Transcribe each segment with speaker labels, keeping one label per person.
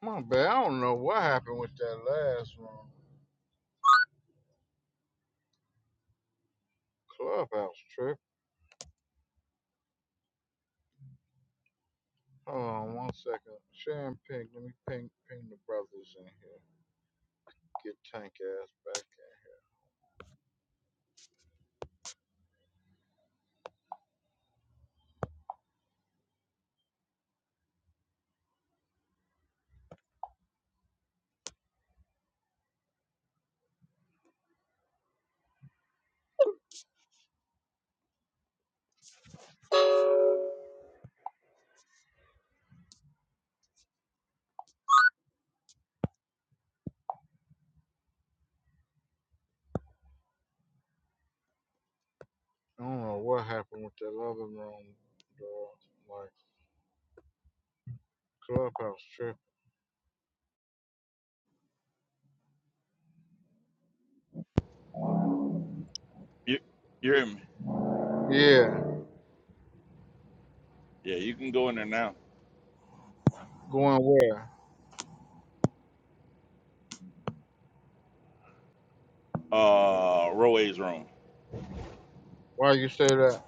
Speaker 1: My bad. I don't know what happened with that last one. Clubhouse trip. Hold on one second. Sharon Pink, let me ping ping the brothers in here. Get tank ass back. I don't know what happened with that other room, dog. Like clubhouse trip.
Speaker 2: You, you're in.
Speaker 1: Yeah.
Speaker 2: Yeah, you can go in there now.
Speaker 1: Going where?
Speaker 2: Uh, Roe's room.
Speaker 1: Why you say that?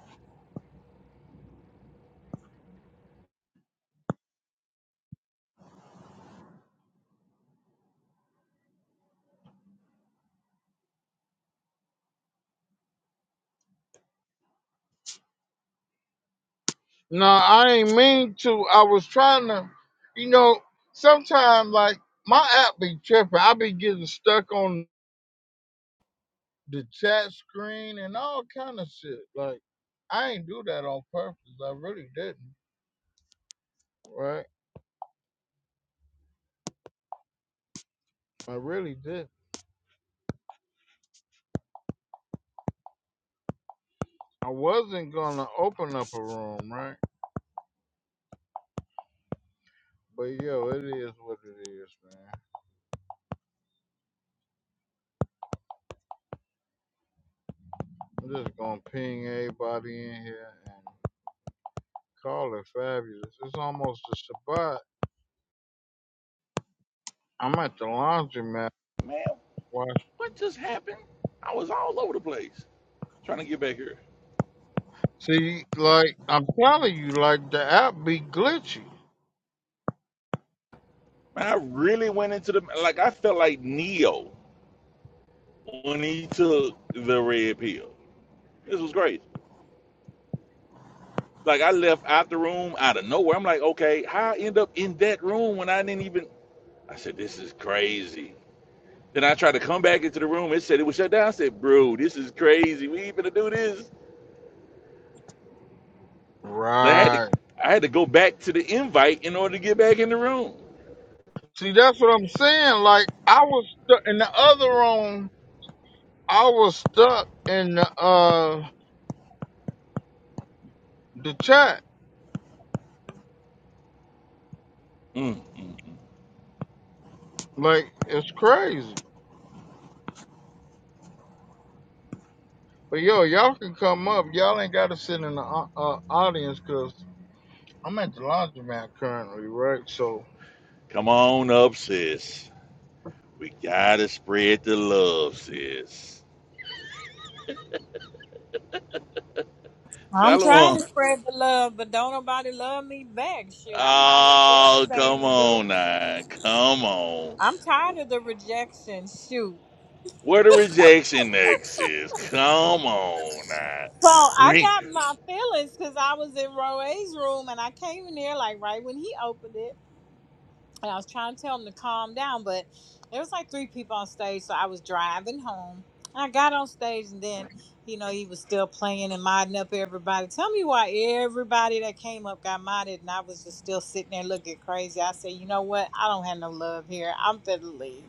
Speaker 1: No, I ain't mean to. I was trying to you know, sometimes like my app be tripping. I be getting stuck on the chat screen and all kind of shit. Like I ain't do that on purpose. I really didn't. Right? I really did. I wasn't gonna open up a room, right? But yo, it is what it is, man. I'm just gonna ping everybody in here and call it fabulous. It's almost a Shabbat. I'm at the laundromat.
Speaker 2: Man,
Speaker 1: Watch.
Speaker 2: what just happened? I was all over the place trying to get back here.
Speaker 1: See, like I'm telling you, like the app be glitchy.
Speaker 2: Man, I really went into the like. I felt like Neo when he took the red pill. This was great. Like I left out the room out of nowhere. I'm like, okay, how I end up in that room when I didn't even? I said, this is crazy. Then I tried to come back into the room. It said it was shut down. I said, bro, this is crazy. We even to do this. Like, I had to
Speaker 1: Right.
Speaker 2: I had to go back to the invite in order to get back in the room.
Speaker 1: See, that's what I'm saying. Like I was stu- in the other room. I was stuck in the uh the chat.
Speaker 2: Mm, mm, mm.
Speaker 1: Like it's crazy. But yo, y'all can come up. Y'all ain't gotta sit in the au- uh, audience because I'm at the laundromat currently, right? So
Speaker 2: Come on up, sis. We gotta spread the love, sis.
Speaker 3: I'm trying to
Speaker 2: Salomon.
Speaker 3: spread the love, but don't nobody love me back. Shit, I might as well
Speaker 2: Oh,
Speaker 3: say in
Speaker 2: come
Speaker 3: the goo.
Speaker 2: on now. Come on.
Speaker 3: I'm tired of the rejection. Shoot.
Speaker 2: Where the rejection next is. Come on now.
Speaker 3: So I
Speaker 2: Bring
Speaker 3: got my feelings because I was in Roe's room and I came in there like right when he opened it. and I was trying to tell him to calm down, but there was like three people on stage, so I was driving home. And I got on stage, and then you know he was still playing and modding up everybody. Tell me why everybody that came up got modded, and I was just still sitting there looking crazy. I said, you know what? I don't have no love here. I'm finna leave.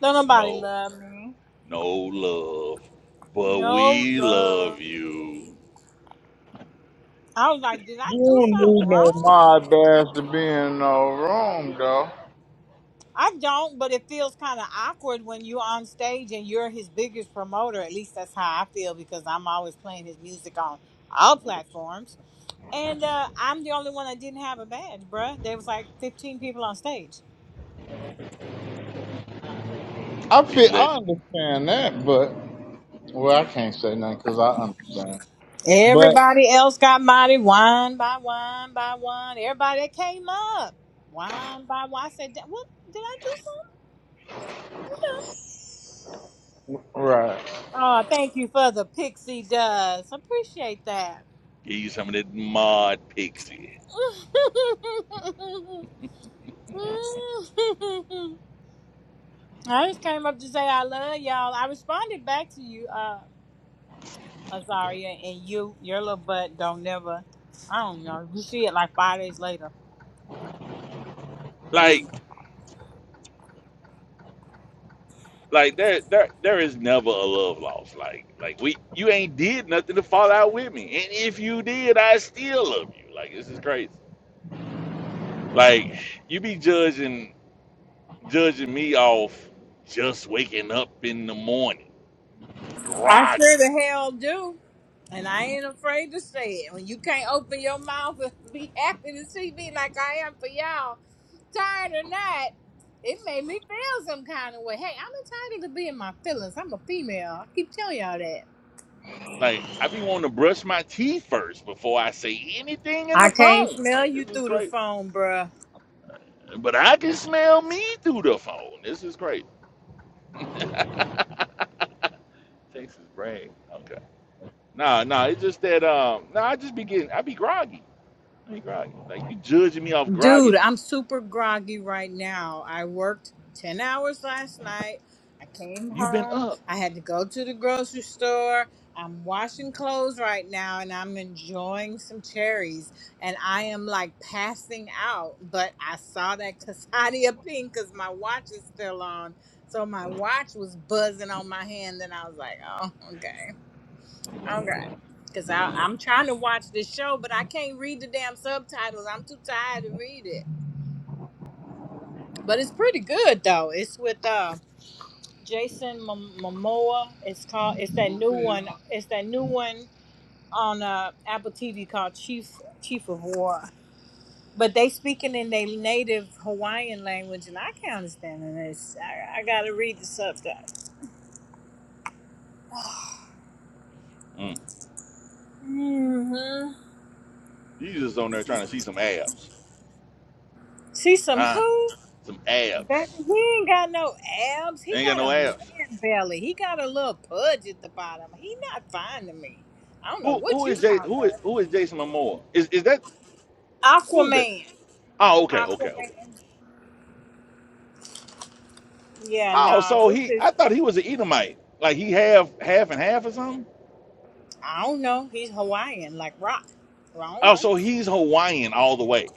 Speaker 3: Don't nobody
Speaker 2: no
Speaker 3: love me.
Speaker 2: no love. But
Speaker 3: No
Speaker 2: we love
Speaker 3: love.
Speaker 2: you.
Speaker 3: I was like, did I
Speaker 1: you
Speaker 3: do
Speaker 1: don't
Speaker 3: something
Speaker 1: need no
Speaker 3: wrong?
Speaker 1: mod badge to be in no room, though.
Speaker 3: I don't, but it feels kind of awkward when you're on stage and you're his biggest promoter. At least that's how I feel because I'm always playing his music on all platforms. And uh, I'm the only one that didn't have a badge, bruh. There was like 15 people on stage.
Speaker 1: I
Speaker 2: We
Speaker 1: feel
Speaker 2: let
Speaker 1: I understand that, but well, I can't say nothing because I understand. But
Speaker 3: Everybody else got modded one by one by one. Everybody that came up one by one. I said, "Da- "What did I do?"
Speaker 1: right,
Speaker 3: Something? Oh, thank you for the pixie dust. Appreciate that.
Speaker 2: give you some of that mod pixie.
Speaker 3: I just came up to say I love y'all. I responded back to you, uh, Azaria, and you, your little butt don't never, I don't know, you see it like five days later.
Speaker 2: Like
Speaker 3: Mm.
Speaker 2: Like there, there, there is never a love lost. Like, like we, you ain't did nothing to fall out with me, and if you did, I still love you. Like this is crazy. Like you be judging, judging me off just waking up in the morning,
Speaker 3: I sure
Speaker 2: groggy.
Speaker 3: the hell do. And I ain't afraid to say it. When you can't open your mouth and be happy to see me like I am for y'all, tired or not, it made me feel some kind of way. Hey, I'm entitled to be in my feelings. I'm a female. I keep telling y'all that.
Speaker 2: Like I be wanting to brush my teeth first before I say anything in
Speaker 3: I
Speaker 2: the
Speaker 3: can't
Speaker 2: phone.
Speaker 3: smell
Speaker 2: Like
Speaker 3: you
Speaker 2: this is
Speaker 3: through the
Speaker 2: crazy.
Speaker 3: phone, bruh.
Speaker 2: But I can smell me through the phone. This is crazy. Texas brag. Okay. Nah, nah. It's just that. Um. Nah. I just be getting. I be groggy. I ain't groggy. Like you judging me off
Speaker 3: Dude,
Speaker 2: grogginess.
Speaker 3: I'm super groggy right now. I worked 10 hours last night. I came
Speaker 2: You've been
Speaker 3: home.
Speaker 2: up.
Speaker 3: I had to go to the grocery store. I'm washing clothes right now and I'm enjoying some cherries. And I am like passing out, but I saw that Casadia pink because my watch is still on. So my watch was buzzing on my hand and I was like, oh, okay, okay. Because I'm trying to watch this show, but I can't read the damn subtitles. I'm too tired to read it. But it's pretty good though. It's with uh Jason Mom- Momoa. It's called. It's that new Okay. one. It's that new one on uh Apple TV called Chief Chief of War. But they speaking in their native Hawaiian language, and I can't understand it. It's, I, I gotta read the subtitles.
Speaker 2: Mm.
Speaker 3: hmm
Speaker 2: You just on there trying to see some abs.
Speaker 3: See some
Speaker 2: Ah,
Speaker 3: who?
Speaker 2: some
Speaker 3: That,
Speaker 2: abs.
Speaker 3: he ain't got no abs. He
Speaker 2: Ain't got
Speaker 3: got
Speaker 2: no
Speaker 3: a man
Speaker 2: abs.
Speaker 3: belly. He got a little pudge at the bottom. He not fine to me. I don't know
Speaker 2: Who
Speaker 3: what
Speaker 2: who
Speaker 3: you
Speaker 2: is Jay
Speaker 3: talking
Speaker 2: who
Speaker 3: about.
Speaker 2: is who is Jason Momoa? Is is that who is that?
Speaker 3: Aquaman.
Speaker 2: Oh, okay, okay,
Speaker 3: Aquaman.
Speaker 2: okay.
Speaker 3: Yeah,
Speaker 2: Oh,
Speaker 3: nah,
Speaker 2: so
Speaker 3: this
Speaker 2: he
Speaker 3: is,
Speaker 2: I thought he was an Edomite. Like he half half and half or something?
Speaker 3: I don't know. He's Hawaiian, like rock. Well, I don't
Speaker 2: Oh,
Speaker 3: know.
Speaker 2: so he's Hawaiian all the way.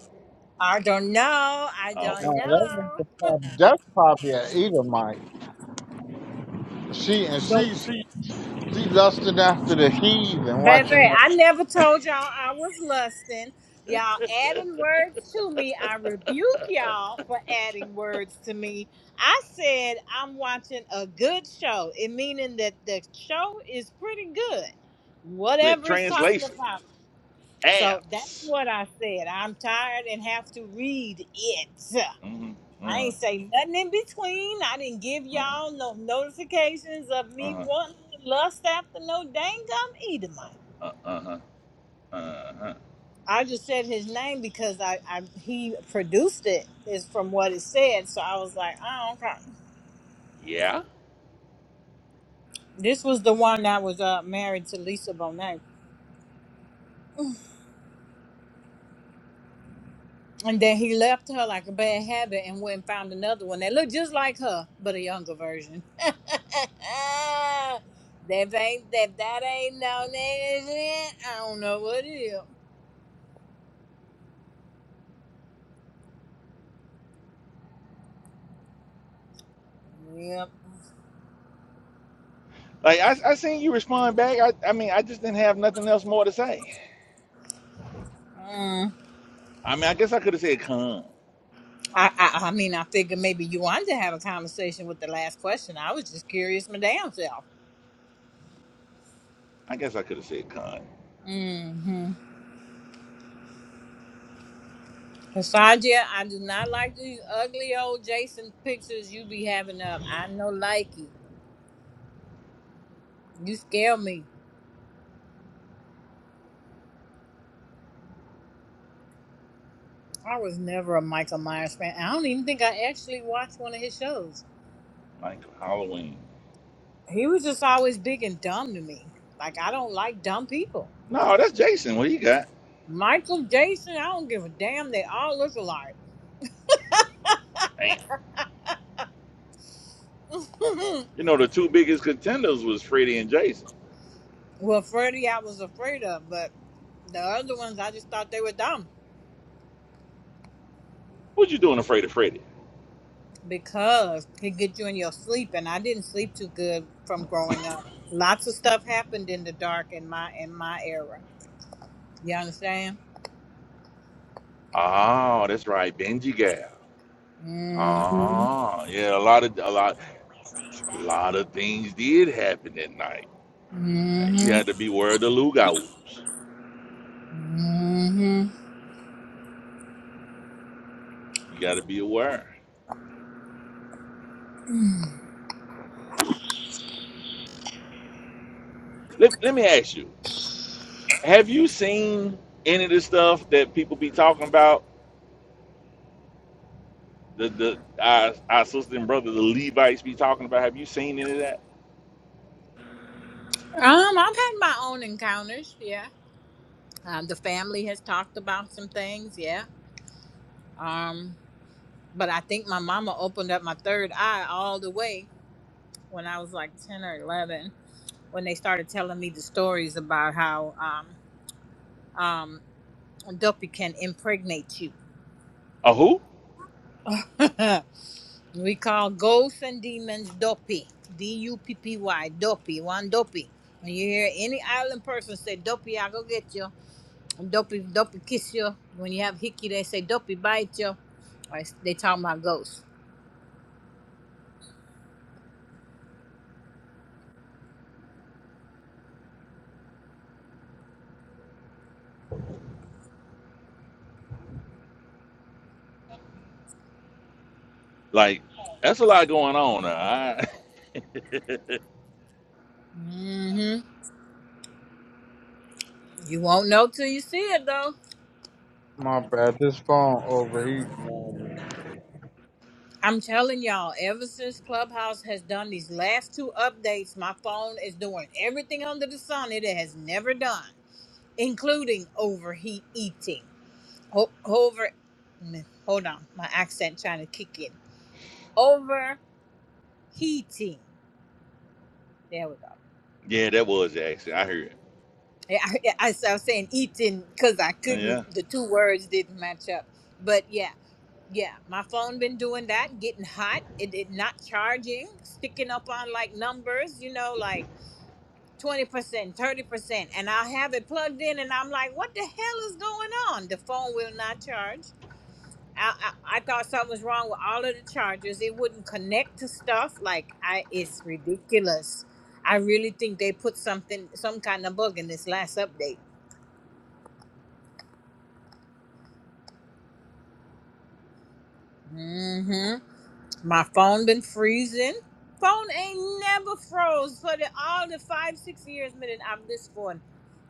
Speaker 3: I don't know. I
Speaker 2: Oh, okay.
Speaker 3: don't
Speaker 1: uh, that
Speaker 3: know.
Speaker 1: was the problem. that's probably an Edomite. She and
Speaker 3: Don't,
Speaker 1: she she she lusted after the heathen,
Speaker 3: baby,
Speaker 1: watching that.
Speaker 3: I never told y'all I was lusting. Y'all adding words to me. I rebuke y'all for adding words to me. I said I'm watching a good show, it meaning that the show is pretty good.
Speaker 2: Let
Speaker 3: Whatever it's talking
Speaker 2: translation.
Speaker 3: about. So that's
Speaker 2: Abs.
Speaker 3: what I said. I'm tired and have to read it.
Speaker 2: Mm-hmm.
Speaker 3: I
Speaker 2: Uh-huh.
Speaker 3: ain't say nothing in between. I didn't give
Speaker 2: Uh-huh.
Speaker 3: y'all no notifications of me wanting to lust after no dang gum Edomite.
Speaker 2: Uh-huh. Uh-huh. Uh-huh. Uh-huh.
Speaker 3: I just said his name because I, I he produced it is from what it said. So I was like, oh okay.
Speaker 2: Yeah.
Speaker 3: This was the one that was uh, married to Lisa Bonet. And then he left her like a bad habit and went and found another one that looked just like her, but a younger version. that ain't that that ain't no nigga shit. I don't know what it is. Yep.
Speaker 2: Like I, I seen you respond back. I, I mean, I just didn't have nothing else more to say.
Speaker 3: Mm.
Speaker 2: I mean, I guess I could have said con.
Speaker 3: I, I I mean I figured maybe you wanted to have a conversation with the last question. I was just curious my damn self.
Speaker 2: I guess I could have said con,
Speaker 3: Mm-hmm. Cassandra, I do not like these ugly old Jason pictures you be having up. I no likey. You scare me. I was never a Michael Myers fan. I don't even think I actually watched one of his shows.
Speaker 2: like Halloween.
Speaker 3: He was just always big and dumb to me. Like I don't like dumb people.
Speaker 2: No, that's Jason. What he got?
Speaker 3: Michael Jason, I don't give a damn. They all look alike.
Speaker 2: Damn. You know, the two biggest contenders was Freddy and Jason.
Speaker 3: well, Freddy, I was afraid of, but the other ones, I just thought they were dumb
Speaker 2: What you doing afraid of Freddy?
Speaker 3: because he would get you in your sleep, and I didn't sleep too good from growing up. Lots of stuff happened in the dark in my in my era. You understand?
Speaker 2: Oh, that's right, Benji Gal.
Speaker 3: hmm
Speaker 2: Oh, yeah, a lot of a lot, a lot of things did happen that night.
Speaker 3: hmm
Speaker 2: You had to be aware of the Lugauts.
Speaker 3: hmm
Speaker 2: You got to be aware. Let, let me ask you. Have you seen any of the stuff that people be talking about? The the our, our sister and brother, the Levites, be talking about. Have you seen any of that?
Speaker 3: Um, I've had my own encounters. Yeah. Um, the family has talked about some things. Yeah. Um, but I think my mama opened up my third eye all the way when I was like ten or eleven when they started telling me the stories about how um um dopey can impregnate you.
Speaker 2: A who?
Speaker 3: we call ghosts and demons dopey. D U P P Y dopey. One dopey. When you hear any island person say dopey, i go get you And dopey, dopey kiss you. When you have hickey, they say dopey bite you. Or they talking about ghosts.
Speaker 2: Like that's a lot going on. Now. I,
Speaker 3: hmm You won't know till you see it, though.
Speaker 1: My bad, this phone overheating.
Speaker 3: I'm telling y'all, ever since Clubhouse has done these last two updates, my phone is doing everything under the sun it has never done, including overheat eating. Ho- over, mm, hold on, my accent trying to kick in. Overheating. There we go.
Speaker 2: yeah, that was the accident. I heard.
Speaker 3: Yeah, I, yeah, I, I was saying eating because I couldn't.
Speaker 2: Yeah,
Speaker 3: The two words didn't match up. But yeah, yeah, my phone been doing that, getting hot. It, it not charging, sticking up on like numbers. You know, like twenty percent, thirty percent, and I have it plugged in, and I'm like, what the hell is going on? The phone will not charge. I, I, I thought something was wrong with all of the chargers. It wouldn't connect to stuff. Like I, it's ridiculous. I really think they put something, some kind of bug in this last update hmm My phone been freezing. Phone ain't never froze for the, all the five, six years, minute I'm this phone.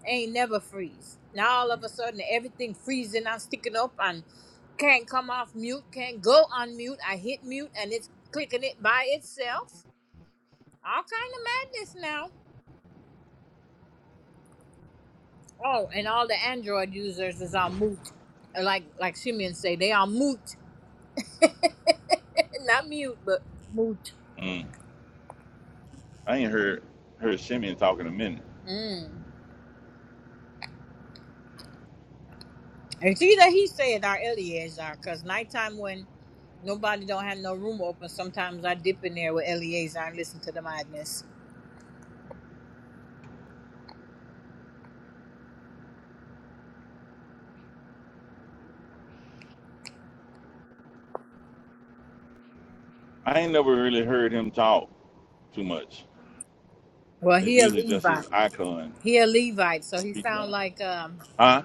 Speaker 3: Ain't never freeze. Now all of a sudden everything freezing. I'm sticking up and can't come off mute, can't go on mute. I hit mute and it's clicking it by itself. All kind of madness now. Oh, and all the Android users is on mute. Like like Simeon say, they are mute. Not mute, but mute.
Speaker 2: mm. I ain't heard heard Simeon talk in a minute.
Speaker 3: Mm. It's either he said or Eleazar, because nighttime when nobody don't have no room open, sometimes I dip in there with Eleazar and listen to the madness.
Speaker 2: I ain't never really heard him talk too much.
Speaker 3: Well,
Speaker 2: It's
Speaker 3: he a
Speaker 2: usually just his
Speaker 3: Levite.
Speaker 2: icon,
Speaker 3: He a Levite, so he sound
Speaker 2: PTR.
Speaker 3: like um
Speaker 2: Huh?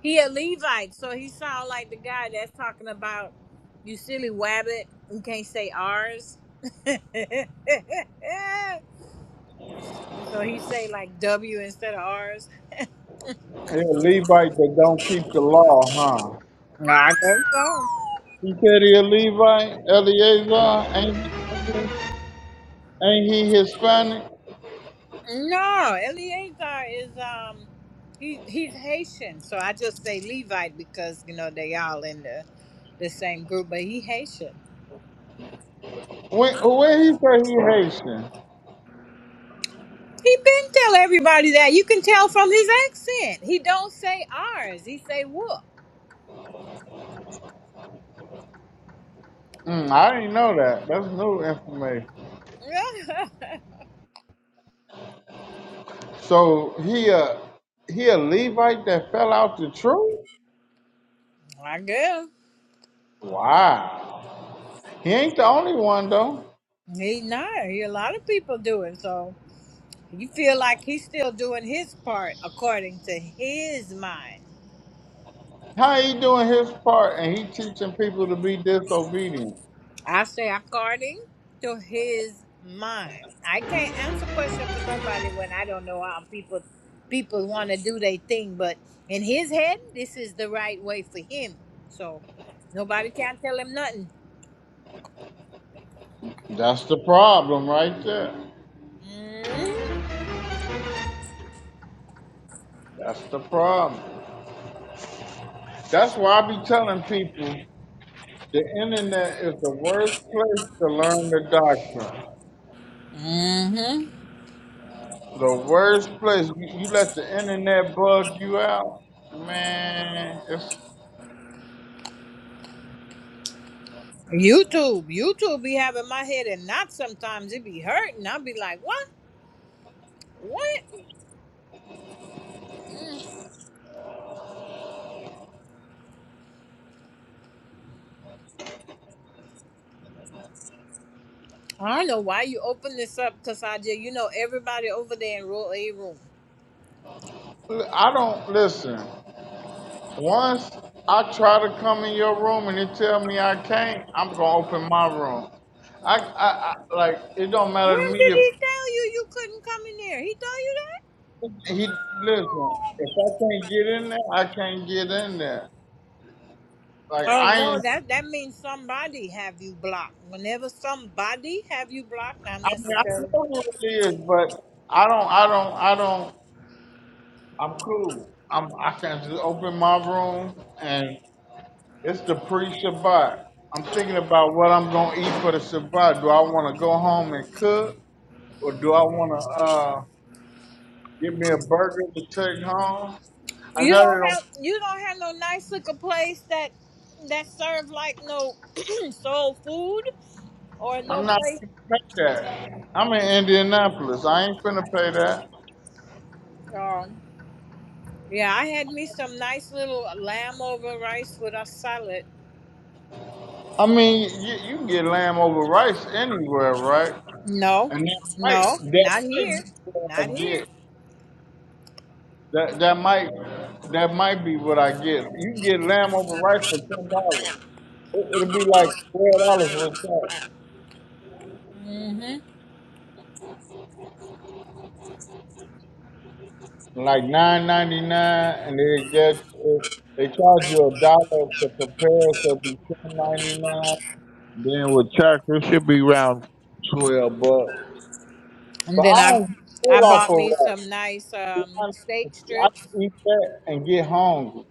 Speaker 3: he a Levite, so he sound like the guy that's talking about you silly wabbit who can't say R's. so he say like W instead of R's.
Speaker 1: He a Levite that don't keep the law, huh?
Speaker 3: Nah, there you go.
Speaker 1: He said he a Levite, Eleazar. Ain't he, ain't he Hispanic?
Speaker 3: No, Eleazar is um he he's Haitian, so I just say Levite because you know they all in the the same group, but he Haitian.
Speaker 1: When where he say he Haitian?
Speaker 3: He been tell everybody that you can tell from his accent. He don't say ours. He say whoop.
Speaker 1: Mm, I didn't know that. That's new information. So he a he a Levite that fell out the truth.
Speaker 3: I guess
Speaker 1: Wow. He ain't the only one though.
Speaker 3: he not. He, a lot of people do it, so you feel like he's still doing his part according to his mind.
Speaker 1: How he doing his part and he teaching people to be disobedient?
Speaker 3: I say according to his mind. I can't answer question for nobody when I don't know how people people want to do their thing, but in his head, this is the right way for him. So nobody can tell him nothing.
Speaker 1: That's the problem right there. That's the problem. That's why I be telling people the internet is the worst place to learn the doctrine.
Speaker 3: Mm-hmm.
Speaker 1: The worst place. You, you let the internet bug you out, man. It's
Speaker 3: YouTube, YouTube be having my head and not sometimes it be hurting. I'll be like, what? What? Mm. I don't know why you open this up, Cassandra. You know everybody over there in row A room.
Speaker 1: I don't listen. Once I try to come in your room and they tell me I can't, I'm gonna open my room. I, I, I like it don't matter to
Speaker 3: When
Speaker 1: me
Speaker 3: did
Speaker 1: if.
Speaker 3: he tell you you couldn't come in here? He told you that?
Speaker 1: He listen. If I can't get in there, I can't get in there. Like
Speaker 3: Oh
Speaker 1: I
Speaker 3: no,
Speaker 1: ain't.
Speaker 3: that that means somebody have you blocked. Whenever somebody have you blocked, not
Speaker 1: I mean, I know
Speaker 3: necessarily.
Speaker 1: who it is, but I don't. I don't. I don't. I'm cool. I'm. I can just open my room, and it's the pre-Shabbat. I'm thinking about what I'm gonna eat for the Shabbat. Do I want to go home and cook, or do I want to uh get me a burger to take home? I
Speaker 3: You
Speaker 1: know they
Speaker 3: don't
Speaker 1: don't.
Speaker 3: have you don't have no nice little place that that serve like no soul food or no
Speaker 1: I'm not
Speaker 3: place.
Speaker 1: gonna pay that. I'm in Indianapolis. I ain't finna pay that.
Speaker 3: Um, yeah, I had me some nice little lamb over rice with a salad.
Speaker 1: I mean, you, you can get lamb over rice anywhere, right?
Speaker 3: No,
Speaker 1: And that might
Speaker 3: no,
Speaker 1: that
Speaker 3: not here,
Speaker 1: might be what
Speaker 3: not
Speaker 1: I
Speaker 3: here.
Speaker 1: get. That that might that might be what I get. You can get lamb over rice for ten dollars. It, it'll be like twelve dollars for a
Speaker 3: Mhm.
Speaker 1: can, like nine ninety nine, and they get they charge you a dollar to prepare, so it'll be ten ninety nine. Then with tax, it should be around twelve bucks.
Speaker 3: And
Speaker 1: But I
Speaker 3: then I
Speaker 1: don't pull
Speaker 3: I bought me
Speaker 1: off
Speaker 3: some nice
Speaker 1: a
Speaker 3: um
Speaker 1: wrap.
Speaker 3: steak
Speaker 1: I
Speaker 3: strips.
Speaker 1: can eat that and get hungry.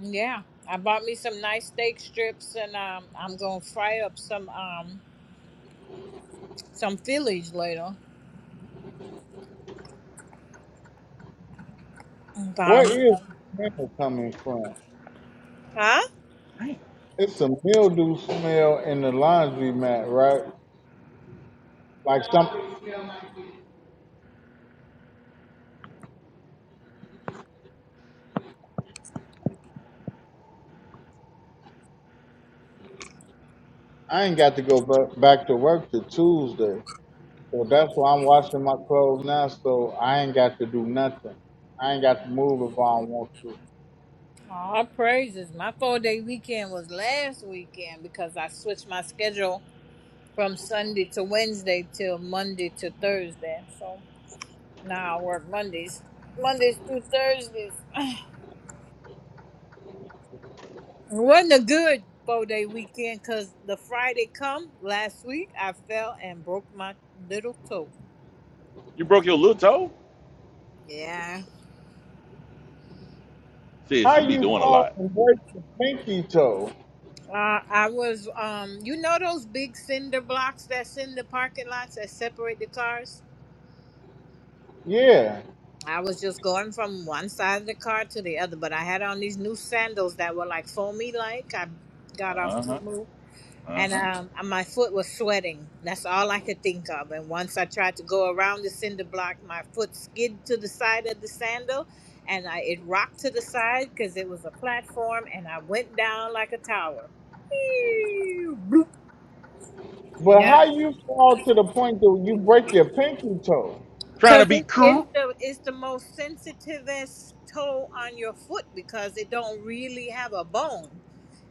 Speaker 3: Yeah. I bought me some nice steak strips and um I'm gonna fry up some um some Phillies later.
Speaker 1: Where
Speaker 3: About-
Speaker 1: is the smell coming from?
Speaker 3: Huh?
Speaker 2: Damn.
Speaker 1: It's a mildew smell in the laundry mat, right? Like some, I ain't got to go ba- back to work till Tuesday, so that's why I'm washing my clothes now. So I ain't got to do nothing. I ain't got to move if I don't want to.
Speaker 3: All praises. My four day weekend was last weekend because I switched my schedule from Sunday to Wednesday till Monday to Thursday. So now I work Mondays. Mondays through Thursdays. It wasn't a good four day weekend because the Friday come last week I fell and broke my little toe.
Speaker 2: You broke your little toe?
Speaker 3: Yeah.
Speaker 2: Says
Speaker 1: How
Speaker 2: you be
Speaker 1: you
Speaker 2: doing a
Speaker 1: fall
Speaker 2: lot.
Speaker 1: and break your pinky toe?
Speaker 3: Uh, I was um you know those big cinder blocks that's in the parking lots that separate the cars?
Speaker 1: Yeah,
Speaker 3: I was just going from one side of the car to the other, but I had on these new sandals that were like foamy like. I got off
Speaker 2: Uh huh.
Speaker 3: two
Speaker 2: Uh
Speaker 3: and
Speaker 2: huh.
Speaker 3: um, my foot was sweating. That's all I could think of. And once I tried to go around the cinder block, my foot skid to the side of the sandal, and I it rocked to the side because it was a platform, and I went down like a tower. Eew, bloop.
Speaker 1: but
Speaker 3: Yeah,
Speaker 1: how you fall to the point that you break your pinky toe?
Speaker 2: Trying to
Speaker 3: because
Speaker 2: be
Speaker 3: it, it's
Speaker 2: cool.
Speaker 3: the it's the most sensitivest toe on your foot because it don't really have a bone.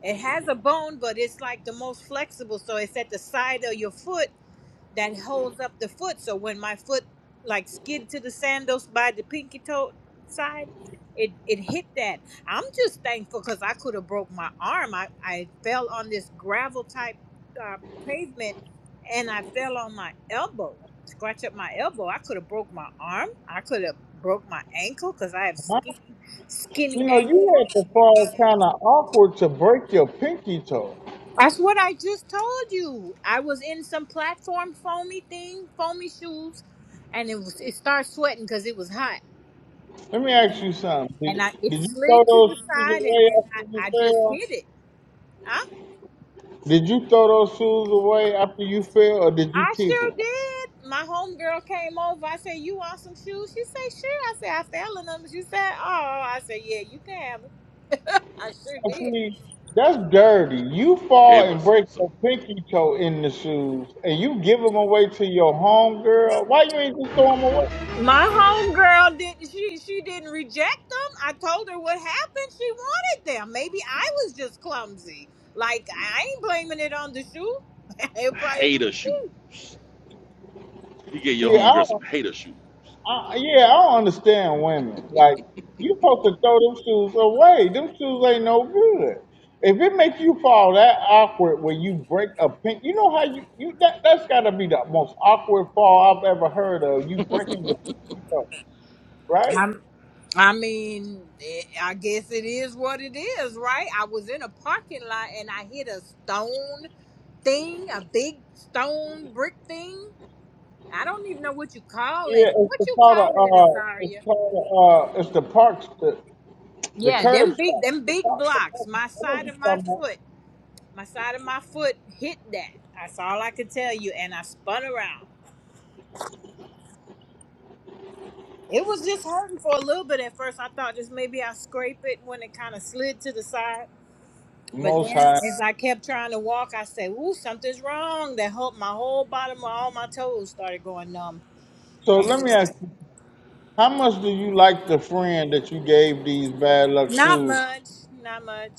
Speaker 3: It has a bone, but it's like the most flexible, so it's at the side of your foot that holds up the foot. So when my foot like skid to the sandals by the pinky toe side, it it hit that. I'm just thankful because I could have broke my arm. I I fell on this gravel type uh, pavement, and I fell on my elbow. Scratch up my elbow. I could have broke my arm. I could have broke my ankle because I have
Speaker 1: Huh?
Speaker 3: skinny, skinny
Speaker 1: You know,
Speaker 3: ankles.
Speaker 1: you had to fall kind of awkward to break your pinky toe.
Speaker 3: That's what I just told you. I was in some platform foamy thing, foamy shoes, and it was it started sweating because it was hot,
Speaker 1: Let me
Speaker 3: and
Speaker 1: ask you something.
Speaker 3: I, and
Speaker 1: Did,
Speaker 3: I it
Speaker 1: did you throw
Speaker 3: slid to the
Speaker 1: those shoes
Speaker 3: side, and
Speaker 1: away
Speaker 3: then
Speaker 1: after
Speaker 3: I I just
Speaker 1: you
Speaker 3: hit it. I
Speaker 1: fell? Did you throw those shoes away after you fell, or did you
Speaker 3: I
Speaker 1: keep
Speaker 3: sure
Speaker 1: them?
Speaker 3: did. My homegirl came over. I said, "You want some shoes?" She said, "Sure." I said, "I fell in them." She said, "Oh," I said, "Yeah, you can have them." I sure did.
Speaker 1: See, that's dirty. You fall
Speaker 2: Gave
Speaker 1: and
Speaker 2: us
Speaker 1: break
Speaker 2: some,
Speaker 1: your pinky toe in the shoes, and you give them away to your home girl. Why you ain't just throw them away?
Speaker 3: My homegirl didn't she she didn't reject them. I told her what happened. She wanted them. Maybe I was just clumsy. Like I ain't blaming it on the shoe. It probably-
Speaker 2: hater shoes. You get your
Speaker 1: See, I
Speaker 2: homegirl some hater shoes.
Speaker 1: Uh, yeah, I don't understand women. Like you supposed to throw them shoes away. Them shoes ain't no good. If it makes you fall that awkward when you break a pink, you know how you, you that that's gotta be the most awkward fall I've ever heard of. You breaking your feet up, right?
Speaker 3: i I mean, eh, I guess it is what it is, right? I was in a parking lot and I hit a stone thing, a big stone brick thing. I don't even know what you call it.
Speaker 1: Yeah, it's
Speaker 3: What
Speaker 1: the
Speaker 3: you
Speaker 1: part
Speaker 3: call
Speaker 1: of
Speaker 3: that,
Speaker 1: uh, it's
Speaker 3: Azaria?
Speaker 1: called uh, it's the park, the the
Speaker 3: Yeah,
Speaker 1: curb
Speaker 3: them big,
Speaker 1: stop,
Speaker 3: them
Speaker 1: the
Speaker 3: big
Speaker 1: park, the
Speaker 3: blocks.
Speaker 1: park. I know
Speaker 3: My
Speaker 1: what
Speaker 3: side
Speaker 1: you
Speaker 3: of my
Speaker 1: talking about.
Speaker 3: foot. My side of my foot hit that. That's all I could tell you. And I spun around. It was just hurting for a little bit at first. I thought just maybe I scrape it when it kind of slid to the side. But
Speaker 1: Most
Speaker 3: then
Speaker 1: high.
Speaker 3: as I kept trying to walk, I said, Ooh, something's wrong. That whole my whole bottom of all my toes started going numb.
Speaker 1: So
Speaker 3: I
Speaker 2: Mm,
Speaker 1: let
Speaker 3: said,
Speaker 1: me ask you, how much do you like the friend that you gave these bad luck
Speaker 3: Not
Speaker 1: shoes
Speaker 3: much. Not much.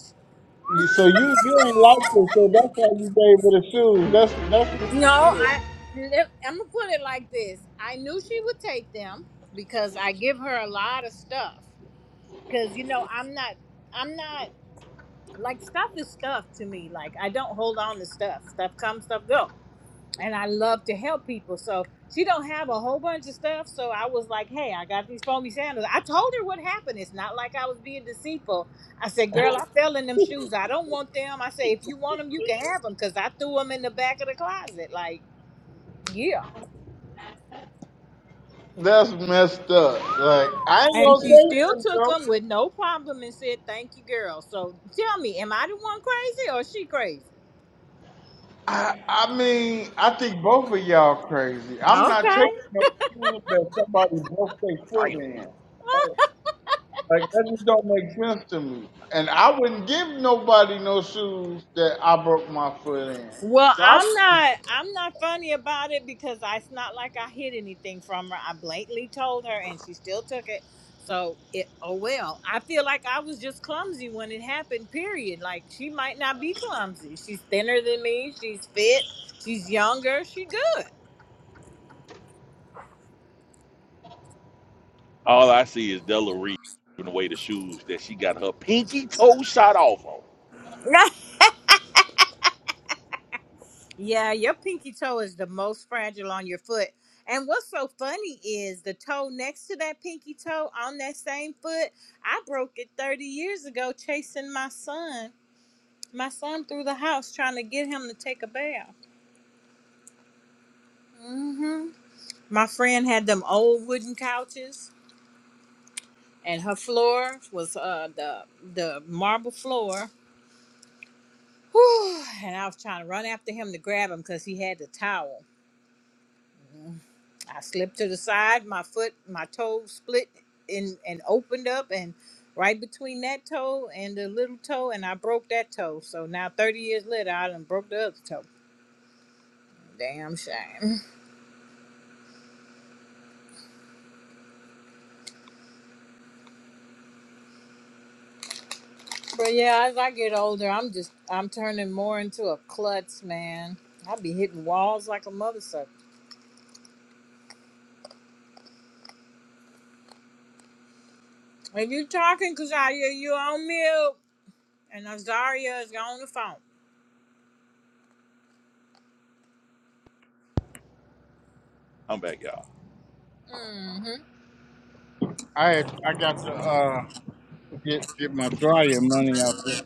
Speaker 1: You so you you ain't like it, so that's why you gave her the shoes. That's that's what-
Speaker 3: No, I I'm gonna put it like this. I knew she would take them because I give her a lot of stuff. Cause you know, I'm not I'm not. like stuff is stuff to me. Like I don't hold on to stuff. Stuff comes, stuff go. And I love to help people. So she don't have a whole bunch of stuff. So I was like, hey, I got these foamy sandals. I told her what happened. It's not like I was being deceitful. I said, girl, I fell in them shoes. I don't want them. I said, if you want them, you can have them because I threw them in the back of the closet. Like, yeah.
Speaker 1: that's messed up. Like I ain't
Speaker 3: And
Speaker 1: gonna
Speaker 3: she
Speaker 1: say
Speaker 3: still
Speaker 1: nothing
Speaker 3: took
Speaker 1: though.
Speaker 3: them with no problem and said, thank you, girl. So tell me, am I the one crazy or is she crazy?
Speaker 1: I, I mean, I think both of y'all crazy. I'm not
Speaker 3: Okay.
Speaker 1: taking no shoes that somebody broke their foot
Speaker 2: damn.
Speaker 1: in. Like, like that just don't make sense to me. And I wouldn't give nobody no shoes that I broke my foot in.
Speaker 3: Well,
Speaker 1: So I
Speaker 3: I'm not I'm not funny about it because I, it's not like I hid anything from her. I blatantly told her and she still took it. So it oh well. I feel like I was just clumsy when it happened, period. Like she might not be clumsy. She's thinner than me, she's fit, she's younger, she good.
Speaker 2: All I see is Della Reed giving away the shoes that she got her pinky toe shot off on.
Speaker 3: yeah, your pinky toe is the most fragile on your foot. And what's so funny is the toe next to that pinky toe on that same foot, I broke it 30 years ago chasing my son My son through the house trying to get him to take a bath. hmm My friend had them old wooden couches, and her floor was uh, the the marble floor. Whew, and I was trying to run after him to grab him because he had the towel. Mhm. I slipped to the side. My foot, my toe split in and opened up, and right between that toe and the little toe, and I broke that toe. So now, thirty years later, I done broke the other toe. Damn shame. But yeah, as I get older, I'm just I'm turning more into a klutz, man. I be hitting walls like a mother sucker. If you talking, cause you on mute, and Azaria is on the phone.
Speaker 2: I'm back, y'all.
Speaker 3: Mm-hmm.
Speaker 1: I had, I got to uh get get my dryer money out.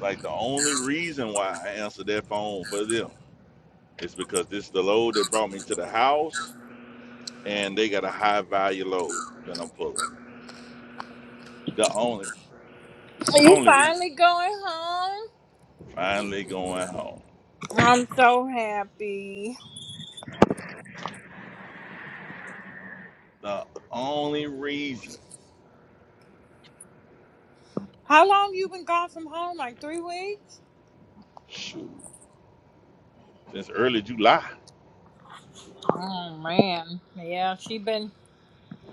Speaker 2: Like the only reason why I answered that phone for them is because this is the load that brought me to the house, and they got a high value load that I'm pulling. The only
Speaker 3: Are You
Speaker 2: only reason.
Speaker 3: finally going home?
Speaker 2: Finally going home.
Speaker 3: I'm so happy.
Speaker 2: The only reason.
Speaker 3: How long you been gone from home? Like three weeks?
Speaker 2: Shoot. Since early July.
Speaker 3: Oh man, yeah. She been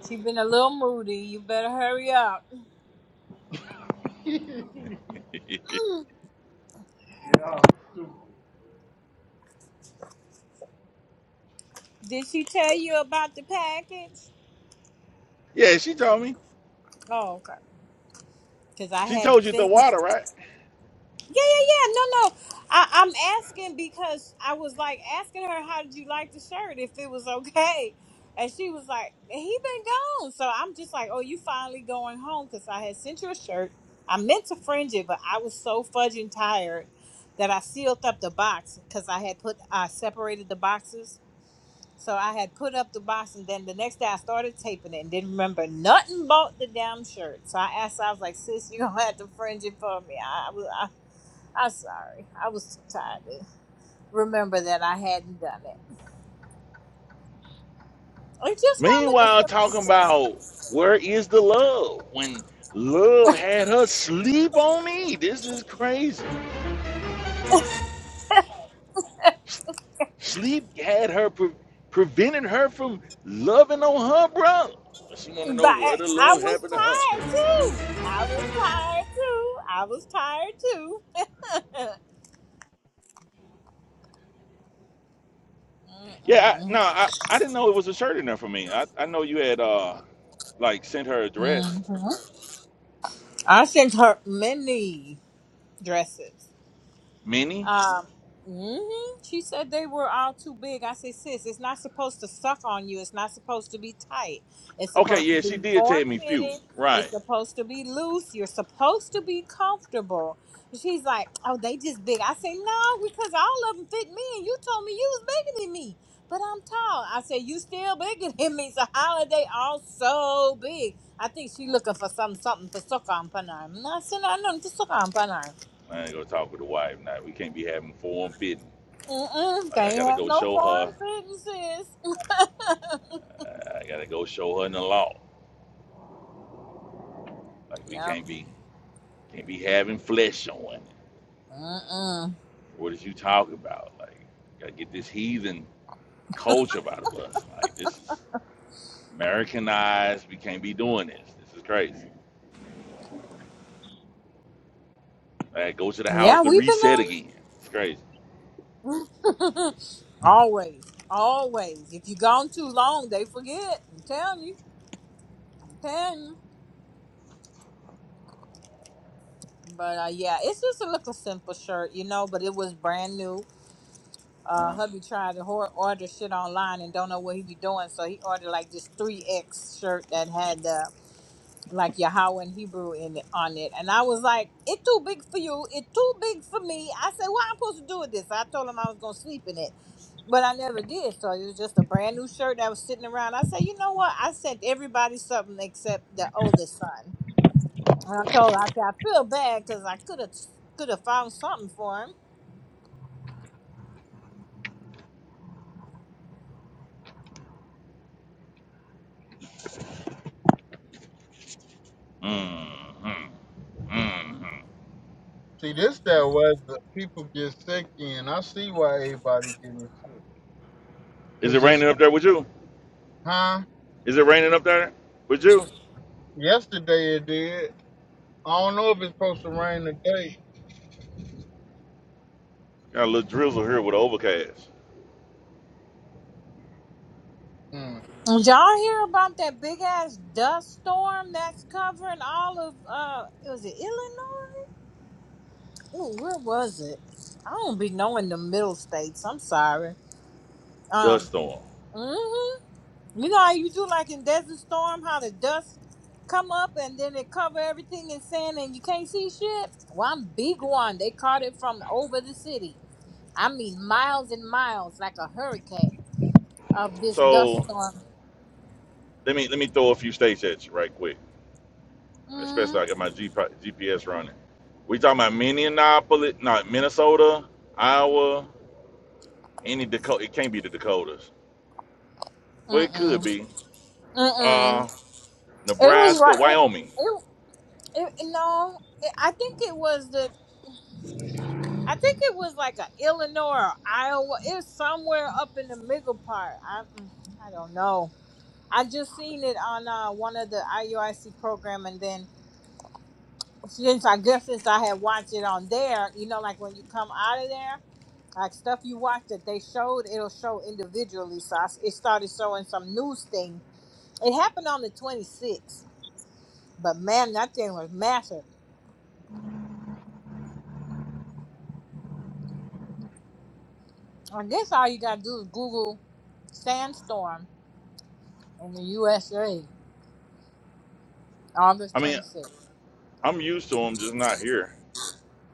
Speaker 3: she been a little moody. You better hurry up. Did she tell you about the package?
Speaker 2: yeah, she told me.
Speaker 3: Oh, okay. Because I
Speaker 2: She
Speaker 3: had
Speaker 2: told you the
Speaker 3: sent.
Speaker 2: water, right?
Speaker 3: Yeah, yeah, yeah. No, no. I, I'm asking because I was like asking her, "How did you like the shirt? If it was okay?" And she was like, "He been gone." So I'm just like, "Oh, you finally going home?" Because I had sent you a shirt. I meant to fringe it, but I was so fudging tired that I sealed up the box because I had put I separated the boxes. So I had put up the box, and then the next day I started taping it and didn't remember nothing about the damn shirt. So I asked, I was like, "Sis, you gonna have to fringe it for me?" I was. I'm sorry. I was too tired to remember that I hadn't done it. It's just why I look a
Speaker 2: Meanwhile,
Speaker 3: simple
Speaker 2: talking
Speaker 3: stuff.
Speaker 2: about where is the love when love had her sleep on me. This is crazy. S- Sleep had her pre- prevented her from loving on her brother. She want to
Speaker 3: But
Speaker 2: know
Speaker 3: I
Speaker 2: where the
Speaker 3: I
Speaker 2: love
Speaker 3: was
Speaker 2: happened to her.
Speaker 3: tired too. I was tired too. I was tired too.
Speaker 2: Yeah, I,
Speaker 3: Mm-mm.
Speaker 2: no, I, I didn't know it was a shirt in there for me. I, I know you had uh like sent her address.
Speaker 3: hmm I sent her many dresses.
Speaker 2: Many?
Speaker 3: Um, hmm She said they were all too big. I said, sis, it's not supposed to suck on you. It's not supposed to be tight. It's
Speaker 2: Okay,
Speaker 3: supposed to
Speaker 2: yeah, she
Speaker 3: be
Speaker 2: did
Speaker 3: form
Speaker 2: tell me few.
Speaker 3: fitted. It's
Speaker 2: Right.
Speaker 3: supposed to be loose. You're supposed to be comfortable. And She's like, oh, they just big. I say, no, because all of them fit me, and you told me you was bigger than me. But I'm tall. I said, you still bigger than me. So how are they all so big? I think she looking for some something to suck on, panar. I said, no, no, to suck on, panar.
Speaker 2: I ain't gonna talk with the wife now. We can't be having form fitting.
Speaker 3: Mm-mm,
Speaker 2: Like I
Speaker 3: can't
Speaker 2: gotta
Speaker 3: have
Speaker 2: go
Speaker 3: no
Speaker 2: show
Speaker 3: foreign
Speaker 2: her.
Speaker 3: fitting, sis.
Speaker 2: I gotta go show her in the law. Like we
Speaker 3: Yep.
Speaker 2: can't be can't be having flesh on showing.
Speaker 3: Mm-mm.
Speaker 2: What is you talking about? Like gotta get this heathen culture out of us. Like this is Americanized. We can't be doing this. This is crazy. Like go to the house
Speaker 3: Yeah,
Speaker 2: to
Speaker 3: we've
Speaker 2: reset
Speaker 3: been
Speaker 2: again. It's crazy.
Speaker 3: on. always. Always. If you gone too long, they forget. I'm telling you. I'm telling you. But uh, yeah, it's just a little simple shirt, you know, but it was brand new. Uh,
Speaker 2: Uh,
Speaker 3: hubby tried to hor- order shit online and don't know what he be doing, so he ordered like this 3X shirt that had the like Yahweh in Hebrew in it, on it, and I was like, "It too big for you. It too big for me." I said, "What I'm supposed to do with this?" I told him I was gonna sleep in it, but I never did. So it was just a brand new shirt that was sitting around. I said, "You know what? I sent everybody something except the oldest son." And I told her, I said, "I feel bad because I could have could have found something for him."
Speaker 2: mm-hmm, mm-hmm.
Speaker 1: See, this that weather, people get sick in. I see why everybody getting sick.
Speaker 2: Is
Speaker 1: Cause
Speaker 2: it
Speaker 1: it's
Speaker 2: raining up there with you?
Speaker 1: huh?
Speaker 2: Is it raining up there with you?
Speaker 1: Yesterday it did. I don't know if it's supposed to rain today.
Speaker 2: Got a little drizzle here with an overcast,
Speaker 1: Mm.
Speaker 3: Did y'all hear about that big ass dust storm that's covering all of uh, was it Illinois? Ooh, where was it? I don't be knowing the middle states. I'm sorry. Um,
Speaker 2: dust storm.
Speaker 3: hmm you know how you do like in Desert Storm, how the dust come up and then it cover everything in sand and you can't see shit. Well, I'm big one. They caught it from over the city. I mean, miles and miles, like a hurricane of this
Speaker 2: So
Speaker 3: dust storm.
Speaker 2: Let me let me throw a few states at you right quick,
Speaker 3: Mm,
Speaker 2: especially I got my G- P GPS running. We talking about Minneapolis, not Minnesota, Iowa, any Dakota. It can't be the Dakotas. Well, it could
Speaker 3: mm-mm,
Speaker 2: be. Uh,
Speaker 3: mm-mm. It was
Speaker 2: Nebraska,
Speaker 3: right.
Speaker 2: Wyoming.
Speaker 3: It, it, it no. It, I think it was the I think it was like a Illinois or Iowa. It was somewhere up in the middle part. I mm, I don't know. I just seen it on uh, one of the IUIC program, and then since I guess since I had watched it on there, you know, like when you come out of there, like stuff you watched that they showed, it'll show individually. So I s it started showing some news thing. It happened on the 26th, but man, that thing was massive. I guess all you gotta do is Google sandstorm in the USA. August
Speaker 2: I mean,
Speaker 3: 26th.
Speaker 2: I'm used to them, just not here.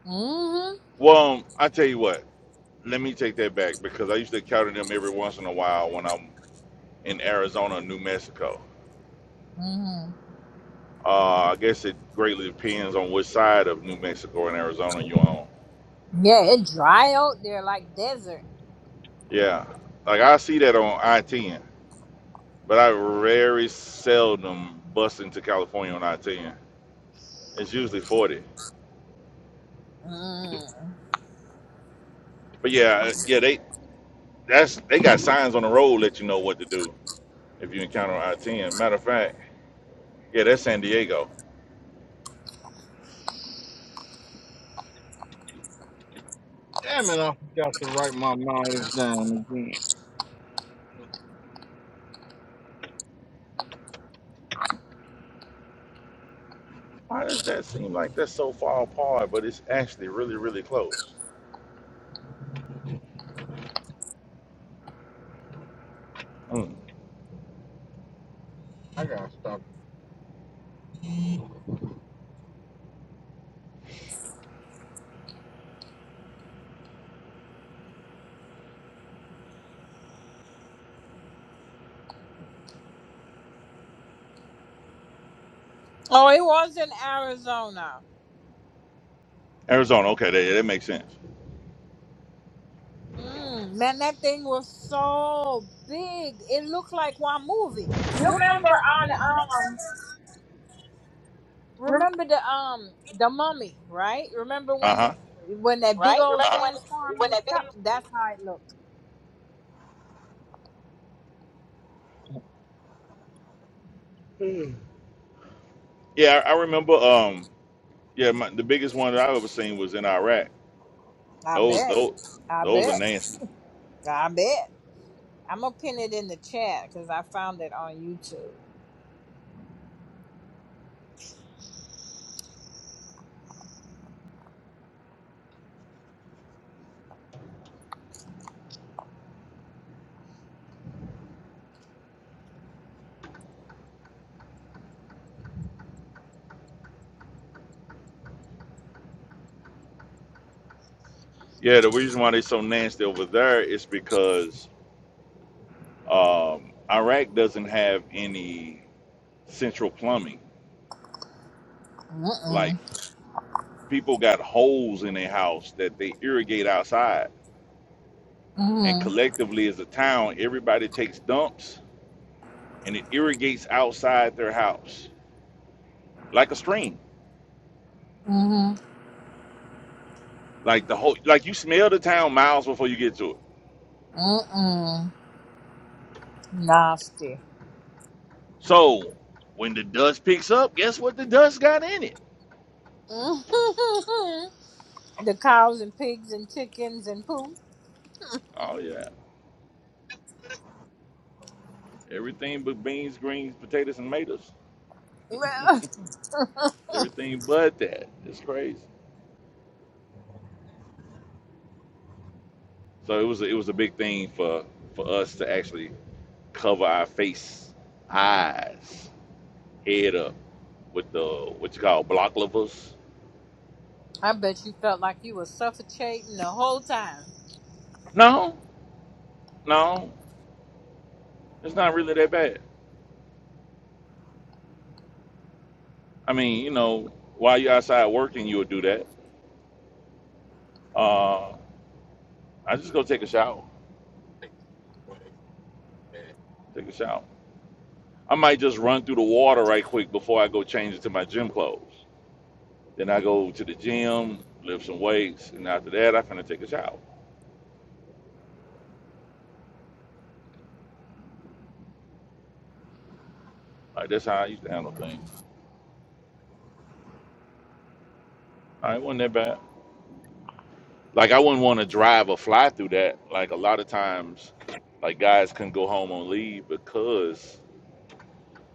Speaker 3: Mm-hmm.
Speaker 2: Well, um, I tell you what. Let me take that back because I used to encounter them every once in a while when I'm in Arizona or New Mexico.
Speaker 3: Mm-hmm.
Speaker 2: Uh, I guess it greatly depends on which side of New Mexico and Arizona you're on
Speaker 3: Yeah, it dry out there like desert.
Speaker 2: Yeah, like I see that on I ten, but I very seldom bust into California on I ten. It's usually forty.
Speaker 3: Mm.
Speaker 2: But yeah, uh, yeah, they that's they got signs on the road let you know what to do if you encounter I ten. Matter of fact, yeah, that's San Diego.
Speaker 1: Damn it! I forgot to write my mileage down again.
Speaker 2: Why does that seem like that's so far apart, but it's actually really really close? Mm.
Speaker 1: I gotta stop.
Speaker 3: Oh, it was in Arizona.
Speaker 2: Arizona, okay, that, yeah, that makes sense.
Speaker 3: Mm. Man, that thing was so big. It looked like one movie. You remember on um remember the um the mummy, right? Remember
Speaker 2: Uh
Speaker 3: when
Speaker 2: huh.
Speaker 3: when that big old sandstorm was up? That's how it looked.
Speaker 2: Yeah, I, I remember. Um, yeah, my, the biggest one that I've ever seen was in Iraq.
Speaker 3: I
Speaker 2: Those
Speaker 3: bet.
Speaker 2: those
Speaker 3: I
Speaker 2: those are
Speaker 3: bet.
Speaker 2: nasty.
Speaker 3: I bet. I'm gonna pin it in the chat because I found it on YouTube.
Speaker 2: Yeah, the reason why they're so nasty over there is because um, Iraq doesn't have any central plumbing. Like
Speaker 3: Mm-mm.
Speaker 2: people got holes in their house that they irrigate outside, and
Speaker 3: Mm-mm.
Speaker 2: collectively as a town, everybody takes dumps and it irrigates outside their house like a stream.
Speaker 3: Mm-mm.
Speaker 2: Like the whole, like you smell the town miles before you get to it.
Speaker 3: Mm-mm. Nasty.
Speaker 2: So when the dust picks up, guess what the dust got in it?
Speaker 3: Mm-hmm. the cows and pigs and chickens and poo.
Speaker 2: Oh yeah, everything but beans, greens, potatoes, and tomatoes.
Speaker 3: Well,
Speaker 2: everything but that. It's crazy. So it was a, it was a big thing for for us to actually cover our face, eyes, head up with the what you call block levers.
Speaker 3: I bet you felt like you were suffocating the whole time.
Speaker 2: No, no, it's not really that bad. I mean, you know, while you're outside working, you'll do that. Uh, I just go take a shower. Take a shower. I might just run through the water right quick before I go change it to my gym clothes. Then I go to the gym, lift some weights, and after that, I finna take a shower. Like that's how I used to handle things. I wasn't that bad. Like I wouldn't want to drive or fly through that. Like a lot of times, like guys couldn't go home on leave because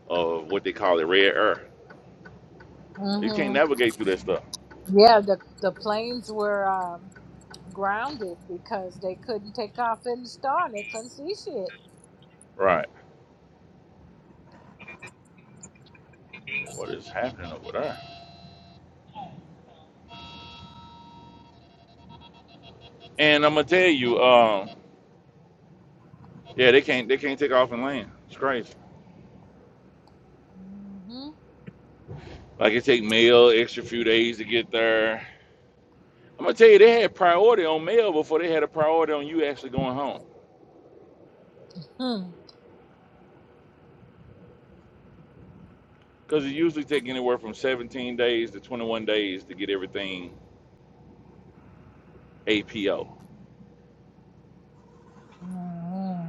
Speaker 2: of what they call it red air. You can't
Speaker 3: hmm
Speaker 2: navigate through that stuff.
Speaker 3: Yeah, the the planes were um, grounded because they couldn't take off in the star. They couldn't see shit.
Speaker 2: Right. What is happening over there? And I'm gonna tell you, um, yeah, they can't they can't take off and land. It's crazy.
Speaker 3: hmm
Speaker 2: Like it take mail extra few days to get there. I'm gonna tell you, they had priority on mail before they had a priority on you actually going home.
Speaker 3: hmm
Speaker 2: Because it usually take anywhere from 17 days to 21 days to get everything APO.
Speaker 3: hmm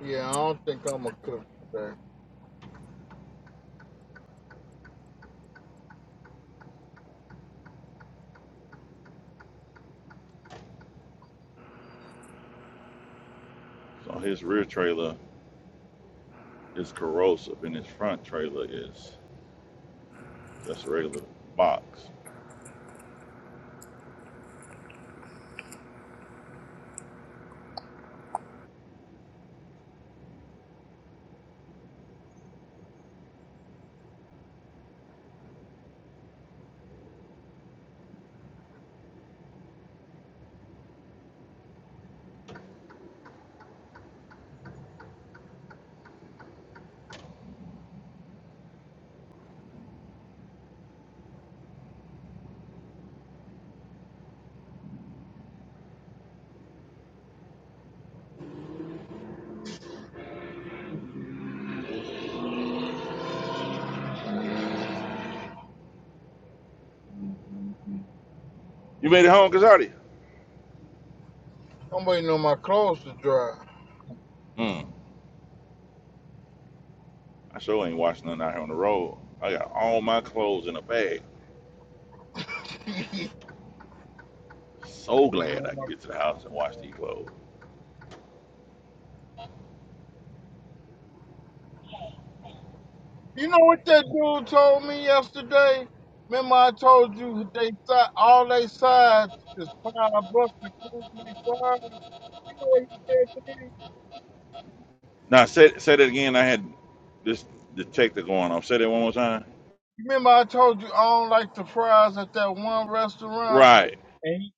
Speaker 1: Yeah, I don't think I'm gonna cook today.
Speaker 2: So his rear trailer is corrosive, and his front trailer is just a regular box. You made it home, Kazadi?
Speaker 1: I'm waiting on my clothes to dry.
Speaker 2: Mm. I sure ain't washing nothing out here on the road. I got all my clothes in a bag. So
Speaker 1: I'm waiting
Speaker 2: glad
Speaker 1: on
Speaker 2: I can
Speaker 1: my.
Speaker 2: get to the house and wash these clothes.
Speaker 1: You know what that dude told me yesterday? Remember I told you they si- all they sides is five bucks to food they fries? You know what you said to me?
Speaker 2: Now say say that again. I had this detector going off. Say that one more time.
Speaker 1: Remember, I told you I don't like the fries at that one restaurant,
Speaker 2: Right,
Speaker 1: and he-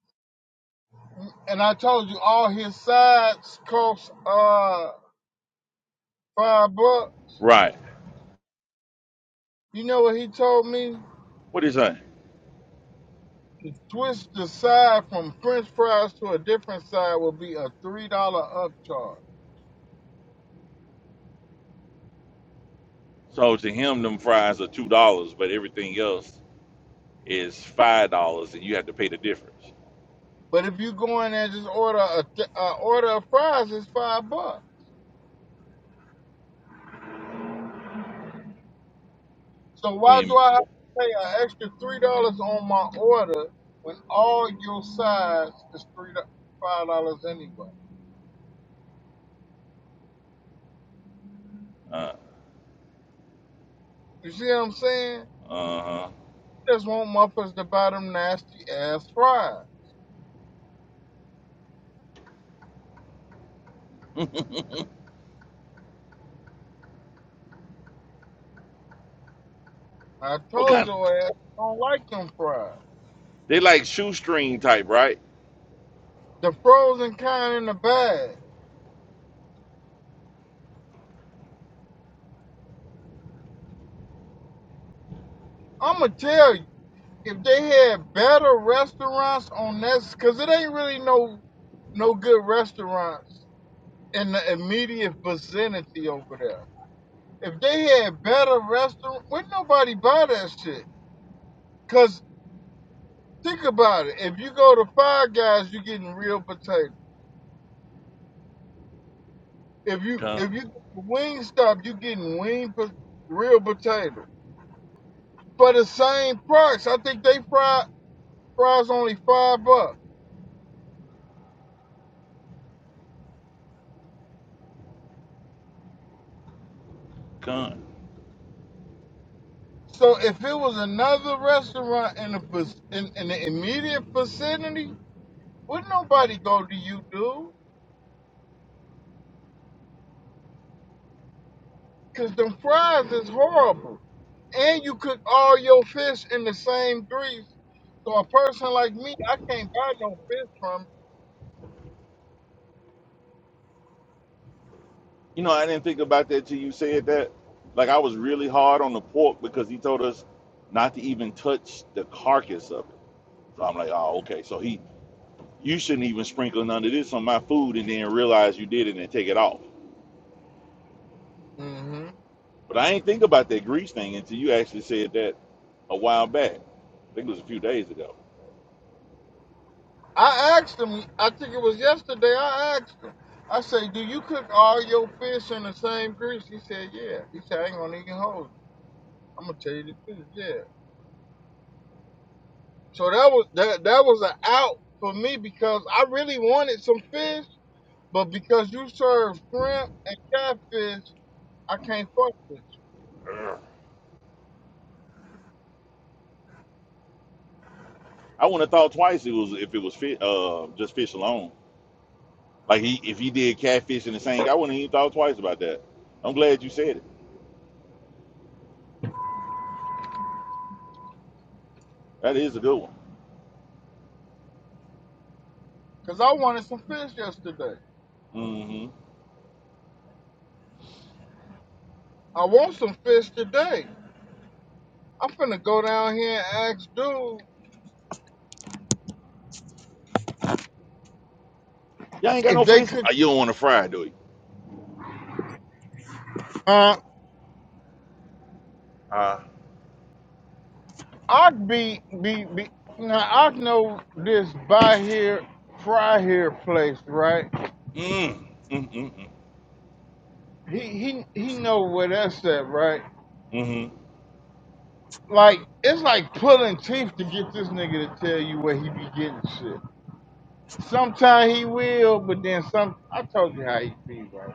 Speaker 1: and I told you all his sides cost uh five bucks.
Speaker 2: right.
Speaker 1: You know what he told me?
Speaker 2: What did he say?
Speaker 1: To switch the side from French fries to a different side will be a three dollar upcharge.
Speaker 2: So to him, them fries are two dollars, but everything else is five dollars, and you have to pay the difference.
Speaker 1: But if you go in there and just order a th- uh, order of fries, it's five bucks. So why do
Speaker 2: And
Speaker 1: I have to pay an extra three dollars on my order when all your sides is three do- five dollars anyway?
Speaker 2: uh
Speaker 1: You see what I'm saying?
Speaker 2: huh.
Speaker 1: Just want muffins to buy them nasty ass fries. I
Speaker 2: What
Speaker 1: told
Speaker 2: kind? Of,
Speaker 1: your ass I don't like them fries.
Speaker 2: they like shoestring type, right?
Speaker 1: The frozen kind in the bag. I'ma tell you, if they had better restaurants on that, cause it ain't really no no good restaurants in the immediate vicinity over there. If they had better restaurant, would not nobody buy that shit? Cause think about it. If you go to Five Guys, you're getting real potato. If you
Speaker 2: Con,
Speaker 1: if you Wingstop, you're getting wing po- real potato for the same price. I think they fry fries only five bucks.
Speaker 2: con.
Speaker 1: So if it was another restaurant in the vic- in, in the immediate vicinity, would nobody go to you, dude? Cause them fries is horrible. And you cook all your fish in the same grease. So a person like me, I can't buy no fish from.
Speaker 2: You know, I didn't think about that till you said that. Like I was really hard on the pork because he told us not to even touch the carcass of it. So I'm like, oh, okay. So he, you shouldn't even sprinkle none of this on my food, and then realize you did it and take it off.
Speaker 1: you. hmm
Speaker 2: But I ain't think about that grease thing until you actually said that a while back. I think it was a few days ago.
Speaker 1: I asked him. I think it was yesterday. I asked him. I say, "Do you cook all your fish in the same grease?" He said, "Yeah." He said, "I ain't gonna even hold you. I'm gonna tell you the truth. Yeah." So that was that. That was an out for me because I really wanted some fish, but because you serve shrimp and catfish, I can't fuck with. it.
Speaker 2: I wouldn't have thought twice it was if it was fi uh, just fish alone. Like he, if he did catfish and the same, I wouldn't have even thought twice about that. I'm glad you said it. That is a good one.
Speaker 1: Cause I wanted some fish yesterday.
Speaker 2: Mm-hmm.
Speaker 1: I want some fish today. I'm finna go down here and ask dude
Speaker 2: Y'all ain't got
Speaker 1: if
Speaker 2: no
Speaker 1: they
Speaker 2: fish. Uh,
Speaker 1: could.
Speaker 2: You don't want to fry, do you?
Speaker 1: Uh,
Speaker 2: Uh,
Speaker 1: I be be be. Now I know this buy here, fry here place, right?
Speaker 2: mm, mm, mm, mm,
Speaker 1: He he he know where that's at, right?
Speaker 2: mm-hmm.
Speaker 1: Like it's like pulling teeth to get this nigga to tell you where he be getting shit. Sometimes he will, but then some. I told you how he be, right?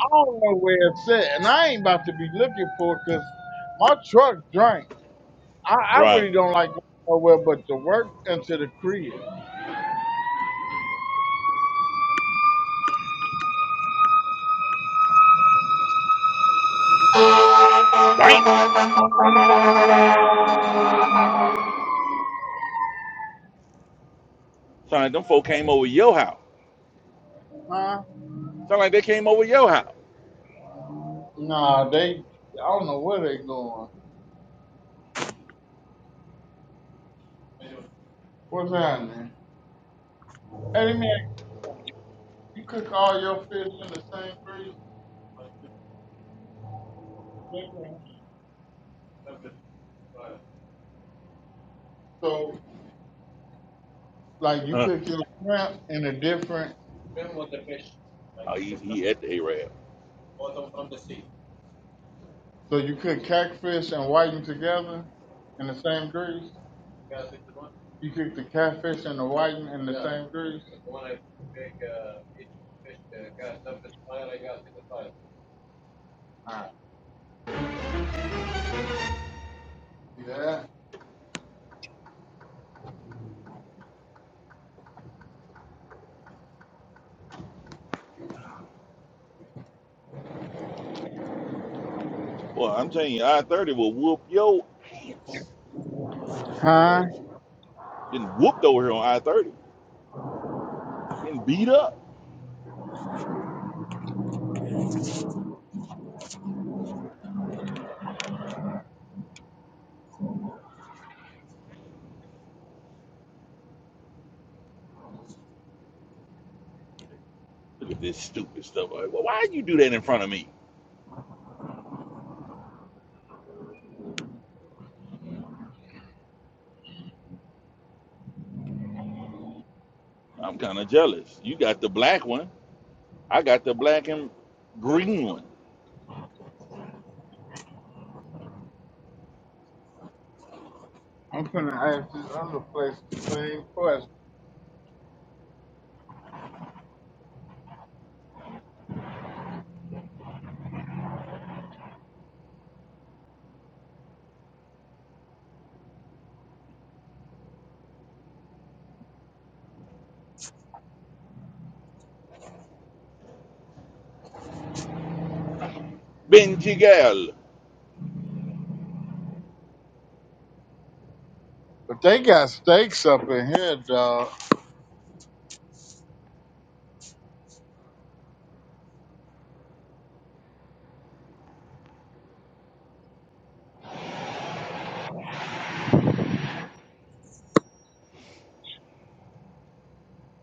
Speaker 1: I don't know where it's at, and I ain't about to be looking for it, cause my truck drank. I, I
Speaker 2: Right.
Speaker 1: really don't like going nowhere but to work and to the crib.
Speaker 2: Damn. Sound like them folk came over your house.
Speaker 1: Huh?
Speaker 2: Sound like they came over your house.
Speaker 1: Nah, they. I don't know where they going. What's happening? Hey, man, you cook all your fish in the same freezer? So, like, you
Speaker 2: Huh.
Speaker 1: cook your shrimp in a different.
Speaker 2: Oh, he, he at the A-Rab.
Speaker 1: So you cook catfish and whiting together in the same grease. You cook the catfish and the whiting in the same grease. Yeah.
Speaker 2: Well, I'm telling you, I-30 will whoop your pants. This is
Speaker 1: Huh?
Speaker 2: crazy. Getting whooped over here on I-30. Getting beat up. Look at this stupid stuff. Like, well, why you do that in front of me? I'm kind of jealous. You got the black one. I got the black and green one.
Speaker 1: I'm gonna ask this other place the same question.
Speaker 2: Benji Gal.
Speaker 1: But they got steaks up in here, dog.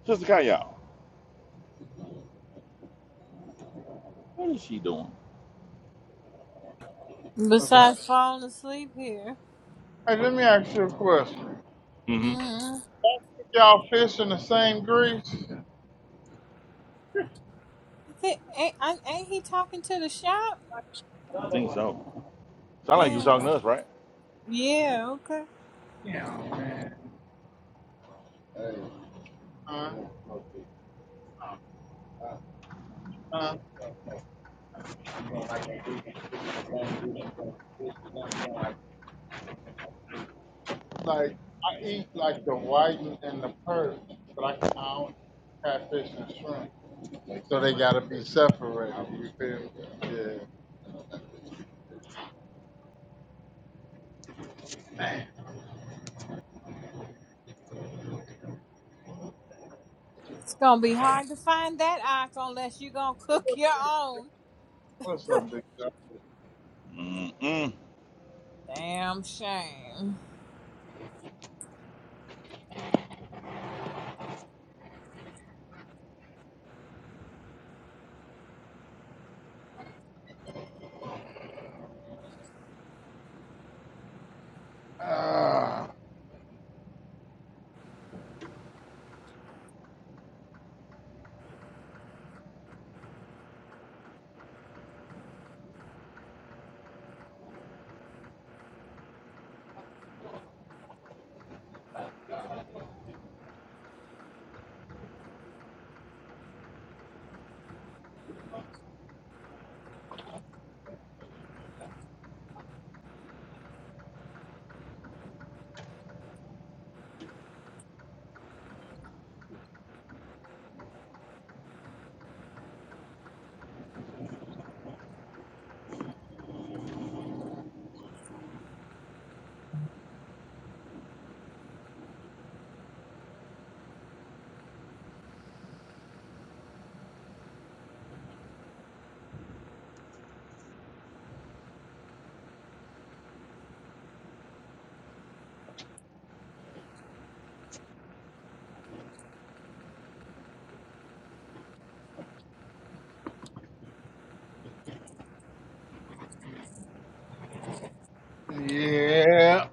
Speaker 2: Sister Kaya. What is she doing?
Speaker 1: What's that?
Speaker 3: Besides falling asleep here.
Speaker 1: Hey, let me ask you a question.
Speaker 2: Mm-hmm.
Speaker 3: hmm
Speaker 1: y'all fish in the same grease?
Speaker 3: Ain't, ain't, ain't he talking to the shop?
Speaker 2: I think so. Sound like you was
Speaker 3: Yeah.
Speaker 2: talking to us, right?
Speaker 3: Yeah, okay.
Speaker 1: Uh, uh, like, I eat like the whiting and the perch, but I, I don't catfish and shrimp. So they gotta be separated. You feel me? Yeah.
Speaker 3: It's gonna be hard to find that icon unless you gonna cook your own.
Speaker 1: What's up, big dog?
Speaker 2: Mm-mm.
Speaker 3: Damn shame.
Speaker 1: Uh, yeah.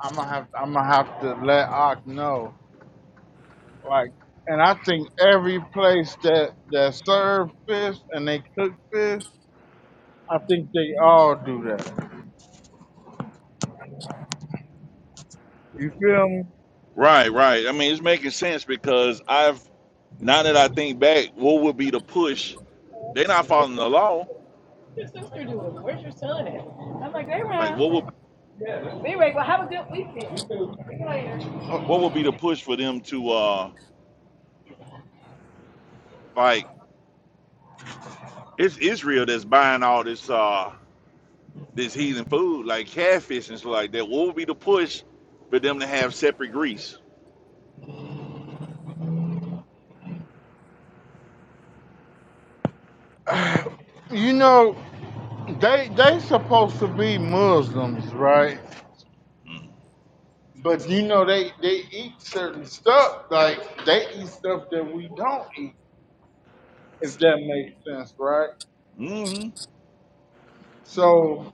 Speaker 1: I'm gonna have I'm gonna have to let Ock know. Like, and I think every place that that serve fish and they cook fish, I think they all do that. You feel me?
Speaker 2: Right, right. I mean, it's making sense because I've, now that
Speaker 1: Then
Speaker 2: I
Speaker 1: What's
Speaker 2: think back, what would be the push? They're not following the law.
Speaker 1: your sister doing? Where's your son at? I'm like, they
Speaker 2: Like, what would
Speaker 1: around. Anyway, well, have a good weekend. You too. See you later.
Speaker 2: what would be the push for them to uh like? It's Israel that's buying all this. uh this heathen food, like catfish and stuff like that. What would be the push for them to have separate grease?
Speaker 1: You know, they they supposed to be Muslims, right?
Speaker 2: Mm.
Speaker 1: But you know they they eat certain stuff, like they eat stuff that we don't eat, if that makes sense, right?
Speaker 2: Mm-hmm.
Speaker 1: So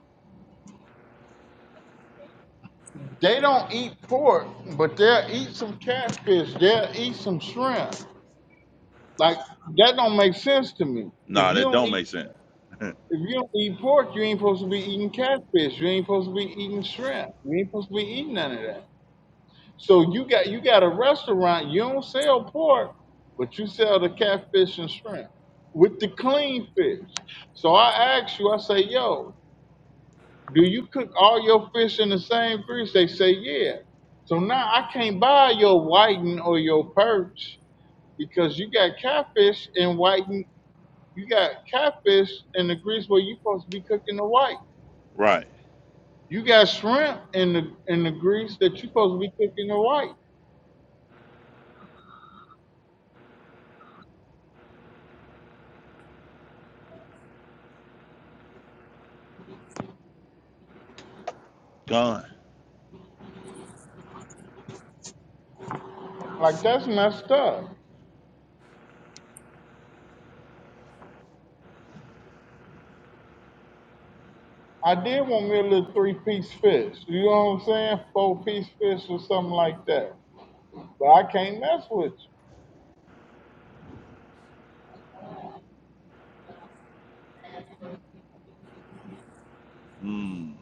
Speaker 1: They don't eat pork, but they'll eat some catfish. They'll eat some shrimp. Like that don't make sense to me. If
Speaker 2: Nah,
Speaker 1: you
Speaker 2: that
Speaker 1: don't
Speaker 2: don't
Speaker 1: eat
Speaker 2: make sense.
Speaker 1: if you don't eat pork, you ain't supposed to be eating catfish. You ain't supposed to be eating shrimp. You ain't supposed to be eating none of that. So you got you got a restaurant. You don't sell pork, but you sell the catfish and shrimp with the clean fish. So I asked you. I say, yo. do you cook all your fish in the same grease? They say, yeah. So now I can't buy your whiting or your perch because you got catfish and whiting. You got catfish in the grease where you supposed to be cooking the white.
Speaker 2: Right.
Speaker 1: You got shrimp in the in the grease that you supposed to be cooking the white.
Speaker 2: Gone.
Speaker 1: Like that's messed up. I did want me a little three piece fish. You know what I'm saying? Four piece fish or something like that. But I can't mess with you.
Speaker 2: Mm.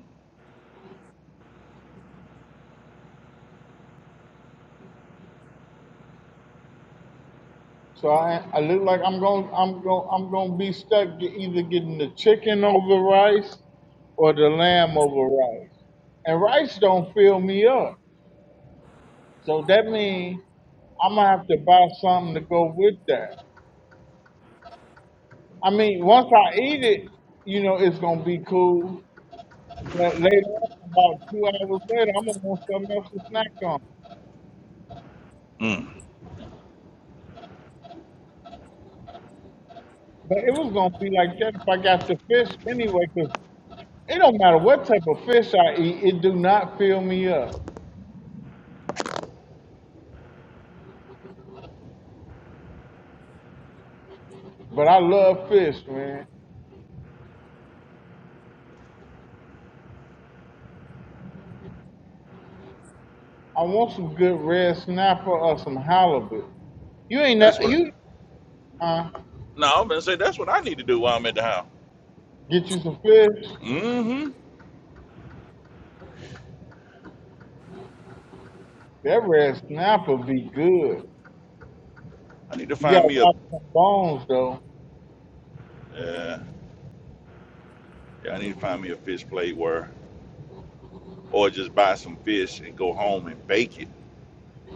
Speaker 1: So I, I look like I'm going I'm going I'm going to be stuck ge- either getting the chicken over rice or the lamb over rice. And rice don't fill me up. So that means I'm gonna have to buy something to go with that. I mean, once I eat it, you know, it's gonna be cool. But later on, about two hours later, I'm gonna want something else to snack on.
Speaker 2: Mm.
Speaker 1: But it was gonna be like that if I got the fish anyway. Cause it don't matter what type of fish I eat, it do not fill me up. But I love fish, man. I want some good red snapper or some halibut. You ain't
Speaker 2: That's
Speaker 1: ne-
Speaker 2: what. I,
Speaker 1: you uh,
Speaker 2: no, I'm gonna say that's what I need to do while I'm at the house.
Speaker 1: get you some fish.
Speaker 2: Mm-hmm.
Speaker 1: That red snapper be good.
Speaker 2: I need to
Speaker 1: You
Speaker 2: find
Speaker 1: gotta
Speaker 2: me a.
Speaker 1: watch some bones though.
Speaker 2: Uh, yeah, I need to find me a fish plate where, or just buy some fish and go home and bake it.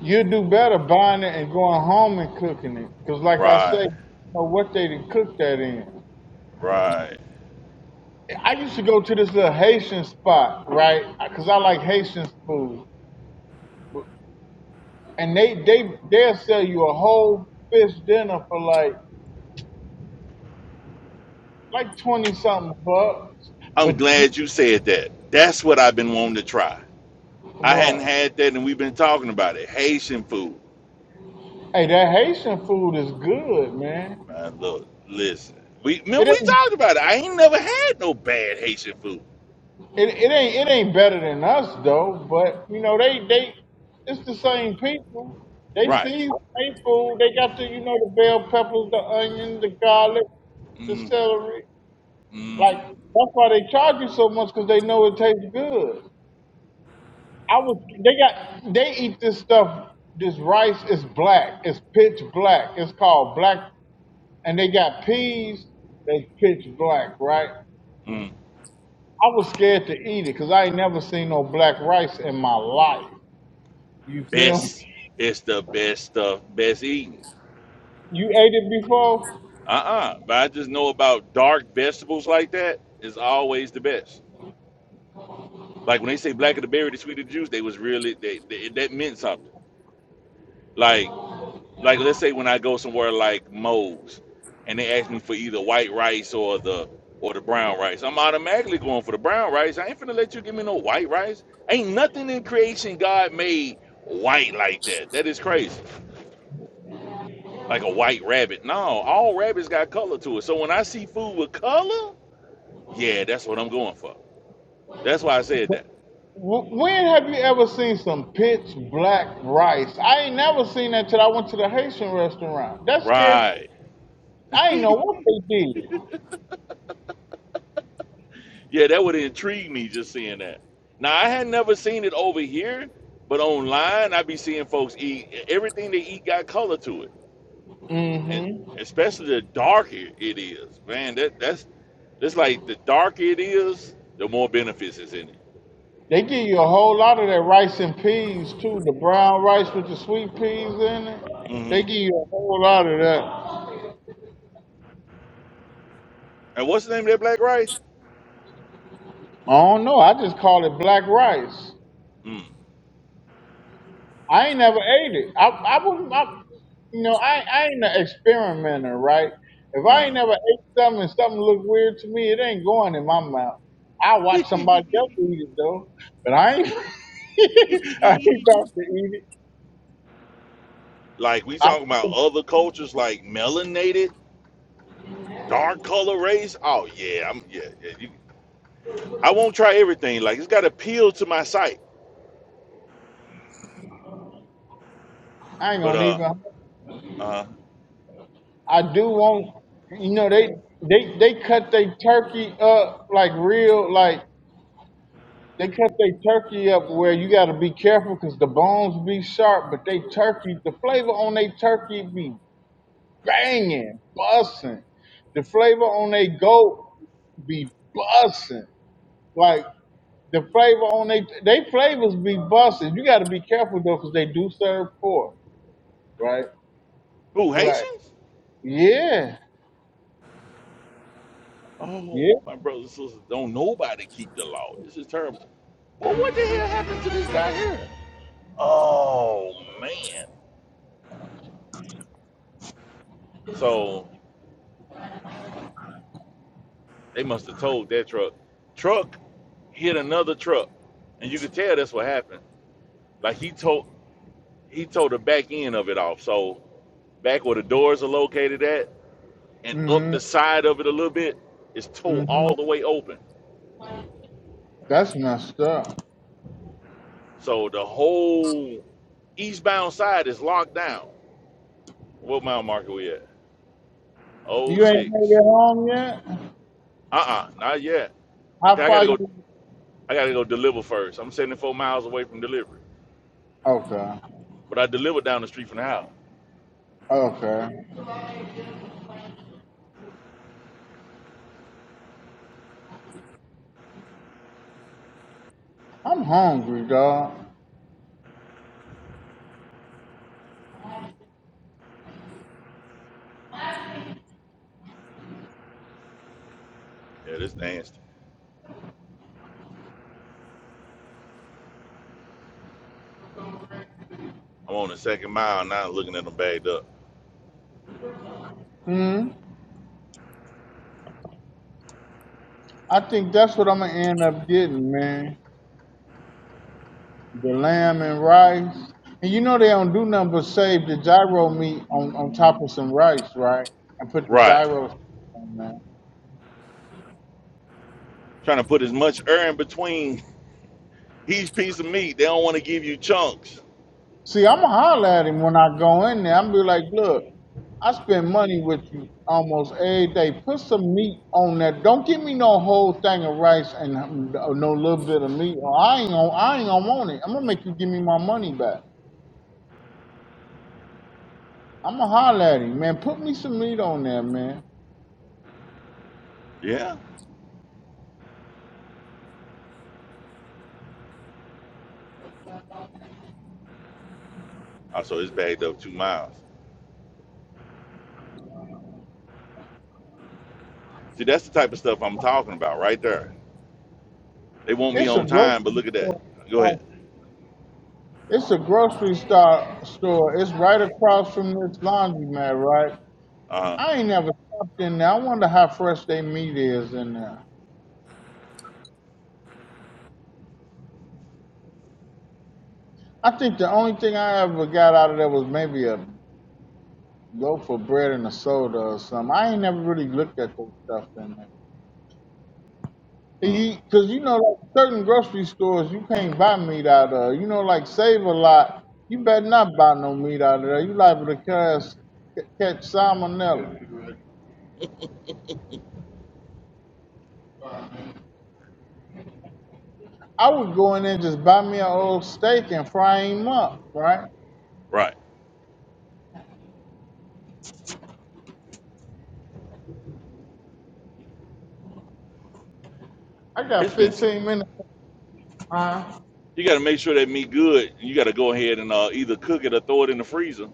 Speaker 1: You'll do
Speaker 2: Ooh.
Speaker 1: better buying it and going home and cooking it. Cause like I say,
Speaker 2: Right.
Speaker 1: you know what they done cook that in.
Speaker 2: Right.
Speaker 1: I used to go to this little Haitian spot, right? Cause I like Haitian food. But- And they they they'll sell you a whole fish dinner for like like twenty something bucks.
Speaker 2: I'm
Speaker 1: But you
Speaker 2: glad you said that. That's what I've been wanting to try. I hadn't
Speaker 1: what?
Speaker 2: had that, and we've been talking about it. Haitian food.
Speaker 1: Hey, that Haitian food is good, man.
Speaker 2: Man, look, listen. We
Speaker 1: It
Speaker 2: remember we
Speaker 1: ain't
Speaker 2: talked about it. I ain't never had no bad Haitian food.
Speaker 1: it, it ain't it ain't better than us though. But you know they they it's the same people. They
Speaker 2: Right.
Speaker 1: see they food. They got the you know the bell peppers, the onion, the garlic, the
Speaker 2: Mm,
Speaker 1: celery.
Speaker 2: mm,
Speaker 1: Like that's why they charge you so much because they know it tastes good. I was they got they eat this stuff. This rice is black. It's pitch black. It's called black and they got peas that's pitch black, right?
Speaker 2: mm.
Speaker 1: I was scared to eat it because I ain't never seen no black rice in my life. You feel me?
Speaker 2: Best. It's the best stuff. Best eating.
Speaker 1: You ate it before?
Speaker 2: Uh-uh. But I just know about dark vegetables like that is always the best. Like when they say black of the berry, the sweet of the juice, they was really they, they that meant something. Like like let's say when I go somewhere like Moe's and they ask me for either white rice or the or the brown rice, I'm automatically going for the brown rice. I ain't finna let you give me no white rice. Ain't nothing in creation God made white like that. That is crazy. Like a white rabbit. No, all rabbits got color to it. So when I see food with color, yeah, that's what I'm going for. That's why I said that.
Speaker 1: Wh- When have you ever seen some pitch black rice? I ain't never seen that till I went to the Haitian restaurant. That scared.
Speaker 2: Right.
Speaker 1: I ain't know what they did.
Speaker 2: Yeah, that would intrigue me just seeing that. Now I had never seen it over here, but online I be seeing folks eat everything they eat got color to it, and
Speaker 1: hmm
Speaker 2: especially the darker it is. Man, that that's that's like the darker it is, the more benefits is in it.
Speaker 1: They give you a whole lot of that rice and peas too. The brown rice with the sweet peas in it.
Speaker 2: hmm
Speaker 1: They give you a whole lot of that.
Speaker 2: And what's the name of that black rice?
Speaker 1: I don't know. I just call it black rice. I ain't never ate it. I I wouldn't. I, you know, I I ain't an experimenter, right? If I ain't
Speaker 2: Mm-hmm.
Speaker 1: never ate something and something look weird to me, it ain't going in my mouth. I watch somebody else eat it though, but I ain't. I ain't about to eat it.
Speaker 2: Like we
Speaker 1: I,
Speaker 2: talking about other cultures like melanated, dark color race. Oh yeah, I'm yeah. yeah you, I won't try everything. Like it's got appeal to my sight,
Speaker 1: I ain't
Speaker 2: but
Speaker 1: gonna
Speaker 2: uh,
Speaker 1: even.
Speaker 2: uh
Speaker 1: I do want. You know they they they cut their turkey up like real like They cut their turkey up where you got to be careful because the bones be sharp, but they turkey, the flavor on they turkey be banging, busting. The flavor on they goat be busting. Like the flavor on they, they flavors be busting. You got to be careful though because they do serve pork, right?
Speaker 2: Who
Speaker 1: But
Speaker 2: Haitians?
Speaker 1: yeah, yeah.
Speaker 2: Oh, my brothers and sisters, don't nobody keep the law. This is terrible. Well, what the hell happened to this guy here? Oh man! So they must have told that truck. Truck hit another truck, and you could tell that's what happened. Like he told he told the back end of it off. So back where the doors are located at, and up
Speaker 1: hmm
Speaker 2: the side of it a little bit, it's
Speaker 1: hmm
Speaker 2: towed all the way open.
Speaker 1: That's messed up.
Speaker 2: So the whole eastbound side is locked down. What mile marker we at? Oh
Speaker 1: You ain't made
Speaker 2: six.
Speaker 1: it home yet?
Speaker 2: Uh-uh, not yet. I, I
Speaker 1: How far
Speaker 2: gotta
Speaker 1: you?
Speaker 2: go. I gotta go deliver first. I'm 74 miles away from delivery,
Speaker 1: Okay.
Speaker 2: but I delivered down the street from the house.
Speaker 1: Okay. I'm hungry, dog.
Speaker 2: Yeah, this nasty. I'm on the second mile now, looking at them bagged up.
Speaker 1: Hmm. I think that's what I'm gonna end up getting, man. The lamb and rice. And you know they don't do nothing but save the gyro meat on, on top of some rice, right? And put the
Speaker 2: Right.
Speaker 1: gyros on that.
Speaker 2: Trying to put as much air in between each piece of meat. They don't want to give you chunks.
Speaker 1: See, I'ma holler at him when I go in there. I'm be like, look, I spend money with you almost every day. Put some meat on that. Don't give me no whole thing of rice and um, no little bit of meat. I ain't gonna, I ain't gonna want it. I'm gonna make you give me my money back. I'm gonna holler at him, man. Put me some meat on there, man.
Speaker 2: Yeah. Also, it's bagged up two miles. See, that's the type of stuff I'm talking about right there. They want me
Speaker 1: It's a
Speaker 2: on time, but
Speaker 1: grocery
Speaker 2: look at that. Go
Speaker 1: store.
Speaker 2: ahead.
Speaker 1: It's a grocery store. Store. It's right across from this laundromat, right?
Speaker 2: Uh huh.
Speaker 1: I ain't never stopped in there. I wonder how fresh they meat is in there. I think the only thing I ever got out of there was maybe a loaf of bread and a soda or something. I ain't never really looked at that stuff in there.
Speaker 2: Mm,
Speaker 1: Because you know, like certain grocery stores, you can't buy meat out of. You know, like Save a Lot, you better not buy no meat out of there. You liable to catch, catch salmonella. I would go in there and just buy me an old steak and fry him up, right?
Speaker 2: right.
Speaker 1: I got
Speaker 2: It's been so.
Speaker 1: 15 minutes of time.
Speaker 2: You got to make sure that meat good. You got to go ahead and uh, either cook it or throw it in the freezer.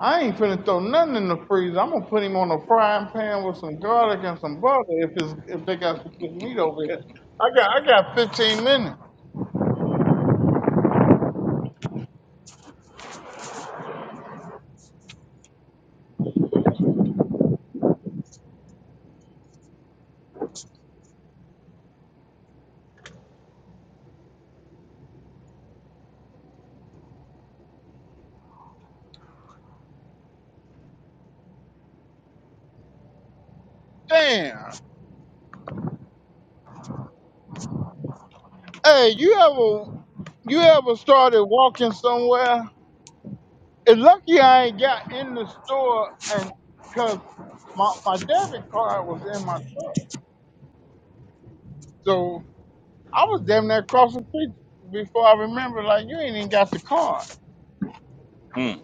Speaker 1: I ain't finna throw nothing in the freezer. I'm gonna put him on a frying pan with some garlic and some butter if it's if they got some good meat over here. I got I got 15 minutes. Damn. Hey, you ever you ever started walking somewhere? It's lucky I ain't got in the store and cause my, my debit card was in my truck. So I was damn near across the street before I remember like you ain't even got the card.
Speaker 2: Mm.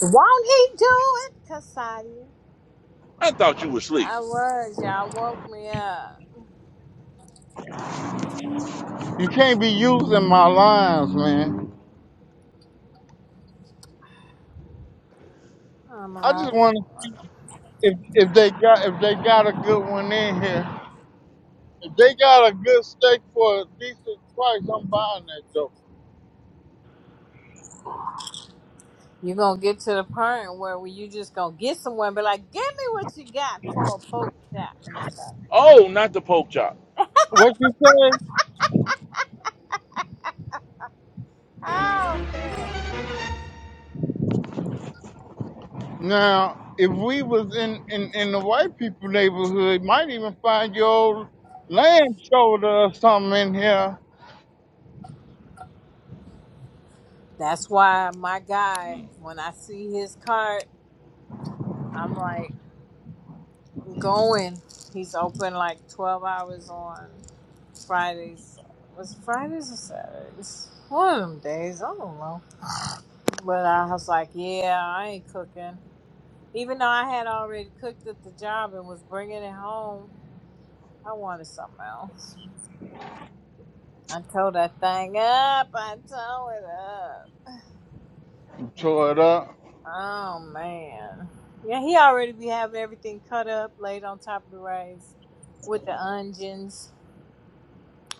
Speaker 3: Won't he do it, Casadia?
Speaker 2: I thought you were asleep.
Speaker 3: I was, y'all woke me up.
Speaker 1: You can't be using my lines, man.
Speaker 3: I'm
Speaker 1: I
Speaker 3: out
Speaker 1: just
Speaker 3: of
Speaker 1: wanna see
Speaker 3: water.
Speaker 1: if if they got if they got a good one in here. If they got a good steak for a decent price, I'm buying that joke.
Speaker 3: you gonna get to the point where we- you just gonna get somewhere and be like, give me what you got for a poke shot. Let me stop.
Speaker 2: Oh, not the pork chop.
Speaker 1: What you say?
Speaker 3: Oh man.
Speaker 1: Now, if we was in, in, in the white people neighborhood, might even find your old land shoulder or something in here.
Speaker 3: That's why my guy,
Speaker 2: Mm.
Speaker 3: when I see his cart, I'm like, going. He's open like 12 hours on Fridays. Was it Fridays or Saturdays? One of them days. I don't know. But I was like, yeah, I ain't cooking. Even though I had already cooked at the job and was bringing it home, I wanted something else. I tore that thing up. I tore it up.
Speaker 1: Tore it up.
Speaker 3: Oh, man. Yeah, he already be having everything cut up, laid on top of the rice with the onions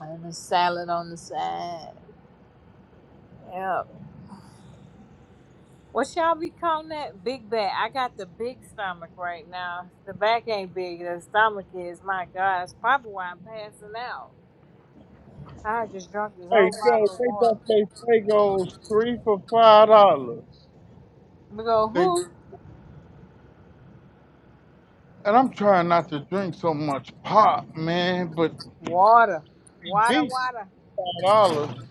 Speaker 3: and the salad on the side. Yep. What y'all be calling that? Big back. I got the big stomach right now. The back ain't big. The stomach is. My God, it's probably why I'm passing out. I just drunk this
Speaker 1: Hey,
Speaker 3: whole
Speaker 1: yo,
Speaker 3: bottle
Speaker 1: they
Speaker 3: of water.
Speaker 1: got they Fagos three for five dollars.
Speaker 3: We go
Speaker 1: They
Speaker 3: who?
Speaker 1: and I'm trying not to drink so much pop, man, but we
Speaker 3: Water. Water.
Speaker 1: beat
Speaker 3: Water.
Speaker 1: five dollars.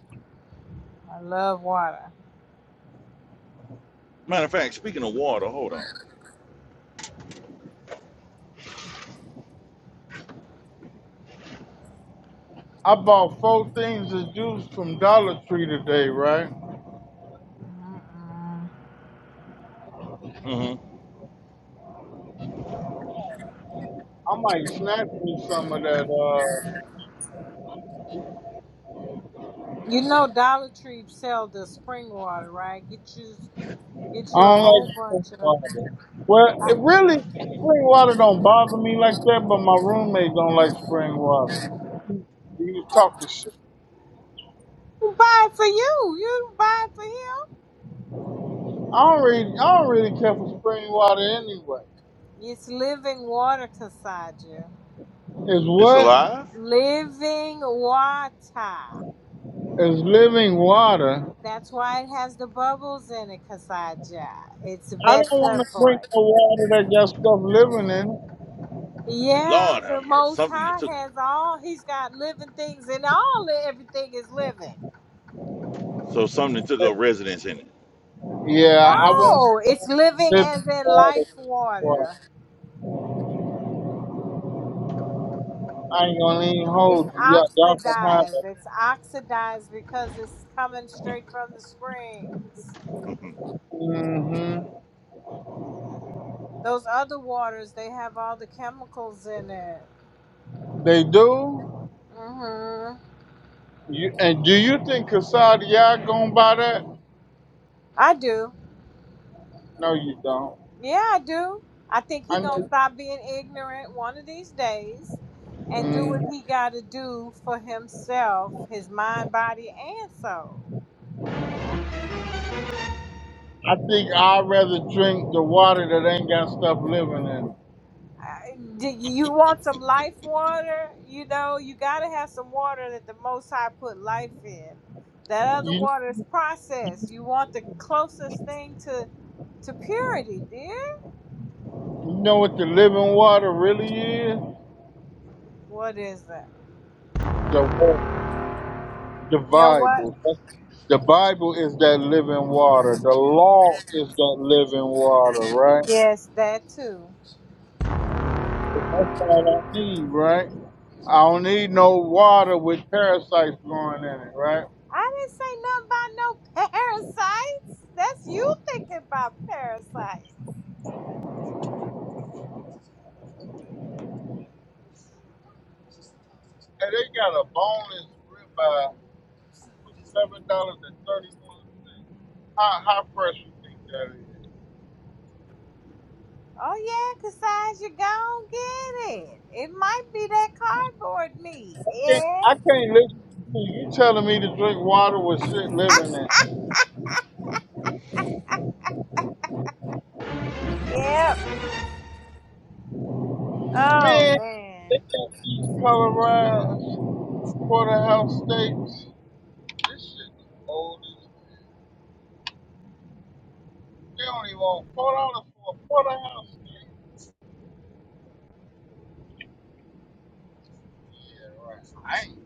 Speaker 3: I love water.
Speaker 2: Matter of fact, speaking of water, hold on.
Speaker 1: I bought four things of juice from Dollar Tree today, right?
Speaker 3: Mm-mm.
Speaker 2: hmm
Speaker 1: I might snatch me some of that Uh,
Speaker 3: You know Dollar Tree sell the spring water, right? Get you get
Speaker 1: I
Speaker 3: you a
Speaker 1: don't
Speaker 3: whole
Speaker 1: like spring
Speaker 3: bunch of it.
Speaker 1: water. Well, it really spring water don't bother me like that, but my roommate don't like spring water. He was talking shit.
Speaker 3: Who buy it for you? You buy it for him.
Speaker 1: I don't really, I don't really care for spring water anyway.
Speaker 3: It's living water, Kasaja.
Speaker 1: Is
Speaker 2: It's
Speaker 1: what
Speaker 2: alive?
Speaker 3: Living water.
Speaker 1: is living water?
Speaker 3: That's why it has the bubbles in it, Kasaja. It's
Speaker 1: I don't want
Speaker 3: better
Speaker 1: to
Speaker 3: for
Speaker 1: drink
Speaker 3: it.
Speaker 1: the water that got stuff living in
Speaker 3: Yeah,
Speaker 2: Lord
Speaker 3: the
Speaker 2: have mercy.
Speaker 3: Most
Speaker 2: Something that
Speaker 3: High
Speaker 2: took
Speaker 3: has all. He's got living things, and all everything is living.
Speaker 2: so something took
Speaker 1: it.
Speaker 2: up residence in
Speaker 1: Yeah, I want
Speaker 3: No, it's living
Speaker 1: living
Speaker 3: as in
Speaker 1: water.
Speaker 3: life
Speaker 1: Well,
Speaker 3: water.
Speaker 1: I ain't gonna even
Speaker 3: It's
Speaker 1: hold you. Y'all, y'all can
Speaker 3: oxidized. It's oxidized because it's coming
Speaker 2: it.
Speaker 3: straight from the springs.
Speaker 1: have it. hmm
Speaker 3: Those other waters, they have all the chemicals in it.
Speaker 1: They do.
Speaker 3: hmm
Speaker 1: You, and do you think Kasadia gonna buy that?
Speaker 3: I do.
Speaker 1: No, you don't.
Speaker 3: Yeah, I do. I think he
Speaker 1: I
Speaker 3: gonna
Speaker 1: know.
Speaker 3: stop being ignorant one of these days and do
Speaker 1: Mm,
Speaker 3: what he gotta do for himself, his mind, body, and soul.
Speaker 1: I think I'd rather drink the water that ain't got stuff living in.
Speaker 3: I- do You want some life water? You know, you gotta have some water that the Most High put life in. That other
Speaker 1: it. You,
Speaker 3: water is processed. You want the closest thing to to purity, dear.
Speaker 1: you know what the living water really is?
Speaker 3: What is that?
Speaker 1: The wa- the
Speaker 3: You know what?
Speaker 1: Bible. The Bible is that living water. The law is that living water, right?
Speaker 3: Yes, that too.
Speaker 1: That's all I need, right? I don't need no water with parasites growing in it, right?
Speaker 3: I didn't say nothing about no parasites. That's you thinking about parasites.
Speaker 1: Hey, they got a boneless ribeye for seven dollars and thirty-one. How how fresh you think that is?
Speaker 3: Oh yeah, Cassandra, you gon' get it. It might be that cardboard meat.
Speaker 1: can't- I
Speaker 3: Yeah.
Speaker 1: can't listen to you. You telling me to drink water with shit living in. it.
Speaker 3: Yep. Oh
Speaker 1: Man, they
Speaker 3: man.
Speaker 1: got these colorized porterhouse steaks. This shit the oldest. They only want four dollars for a porterhouse steak. Yeah, right. I, ain't.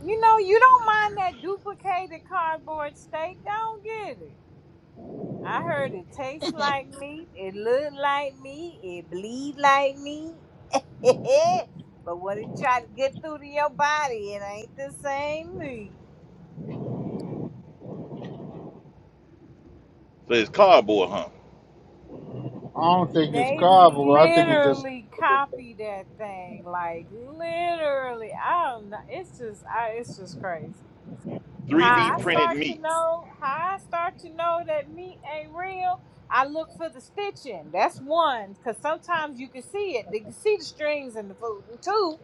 Speaker 3: You know you don't mind that duplicated cardboard steak. Don't get it. I heard it tastes like meat, it look like meat, it bleed like meat. but when it try to get through to your body, it ain't the same meat.
Speaker 2: So it's cardboard, huh?
Speaker 1: I don't think it's
Speaker 3: They
Speaker 1: carbo. I think it's just.
Speaker 3: literally copy that thing, like literally. I don't know. It's just, I, it's just crazy. How
Speaker 2: 3D
Speaker 3: I
Speaker 2: printed
Speaker 3: start to
Speaker 2: meat.
Speaker 3: know, how I start to know that meat ain't real. I look for the stitching. That's one, because sometimes you can see it. You can see the strings in the food. And two,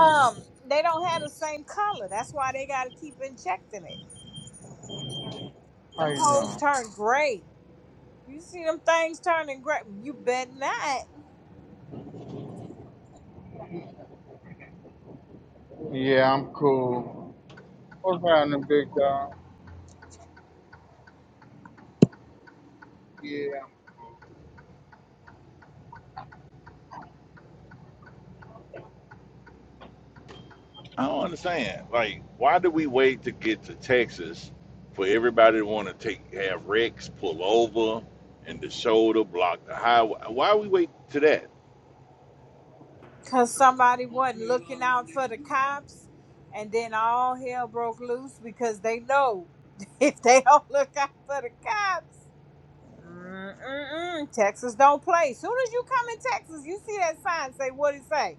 Speaker 3: Um, they don't have the same color. That's why they gotta keep injecting it.
Speaker 1: How
Speaker 3: Them
Speaker 1: you
Speaker 3: hoes
Speaker 1: doing?
Speaker 3: turn gray. You see them things turning gray. You bet not.
Speaker 1: Yeah, I'm cool. What's around the big guy? Yeah.
Speaker 2: I don't understand. Like, why do we wait to get to Texas for everybody to want to take have wrecks pull over and the shoulder block the highway? Why we wait to that?
Speaker 3: Cause somebody wasn't looking out for the cops and then all hell broke loose because they know if they don't look out for the cops. Mm-mm-mm. Texas don't play. Soon as you come in Texas, you see that sign. Say what it say.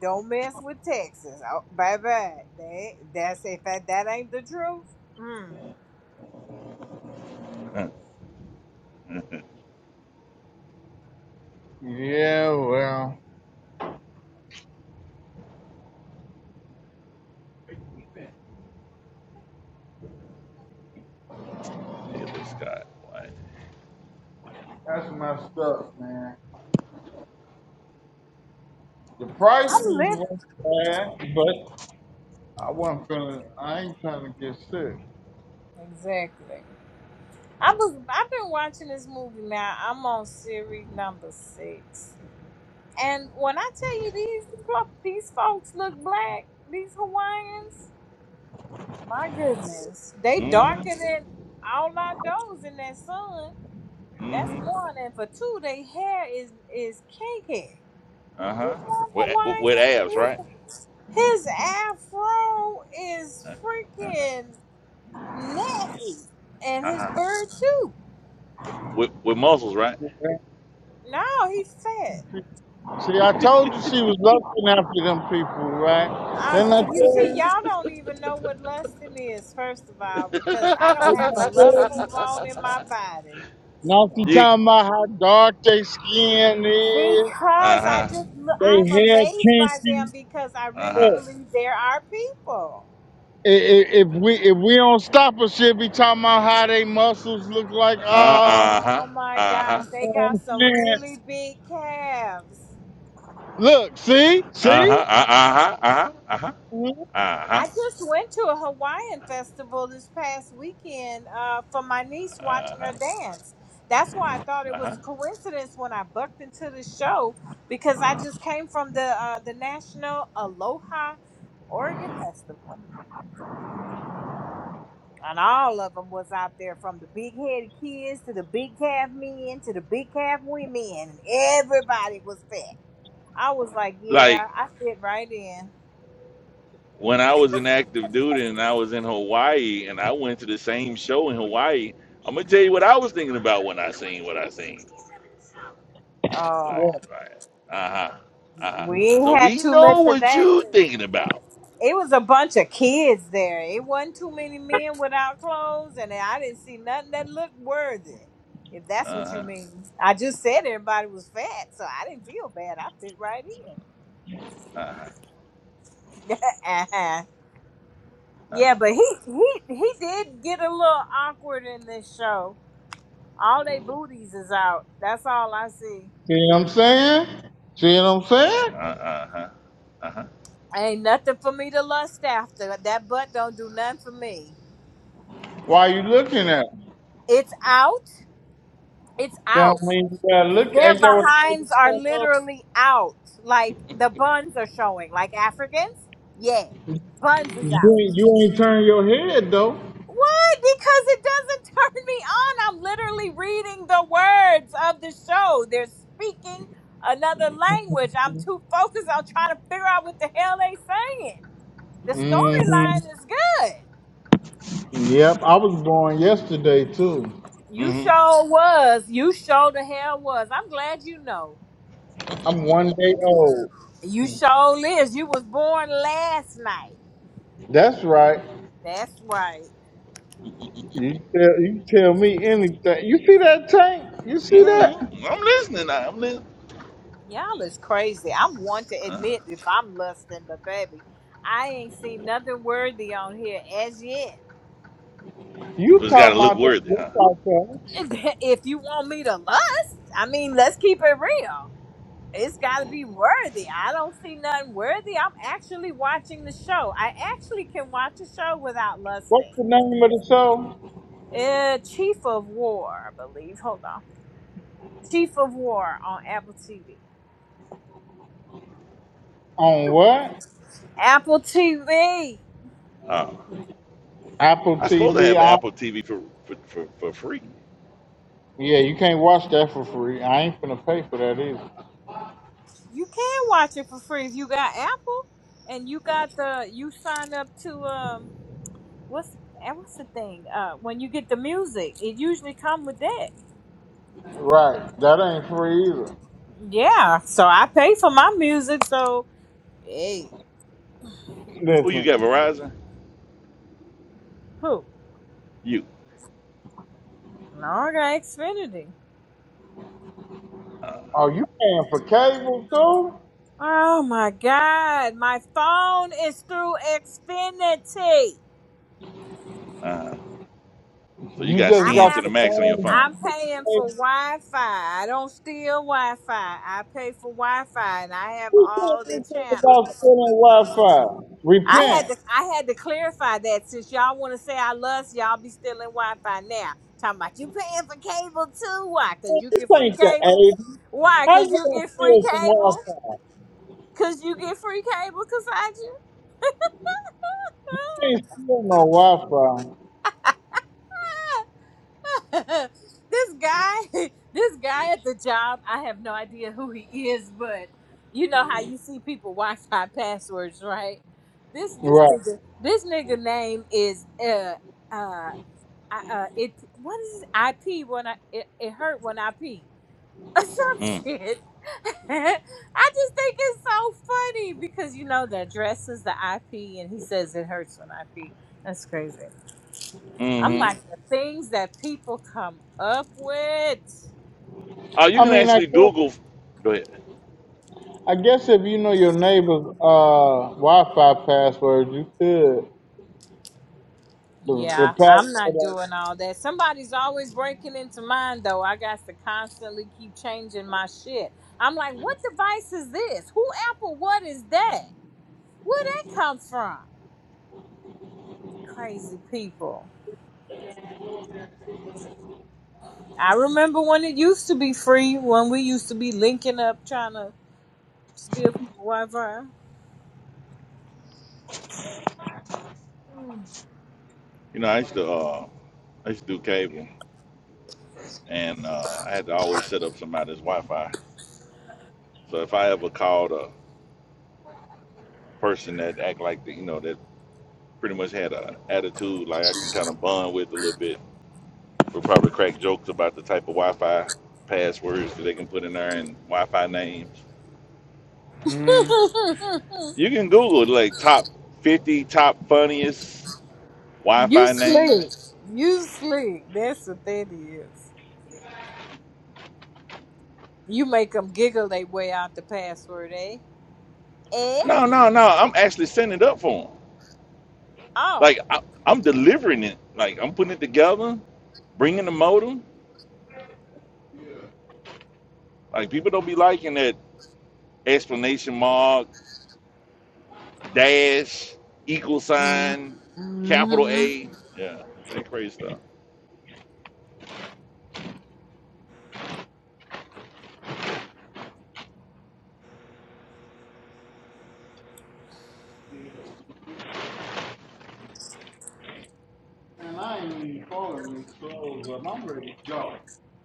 Speaker 3: Don't mess with Texas. Oh, baby, that that's if that, that ain't the truth. Mm.
Speaker 1: Yeah, well,
Speaker 2: Neither Scott. Why?
Speaker 1: that's messed up, man. The prices
Speaker 3: I'm living
Speaker 1: weren't bad, but I wasn't feeling. I ain't trying to get sick.
Speaker 3: exactly. I was I've been watching this movie now. I'm on series number six, and when I tell you these fo- these folks look black, these Hawaiians, my goodness, they darker
Speaker 2: Mm-hmm.
Speaker 3: than all our those in that sun. That's
Speaker 2: Mm-hmm.
Speaker 3: one, and for two, they hair is is cake hair.
Speaker 2: Uh-huh.
Speaker 3: This one
Speaker 2: With, with abs,
Speaker 3: Hawaiian,
Speaker 2: right?
Speaker 3: his, his afro is
Speaker 2: Uh-huh.
Speaker 3: freaking nappy, and his
Speaker 2: Uh-huh.
Speaker 3: bird too.
Speaker 2: With, with muscles, right?
Speaker 3: No, he's fat.
Speaker 1: See, I told you she was looking after them people, right?
Speaker 3: I,
Speaker 1: Then I
Speaker 3: you
Speaker 1: tell
Speaker 3: see,
Speaker 1: you,
Speaker 3: y'all don't even know what lusting is, first of all, because I don't
Speaker 1: then
Speaker 3: have
Speaker 1: I
Speaker 3: a
Speaker 1: tell
Speaker 3: lustful
Speaker 1: you.
Speaker 3: bone in my body.
Speaker 1: Now she
Speaker 2: You.
Speaker 1: talking about how dark their skin is,
Speaker 3: Because I
Speaker 2: Uh-huh.
Speaker 3: just, look- I'm
Speaker 1: they hair
Speaker 3: amazed by them
Speaker 1: kinky.
Speaker 3: because I really
Speaker 2: Uh-huh.
Speaker 1: Look,
Speaker 3: believe there are people.
Speaker 1: i- i- If we if we don't stop her, she'll be talking about how they muscles look
Speaker 2: Uh-huh.
Speaker 1: like. Ah, you
Speaker 2: Uh-huh.
Speaker 3: Oh my gosh,
Speaker 2: Uh-huh.
Speaker 3: they
Speaker 1: know
Speaker 3: got
Speaker 1: what I'm
Speaker 3: some really big calves.
Speaker 1: saying? Look, see, see.
Speaker 2: Uh-huh. Uh-huh. Uh-huh.
Speaker 1: Mhm.
Speaker 2: Uh-huh.
Speaker 3: I just went to a Hawaiian festival this past weekend uh, for my niece watching her
Speaker 2: Uh-huh.
Speaker 3: dance. That's why I thought it was
Speaker 2: Uh-huh.
Speaker 3: a coincidence when I bucked into the show because I just came from the uh, the National Aloha Oregon Festival. And all of them was out there from the big headed kids to the big calf men to the big calf women. And everybody was fat. I was like, yeah,
Speaker 2: Like
Speaker 3: I fit right in.
Speaker 2: when I was an active duty and I was in Hawaii and I went to the same show in Hawaii, I'm gonna tell you what I was thinking about when I seen what I seen.
Speaker 3: Oh,
Speaker 2: Like,
Speaker 1: Yeah.
Speaker 2: like, uh-huh. Uh-huh.
Speaker 3: we
Speaker 2: So
Speaker 3: ain't had
Speaker 2: we
Speaker 3: too much
Speaker 2: know
Speaker 3: of
Speaker 2: what
Speaker 3: that.
Speaker 2: you
Speaker 3: dude.
Speaker 2: thinking about.
Speaker 3: It was a bunch of kids there. It wasn't too many men without clothes, and I didn't see nothing that looked worthy. If that's what you
Speaker 2: Uh-huh.
Speaker 3: mean, I just said everybody was fat, so I didn't feel bad. I fit right in.
Speaker 2: Uh-huh.
Speaker 3: uh yeah,
Speaker 2: Uh-huh.
Speaker 3: but he he he did get a little awkward in this show. All they booties is out. That's all I see.
Speaker 1: See what I'm saying? See what I'm
Speaker 2: Uh-huh.
Speaker 1: saying?
Speaker 2: Uh-huh. Uh-huh. Uh-huh.
Speaker 3: Ain't nothing for me to lust after. That butt don't do nothing for me.
Speaker 1: Why you looking at me?
Speaker 3: It's out. It's
Speaker 1: That
Speaker 3: out.
Speaker 1: don't mean you gotta look.
Speaker 3: Their
Speaker 1: Ain't that what the
Speaker 3: behinds are
Speaker 1: lady
Speaker 3: literally out. Like the buns are showing. Like Africans? Yeah. Buns is
Speaker 1: said?
Speaker 3: out.
Speaker 1: You ain't, you ain't turn your head though.
Speaker 3: What? Because it doesn't turn me on. I'm literally reading the words of the show. They're speaking another language. I'm too focused on trying to figure out what the hell they saying. The
Speaker 1: hmm
Speaker 3: storyline is good.
Speaker 1: Yep, I was born yesterday too.
Speaker 3: You
Speaker 2: Mm-hmm.
Speaker 3: sure was. You sure the hell was. I'm glad you know.
Speaker 1: I'm one day old.
Speaker 3: You sure is. You was born last night.
Speaker 1: That's right.
Speaker 3: That's right.
Speaker 1: You tell, you tell me anything. You see that tank? You see that?
Speaker 2: Mm-hmm. I'm listening. now. I'm listening.
Speaker 3: Y'all is crazy. I'm one to
Speaker 2: Uh-huh.
Speaker 3: admit if I'm lusting, but baby, I ain't seen nothing worthy on here as yet.
Speaker 1: You
Speaker 2: So it's
Speaker 1: talking
Speaker 2: gotta look
Speaker 1: about that?
Speaker 2: worthy,
Speaker 1: What's
Speaker 2: huh?
Speaker 1: out there?
Speaker 3: If you want me to lust, I mean, let's keep it real. It's got to be worthy. I don't see nothing worthy. I'm actually watching the show. I actually can watch a show without
Speaker 1: What's
Speaker 3: lusting.
Speaker 1: the name of the show?
Speaker 3: uh, Chief of War, I believe. Hold on. Chief of War on Apple TV.
Speaker 1: On what?
Speaker 3: Apple TV.
Speaker 2: Oh.
Speaker 1: Apple
Speaker 2: I suppose I have
Speaker 1: TV.
Speaker 2: Apple TV for for, for, for free.
Speaker 1: Yeah, you can't watch that for free. I ain't finna pay for that either.
Speaker 3: You can watch it for free if you got Apple and you got the you sign up to um what's the, eh, what's the thing? Uh when you get the music, it usually come with that.
Speaker 1: Right. That ain't free either.
Speaker 3: Yeah, so I pay for my music, so hey,
Speaker 2: Who you got,
Speaker 1: Listen.
Speaker 2: Verizon?
Speaker 3: who?
Speaker 2: You.
Speaker 3: No, I got Xfinity.
Speaker 2: Uh,
Speaker 1: Oh, you paying for cable too?
Speaker 3: Oh my god, my phone is through Xfinity.
Speaker 2: uh, so you
Speaker 1: You
Speaker 2: got
Speaker 1: just
Speaker 3: I
Speaker 2: skinned
Speaker 1: got
Speaker 3: have.
Speaker 2: to the
Speaker 1: the
Speaker 2: max on your
Speaker 1: phone.
Speaker 2: phone.
Speaker 3: I'm
Speaker 1: you just got the
Speaker 3: paying for
Speaker 1: cable.
Speaker 3: Wi Fi. I don't steal Wi Fi. I pay for Wi Fi and I have
Speaker 1: Who
Speaker 3: all
Speaker 1: said
Speaker 3: the
Speaker 1: anything about
Speaker 3: channels.
Speaker 1: stealing Wi-Fi?
Speaker 3: I had
Speaker 1: Repent.
Speaker 3: to I had to clarify that since y'all wanna say I love y'all be stealing Wi Fi now. Talking about you paying for cable too. Why? Cause you
Speaker 1: This
Speaker 3: get free
Speaker 1: ain't the
Speaker 3: cable.
Speaker 1: 80s.
Speaker 3: Why?
Speaker 1: How
Speaker 3: Cause
Speaker 1: you
Speaker 3: you
Speaker 1: gonna
Speaker 3: get free
Speaker 1: steal some
Speaker 3: cable.
Speaker 1: Wi-Fi?
Speaker 3: Cause you get free cable. Cause I
Speaker 1: You ain't steal no Wi-Fi.
Speaker 3: this guy, this guy at the job, I have no idea who he is, but you know how you see people Wi-Fi passwords, right? This this
Speaker 1: Right.
Speaker 3: nigga, this nigga name is uh uh I- uh it what is it? IP when I it, it hurt when I pee or some
Speaker 2: Mm.
Speaker 3: shit. I just think it's so funny because you know the address is the IP and he says it hurts when I pee. That's crazy. I'm
Speaker 2: Mm-hmm.
Speaker 3: like the things that people come up with.
Speaker 2: Oh, you
Speaker 1: I
Speaker 2: can
Speaker 1: mean, I
Speaker 2: actually
Speaker 1: guess,
Speaker 2: Google. Go ahead.
Speaker 1: I guess if you know your neighbor's uh, Wi-Fi password, you could. The, the
Speaker 3: Yeah, I'm not
Speaker 1: password
Speaker 3: doing all that. Somebody's always breaking into mine though. I got to constantly keep changing my shit. I'm like, what device is this? Who Apple? What is that? Where that come from? Crazy people. I remember when it used to be free. When we used to be linking up trying to steal people Wi-Fi.
Speaker 2: You know, I used to uh, I used to do cable, and uh, I had to always set up somebody's Wi-Fi. So if I ever called a person that act like the, you know that pretty much had a attitude like I can kind of bond with a little bit, we'll probably crack jokes about the type of Wi-Fi passwords that they can put in there and Wi-Fi names.
Speaker 1: hmm
Speaker 2: You can Google like top 50 top funniest
Speaker 3: you
Speaker 2: Wi-Fi names.
Speaker 3: slick. You slick. That's what that is. You make them giggle they way out the password, eh? Eh?
Speaker 2: No, no, no. I'm actually setting it up for them.
Speaker 3: Oh.
Speaker 2: Like I, I'm delivering it. Like I'm putting it together, bringing the modem. Like people don't be liking that explanation mark, dash, equal sign, capital
Speaker 3: Mm-hmm.
Speaker 2: A. Yeah, that crazy stuff.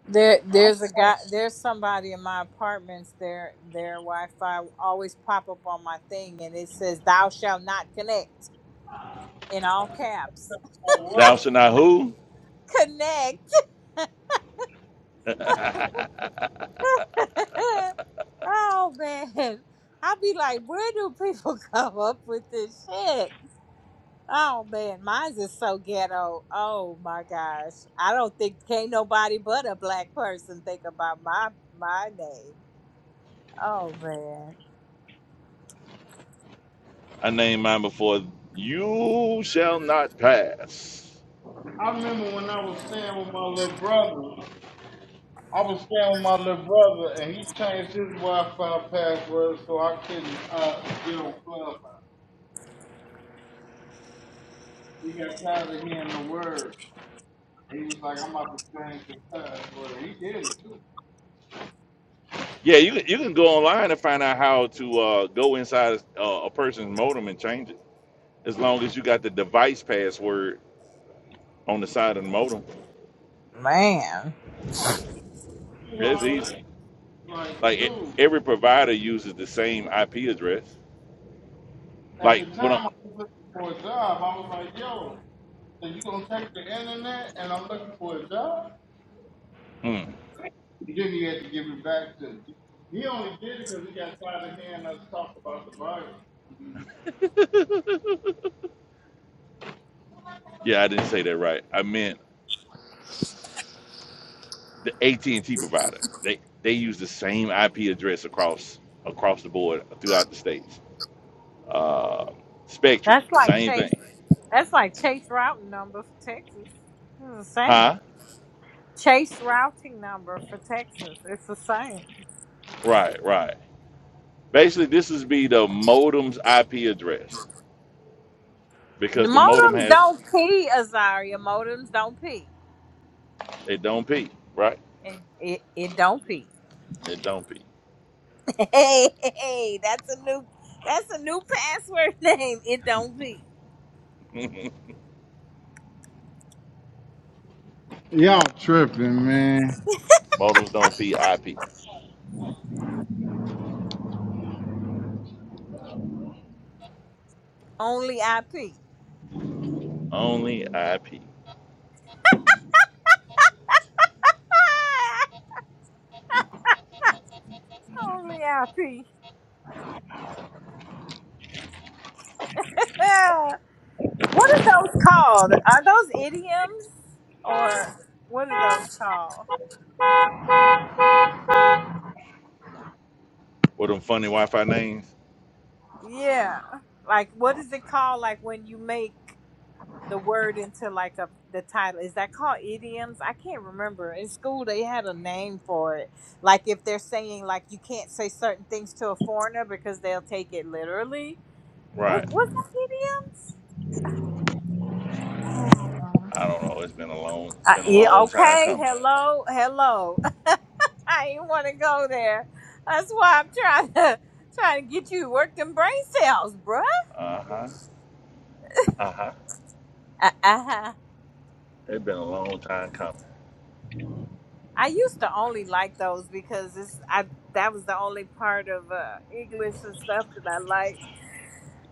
Speaker 3: There, there's a guy. There's somebody in my apartments. Their their Wi-Fi always pop up on my thing, and it says "Thou shalt not connect" in all caps.
Speaker 2: Thou shalt not who.
Speaker 3: Connect. oh man, i be like, where do people come up with this shit? Oh man, mine's is so ghetto. Oh my gosh. I don't think can't nobody but a black person think about my my name. Oh man.
Speaker 2: I named mine before. You shall not pass.
Speaker 1: I remember when I was staying with my little brother. I was staying with my little brother, and he changed his Wi-Fi password so I couldn't uh, get on Clubhouse. He got tired of hearing the word. He was like, "I'm about to change the password." He did it too.
Speaker 2: Yeah, you you can go online and find out how to uh, go inside uh, a person's modem and change it. as long as you got the device password on the side of the modem.
Speaker 3: Man.
Speaker 1: You know
Speaker 2: That's
Speaker 1: all
Speaker 2: easy.
Speaker 1: that? Like,
Speaker 2: Like e-
Speaker 1: dude,
Speaker 2: every provider uses the same IP address.
Speaker 1: at the
Speaker 2: Like what I'm,
Speaker 1: time I was looking for a job, I was like, "Yo, so you gonna take the internet?" And I'm looking for a job.
Speaker 2: mm,
Speaker 1: He didn't even have to give it back to He only did it because he got tired of hearing us talk about the Bible.
Speaker 2: yeah, I didn't say that right. I meant the AT and T provider. They they use the same IP address across across the board throughout the states. Uh, Spectrum,
Speaker 3: That's like
Speaker 2: same
Speaker 3: Chase
Speaker 2: thing.
Speaker 3: that's like Chase routing number for Texas. It's the
Speaker 2: Huh?
Speaker 3: same. Chase routing number for Texas. It's the same.
Speaker 2: Right, right. Basically, this is be the modem's IP address
Speaker 3: The
Speaker 2: because the modem
Speaker 3: modems
Speaker 2: has
Speaker 3: don't pee, Azaria. Modems don't pee.
Speaker 2: it don't peak, right?
Speaker 3: It it, it don't pee.
Speaker 2: It don't peak.
Speaker 3: hey, hey, hey, that's a new that's a new password name. It don't pee.
Speaker 1: Y'all tripping, man.
Speaker 2: Modals don't P, I P.
Speaker 3: Only IP.
Speaker 2: Only IP.
Speaker 3: Only IP. Yeah. What are those called? Are those idioms or what are those called?
Speaker 2: With them funny Wi-Fi names?
Speaker 3: Yeah. Like what is it called like when you make the word into like a the title? Is that called idioms? I can't remember. In school they had a name for it. Like if they're saying like you can't say certain things to a foreigner because they'll take it literally. What
Speaker 2: Right.
Speaker 3: was that idioms? Oh.
Speaker 2: I don't know. It's been a long it's
Speaker 3: I,
Speaker 2: been a
Speaker 3: yeah,
Speaker 2: long time
Speaker 3: okay.
Speaker 2: coming.
Speaker 3: Hello, hello. I ain't want to go there. That's why I'm trying to trying to get you to work them brain cells, bruh.
Speaker 2: Uh-huh. Uh-huh.
Speaker 3: Uh huh.
Speaker 2: It's been a long time coming.
Speaker 3: I used to only like those because it's I that was the only part of uh, English and stuff that I liked.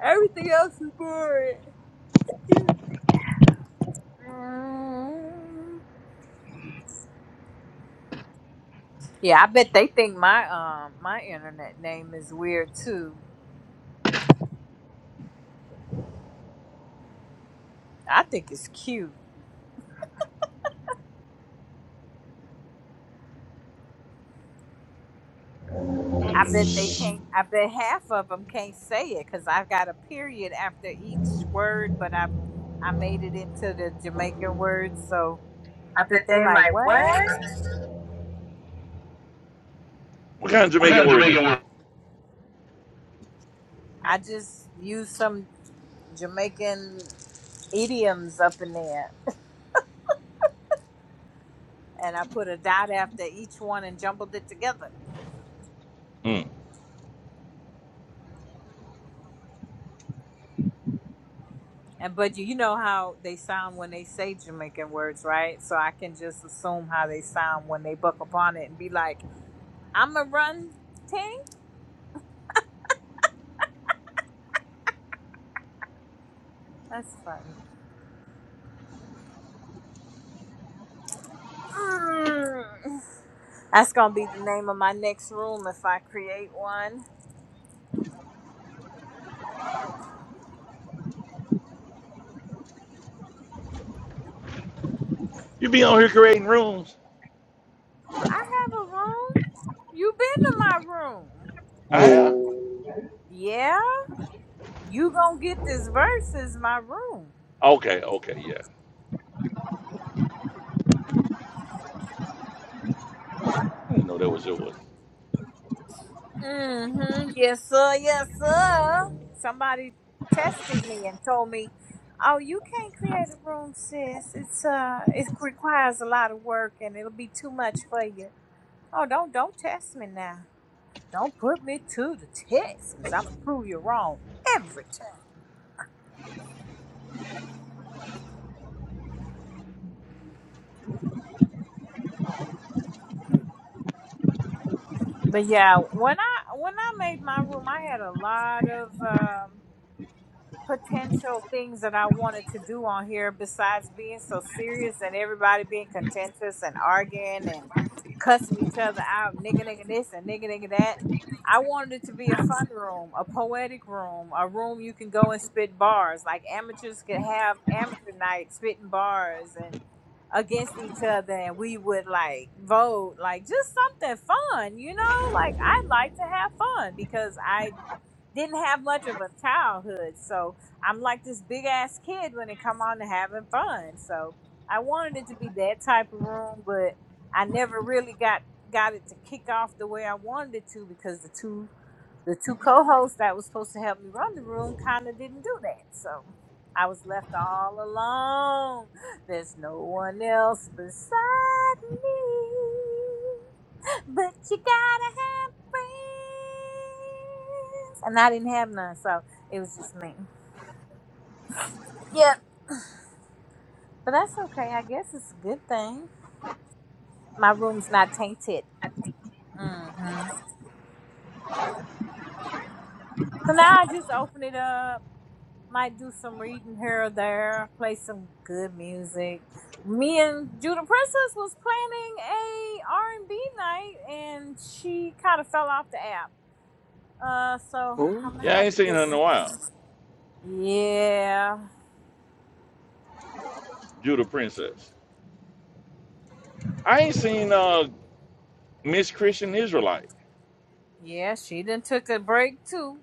Speaker 3: Everything else is boring. Excuse me. Mm. Yeah, I bet they think my um my internet name is weird too. I think it's cute. I bet they can't. I bet half of them can't say it because I've got a period after each word, but I I made it into the Jamaican word, so I bet they like what?
Speaker 2: What kind of Jamaican word is it?
Speaker 3: I just used some Jamaican idioms up in there, and I put a dot after each one and jumbled it together.
Speaker 2: Mm.
Speaker 3: And but you you know how they sound when they say Jamaican words, right? So I can just assume how they sound when they buck upon it and be like, "I'm a run ting." That's funny. Mm. That's gonna be the name of my next room if I create one.
Speaker 2: You be on here creating rooms?
Speaker 3: I have a room. You been to my room.
Speaker 2: I have?
Speaker 3: Yeah? You gonna get this verse is my room.
Speaker 2: Okay, okay, yeah. I didn't know that was yours.
Speaker 3: Mm-hmm. Yes, sir, yes, sir. Somebody tested me and told me, Oh, you can't create a room, sis. It's uh it requires a lot of work and it'll be too much for you. Oh, don't don't test me now. Don't put me to the test, cause I'm gonna prove you wrong every time. But yeah, when I when I made my room, I had a lot of um potential things that I wanted to do on here besides being so serious and everybody being contentious and arguing and cussing each other out, nigga nigga this and nigga nigga that. I wanted it to be a fun room, a poetic room, a room you can go and spit bars. Like amateurs could have amateur night spitting bars and against each other and we would like vote like just something fun, you know? Like I like to have fun because I didn't have much of a childhood. So I'm like this big ass kid when it come on to having fun. So I wanted it to be that type of room, but I never really got got it to kick off the way I wanted it to because the two the two co-hosts that was supposed to help me run the room kind of didn't do that. So I was left all alone. There's no one else beside me. But you gotta have friends. And I didn't have none, so it was just me. Yep. But that's okay. I guess it's a good thing. My room's not tainted. hmm So now I just open it up. Might do some reading here or there. Play some good music. Me and Judah Princess was planning a R and B night, and she kind of fell off the app. Uh, so
Speaker 1: Oh,
Speaker 3: I'm gonna
Speaker 2: Yeah, I
Speaker 3: have
Speaker 2: ain't
Speaker 3: to
Speaker 2: seen
Speaker 3: get
Speaker 2: her in a
Speaker 3: with
Speaker 2: while.
Speaker 3: her. Yeah,
Speaker 2: Judah Princess. I ain't seen uh Miss Christian Israelite.
Speaker 3: yeah. She then took a break too.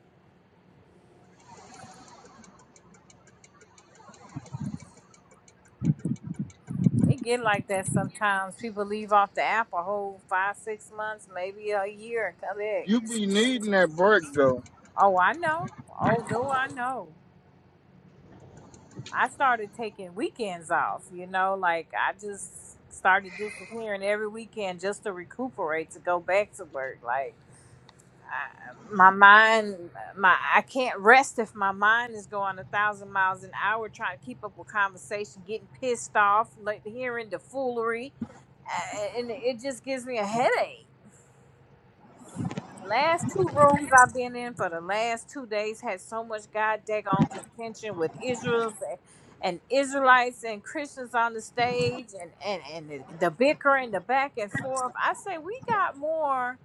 Speaker 3: It get like that sometimes. People leave off the app a whole five, six months, maybe a year, and come back.
Speaker 1: You be needing that break though.
Speaker 3: Oh, I know. Oh, do I know? I started taking weekends off. You know, like I just started disappearing every weekend just to recuperate to go back to work. Like I, my mind, my I can't rest if my mind is going a thousand miles an hour trying to keep up with conversation, getting pissed off, like hearing the foolery, uh, and it just gives me a headache last two rooms I've been in for the last two days had so much god daggone contention with Israel's and Israelites and Christians on the stage and and and the, the bickering, the back and forth. I say we got more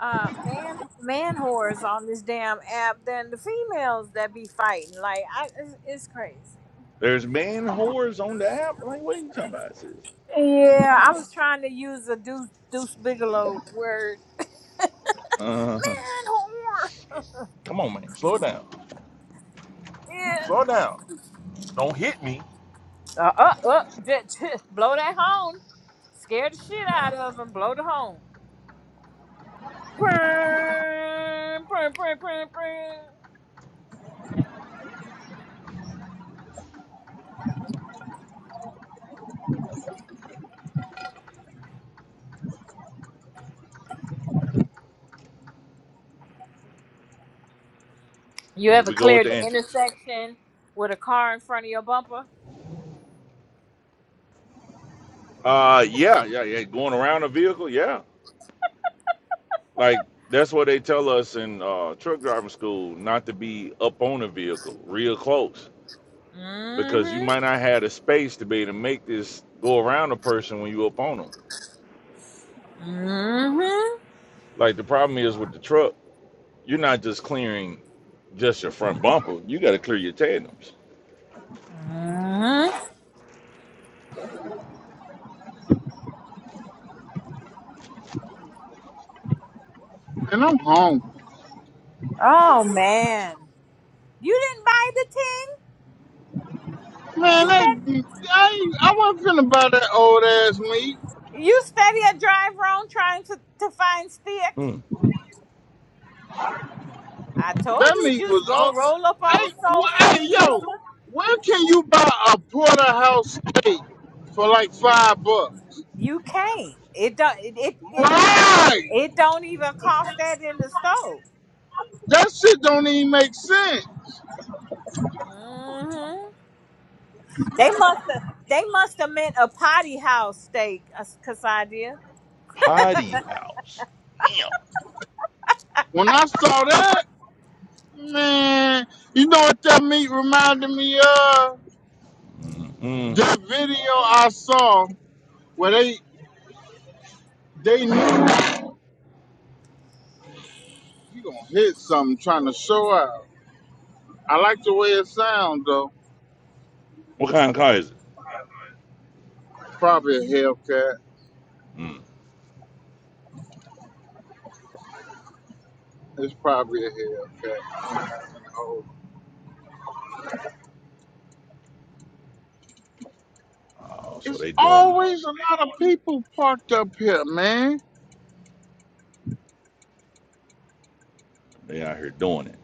Speaker 3: uh man man whores on this damn app than the females that be fighting. Like I, it's, it's crazy.
Speaker 2: There's man whores on the app. Like, what are you talking about, sis?
Speaker 3: Yeah, I was trying to use a Deuce, Deuce Bigelow word,
Speaker 2: Uh-huh.
Speaker 3: man whore.
Speaker 2: Come on, man. Slow down. Slow down. Don't hit me.
Speaker 3: Yeah. Uh, uh, uh, just, blow that horn. Scare the shit out of them. Blow the horn. Brrrr, brrrr, brrrr, brrrr, brrrr. You
Speaker 2: Here
Speaker 3: ever
Speaker 2: we go with
Speaker 3: cleared
Speaker 2: the
Speaker 3: the
Speaker 2: antics.
Speaker 3: intersection with a car in front of your bumper?
Speaker 2: Uh, yeah, yeah, yeah. Going around a vehicle, yeah. Like that's what they tell us in uh, truck driving school, not to be up on a vehicle, real close, because you
Speaker 3: Mm-hmm.
Speaker 2: might not have the space to be able to make this go around a person when you up on them.
Speaker 3: Mm-hmm.
Speaker 2: Like the problem is with the truck, you're not just clearing just your front bumper. You got to clear your tandems.
Speaker 3: Mm-hmm.
Speaker 1: And I'm hungry.
Speaker 3: Oh man. You didn't buy the tin? You
Speaker 1: Man, that
Speaker 3: said
Speaker 1: I ain't- I wasn't finna buy that old ass meat.
Speaker 3: you steady a drive wrong trying to, to find stick.
Speaker 2: Mm.
Speaker 3: I told
Speaker 1: That
Speaker 3: you
Speaker 1: meat
Speaker 3: just
Speaker 1: was
Speaker 3: go
Speaker 1: all.
Speaker 3: roll up on
Speaker 1: Hey,
Speaker 3: the soul
Speaker 1: wh-
Speaker 3: food
Speaker 1: hey, yo,
Speaker 3: sister.
Speaker 1: where can you buy a porterhouse steak for like five bucks?
Speaker 3: You can't. It don't it, it it
Speaker 1: Right,
Speaker 3: It don't even cost that in the store.
Speaker 1: that shit don't even make sense.
Speaker 3: hmm They must have. They must have meant a potty house steak, uh, Casadia.
Speaker 2: Potty house. Damn.
Speaker 1: When I saw that. Man, you know what that meat reminded me of?
Speaker 2: Mm.
Speaker 1: That video I saw where they they knew you gonna hit something trying to show out. I like the way it sounds though.
Speaker 2: What kind of car is it?
Speaker 1: Probably a Hellcat.
Speaker 2: Mm.
Speaker 1: It's probably a Hellcat.
Speaker 2: Oh, so
Speaker 1: It's
Speaker 2: they doing it.
Speaker 1: always a lot of people parked up here, man.
Speaker 2: They out here doing it,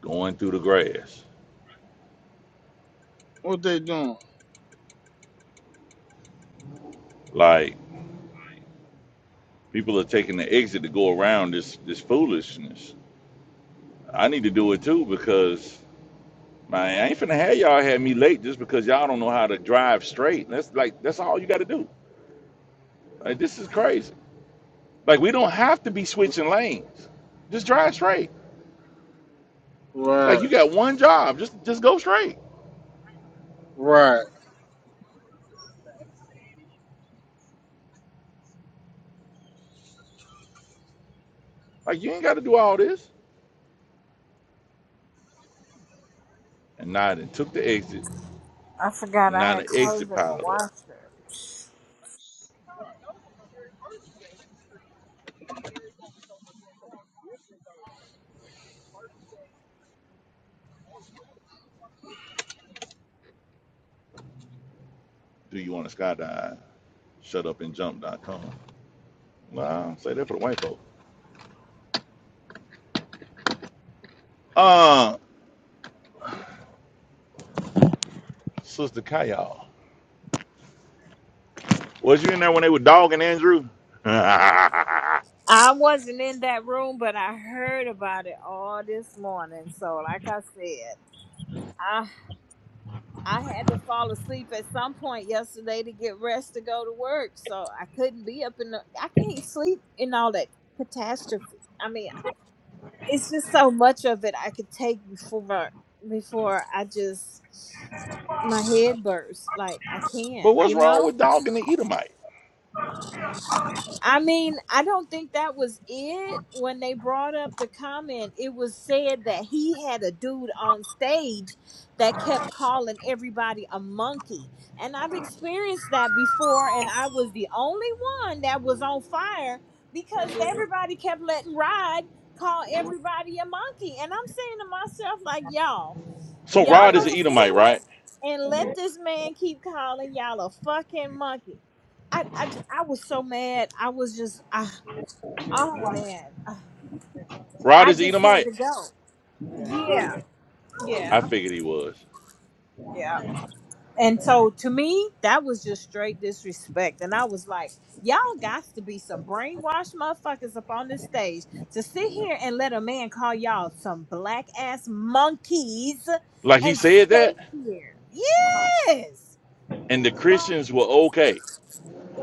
Speaker 2: going through the grass.
Speaker 1: What they doing?
Speaker 2: Like people are taking the exit to go around this this foolishness. I need to do it too because man, I ain't finna have y'all have me late just because y'all don't know how to drive straight. That's like that's all you got to do. Like this is crazy. Like we don't have to be switching lanes. Just drive straight. Like
Speaker 1: Right,
Speaker 2: you got one job. Just just go straight.
Speaker 1: right.
Speaker 2: Like you ain't got to do all this. And now they took the exit,
Speaker 3: I forgot
Speaker 2: and now
Speaker 3: I had
Speaker 2: the
Speaker 3: clothes in
Speaker 2: exit
Speaker 3: the
Speaker 2: piled up.
Speaker 3: washer.
Speaker 2: Do you want to skydive? shutupandjump.com. Nah, say that for the white folk. Uh, Sister Kayal, was you in there when they were dogging Andrew? but
Speaker 3: I wasn't in that room, but I heard about it all this morning. So, like I said, I I had to fall asleep at some point yesterday to get rest to go to work. So I couldn't be up in the. I can't sleep in all that catastrophe. I mean, it's just so much of it I could take before before I just my head burst. Like I can't,
Speaker 2: what's
Speaker 3: you
Speaker 2: wrong
Speaker 3: know.
Speaker 2: with dogging the Edomite?
Speaker 3: I mean, I don't think that was it when they brought up the comment. It was said that he had a dude on stage that kept calling everybody a monkey. And I've experienced that before, and I was the only one that was on fire because everybody kept letting Rod call everybody a monkey. And I'm saying to myself, like, y'all.
Speaker 2: So
Speaker 3: Y'all
Speaker 2: Rod is the
Speaker 3: gonna sit
Speaker 2: Edomite,
Speaker 3: here
Speaker 2: right?
Speaker 3: and let this man keep calling y'all a fucking monkey. I, I, j- I was so mad. I was just, I, oh man,
Speaker 2: Rod
Speaker 3: I
Speaker 2: is the
Speaker 3: just had
Speaker 2: Edomite.
Speaker 3: to go. Yeah,
Speaker 2: I
Speaker 3: yeah,
Speaker 2: figured he was.
Speaker 3: yeah. And so to me, that was just straight disrespect. And I was like, y'all got to be some brainwashed motherfuckers up on this stage to sit here and let a man call y'all some black ass monkeys
Speaker 2: Like he
Speaker 3: and
Speaker 2: said
Speaker 3: stay
Speaker 2: that,
Speaker 3: here. Yes.
Speaker 2: and the
Speaker 3: Right.
Speaker 2: Christians were okay,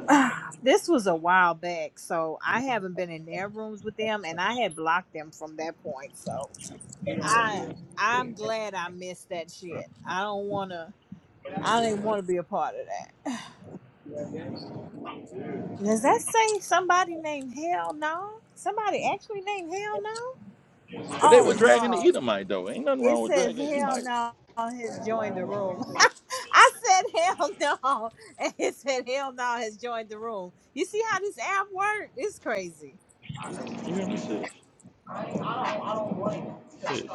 Speaker 3: Ah, this was a while back, so I haven't been in their rooms with them, and I had blocked them from that point. So I I'm glad I missed that shit. I don't wanna. I don't even want to be a part of that. Does that say somebody named Hell No? Somebody actually named Hell No?
Speaker 2: but they were
Speaker 3: Oh
Speaker 2: dragging
Speaker 3: no,
Speaker 2: the Edomite though. Ain't nothing
Speaker 3: it
Speaker 2: wrong with
Speaker 3: says
Speaker 2: dragging
Speaker 3: Hell
Speaker 2: Edomites.
Speaker 3: No has joined the room. I said Hell No, and it said Hell No has joined the room. You see how this app works? It's crazy.
Speaker 2: You hear me, sis? Sis,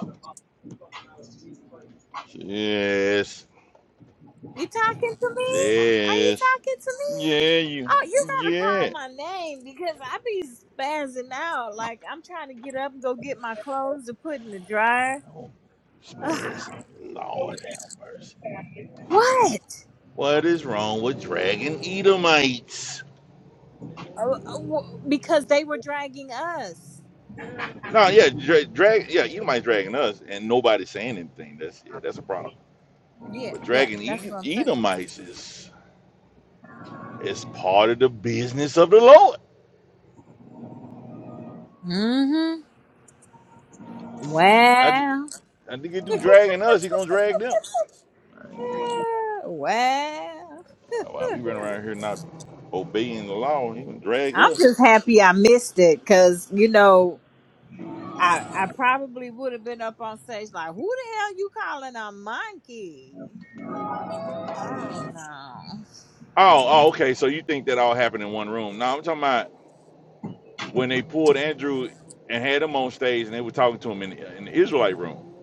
Speaker 2: sis,
Speaker 3: You talking to me? Are you
Speaker 2: sis.
Speaker 3: talking to me?
Speaker 2: Yeah, you.
Speaker 3: Oh, you gotta
Speaker 2: Yeah.
Speaker 3: call my name because I be spazzing out. Like I'm trying to get up and go get my clothes to put in the dryer.
Speaker 2: Oh,
Speaker 3: Ugh,
Speaker 2: spasm. Lord have mercy.
Speaker 3: what?
Speaker 2: What is wrong with dragging Edomites?
Speaker 3: Oh, oh, w- because they were dragging us.
Speaker 2: No, yeah, dra- drag. Yeah, Edomites dragging us, and nobody's saying anything. That's yeah, that's a problem.
Speaker 3: Yeah,
Speaker 2: But
Speaker 3: yeah,
Speaker 2: dragging
Speaker 3: that's
Speaker 2: E-
Speaker 3: what I'm saying.
Speaker 2: Edomites is is part of the business of the Lord.
Speaker 3: Mm-hmm.
Speaker 2: I, thi-
Speaker 3: Well,
Speaker 2: I think he do dragging us, he gonna drag them. I ain't-
Speaker 3: uh, well,
Speaker 2: oh, Wow, we run around here not obeying the law. He gonna drag
Speaker 3: I'm
Speaker 2: us.
Speaker 3: just happy I missed it because you know I I probably would have been up on stage like, who the hell you calling a monkey? Oh no.
Speaker 2: Oh, oh, okay. So you think that all happened in one room? No, I'm talking about. when they pulled Andrew and had him on stage and they were talking to him in the, in the Israelite room.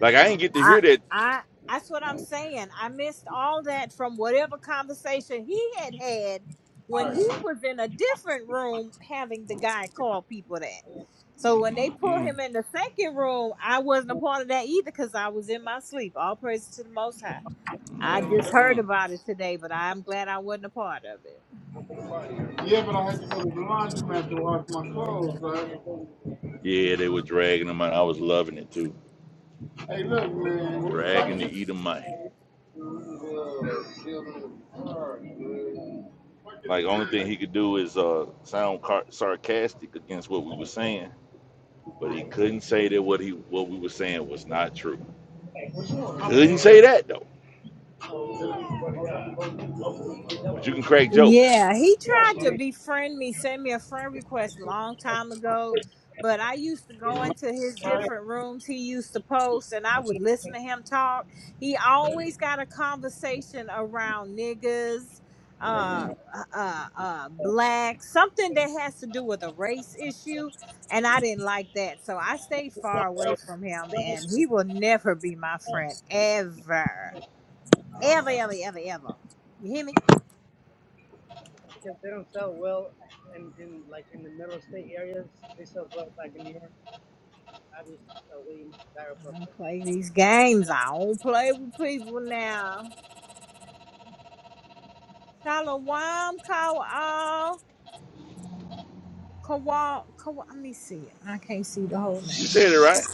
Speaker 2: Like I didn't get to
Speaker 3: I
Speaker 2: hear that.
Speaker 3: I that's what I'm saying. I missed all that from whatever conversation he had had when he was in a different room having the guy call people that. So when they
Speaker 2: Mm,
Speaker 3: pull
Speaker 2: mm,
Speaker 3: him in the second room, I wasn't a part of that either because I was in my sleep. All praises to the Most High. I
Speaker 2: mm,
Speaker 3: just heard
Speaker 2: mm.
Speaker 3: about it today, but I'm glad I wasn't a part of it.
Speaker 2: Yeah, they were dragging him out. I was loving it too. Dragging the Edomite. Like only thing he could do is uh, sound car- sarcastic against what we were saying, but he couldn't say that what he what we were saying was not true. Couldn't say that though. But you can crack jokes.
Speaker 3: Yeah, he tried to befriend me, send me a friend request a long time ago. But I used to go into his different rooms he used to post and I would listen to him talk. He always got a conversation around niggas, uh uh uh black, something that has to do with a race issue. And I didn't like that. So I stayed far away from him and he will never be my friend ever. Ever, ever, ever, ever. You hear me? I don't play these games. I don't play with people now. Shalom, Kawal, Kawal, Kawal. Let me see it. I can't see the whole
Speaker 2: You
Speaker 3: name.
Speaker 2: said it right.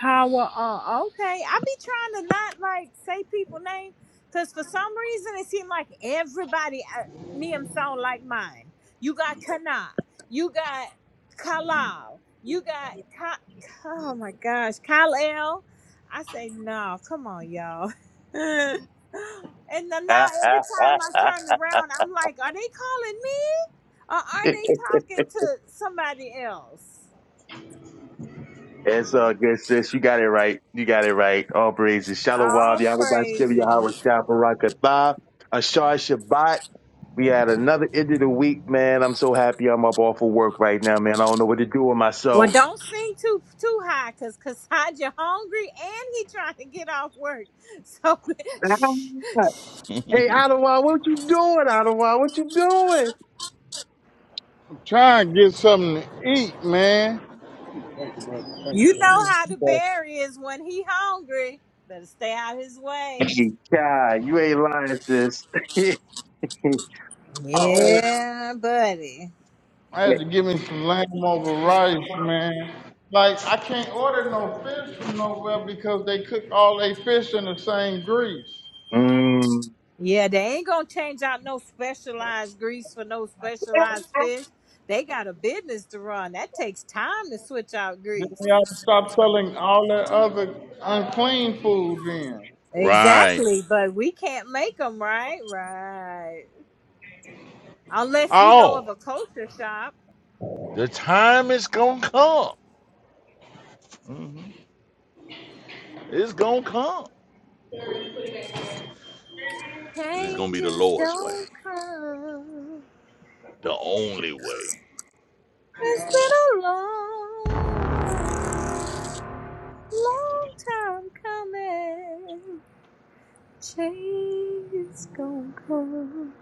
Speaker 3: Kawa. Uh, okay. I be trying to not like say people name because for some reason it seemed like everybody uh, name sound like mine. You got Kana. You got Kalal. You got Ka- Ka- Oh my gosh, Kalel. I say no. Come on, y'all. and then now every time I turn around, I'm like, are they calling me or are they
Speaker 4: it's
Speaker 3: talking to somebody else?
Speaker 4: all good, sis. You got it right. You got it right. All praises. Shalom,
Speaker 3: All
Speaker 4: Yahweh Baskevia,
Speaker 3: praises.
Speaker 4: Howard Chaparakatha, Ashar Shabbat. We had another end of the week, man. I'm so happy I'm up off of work right now, man. I don't know what to do with
Speaker 3: Well,
Speaker 4: myself.
Speaker 3: don't sing too too high, cause Kasaj, you're hungry and he trying to get off work. So, shh, shh.
Speaker 4: Hey, Ottawa, what you doing, Ottawa? What you doing?
Speaker 1: I'm Trying to get something to eat, man. I
Speaker 3: you know how the
Speaker 1: Thank
Speaker 3: bear is when he hungry. Better stay out his way.
Speaker 4: Hey, God, you ain't lying, sis.
Speaker 3: Yeah, buddy.
Speaker 1: I had to give me some lamb over rice, man. Like I can't order no fish from nowhere because they cook all they fish in the same grease.
Speaker 4: mm.
Speaker 3: Yeah, they ain't gonna change out no specialized grease for no specialized fish. They got a business to run. That takes time to switch out
Speaker 1: Then
Speaker 3: grease.
Speaker 1: we ought to stop selling all that other unclean food then.
Speaker 2: right.
Speaker 3: Exactly, but we can't make them right, right. Unless you know of
Speaker 2: Oh,
Speaker 3: a culture shop.
Speaker 2: the time is gonna come. Mm-hmm. It's gonna come. It's gonna be the
Speaker 3: Changes
Speaker 2: Lord's way,
Speaker 3: don't come.
Speaker 2: the only way.
Speaker 3: It's been a long, long time coming. Changes gonna come.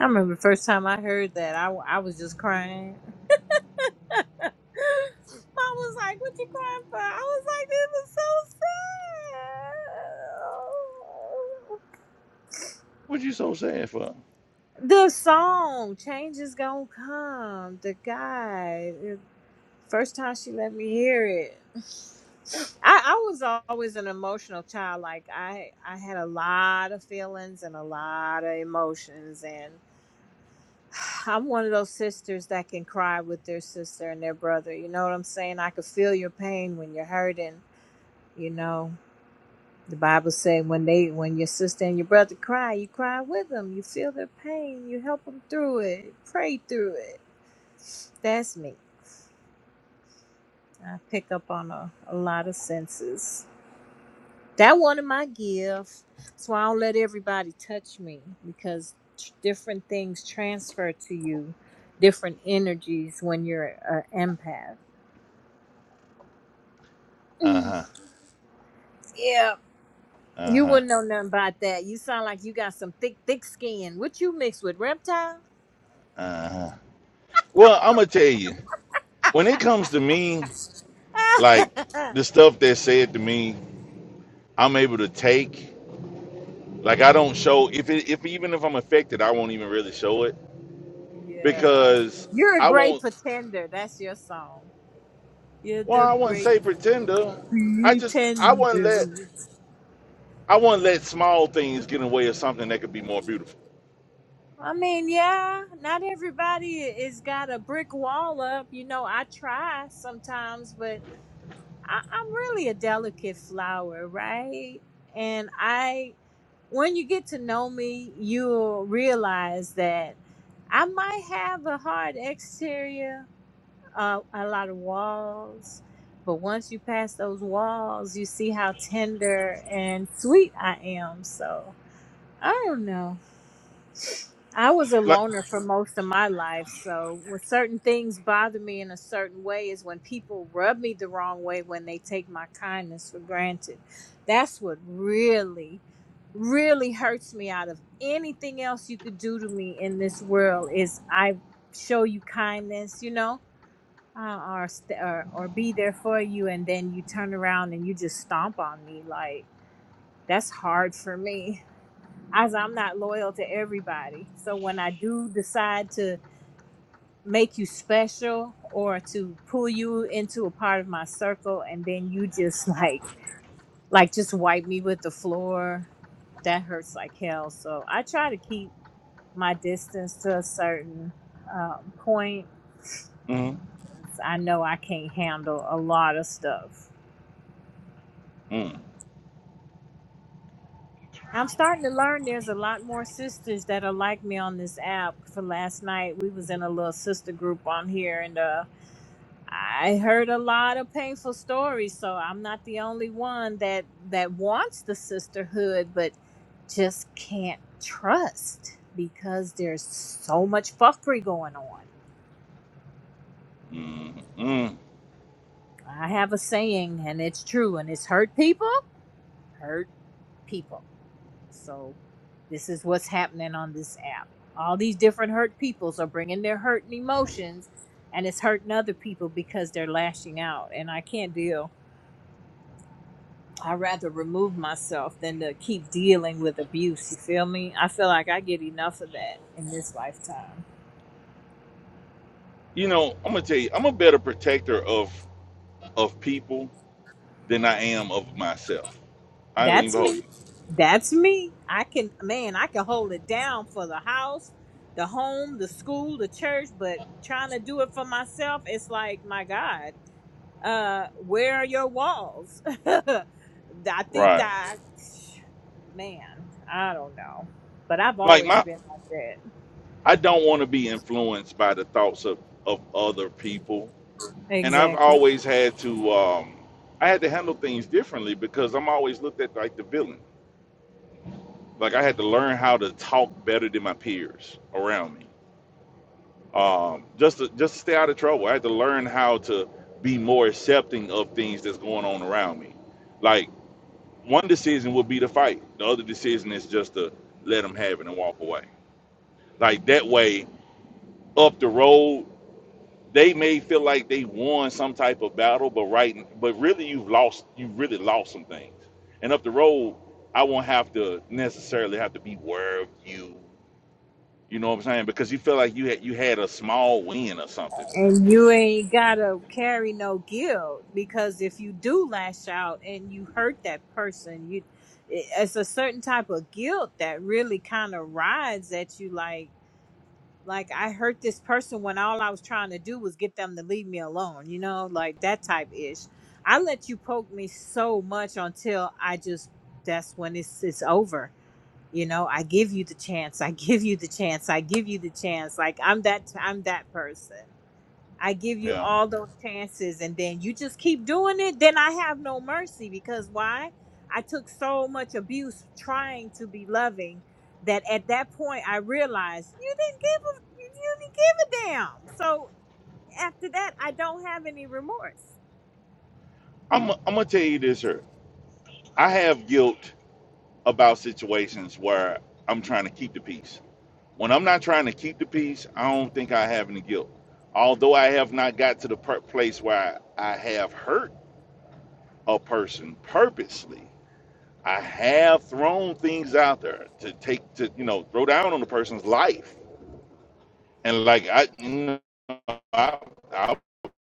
Speaker 3: I remember the first time I heard that, I, I was just crying. I was like, what you crying for? I was like, this is so sad.
Speaker 2: What you so sad for?
Speaker 3: The song, "Changes is Gonna Come, the guy. First time she let me hear it. I, I was always an emotional child. Like I, I had a lot of feelings and a lot of emotions, and I'm one of those sisters that can cry with their sister and their brother. You know what I'm saying? I could feel your pain when you're hurting. You know, the Bible said when they, when your sister and your brother cry, you cry with them. You feel their pain. You help them through it. Pray through it. That's me. I pick up on a, a lot of senses. That one of my gifts. So I don't let everybody touch me because tr- different things transfer to you, different energies when you're an
Speaker 2: Uh
Speaker 3: empath.
Speaker 2: huh.
Speaker 3: Yeah.
Speaker 2: Uh
Speaker 3: You
Speaker 2: huh.
Speaker 3: wouldn't know nothing about that. You sound like you got some thick, thick skin. What you mix with reptile?
Speaker 2: Uh huh. Well, I'm gonna tell you. When it comes to me, like the stuff that's said to me, I'm able to take. Like I don't show if it, if even if I'm affected, I won't even really show it
Speaker 3: yeah.
Speaker 2: because
Speaker 3: You're a
Speaker 2: I
Speaker 3: great
Speaker 2: won't.
Speaker 3: pretender. That's your song. You're
Speaker 2: Well,
Speaker 3: the
Speaker 2: I wouldn't
Speaker 3: great
Speaker 2: say pretender. I just I wouldn't let
Speaker 3: pretender.
Speaker 2: I wouldn't let small things get in the way of something that could be more beautiful.
Speaker 3: I mean, yeah, not everybody is got a brick wall up. You know, I try sometimes, but I, I'm really a delicate flower, right? And I, when you get to know me, you'll realize that I might have a hard exterior, uh, a lot of walls, but once you pass those walls, you see how tender and sweet I am. So I don't know. I was a
Speaker 2: Like.
Speaker 3: loner for most of my life, so when certain things bother me in a certain way is when people rub me the wrong way when they take my kindness for granted. That's what really, really hurts me out of anything else you could do to me in this world is I show you kindness, you know, uh, or, st- or or be there for you, and then you turn around and you just stomp on me. Like that's hard for me as I'm not loyal to everybody. So when I do decide to make you special or to pull you into a part of my circle and then you just like like just wipe me with the floor, that hurts like hell. So I try to keep my distance to a certain um, point.
Speaker 2: Mm-hmm.
Speaker 3: 'cause I know I can't handle a lot of stuff.
Speaker 2: mm-hmm.
Speaker 3: I'm starting to learn there's a lot more sisters that are like me on this app. For last night, we was in a little sister group on here, and uh, I heard a lot of painful stories. So I'm not the only one that that wants the sisterhood, but just can't trust because there's so much fuckery going on.
Speaker 2: Mm-mm.
Speaker 3: I have a saying, and it's true, and it's hurt people, hurt people. So this is what's happening on this app. All these different hurt peoples are bringing their hurt and emotions, and it's hurting other people because they're lashing out. And I can't deal. I'd rather remove myself than to keep dealing with abuse. You feel me? I feel like I get enough of that in this lifetime.
Speaker 2: You know, I'm gonna tell you, I'm a better protector of of people than I am of myself. I don't
Speaker 3: That's
Speaker 2: even hold
Speaker 3: me.
Speaker 2: you.
Speaker 3: That's me. I can, man, I can hold it down for the house, the home, the school, the church, but trying to do it for myself, it's like, my God. uh where are your walls i think
Speaker 2: Right.
Speaker 3: that man i don't know but i've
Speaker 2: Like
Speaker 3: always
Speaker 2: my
Speaker 3: been like that
Speaker 2: I don't want to be influenced by the thoughts of, of other people. And I've
Speaker 3: exactly
Speaker 2: always had to um I had to handle things differently because I'm always looked at like the villain. Like I had to learn how to talk better than my peers around me um, just to just to stay out of trouble. I had to learn how to be more accepting of things that's going on around me. Like one decision would be to fight, the other decision is just to let them have it and walk away. Like that way, up the road, they may feel like they won some type of battle, but right, but really you've lost. You've really lost some things. And up the road, I won't have to necessarily have to be where you. You know what I'm saying? Because you feel like you had you had a small win or something.
Speaker 3: and you ain't gotta carry no guilt because if you do lash out and you hurt that person you it- it's a certain type of guilt that really kind of rides at you like like I hurt this person when all I was trying to do was get them to leave me alone, you know, like that type ish. I let you poke me so much until I just that's when it's it's over. You know, I give you the chance. I give you the chance. I give you the chance. Like I'm that I'm that person. I give you
Speaker 2: Yeah.
Speaker 3: all those chances and then you just keep doing it, then I have no mercy because why? I took so much abuse trying to be loving that at that point I realized you didn't give a you you didn't give a damn. So after that I don't have any remorse.
Speaker 2: I'm I'm gonna tell you this here. I have guilt about situations where I'm trying to keep the peace. When I'm not trying to keep the peace, I don't think I have any guilt. Although I have not got to the per- place where I, I have hurt a person purposely, I have thrown things out there to take to you know throw down on the person's life. And like I, you know, I, I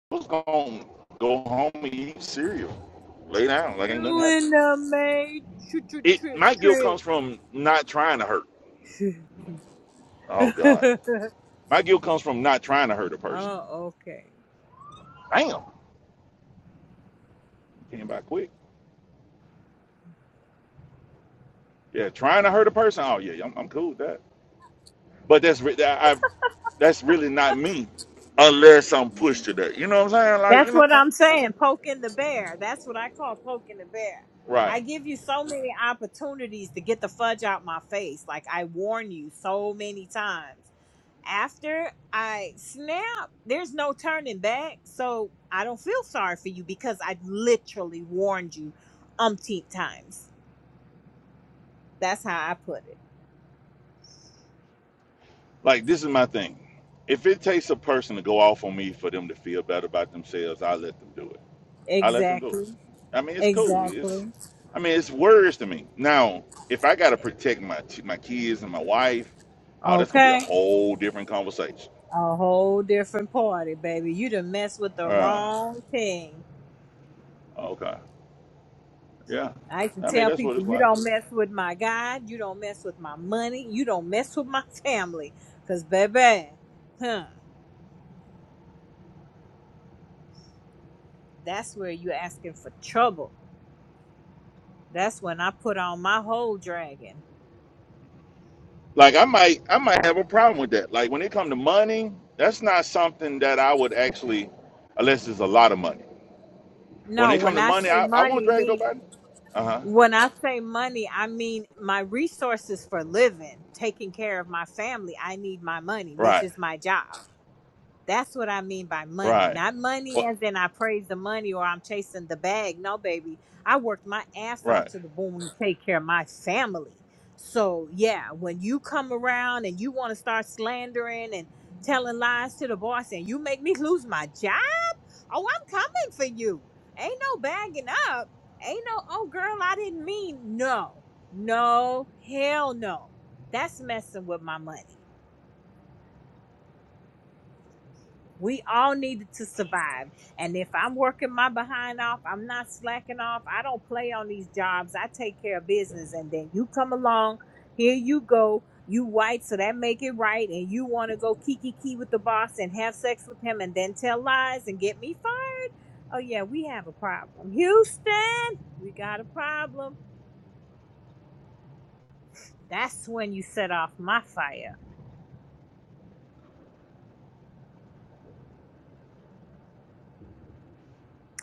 Speaker 2: was gonna go home and eat cereal, lay down like ain't nothing happened.
Speaker 3: You in the
Speaker 2: it my guilt comes from not trying to hurt. Oh God,
Speaker 3: matrix.
Speaker 2: my guilt comes from not trying to hurt a person.
Speaker 3: Oh, okay.
Speaker 2: Damn, came by quick. Yeah, trying to hurt a person. Oh yeah, I'm, I'm cool with that. But that's that I've that's really not me, unless I'm pushed to that. You know what I'm saying? Like you
Speaker 3: That's what
Speaker 2: know,
Speaker 3: I'm saying. Poking the bear. That's what I call poking the bear.
Speaker 2: right?
Speaker 3: I give you so many opportunities to get the fudge out my face. Like I warn you so many times. After I snap, there's no turning back. So I don't feel sorry for you because I literally warned you umpteen times. That's how I put it.
Speaker 2: Like this is my thing. If it takes a person to go off on me for them to feel better about themselves, I let them do it. I let them do it.
Speaker 3: Exactly.
Speaker 2: I mean, it's cool. It's,
Speaker 3: Exactly.
Speaker 2: I mean, it's words to me. Now, if I gotta protect my ch- my kids and my wife, oh, that's gonna be a
Speaker 3: Okay.
Speaker 2: whole different conversation.
Speaker 3: A whole different party, baby. You done mess with the
Speaker 2: Uh,
Speaker 3: wrong thing.
Speaker 2: okay, yeah.
Speaker 3: I used to
Speaker 2: I mean,
Speaker 3: tell
Speaker 2: that's what
Speaker 3: people,
Speaker 2: it's
Speaker 3: you
Speaker 2: like.
Speaker 3: don't mess with my God, you don't mess with my money, you don't mess with my family. Because, baby, huh, that's where you asking for trouble. That's when I put on my whole dragon.
Speaker 2: Like, I might I might have a problem with that. Like, when it come to money, that's not something that I would actually, unless it's a lot of money. When
Speaker 3: No,
Speaker 2: it come
Speaker 3: when
Speaker 2: to
Speaker 3: I
Speaker 2: money,
Speaker 3: say
Speaker 2: I, I won't
Speaker 3: money,
Speaker 2: drag
Speaker 3: mean
Speaker 2: nobody. Uh huh.
Speaker 3: when I say money, I mean my resources for living, taking care of my family. I need my money, which
Speaker 2: Right.
Speaker 3: is my job. That's what I mean by money.
Speaker 2: Right.
Speaker 3: Not money
Speaker 2: What?
Speaker 3: as in I praise the money or I'm chasing the bag. No, baby. I worked my ass off
Speaker 2: Right.
Speaker 3: to the bone to take care of my family. So, yeah, when you come around and you want to start slandering and telling lies to the boss and you make me lose my job, oh, I'm coming for you. Ain't no bagging up. Ain't no, oh, girl, I didn't mean. No, no, hell no. That's messing with my money. We all needed to survive. And if I'm working my behind off, I'm not slacking off. I don't play on these jobs. I take care of business. And then you come along, here you go. You white, so that make it right. And you want to go kiki key with the boss and have sex with him and then tell lies and get me fired. Oh yeah, we have a problem. Houston, we got a problem. That's when you set off my fire.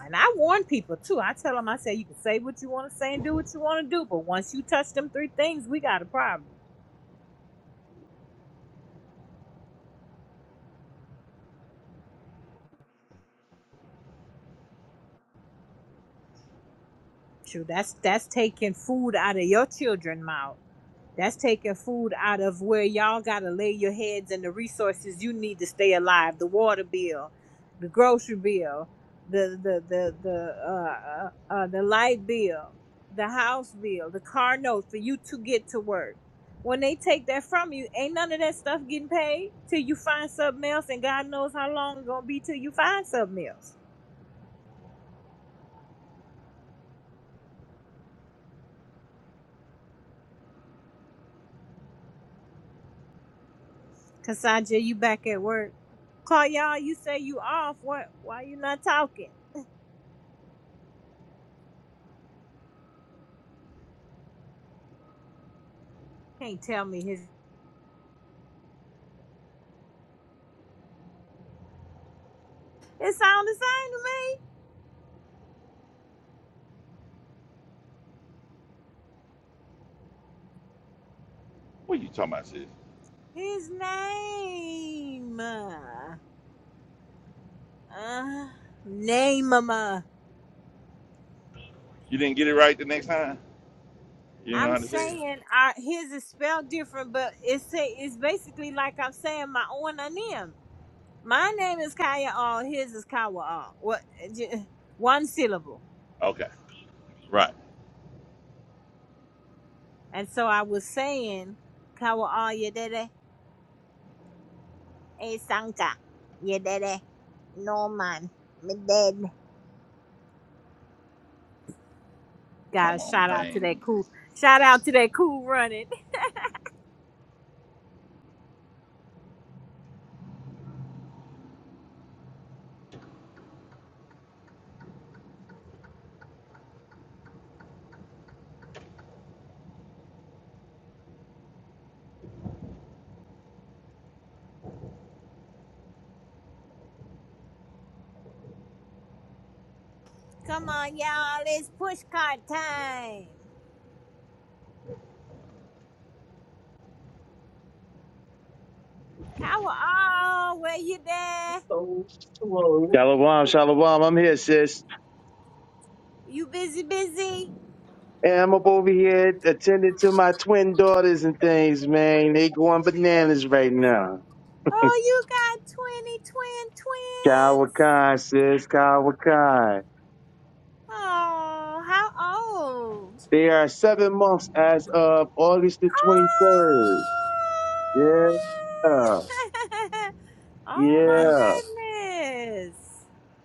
Speaker 3: And I warn people too. I tell them, I say, you can say what you want to say and do what you want to do, but once you touch them three things, we got a problem. True, that's that's taking food out of your children's mouth. That's taking food out of where y'all got to lay your heads and the resources you need to stay alive. The water bill, the grocery bill, the the the the uh, uh, uh, the light bill, the house bill, the car note for you to get to work. When they take that from you, ain't none of that stuff getting paid till you find something else, and God knows how long it's gonna be till you find something else. Kasaja, you back at work? Call y'all. You say you off. What? Why you not talking? Can't tell me his. It sounds
Speaker 2: What you talking about, sis?
Speaker 3: the same to me. His name. Uh, name.
Speaker 2: You didn't get it right the next time. You didn't know
Speaker 3: I'm
Speaker 2: how to say it.
Speaker 3: saying uh, his is spelled different, but it's say it's basically like I'm saying my own name. My name is Kaya All. His is Kawa All. What? j- One syllable.
Speaker 2: Okay. Right.
Speaker 3: And so I was saying Kawa All Yedede E Sanka Yedede Norman Meded.
Speaker 2: Come
Speaker 3: Guys,
Speaker 2: on,
Speaker 3: shout out to
Speaker 2: man.
Speaker 3: that cool. Shout out to that cool running. Come on, y'all. It's push cart time. Power all. Where you there?
Speaker 4: Shalom, shalom. I'm here, sis.
Speaker 3: You busy, busy?
Speaker 4: And I'm up over here attending to my twin daughters and things, man. They going bananas right now.
Speaker 3: Oh, you got 20 twin twins.
Speaker 4: Kawakai, sis, Kawakai.
Speaker 3: Oh, how old?
Speaker 4: They are seven months as of August the 23rd. Yeah,
Speaker 3: Oh, oh my
Speaker 2: Uh,
Speaker 4: yeah.
Speaker 3: goodness.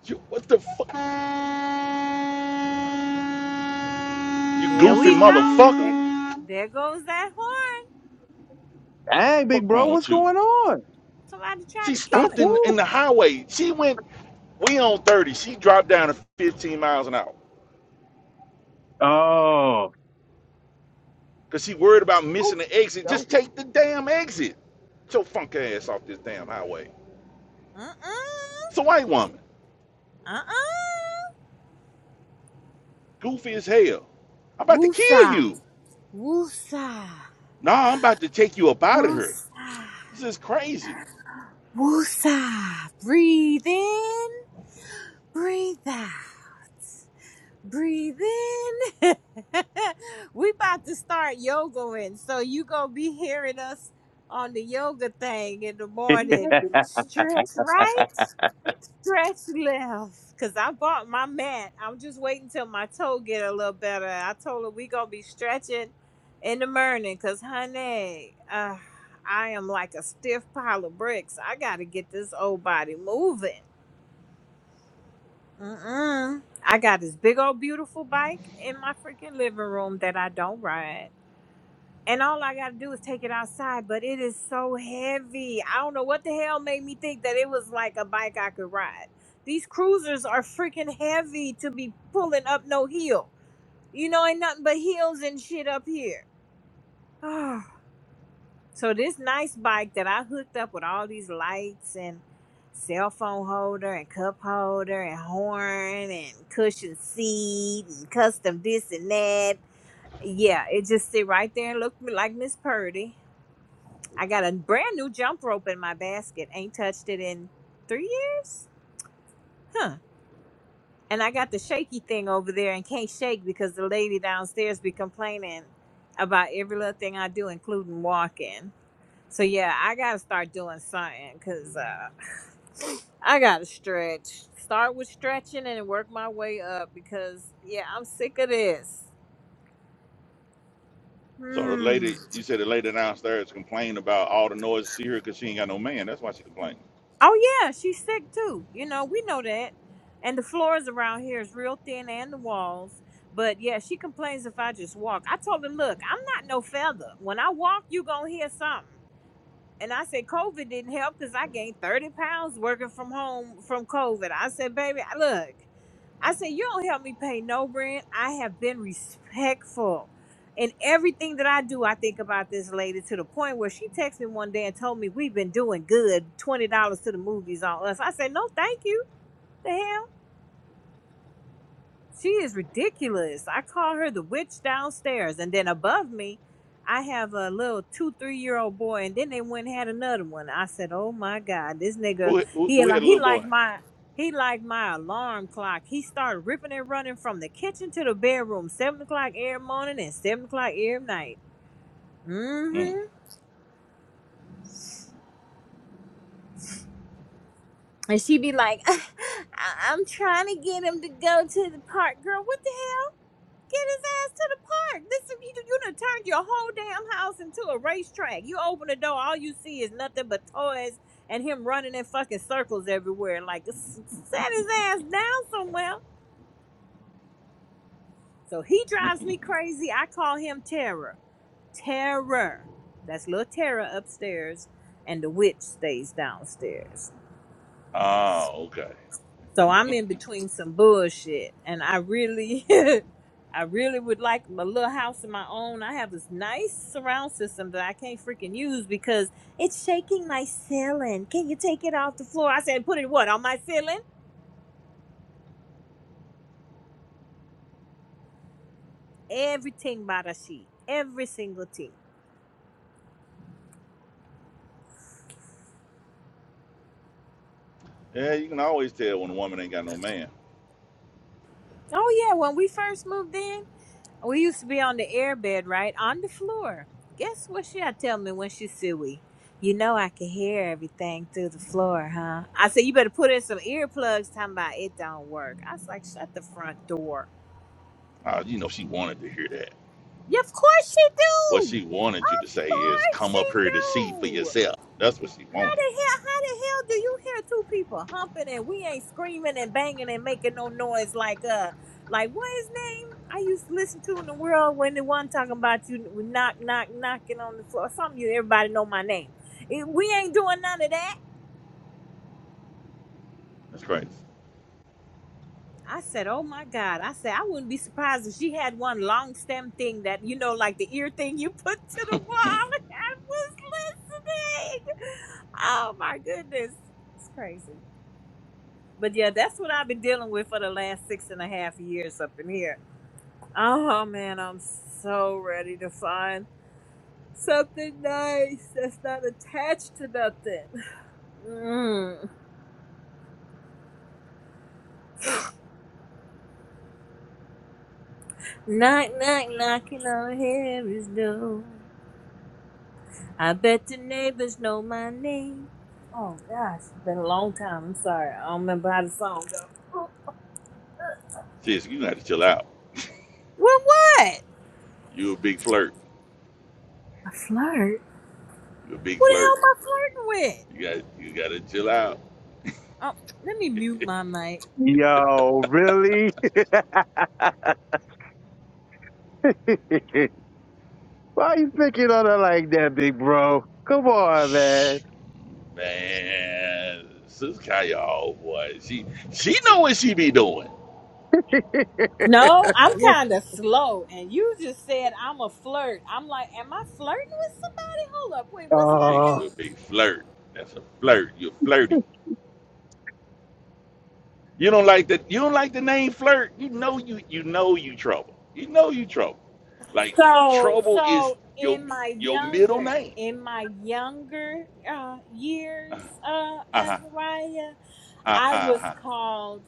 Speaker 2: you, what the fuck? You
Speaker 3: There
Speaker 2: goofy
Speaker 3: we go. There,
Speaker 2: motherfucker.
Speaker 3: there goes that horn.
Speaker 4: Hey,
Speaker 2: Fuck
Speaker 4: big bro,
Speaker 2: wrong
Speaker 4: what's
Speaker 2: with you?
Speaker 4: going on?
Speaker 3: Somebody tried
Speaker 2: She
Speaker 3: to
Speaker 4: Woo,
Speaker 2: stopped
Speaker 3: kill it.
Speaker 2: in,
Speaker 4: woo.
Speaker 2: in the highway. She went, we on 30. She dropped down to 15 miles an hour.
Speaker 4: Oh.
Speaker 2: Cause she worried about missing the exit.
Speaker 4: Oh,
Speaker 2: Just take the damn exit. Get your funk ass off this damn highway. It's
Speaker 3: Uh-uh.
Speaker 2: a white woman.
Speaker 3: Uh-uh.
Speaker 2: Goofy as hell. I'm about to kill
Speaker 3: Woosah.
Speaker 2: you.
Speaker 3: Woosa,
Speaker 2: Nah, I'm about to take you up out of here.
Speaker 3: woosa,
Speaker 2: This is crazy.
Speaker 3: woosa. Breathe in, breathe out, breathe in. we about to start yogaing, so you gonna be hearing us on the yoga thing in the
Speaker 4: Yo,
Speaker 3: morning. Stretch right stretch left because I bought my mat. I'm just waiting till my toe get a little better. I told her we gonna be stretching in the morning because, honey, uh, I am like a stiff pile of bricks. I gotta get this old body moving. Mm-mm. I got this big old beautiful bike in my freaking living room that I don't ride and all I gotta do is take it outside, but it is so heavy. I don't know what the hell made me think that it was like a bike I could ride. These cruisers are freaking heavy to be pulling up no hill. You know, ain't nothing but hills and shit up here. so this nice bike that I hooked up with all these lights and cell phone holder and cup holder and horn and cushion seat and custom this and that. Yeah, it just sit right there and looked like Miss Purdy I got a brand new jump rope in my basket. Ain't touched it in three years? Huh. And I got the shaky thing over there and can't shake because the lady downstairs be complaining about every little thing I do, including walking. So yeah, I gotta start doing something because uh, I gotta stretch. Start with stretching and work my way up because yeah, I'm sick of this.
Speaker 2: So the
Speaker 3: Hmm.
Speaker 2: lady, you said the lady downstairs complained about all the noise she heard because she ain't got no man. That's why she complained.
Speaker 3: Oh yeah, she's sick too. You know, we know that. And the floors around here is real thin and the walls. But yeah, she complains if I just walk. I told her, look, I'm not no feather. When I walk, you gonna hear something. And I said, COVID didn't help because I gained 30 pounds working from home from COVID. I said, baby, I- look. I said, You don't help me pay no rent. I have been respectful. In everything that I do, I think about this lady to the point where she texted me one day and told me we've been doing good, $20 to the movies on us. I said, No, thank you. The hell? She is ridiculous. I call her the witch downstairs. And then above me, I have a little two, three year old boy. And then they went and had another one. I said, Oh my God, this nigga,
Speaker 2: Who who,
Speaker 3: he
Speaker 2: who
Speaker 3: like
Speaker 2: had a
Speaker 3: he
Speaker 2: little
Speaker 3: like
Speaker 2: boy?
Speaker 3: my he like my alarm clock. He started ripping and running from the kitchen to the bedroom, seven o'clock every morning and seven o'clock every night.
Speaker 2: Mm.
Speaker 3: Mm-hmm. And she be like, I- I'm trying to get him to go to the park. Girl, what the Get his ass to the park. This is you, you done turned your whole damn house into a racetrack. You open the door, all you see is nothing but toys and him running in fucking circles everywhere. Like set his ass down somewhere. So he drives me crazy. I call him Terror. Terror. That's little Terror upstairs, and the witch stays downstairs.
Speaker 2: Ah, okay.
Speaker 3: So I'm in between some bullshit, and I really, I really would like my little house of my own. I have this nice surround system that I can't freaking use because it's shaking my ceiling. Can you take it off the floor? I said, put it what on my ceiling? Everything by the sheet, every single thing.
Speaker 2: Yeah, you can always tell when a woman ain't got no man.
Speaker 3: Oh yeah, when we first moved in. We used to be on the airbed, right? On the floor. Guess what she'll tell me when she see we? You know I can hear everything through the floor, huh? I said, you better put in some earplugs, talking about it don't work. I was like, shut the front door.
Speaker 2: Ah, you know she wanted to hear that.
Speaker 3: Yeah, of course she
Speaker 2: What
Speaker 3: do.
Speaker 2: she wanted you
Speaker 3: Of
Speaker 2: to say is,
Speaker 3: course
Speaker 2: "Come up here to see for
Speaker 3: she do.
Speaker 2: yourself." That's what she wanted.
Speaker 3: the hell, how the hell do you hear two people humping and we ain't screaming and banging and making no noise like uh like what his name I used to listen to in the world when the one talking about you knock knock knocking on the floor something you everybody know my name Eh, we ain't doing none of that
Speaker 2: That's crazy.
Speaker 3: I said oh my god I said I wouldn't be surprised if she had one long stem thing that you know like the ear thing you put to the wall that was big oh my goodness it's crazy But yeah, that's what I've been dealing with for the last six and a half years up in here. Oh man, I'm so ready to find something nice that's not attached to nothing. Mm. Knock, knock, knocking on heaven's door. I bet the neighbors know my name. Oh gosh, been a long time. I'm sorry, I don't remember how the song goes. Well,
Speaker 2: Sis, you got to chill out.
Speaker 3: what?
Speaker 2: You a big flirt.
Speaker 3: A flirt?
Speaker 2: You a big
Speaker 3: Who the hell
Speaker 2: flirt.
Speaker 3: am I flirting with?
Speaker 2: You got you got to chill out.
Speaker 3: Oh, let me mute my mic.
Speaker 4: Yo, really? Why you picking on her like that, big bro? Come on,
Speaker 2: Man, Sis Kaya, oh boy, she she know what she be doing.
Speaker 4: man.
Speaker 3: No, I'm kind of slow, and you just said I'm a flirt. I'm like, am I flirting with somebody? Hold up, wait, what's
Speaker 2: You a big,
Speaker 4: Uh,
Speaker 2: you a big flirt. That's a flirt. You're flirty. You don't like that. You don't like the name flirt. You know you you know you trouble. You know you trouble.
Speaker 3: happening?
Speaker 2: Like
Speaker 3: So,
Speaker 2: trouble is
Speaker 3: so
Speaker 2: your
Speaker 3: in my
Speaker 2: your middle
Speaker 3: younger,
Speaker 2: name.
Speaker 3: in my younger uh, years, uh,
Speaker 2: Uh huh.
Speaker 3: Azariah,
Speaker 2: Uh
Speaker 3: I was
Speaker 2: huh.
Speaker 3: called.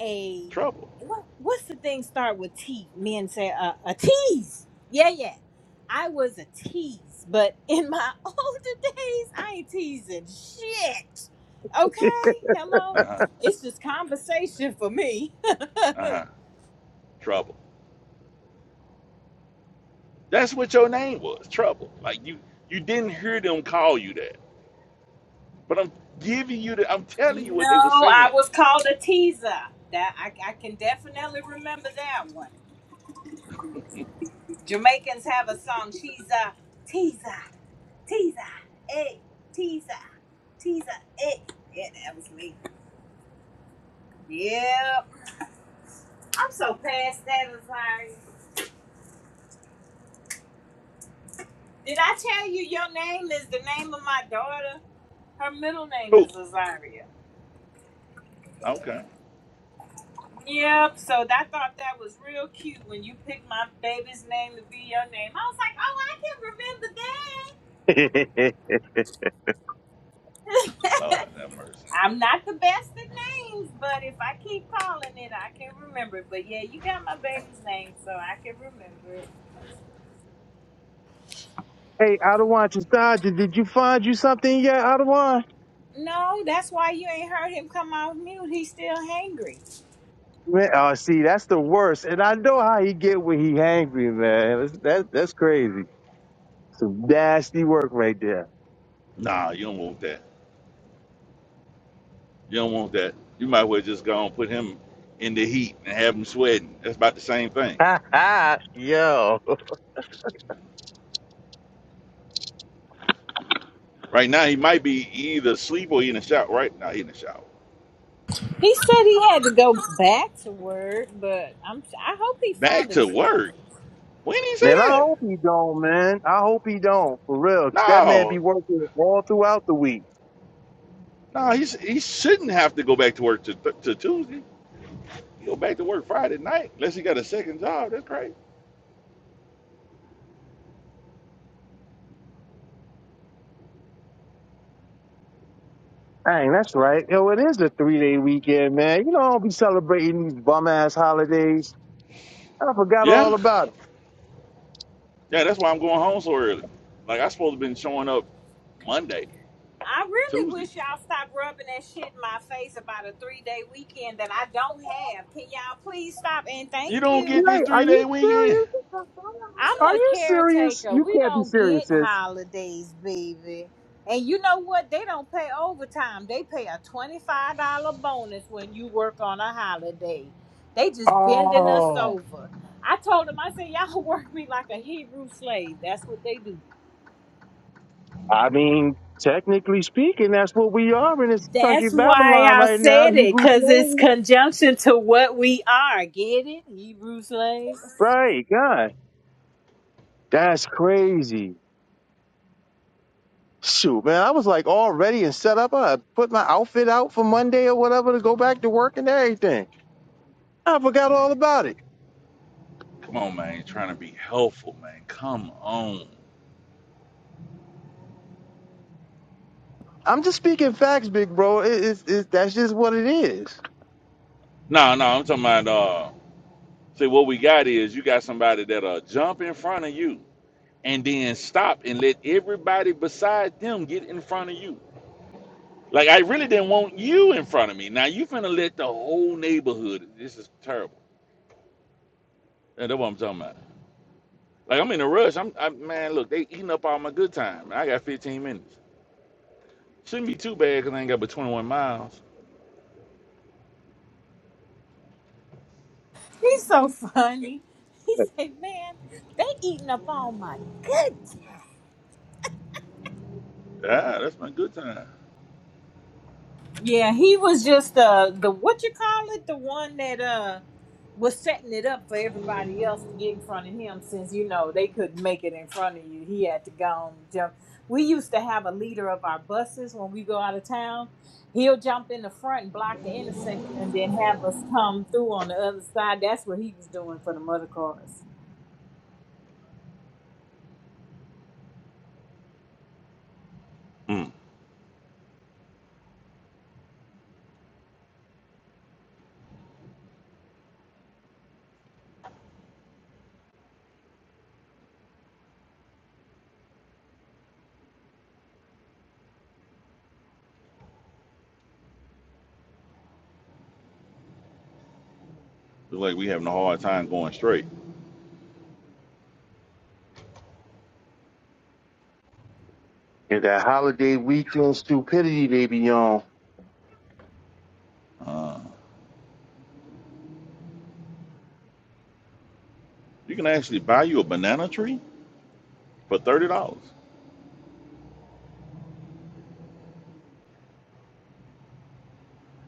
Speaker 3: a
Speaker 2: Trouble.
Speaker 3: what, what's the thing start with T? Men say uh, a tease. Yeah, yeah. I was a tease, but in my older days, I ain't teasing shit. Okay, hello.
Speaker 2: Uh huh.
Speaker 3: It's just conversation for me.
Speaker 2: Uh huh. Trouble. That's what your name was. Trouble. Like you you didn't hear them call you that. But I'm giving you the, I'm telling you
Speaker 3: no,
Speaker 2: what they were
Speaker 3: I
Speaker 2: saying.
Speaker 3: was called a teaser. That I, I can definitely remember that one. Jamaicans have a song. She's a teaser, teaser, hey, teaser, teaser, hey. Yeah, that was me. Yep. I'm so past that, Azaria. Did I tell you your name is the name of my daughter? Her middle name
Speaker 2: Who?
Speaker 3: is Azaria.
Speaker 2: Okay.
Speaker 3: Yep. So I thought that was real cute when you picked my baby's name to be your name. I was like, oh, I can remember that.
Speaker 4: hey,
Speaker 2: Lord have mercy.
Speaker 3: I'm not the best at names, but if I keep calling it, I can remember it. But yeah, you got my baby's name, so I can remember it.
Speaker 4: Adawan Chisaja, did you find you something yet, Adawan?
Speaker 3: No, that's why you ain't heard him come off mute. He's still hangry.
Speaker 4: Man, oh, see, that's the worst. And I know how he get when he angry, man. That's, that, that's crazy. Some nasty work right there.
Speaker 2: Nah, you don't want that. You don't want that. You might as well just go and put him in the heat and have him sweating. That's about the same thing.
Speaker 4: Yo,
Speaker 2: Right now, he might be either asleep or he in the shower. Right now, he in the shower.
Speaker 3: He said he had to go back to work, but I'm I hope he
Speaker 2: Back
Speaker 3: found him
Speaker 2: to work.
Speaker 3: something.
Speaker 2: When did he say
Speaker 4: man,
Speaker 3: Yeah,
Speaker 4: I
Speaker 3: he
Speaker 2: that?
Speaker 4: hope he don't, man. I hope he don't, for real. 'Cause that man
Speaker 2: No,
Speaker 4: be working all throughout the week.
Speaker 2: no, he's, he shouldn't have to go back to work to, to Tuesday. He go back to work Friday night unless he got a second job. That's crazy.
Speaker 4: Dang, that's right. Yo, it is a three day weekend, man. You know, I don't be celebrating these bum ass holidays. I forgot
Speaker 2: Yeah,
Speaker 4: all about it.
Speaker 2: Yeah, that's why I'm going home so early. Like I supposed to been showing up Monday
Speaker 3: I
Speaker 2: or
Speaker 3: really
Speaker 2: Tuesday.
Speaker 3: wish y'all stop rubbing that shit in my face about a three day weekend that I don't have. Can y'all please stop and
Speaker 2: You
Speaker 3: thank
Speaker 2: don't
Speaker 3: you?
Speaker 2: get this
Speaker 4: Wait, are
Speaker 2: three
Speaker 4: you
Speaker 2: day weekend.
Speaker 4: serious? Are
Speaker 3: I'm a
Speaker 4: you serious?
Speaker 3: caretaker.
Speaker 4: You
Speaker 3: We
Speaker 4: can't be
Speaker 3: don't get
Speaker 4: serious, sis.
Speaker 3: holidays, baby. And you know what? They don't pay overtime. They pay a twenty-five dollar bonus when you work on a holiday. They just bending us
Speaker 4: Oh,
Speaker 3: over. I told them, I said, y'all work me like a Hebrew slave. That's what they do.
Speaker 4: I mean, technically speaking, that's what we are in this country,
Speaker 3: That's why
Speaker 4: Babylon,
Speaker 3: I
Speaker 4: right now.
Speaker 3: said it,
Speaker 4: Hebrew
Speaker 3: cause it's
Speaker 4: slaves.
Speaker 3: conjunction to what we are. Get it, Hebrew slaves.
Speaker 4: Right, God. That's crazy. Shoot, man, I was like all ready and set up. I put my outfit out for Monday or whatever to go back to work and everything. I forgot
Speaker 2: Man,
Speaker 4: all about it.
Speaker 2: come on, man. You're Trying to be helpful, man. Come on.
Speaker 4: I'm just speaking facts, big bro. It, it's it's that's just what it is.
Speaker 2: No, no, I'm talking about uh see what we got is you got somebody that'll jump in front of you and then stop and let everybody beside them get in front of you. Like I really didn't want you in front of me. Now you finna let the whole neighborhood this is terrible. Yeah, That's what I'm talking about. Like I'm in a rush. I'm I, man. Look, they eating up all my good time. I got 15 minutes. Shouldn't be too bad because I ain't got but 21 miles.
Speaker 3: He's so funny. He said, man, they eating up all my good
Speaker 2: Ah, that's my good time.
Speaker 3: Yeah, he was just uh the what you call it, the one that uh was setting it up for everybody else to get in front of him since you know they couldn't make it in front of you. He had to go and jump. We used to have a leader of our buses when we go out of town. He'll jump in the front and block the intersection and then have us come through on the other side. That's what he was doing for the motor cars.
Speaker 2: Hmm. It's like we having a hard time going straight.
Speaker 4: Yeah, that holiday weekend stupidity they be on,
Speaker 2: Uh, you can actually buy you a banana tree for thirty dollars.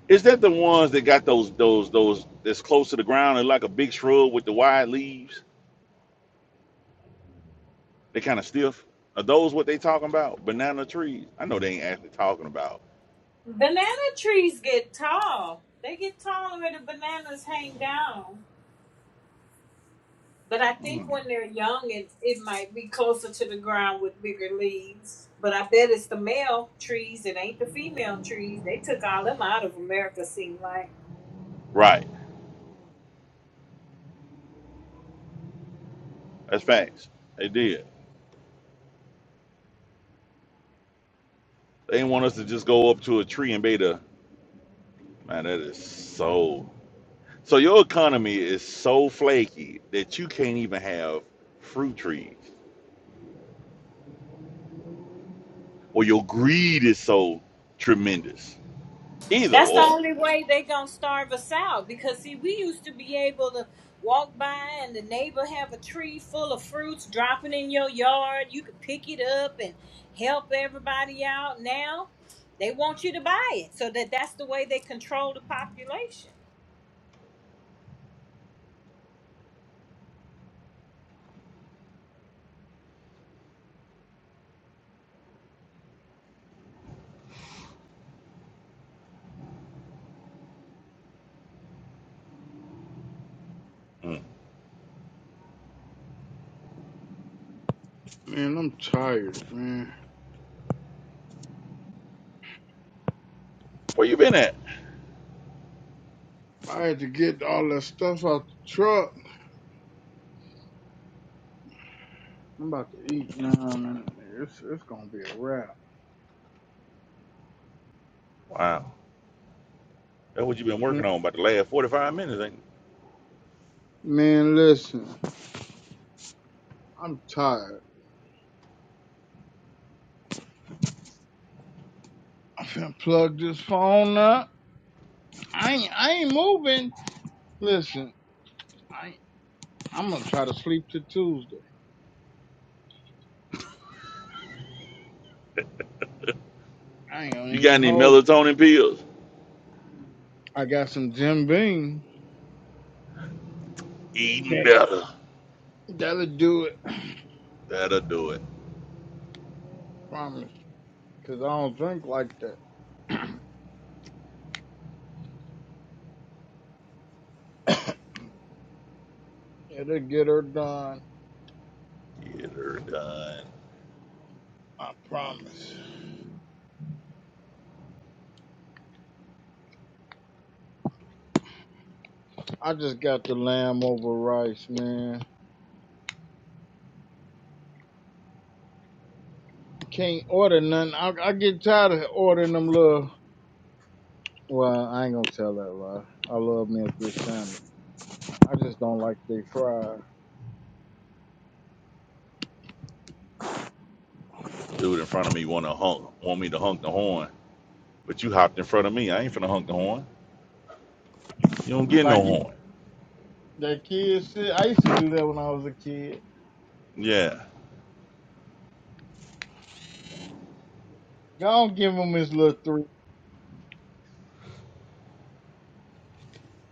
Speaker 2: Is that the ones that got those those those that's close to the ground and like a big shrub with the wide leaves? They kind of stiff. Are those what they talking about? Banana trees? I know they ain't actually talking about.
Speaker 3: Banana trees get tall. They get taller and the bananas hang down. But I think
Speaker 2: Hmm.
Speaker 3: when they're young, it, it might be closer to the ground with bigger leaves. But I bet it's the male trees. It ain't the female trees. They took all them out of America, seem like.
Speaker 2: Right. That's facts. They did. They want us to just go up to a tree and beta. Man, that is so. So your economy is so flaky that you can't even have fruit trees, or your greed is so tremendous. Either
Speaker 3: That's the
Speaker 2: or.
Speaker 3: only way they gonna starve us out. Because see, we used to be able to walk by and the neighbor have a tree full of fruits dropping in your yard. You could pick it up and help everybody out. Now they want you to buy it, so that that's the way they control the population.
Speaker 2: Mm.
Speaker 1: Man, I'm tired, man.
Speaker 2: Where you been at?
Speaker 1: I had to get all that stuff out the truck. I'm about to eat now, man. It's, it's gonna be a wrap.
Speaker 2: Wow, that's what you've been working on about the last forty-five minutes. Ain't you?
Speaker 1: Man, listen, I'm tired. I finna plug this phone up. I ain't, I ain't moving. Listen. I. I'm gonna try to sleep till Tuesday. I ain't gonna
Speaker 2: you got
Speaker 1: even
Speaker 2: any
Speaker 1: hold.
Speaker 2: melatonin pills?
Speaker 1: I got some Jim Beam.
Speaker 2: Eating
Speaker 1: That
Speaker 2: better.
Speaker 1: that'll do it. I
Speaker 2: That'll do it.
Speaker 1: promise. Cause I don't drink like that. It'll get her done.
Speaker 2: Get her done.
Speaker 1: I promise. I just got the lamb over rice, man. Can't order nothing. I, I get tired of ordering them little. Well, I ain't gonna tell that lie. I love me a good sandwich. I just don't like they fried.
Speaker 2: Dude in front of me want to hunk, want me to hunk the horn, but you hopped in front of me. I ain't finna hunk the horn. You don't get no
Speaker 1: Like you-
Speaker 2: horn.
Speaker 1: that kid shit. I used to do that when I was a kid.
Speaker 2: Yeah.
Speaker 1: Don't give him his little three,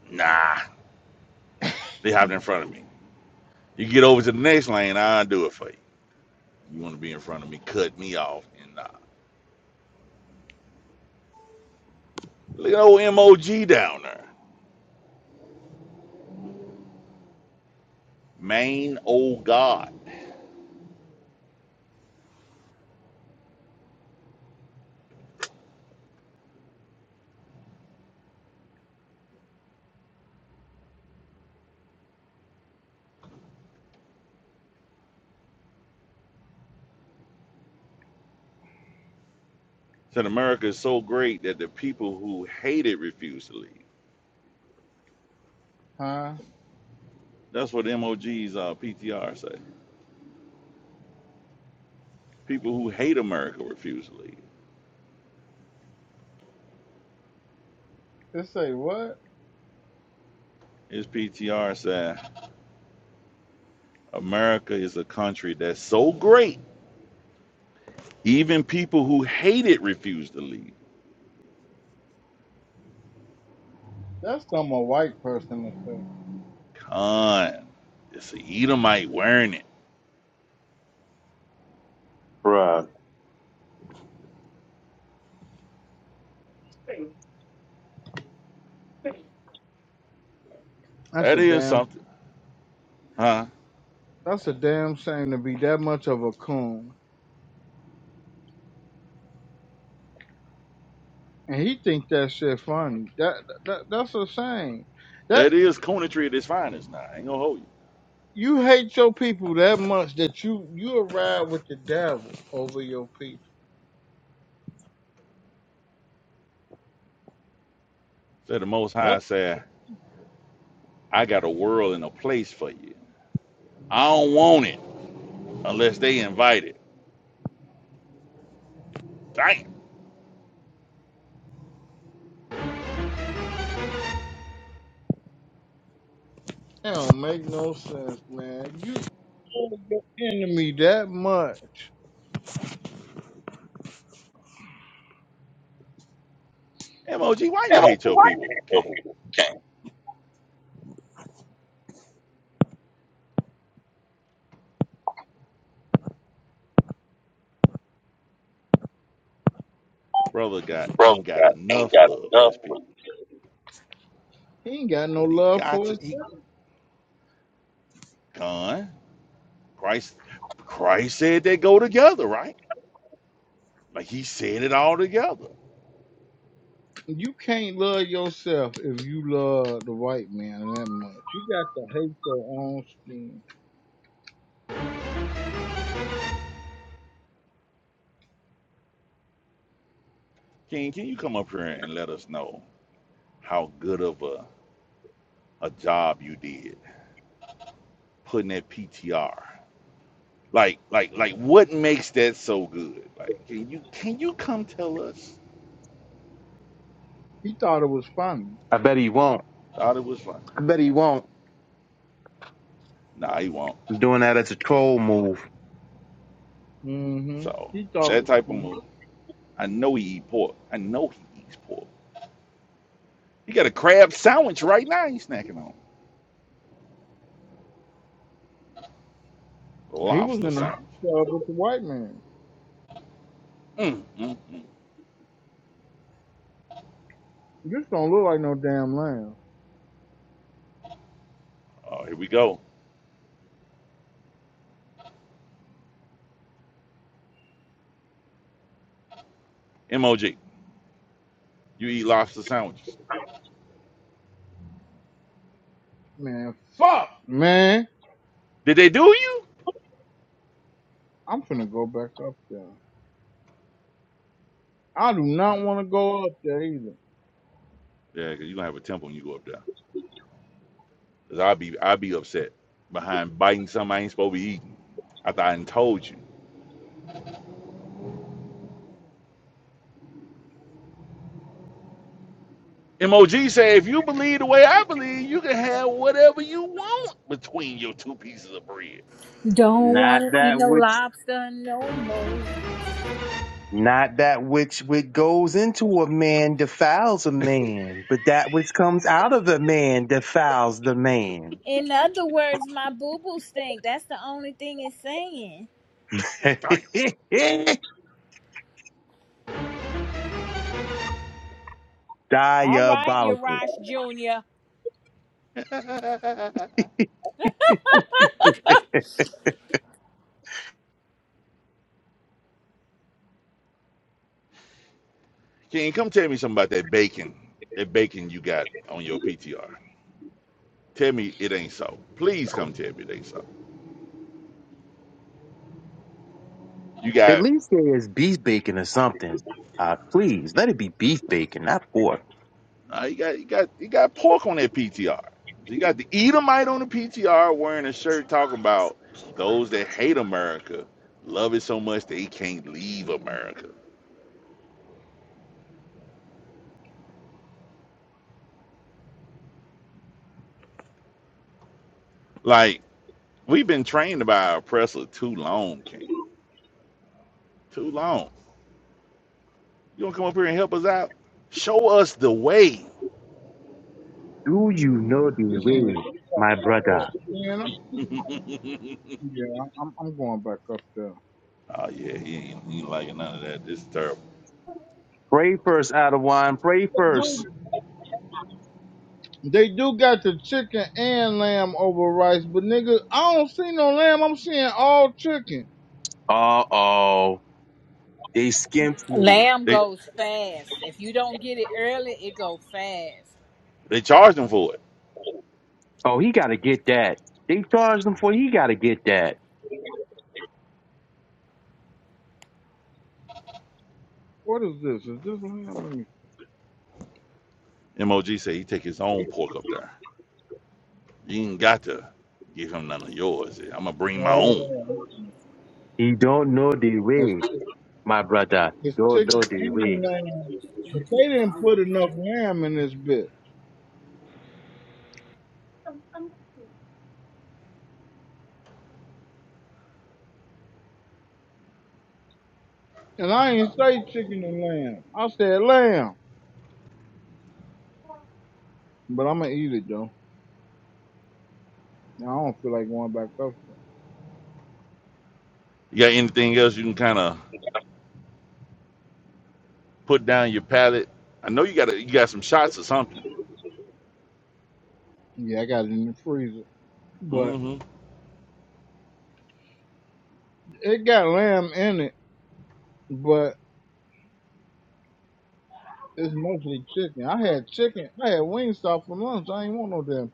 Speaker 2: Nah. They hopped in front of me. You get over to the next lane, I'll do it for you. You want to be in front of me, cut me off. And nah. Look at old MOG down there. Maine, old God. Said America is so great that the people who hate it refuse to leave.
Speaker 1: huh?
Speaker 2: That's what M O Gs uh, PTR say. People who hate America refuse to leave.
Speaker 1: They say what?
Speaker 2: His PTR said, America is a country that's so great, even people who hate it refuse to leave.
Speaker 1: That's something a white person to say.
Speaker 2: Con. It's a Edomite wearing it.
Speaker 4: bruh.
Speaker 1: That's
Speaker 2: That
Speaker 1: a
Speaker 2: is
Speaker 1: damn.
Speaker 2: something. Huh?
Speaker 1: That's a damn shame to be that much of a coon, and he think that shit funny. That, that that's a shame. That
Speaker 2: That is conetry at its finest now. I ain't gonna hold you.
Speaker 1: you hate your people that much that you you a ride with the devil over your people.
Speaker 2: Said the Most
Speaker 1: That
Speaker 2: High said, I got a world and a place for you. I don't want it unless they invite it. Damn.
Speaker 1: don't make no sense, man. You hate your enemy that much.
Speaker 2: MOG, why
Speaker 1: And
Speaker 2: you
Speaker 1: like
Speaker 2: hate
Speaker 1: the
Speaker 2: your
Speaker 1: white
Speaker 2: people,
Speaker 1: man, so
Speaker 2: King?
Speaker 1: people,
Speaker 2: Brother got ain't
Speaker 1: brothers
Speaker 2: got
Speaker 1: got ain't
Speaker 2: enough
Speaker 1: got
Speaker 2: love for
Speaker 1: enough
Speaker 2: his
Speaker 1: for
Speaker 2: people.
Speaker 1: you. He ain't got no
Speaker 2: But he
Speaker 1: love
Speaker 2: got
Speaker 1: for
Speaker 2: to
Speaker 1: his
Speaker 2: he con. Christ Christ said they go together, right? Like he said it all together.
Speaker 1: You can't love yourself if you love the white man that much. You got to hate your own skin.
Speaker 2: King, can you come up here and let us know how good of a a job you did putting that PTR. Like, like, like, what makes that so good? Like, can you can you come tell us?
Speaker 1: He thought it was funny.
Speaker 4: I bet he won't.
Speaker 2: Thought it was fun.
Speaker 4: I bet he won't.
Speaker 2: Nah, he won't.
Speaker 4: Doing that as a troll move.
Speaker 1: hmm
Speaker 2: So
Speaker 1: He thought it
Speaker 2: that
Speaker 1: was
Speaker 2: type of move.
Speaker 1: funny.
Speaker 2: I know he eat pork. I know he eats pork. He got a crab sandwich right now. He's snacking on
Speaker 1: He was
Speaker 2: lobster
Speaker 1: in the
Speaker 2: sandwich.
Speaker 1: club with the white man.
Speaker 2: Mm, mm, mm.
Speaker 1: You don't look like no damn lamb.
Speaker 2: Oh, here we go. Mog, you eat lobster sandwiches.
Speaker 1: Man, fuck, man.
Speaker 2: Did they do you?
Speaker 1: I'm finna go back up there. I do
Speaker 2: Uh,
Speaker 1: not want to go up there either.
Speaker 2: yeah, cause you gonna have a temple when you go up there. Cause I'll be i will be upset behind biting something I ain't supposed to be eating. I thought I done told you. MOG say if you believe the way I believe, you can have whatever you want between your two pieces of bread.
Speaker 3: Don't
Speaker 4: Not
Speaker 3: want to eat
Speaker 4: that
Speaker 3: no
Speaker 4: which,
Speaker 3: lobster no more.
Speaker 4: not that which which goes into a man defiles a man, but that which comes out of a man defiles the man.
Speaker 3: In other words, my boo boo stink. That's the only thing it's saying.
Speaker 2: Damn.
Speaker 3: All right,
Speaker 4: Diabolical.
Speaker 3: Uriah Jr.
Speaker 2: King, come tell me something about that bacon. That bacon you got on your PTR. Tell me it ain't so. Please come tell me it ain't so. You
Speaker 4: At
Speaker 2: got
Speaker 4: least there is beef bacon or something. Uh, please let it be beef bacon, not pork.
Speaker 2: Uh, you got you got you got pork on that PTR. So you got the Edomite on the PTR wearing a shirt talking about those that hate America love it so much they can't leave America. Like we've been trained by our oppressor too long, King. Too long. You gonna come up here and help us out? Show us the way.
Speaker 4: Do you know the
Speaker 1: You can't get
Speaker 4: way,
Speaker 1: the
Speaker 4: my brother?
Speaker 1: fuck up there.
Speaker 2: oh
Speaker 1: Yeah, I'm, I'm going back up there.
Speaker 2: yeah, he ain't, he ain't liking none of that. This is terrible.
Speaker 4: Pray first, Adawan. Pray first.
Speaker 1: They do got the chicken and lamb over rice, but nigga, I don't see no lamb. I'm seeing all chicken.
Speaker 4: Uh oh. They skimped you.
Speaker 3: Lamb
Speaker 2: They
Speaker 3: goes fast. If you don't get it early, it go fast.
Speaker 2: they charged him for it.
Speaker 4: Oh, he gotta get that. They charged him for he gotta get that.
Speaker 1: What is this? Is this lamb? Let me.
Speaker 2: MOG said he take his own pork up there. You ain't got to give him none of yours. I'm gonna bring my own.
Speaker 4: He don't know the
Speaker 1: That's
Speaker 4: way,
Speaker 1: chicken.
Speaker 4: my brother. He
Speaker 1: It's
Speaker 4: Don't
Speaker 1: chicken
Speaker 4: know the
Speaker 1: and
Speaker 4: way.
Speaker 1: lamb. But they didn't put enough lamb in this bit. And I ain't say chicken and lamb. I said lamb. But I'm gonna eat it though. I don't feel like going back up there.
Speaker 2: You got anything else you can kind of put down your palate? I know you got you got some shots or something.
Speaker 1: Yeah, I got it in the freezer. But
Speaker 2: hmm
Speaker 1: it got lamb in it, but it's mostly chicken. I had chicken. I had wing stop for lunch. I ain't want no damn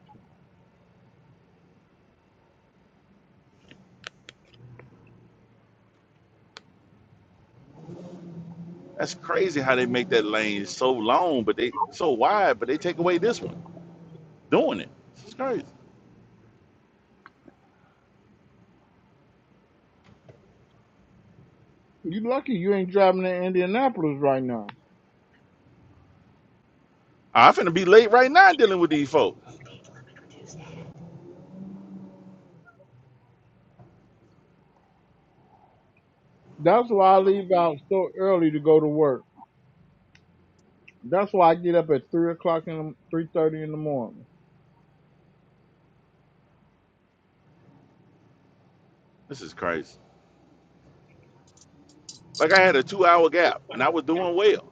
Speaker 2: That's crazy how they make that lane so long, but they so wide, but they take away this one. Doing it, this is crazy.
Speaker 1: You lucky you ain't driving to Indianapolis right now.
Speaker 2: I'm finna be late right now dealing with these folks.
Speaker 1: That's why I leave out so early to go to work. That's why I get up at three o'clock in the three thirty in the morning.
Speaker 2: This is crazy. Like I had a two-hour gap, and I was doing well.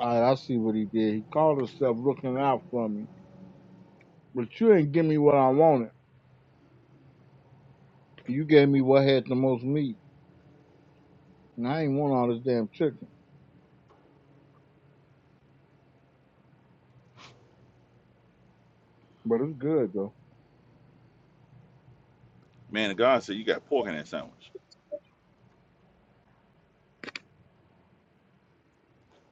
Speaker 1: All right, I see what he did. He called himself looking out for me, but you ain't give me what I wanted. You gave me what had the most meat, and I ain't want all this damn chicken. But it's good though.
Speaker 2: Man, God said you got pork in that sandwich,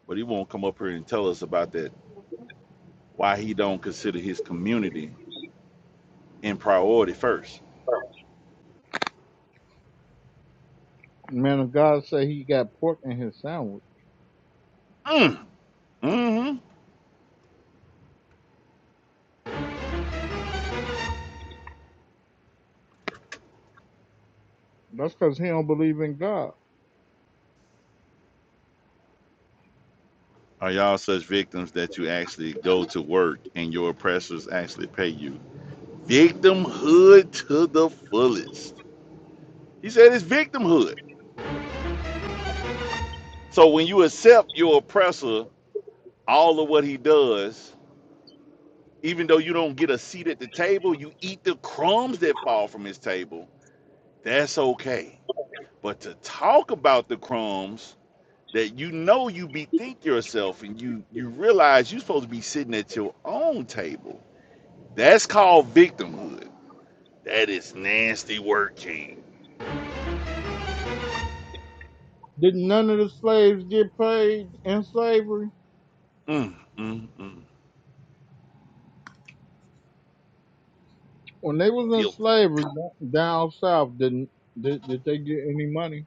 Speaker 2: but he won't come up here and tell us about that. Why he don't consider his community in priority first
Speaker 1: Man of God say he got pork in his sandwich.
Speaker 2: Mm. hmm
Speaker 1: That's because he don't believe in God.
Speaker 2: Are y'all such victims that you actually go to work and your oppressors actually pay you? Victimhood to the fullest. He said it's victimhood. So when you accept your oppressor, all of what he does, even though you don't get a seat at the table, you eat the crumbs that fall from his table. That's okay. But to talk about the crumbs that you know you bethink yourself and you you realize you're supposed to be sitting at your own table That's called victimhood. That is nasty work, King.
Speaker 1: Did none of the slaves get paid in slavery?
Speaker 2: Mm, mm, mm.
Speaker 1: when they was in
Speaker 2: Filthy.
Speaker 1: slavery d- down south, didn't did, did they get any money?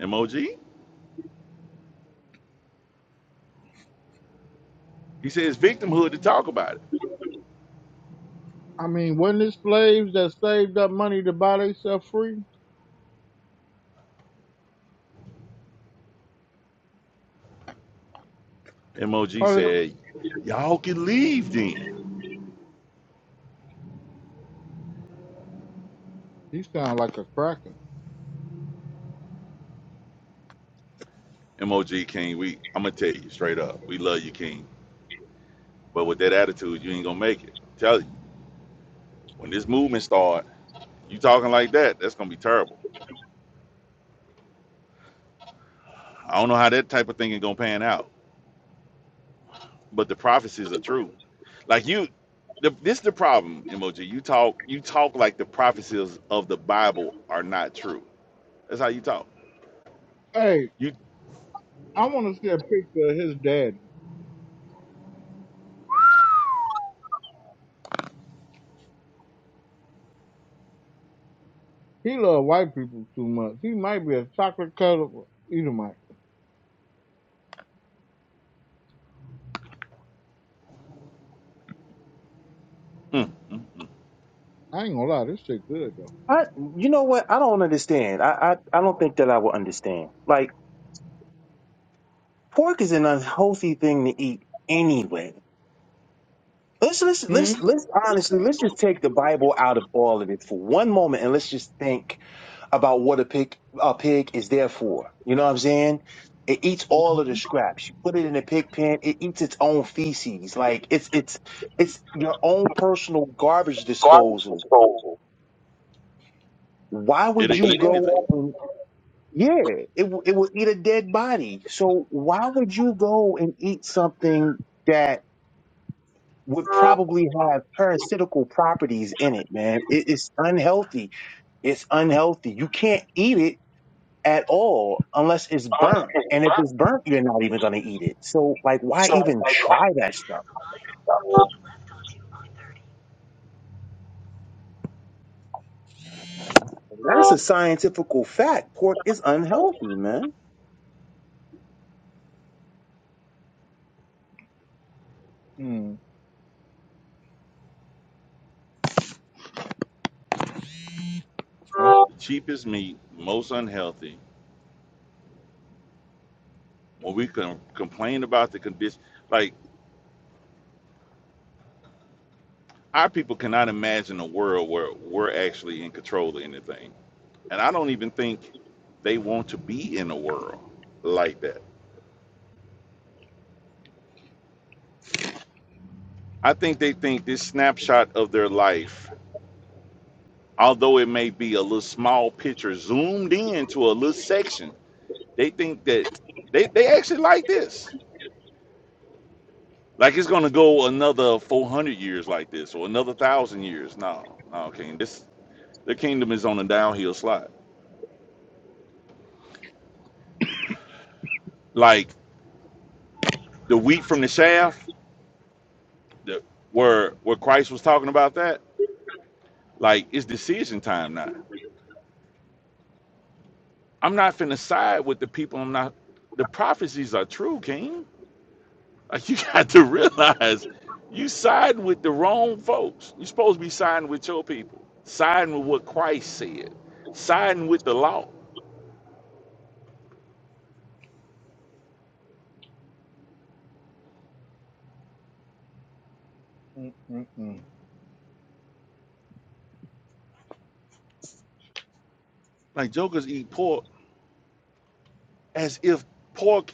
Speaker 2: MOG? He says victimhood to talk about
Speaker 1: I mean, wasn't it slaves that saved up money to buy themselves free?
Speaker 2: it. MOG
Speaker 1: Or did,
Speaker 2: said, Y'all can leave then.
Speaker 1: he sound like a cracker.
Speaker 2: MOG King, we I'ma tell you straight up, we love you, King. But with that attitude, you ain't gonna make it. Tell you. When this movement start, you talking like that, that's gonna be terrible. I don't know how that type of thing is gonna pan out. but the prophecies are true. Like you, the, this is the problem, emoji. You talk, you talk like the prophecies of the Bible are not true. That's how you talk.
Speaker 1: Hey,
Speaker 2: You,
Speaker 1: I want to see a picture of his daddy. He love white people too much. He might be a chocolate colored Edomite.
Speaker 2: mm, mm, mm.
Speaker 1: I ain't gonna lie, this shit good though.
Speaker 4: I, you know what? I don't understand. I, I, I don't think that I will understand. Like pork is an unhealthy thing to eat anyway. Let's let's
Speaker 1: Hmm.
Speaker 4: let's let's honestly let's just take the Bible out of all of it for one moment and let's just think about what a pig a pig is there for. You know what I'm saying? It eats all of the scraps. You put it in a pig pen, it eats its own feces. Like it's it's it's your own personal garbage
Speaker 1: Garbage
Speaker 4: disposal.
Speaker 1: disposal.
Speaker 4: Why would
Speaker 2: it'll
Speaker 1: It
Speaker 4: you
Speaker 1: is
Speaker 2: eat
Speaker 4: go
Speaker 2: anything.
Speaker 4: and yeah, it w- it will eat a dead body. So why would you go and eat something that would probably have parasitical properties in it, man? It, it's unhealthy. It's unhealthy. You can't eat it at all unless it's burnt.
Speaker 1: constant
Speaker 4: And if
Speaker 1: burn.
Speaker 4: it's burnt, you're not even going to eat it. So, like, why
Speaker 1: So
Speaker 4: even
Speaker 1: like
Speaker 4: try that stuff?
Speaker 1: what?
Speaker 4: That's a scientific fact. Pork is unhealthy, man.
Speaker 1: Mm,
Speaker 2: The cheapest meat, most unhealthy. When we can complain about the condition, like our people cannot imagine a world where we're actually in control of anything. And I don't even think they want to be in a world like that. I think they think this snapshot of their life although it may be a little small picture zoomed in to a little section, they think that they, they actually like this. Like it's gonna go another 400 years like this or another thousand years. No, no, King. This the kingdom is on a downhill slide. Like the wheat from the shaft, the, where where Christ was talking about that. Like it's decision time now. I'm not finna side with the people. I'm not. The prophecies are true, King. Like you got to realize you siding with the wrong folks. You're supposed to be siding with your people, siding with what Christ said, siding with the law.
Speaker 1: mm, mm, mm.
Speaker 2: Like jokers eat pork as if pork,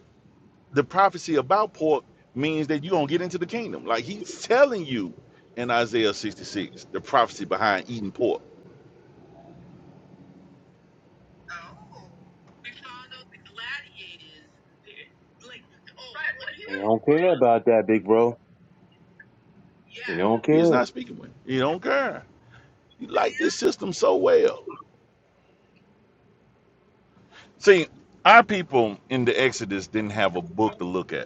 Speaker 2: the prophecy about pork means that you don't get into the kingdom. Like he's telling you in Isaiah 66, the prophecy behind eating pork.
Speaker 4: They don't care about that, big bro. They don't
Speaker 2: He is
Speaker 4: care.
Speaker 2: not speaking with. him. He don't care. He like this system so well. See, our people in the Exodus didn't have a book to look at.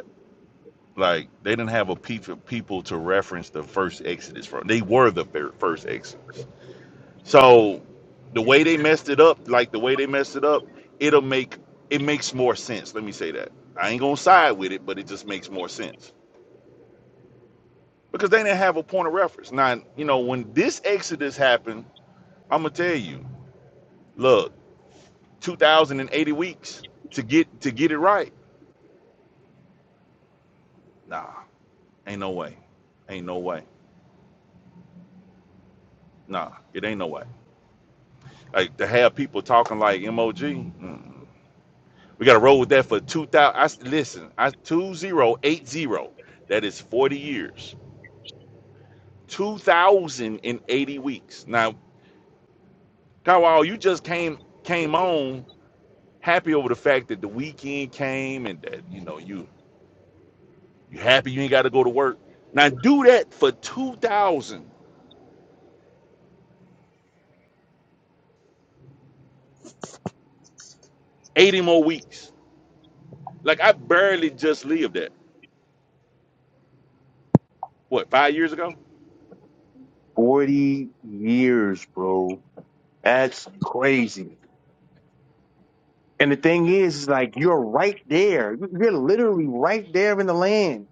Speaker 2: Like they didn't have a peep of people to reference the first Exodus from. They were the fir- first Exodus. So the way they messed it up, like the way they messed it up, it'll make it makes more sense. Let me say that. I ain't gonna side with it, but it just makes more sense because they didn't have a point of reference. Now you know when this Exodus happened, I'm gonna tell you. Look, 2,080 weeks to get to get it right. Nah, ain't no way. Ain't no way. Nah, it ain't no way. Like to have people talking like MOG. mm. We got to roll with that for 2000. I, s- listen, I 2080. That is 40 years. 2080 weeks. Now, Kawal, you just came came on happy over the fact that the weekend came and that you know you you happy you ain't got to go to work. Now do that for 2080 more weeks. Like I barely just lived that. What, 5 years ago?
Speaker 4: 40 years, bro. That's crazy. And the thing is, is like, you're right there. You're literally right there in the land,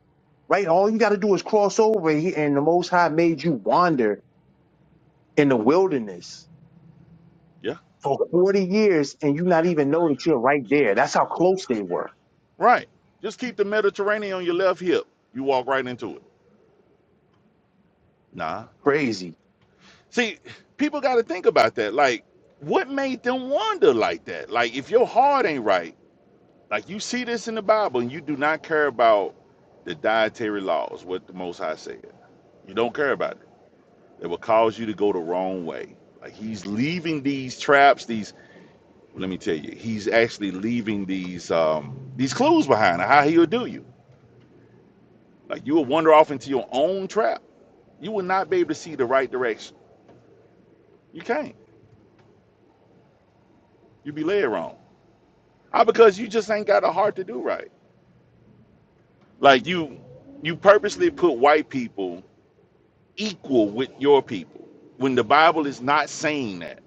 Speaker 4: right? All you got to do is cross over, and he- and the Most High made you wander in the wilderness
Speaker 2: Yeah.
Speaker 4: for 40 years and you not even know that you're right there. That's how close they were.
Speaker 2: Right. Just keep the Mediterranean on your left hip. You walk right into it. Nah.
Speaker 4: Crazy.
Speaker 2: See, people got to think about that. Like, what made them wander like that? Like, if your heart ain't right, like you see this in the Bible and you do not care about the dietary laws, what the Most High said, you don't care about it. It will cause you to go the wrong way. Like, he's leaving these traps, these, let me tell you, he's actually leaving these, um, these clues behind of how he'll do you. Like you will wander off into your own trap. You will not be able to see the right direction. You can't. You be led wrong. All because you just ain't got a heart to do right. Like you you purposely put white people equal with your people when the Bible is not saying that.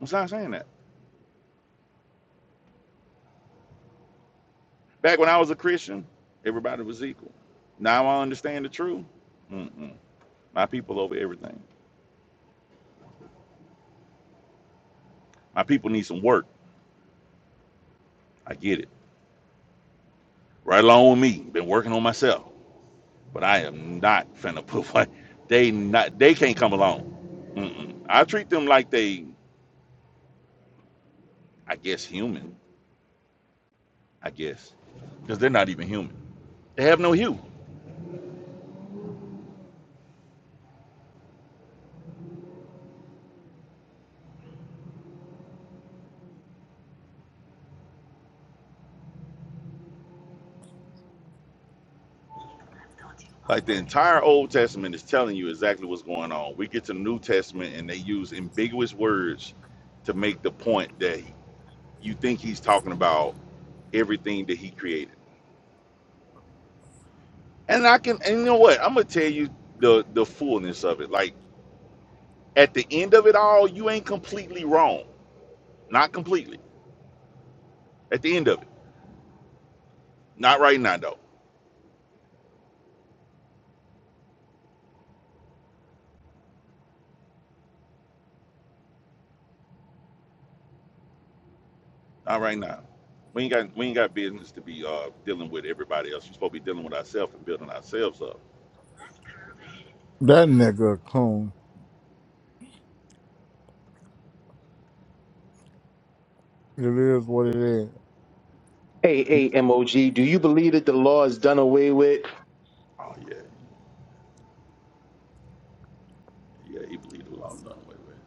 Speaker 2: It's not saying that. Back when I was a Christian, everybody was equal. Now I understand the truth. Mm-mm. My people over everything. My people need some work. I get it. Right along with me. Been working on myself. but I am not finna put like they not they can't come along. Mm-mm. I treat them like they, I guess, human. I guess because they're not even human. They have no hue. Like the entire Old Testament is telling you exactly what's going on. We get to the New Testament and they use ambiguous words to make the point that you think he's talking about everything that he created. And I can, and you know what? I'm gonna tell you the the fullness of it. Like at the end of it all, you ain't completely wrong. Not completely At the end of it. Not right now though. Not right now. We ain't got we ain't got business to be uh dealing with everybody else. We're supposed to be dealing with ourselves and building ourselves up.
Speaker 5: That nigga a coon. It is what it is.
Speaker 4: Hey, hey, MOG, do you believe that the law is done away with?
Speaker 2: Oh yeah, yeah, he believed it was all done away with.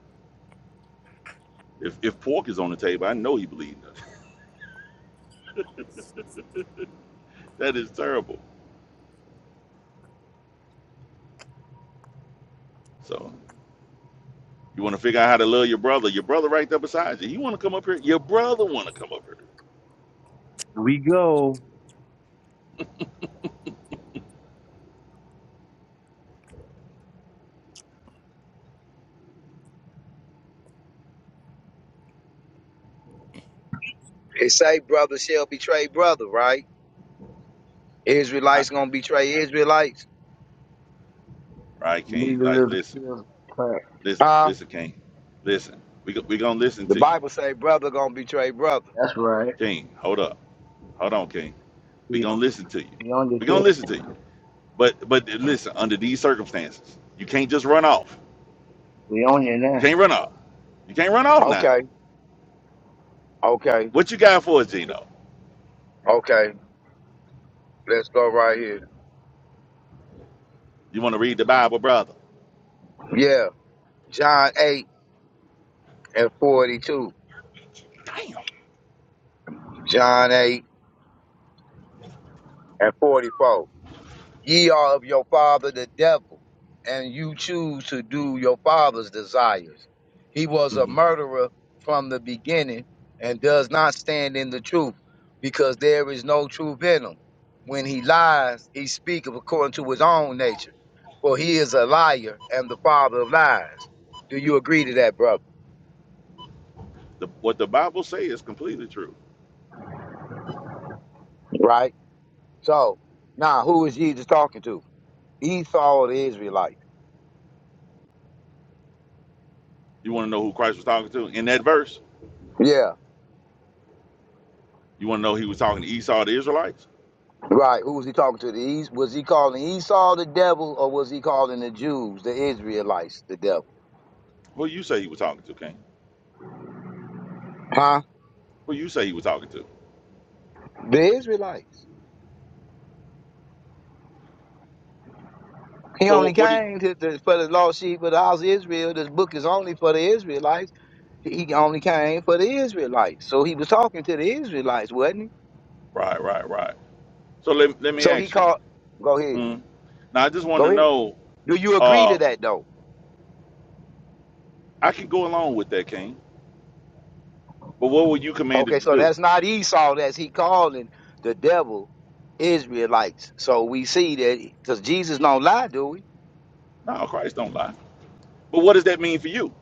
Speaker 2: If if pork is on the table, I know he believed it. that is terrible. So you want to figure out how to love your brother. Your brother right there beside you. You want to come up here. Your brother want to come up here.
Speaker 4: Here we go.
Speaker 6: It say brother shall betray brother, right?
Speaker 2: I,
Speaker 6: Israelites gonna betray Israelites.
Speaker 2: right, King? Like
Speaker 7: Legalism
Speaker 2: listen,
Speaker 7: feels like crack.
Speaker 2: listen,
Speaker 6: Huh?
Speaker 2: listen, King. Listen, we we gonna listen
Speaker 6: The
Speaker 2: to you.
Speaker 6: Bible say brother gonna betray brother.
Speaker 7: That's right.
Speaker 2: King, hold up. Hold on, King. We're
Speaker 7: We
Speaker 2: gonna
Speaker 7: own
Speaker 2: listen to you.
Speaker 7: it. We own your
Speaker 2: We're
Speaker 7: tail
Speaker 2: gonna listen to you.
Speaker 7: now.
Speaker 2: But but listen, under these circumstances, you can't just run off.
Speaker 7: We own you
Speaker 2: You
Speaker 7: now.
Speaker 2: can't run off. You can't run off now.
Speaker 6: Okay, okay,
Speaker 2: What you got for us, Gino?
Speaker 6: okay. Let's go right here.
Speaker 2: You want to read the Bible, brother?
Speaker 6: Yeah. John 8 and 42.
Speaker 2: Damn.
Speaker 6: John 8 and 44. Ye are of your father the devil, and you choose to do your father's desires. He was a
Speaker 2: hmm
Speaker 6: murderer from the beginning and does not stand in the truth, because there is no truth in him. When he lies, he speaketh according to his own nature, for he is a liar and the father of lies. Do you agree to that, brother?
Speaker 2: The, what the Bible say is completely true.
Speaker 6: Right? So, now who is Jesus talking to? Esau or the Israelites?
Speaker 2: You want to know who Christ was talking to in that verse?
Speaker 6: Yeah.
Speaker 2: You want to know he was talking to Esau, the Israelites?
Speaker 6: Right. Who was he talking to? The East? Was he calling Esau the devil, or was he calling the Jews, the Israelites, the devil?
Speaker 2: Who you say he was talking to, King?
Speaker 6: Huh?
Speaker 2: Who you say he was talking to?
Speaker 6: The Israelites. He
Speaker 2: So
Speaker 6: only
Speaker 2: what, what do you?
Speaker 6: came to, to, for the lost sheep of the house of Israel. This book is only for the Israelites. He only came for the Israelites. So he was talking to the Israelites, wasn't he?
Speaker 2: Right, right, right. So let, let me
Speaker 6: So he
Speaker 2: ask you.
Speaker 6: called. Go ahead.
Speaker 2: Mm. Now I just want to
Speaker 6: Go ahead.
Speaker 2: know.
Speaker 6: Do you agree to
Speaker 2: Uh,
Speaker 6: that though?
Speaker 2: I can go along with that, King. But what were you
Speaker 6: Okay,
Speaker 2: commanded to
Speaker 6: so
Speaker 2: do?
Speaker 6: that's not Esau. That's he calling the devil Israelites. So we see that because Jesus don't lie, do we?
Speaker 2: No, Christ don't lie. But what does that mean for you?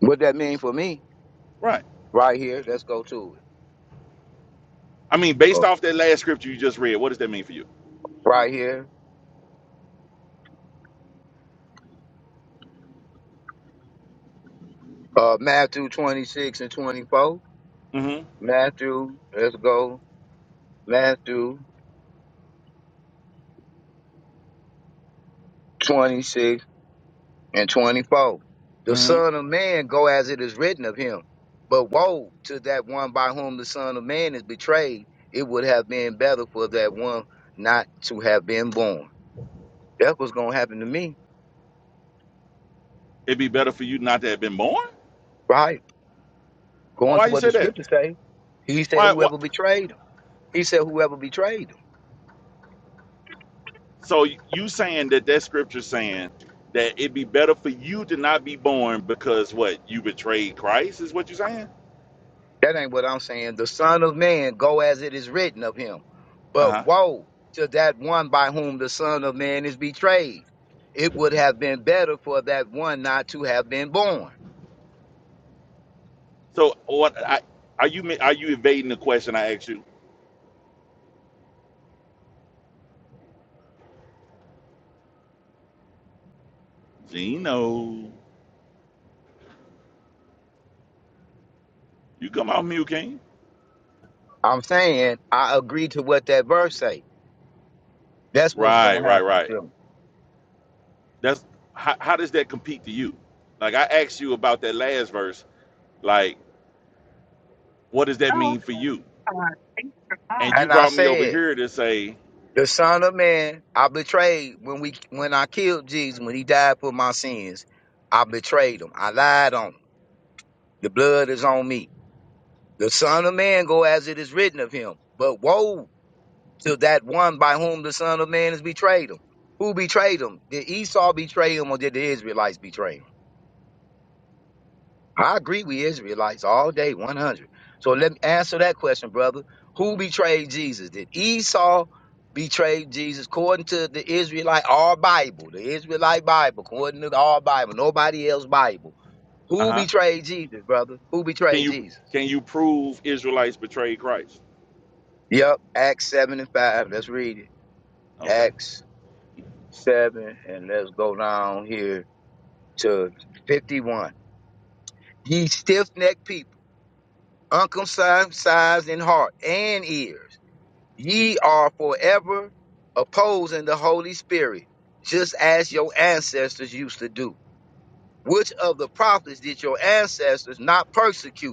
Speaker 6: What that mean for me?
Speaker 2: Right.
Speaker 6: Right here, let's go to
Speaker 2: I mean,
Speaker 6: it.
Speaker 2: based
Speaker 6: Uh,
Speaker 2: off that last scripture you just read, what does that mean for you?
Speaker 6: right here, uh, Matthew 26 and 24.
Speaker 2: Mm-hmm.
Speaker 6: Matthew, let's go. Matthew 26 and 24. The
Speaker 2: Mm-hmm.
Speaker 6: Son of Man go as it is written of him. But woe to that one by whom the Son of Man is betrayed. It would have been better for that one not to have been born. That's what's going to happen to me,
Speaker 2: It'd be better for you not to have been born.
Speaker 6: right?
Speaker 2: Why,
Speaker 6: Going
Speaker 2: why
Speaker 6: to
Speaker 2: you
Speaker 6: what the
Speaker 2: say that?
Speaker 6: scripture say. He said,
Speaker 2: Why? Why?
Speaker 6: whoever betrayed him. He said, whoever betrayed him.
Speaker 2: So you saying that that scripture saying that it'd be better for you to not be born because what you betrayed Christ is what you're saying?
Speaker 6: That ain't what I'm saying. The Son of Man go as it is written of him.
Speaker 2: Uh
Speaker 6: But
Speaker 2: huh.
Speaker 6: woe to that one by whom the Son of Man is betrayed. It would have been better for that one not to have been born.
Speaker 2: So what? I, are you ma- are you evading the question I asked you? Gino, you come out mute, King.
Speaker 6: I'm saying I agree to what that verse say. That's what's
Speaker 2: Right,
Speaker 6: gonna
Speaker 2: right,
Speaker 6: happen
Speaker 2: right.
Speaker 6: to me.
Speaker 2: That's how, how does that compete to you? Like I asked you about that last verse. Like, what does that mean for you? And you
Speaker 6: And I
Speaker 2: brought me over
Speaker 6: said,
Speaker 2: here to say,
Speaker 6: the Son of Man, I betrayed when we when I killed Jesus, when he died for my sins, I betrayed him. I lied on him. The blood is on me. The Son of Man go as it is written of him. But woe to that one by whom the Son of Man is betrayed him. Who betrayed him? Did Esau betray him or did the Israelites betray him? I agree with Israelites all day, 100. So let me answer that question, brother. Who betrayed Jesus? Did Esau betray Jesus according to the Israelite, our Bible, the Israelite Bible, according to our Bible, nobody else Bible?
Speaker 2: uh
Speaker 6: Who
Speaker 2: huh.
Speaker 6: betrayed Jesus, brother? Who
Speaker 2: Can
Speaker 6: betrayed
Speaker 2: you
Speaker 6: Jesus?
Speaker 2: can you prove Israelites betrayed Christ?
Speaker 6: Yep, Acts 7 and 5. Let's read it.
Speaker 2: Okay,
Speaker 6: Acts 7, and let's go down here to 51. Ye stiff necked people, uncircumcised in heart and ears, ye are forever opposing the Holy Spirit, just as your ancestors used to do. Which of the prophets did your ancestors not persecute?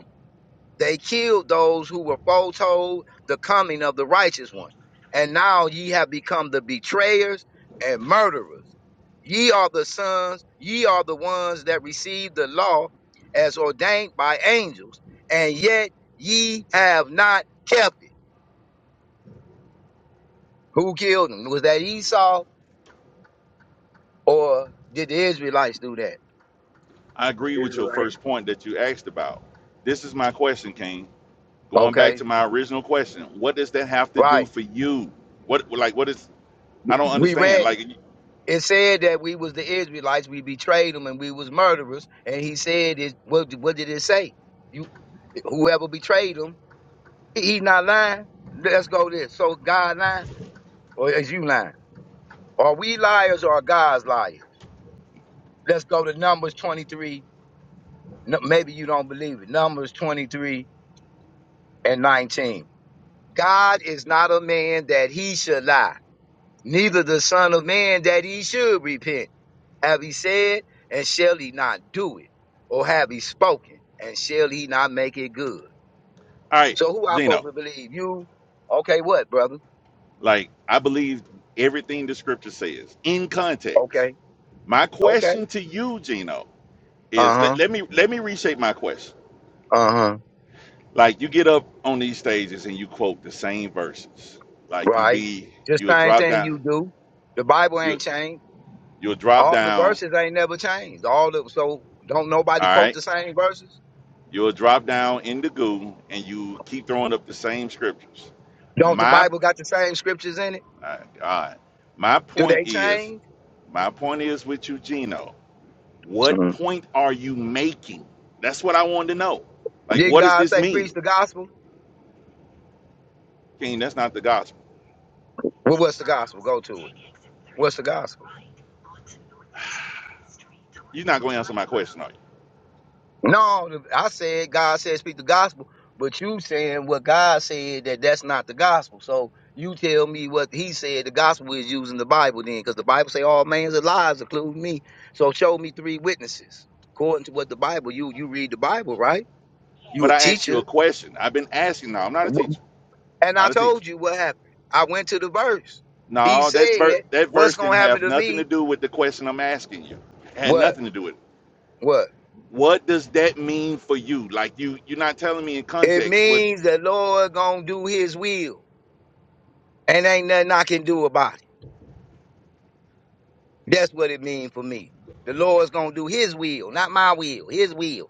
Speaker 6: They killed those who were foretold the coming of the righteous one. And now ye have become the betrayers and murderers. Ye are the sons, ye are the ones that received the law as ordained by angels, and yet ye have not kept it. Who killed him? Was that Esau or did the Israelites do that?
Speaker 2: I agree with your
Speaker 7: Israelite.
Speaker 2: first point that you asked about. This is my question, King. Going back
Speaker 6: Okay,
Speaker 2: to my original question, what does that have to do
Speaker 6: right.
Speaker 2: for you? What like what is? I don't
Speaker 6: We
Speaker 2: understand.
Speaker 6: read it.
Speaker 2: Like,
Speaker 6: It said that we was the Israelites, we betrayed them, and we was murderers. And he said, it, what, what did it say? You, whoever betrayed them, he, not lying. Let's go this. So God lying, or is you lying? Are we liars or are God's liars? Let's go to Numbers 23. No, maybe you don't believe it. Numbers 23 and 19. God is not a man that he should lie, neither the son of man that he should repent. Have he said, and shall he not do it? Or have he spoken, and shall he not make it good?
Speaker 2: all right,
Speaker 6: So who I supposed
Speaker 2: Gino.
Speaker 6: to believe? You? Okay, what, brother?
Speaker 2: Like I believe everything the scripture says in context.
Speaker 6: Okay,
Speaker 2: My
Speaker 6: okay.
Speaker 2: question to you, Gino,
Speaker 6: Uh
Speaker 2: is let,
Speaker 6: huh.
Speaker 2: let me let me reshape my question.
Speaker 6: Uh huh.
Speaker 2: Like you get up on these stages and you quote the same verses. Like you
Speaker 6: Right.
Speaker 2: be
Speaker 6: Just
Speaker 2: you'll
Speaker 6: same
Speaker 2: drop
Speaker 6: thing
Speaker 2: down
Speaker 6: you do. The Bible
Speaker 2: you
Speaker 6: ain't changed.
Speaker 2: you'll drop
Speaker 6: All the
Speaker 2: down,
Speaker 6: verses ain't never changed. All the so don't nobody
Speaker 2: all
Speaker 6: quote
Speaker 2: right?
Speaker 6: the same verses.
Speaker 2: You'll drop down in the goo and you keep throwing up the same scriptures.
Speaker 6: Don't the
Speaker 2: My
Speaker 6: Bible got the same scriptures in it?
Speaker 2: all right, all right. my
Speaker 6: Do
Speaker 2: point
Speaker 6: they
Speaker 2: is,
Speaker 6: change?
Speaker 2: my point is with you, Gino. What
Speaker 6: Mhm.
Speaker 2: point are you making? That's what I wanted to know. Like,
Speaker 6: Didn't
Speaker 2: what does
Speaker 6: God
Speaker 2: this
Speaker 6: say preach
Speaker 2: mean?
Speaker 6: the gospel?
Speaker 2: King, that's not the gospel.
Speaker 6: Well,
Speaker 2: Two
Speaker 6: what's the gospel?
Speaker 2: miles,
Speaker 6: Go to
Speaker 2: take
Speaker 6: it.
Speaker 2: exit
Speaker 6: What's the
Speaker 2: thirty-four on
Speaker 6: gospel?
Speaker 2: the right, onto Northeast Street. You're not going to answer my question, are you?
Speaker 6: No, I said God said speak the gospel, but you saying what God said that that's not the gospel. So you tell me what He said the gospel is using the Bible then, because the Bible say all man's are lies, including me. So show me three witnesses according to what the Bible. You you read the Bible, right? You
Speaker 2: But
Speaker 6: a
Speaker 2: I asked you a
Speaker 6: teacher,
Speaker 2: question. I've been asking. No, I'm not a
Speaker 6: Wh-
Speaker 2: teacher.
Speaker 6: and I
Speaker 2: Not a teacher.
Speaker 6: told you what happened. I went to the verse. He
Speaker 2: No, that ver-
Speaker 6: said,
Speaker 2: that
Speaker 6: "What's
Speaker 2: verse
Speaker 6: gonna
Speaker 2: didn't
Speaker 6: happen
Speaker 2: have
Speaker 6: to
Speaker 2: nothing
Speaker 6: me?
Speaker 2: to do with the question I'm asking you. It had
Speaker 6: What?
Speaker 2: nothing to do with it.
Speaker 6: What?
Speaker 2: What does that mean for you? Like you, you're not telling me in
Speaker 6: It
Speaker 2: context. What
Speaker 6: means the Lord gonna do His will, and ain't nothing I can do about it." That's what it means for me. The Lord's gonna do his will, not my will, his will.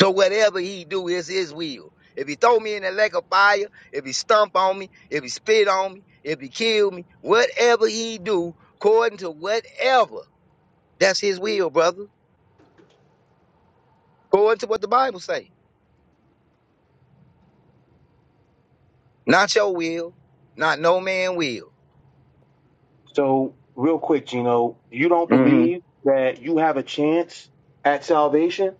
Speaker 6: So whatever he do is his will. If he throw me in the lake of fire, if he stomp on me, if he spit on me, if he kill me, whatever he do, according to whatever, that's his will, brother. According to what the Bible say. Not your will, not no man will.
Speaker 4: So, real quick, Gino, you don't
Speaker 6: hmm
Speaker 4: believe that you have a chance at salvation?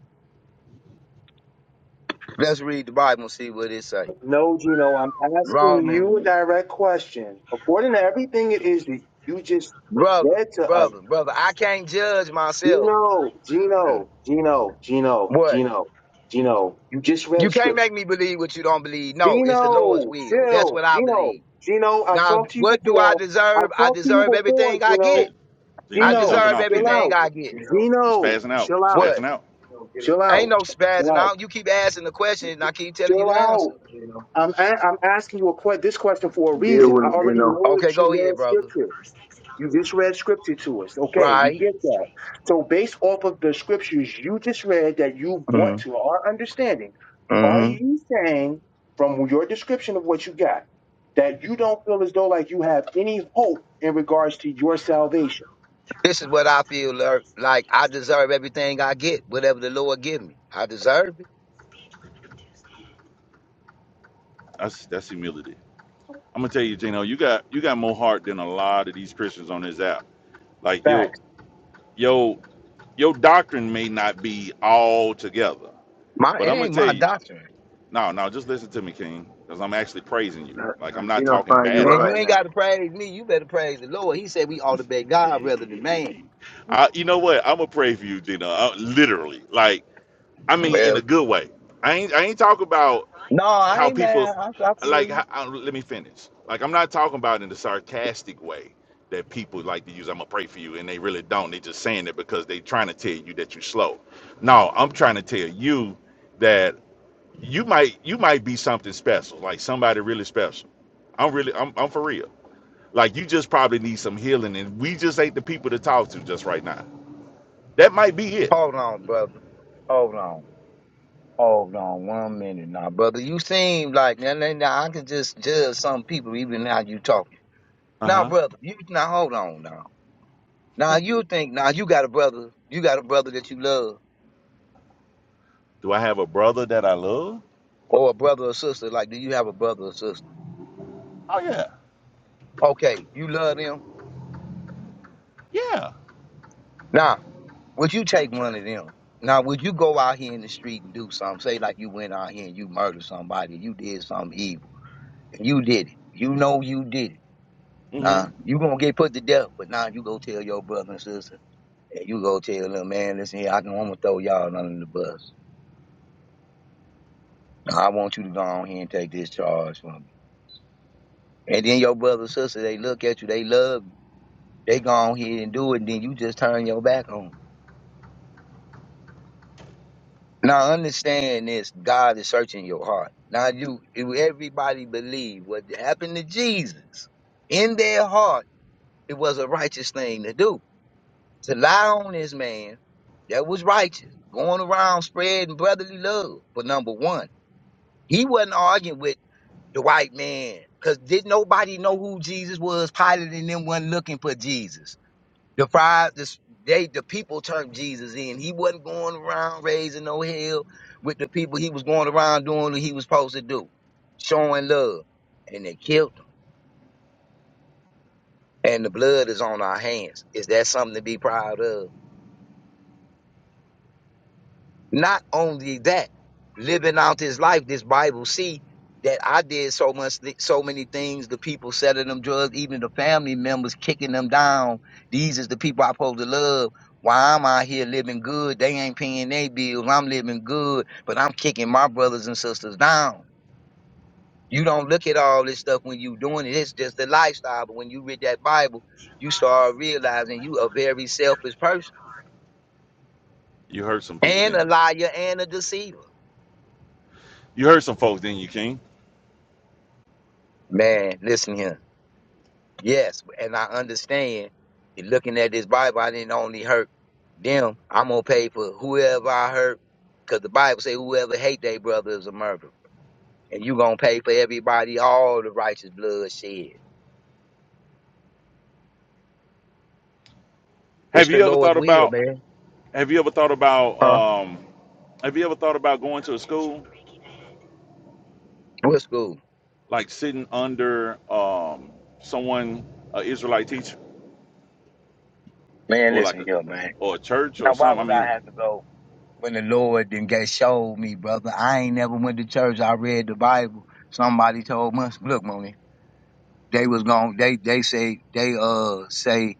Speaker 6: Let's read the Bible and see what it say.
Speaker 4: No, Gino, I'm asking
Speaker 6: Romans.
Speaker 4: you a direct question. According to everything it is that you just
Speaker 6: Brother,
Speaker 4: read to us,
Speaker 6: brother, brother, I can't judge myself.
Speaker 4: Gino, Gino, Gino, Gino,
Speaker 6: what?
Speaker 4: Gino, Gino, you just
Speaker 6: You
Speaker 4: read
Speaker 6: can't
Speaker 4: scripture.
Speaker 6: make me believe what you don't believe. No, it's the Lord's
Speaker 4: Gino,
Speaker 6: will. That's
Speaker 4: chill.
Speaker 6: what I
Speaker 4: Gino,
Speaker 6: believe.
Speaker 4: Gino, I've
Speaker 6: Now,
Speaker 4: talked to you
Speaker 6: what do I
Speaker 4: before.
Speaker 6: deserve?
Speaker 4: I've
Speaker 6: I
Speaker 4: talked to you
Speaker 6: deserve
Speaker 4: before,
Speaker 6: everything I
Speaker 4: Gino.
Speaker 6: get.
Speaker 2: you know?
Speaker 6: I
Speaker 2: You're
Speaker 4: Gino,
Speaker 2: jumping
Speaker 6: deserve
Speaker 2: off,
Speaker 4: chill
Speaker 2: King.
Speaker 6: everything
Speaker 4: out.
Speaker 7: Get
Speaker 6: I
Speaker 7: 'em,
Speaker 6: get.
Speaker 7: Geno.
Speaker 2: You
Speaker 4: Gino,
Speaker 2: spazzing out.
Speaker 4: chill
Speaker 2: You
Speaker 4: out.
Speaker 6: What?
Speaker 2: spazzing out.
Speaker 7: Geno, get 'em.
Speaker 4: Chill
Speaker 6: Ain't
Speaker 4: out.
Speaker 6: no
Speaker 4: Chill
Speaker 6: spazzing
Speaker 4: out.
Speaker 6: out. You keep asking the question, and I keep telling you
Speaker 4: Chill
Speaker 6: the
Speaker 7: What's
Speaker 6: answer.
Speaker 4: out.
Speaker 7: up, Geno?
Speaker 4: I'm, a- I'm asking you a que- this question for a
Speaker 7: Deal
Speaker 4: reason.
Speaker 7: with
Speaker 4: I
Speaker 7: him,
Speaker 4: already
Speaker 7: Geno.
Speaker 4: know
Speaker 6: Okay,
Speaker 4: that
Speaker 6: go
Speaker 4: you
Speaker 6: ahead,
Speaker 4: read
Speaker 6: brother.
Speaker 4: scripture. You just read scripture to us. Okay, we
Speaker 6: Right.
Speaker 4: get that. So, based off of the scriptures you just read that you brought to our understanding, are
Speaker 6: Mm-hmm.
Speaker 4: you saying from your description of what you got that you don't feel as though like you have any hope in regards to your salvation?
Speaker 6: This is what I feel Lord. like. I deserve everything I get. Whatever the Lord give me, I deserve it.
Speaker 2: That's that's humility. I'm gonna tell you, Gino, you got you got more heart than a lot of these Christians on this app. Like yo,
Speaker 4: Facts.
Speaker 2: yo, your doctrine may not be all together,
Speaker 6: My
Speaker 2: but
Speaker 6: it
Speaker 2: I'm gonna
Speaker 6: ain't
Speaker 2: tell
Speaker 6: my
Speaker 2: you,
Speaker 6: doctrine.
Speaker 2: no, no, just listen to me, King, because I'm actually praising you.
Speaker 7: Now,
Speaker 2: Like I'm
Speaker 7: now
Speaker 2: not
Speaker 7: Geno
Speaker 2: talking
Speaker 7: find you
Speaker 2: bad
Speaker 7: out
Speaker 6: Man, you
Speaker 7: right
Speaker 2: about
Speaker 6: ain't
Speaker 2: you.
Speaker 7: now.
Speaker 6: got to praise me. You better praise the Lord. He said we ought to beg God rather than man.
Speaker 2: I, you know what? I'm gonna pray for you, Gino. I, literally, like I mean, in
Speaker 6: Well.
Speaker 2: a good way. I ain't I ain't talking about
Speaker 6: No, I
Speaker 2: how
Speaker 6: ain't
Speaker 2: people
Speaker 6: mad. I, I feel
Speaker 2: like.
Speaker 6: you.
Speaker 2: How, I, let me finish. Like I'm not talking about in the sarcastic way that people like to use. I'm gonna pray for you, and they really don't. They just saying it because they trying to tell you that you're slow. No, I'm trying to tell you that you might you might be something special, like somebody really special. I'm really I'm I'm for real. Like you just probably need some healing, and we just ain't the people to talk to just right now. That might be it.
Speaker 6: Hold on, brother. Hold on. Hold on one minute now, brother. You seem like now, now, now I can just judge some people even how you talking.
Speaker 2: Uh
Speaker 6: Now,
Speaker 2: huh.
Speaker 6: brother, you now hold on now. Now you think now you got a brother, you got a brother that you love,
Speaker 2: Do I have a brother that I love?
Speaker 6: or a brother or sister. Like, do you have a brother or sister?
Speaker 2: Oh yeah,
Speaker 6: Okay, you love them.
Speaker 2: yeah.
Speaker 6: Now, would you
Speaker 2: Been
Speaker 6: take
Speaker 2: in
Speaker 6: one
Speaker 2: traffic.
Speaker 6: of them? Now, would you go out here in the street and do something? Say like you went out here and you murdered somebody, you did something evil, and you did it. You know you did it
Speaker 2: hmm
Speaker 6: Nah, you gonna get put to death, but now you go tell your brother and sister, and you go tell them, man, listen here, I can almost throw y'all under the bus. Now I want you to go on here and take this charge from me. And then your brother and sister, they look at you, they love you, they go on here and do it, and then you just turn your back on them. Now understand this, God is searching your heart. Now you, you- everybody believe what happened to Jesus in their heart, it was a righteous thing to do. to lie on this man that was righteous, going around spreading brotherly love for number one. He wasn't arguing with the white man because did nobody know who Jesus was? Pilate and them wasn't looking for Jesus. The fries, the, they, the people turned Jesus in. He wasn't going around raising no hell with the people. He was going around doing what he was supposed to do, showing love. And they killed him. And the blood is on our hands. Is that something to be proud of? Not only that, living out his life, this Bible see that I did so much, so many things. The people selling them drugs, even the family members kicking them down. These is the people i supposed to love. Why I'm out here living good? They ain't paying their bills. I'm living good, but I'm kicking my brothers and sisters down. You don't look at all this stuff when you doing it. It's just the lifestyle. But when you read that Bible, you start realizing you a very selfish person
Speaker 2: You heard some people,
Speaker 6: and
Speaker 2: didn't
Speaker 6: a
Speaker 2: you?
Speaker 6: liar and a deceiver.
Speaker 2: You heard some folks, didn't you, King?
Speaker 6: Man, listen here Yes, and I understand. in Looking at this Bible, I didn't only hurt them. I'm gonna pay for whoever I hurt, because the Bible say whoever hate their brother is a murderer, and you gonna pay for everybody all the righteous blood shed. It's
Speaker 2: Have
Speaker 6: the
Speaker 2: you ever
Speaker 6: Lord's
Speaker 2: thought
Speaker 6: will,
Speaker 2: about?
Speaker 6: man.
Speaker 2: Have you ever thought about?
Speaker 6: Huh?
Speaker 2: Um, have you ever thought about going to a school
Speaker 6: What school?
Speaker 2: like sitting under um someone, a Israelite teacher,
Speaker 6: Man,
Speaker 2: or like
Speaker 6: listen
Speaker 2: a,
Speaker 6: here, man.
Speaker 2: or a church
Speaker 6: Now,
Speaker 2: or
Speaker 6: why
Speaker 2: something? I
Speaker 6: would I
Speaker 2: mean,
Speaker 6: have to go when the Lord didn't get showed me, brother? I ain't never went to church. I read the Bible. Somebody told me, look, Moni, they was going to they they say they uh say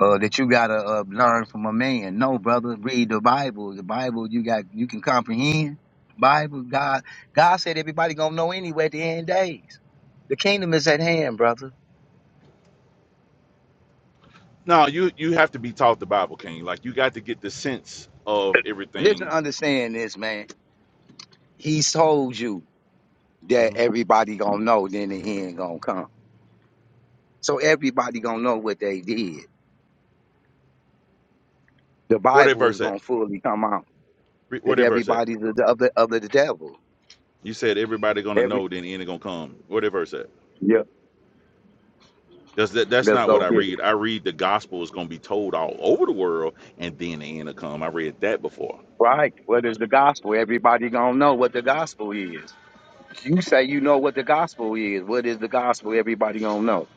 Speaker 6: uh, that you gotta uh, learn from a man. No, brother, read the Bible. The Bible you got you can comprehend. The Bible, God, God said everybody gonna know anyway at the end days. The kingdom is at hand, brother.
Speaker 2: no, you you have to be taught the Bible, King. Like you got to get the sense of
Speaker 6: Listen,
Speaker 2: everything.
Speaker 6: understand this, man. He told you that
Speaker 2: hmm
Speaker 6: everybody gonna know. Then the end gonna come. So everybody gonna know what they did. The
Speaker 2: Where that
Speaker 6: Bible is
Speaker 2: verse at?
Speaker 6: gonna fully come out
Speaker 2: Re- Where
Speaker 6: that
Speaker 2: that verse at?
Speaker 6: everybody's of the of the, of the devil.
Speaker 2: You said everybody gonna
Speaker 6: Every
Speaker 2: know, then the end is gonna come. Where that verse at?
Speaker 6: yeah,
Speaker 2: That's that, that's
Speaker 6: let's
Speaker 2: not what
Speaker 6: go
Speaker 2: I read. I read the gospel is going to be told all over the world, and then the end will come. I read that before.
Speaker 6: Right. What is the gospel? Everybody gonna know what the gospel is. You say you know what the gospel is. What is the gospel? Everybody gonna know.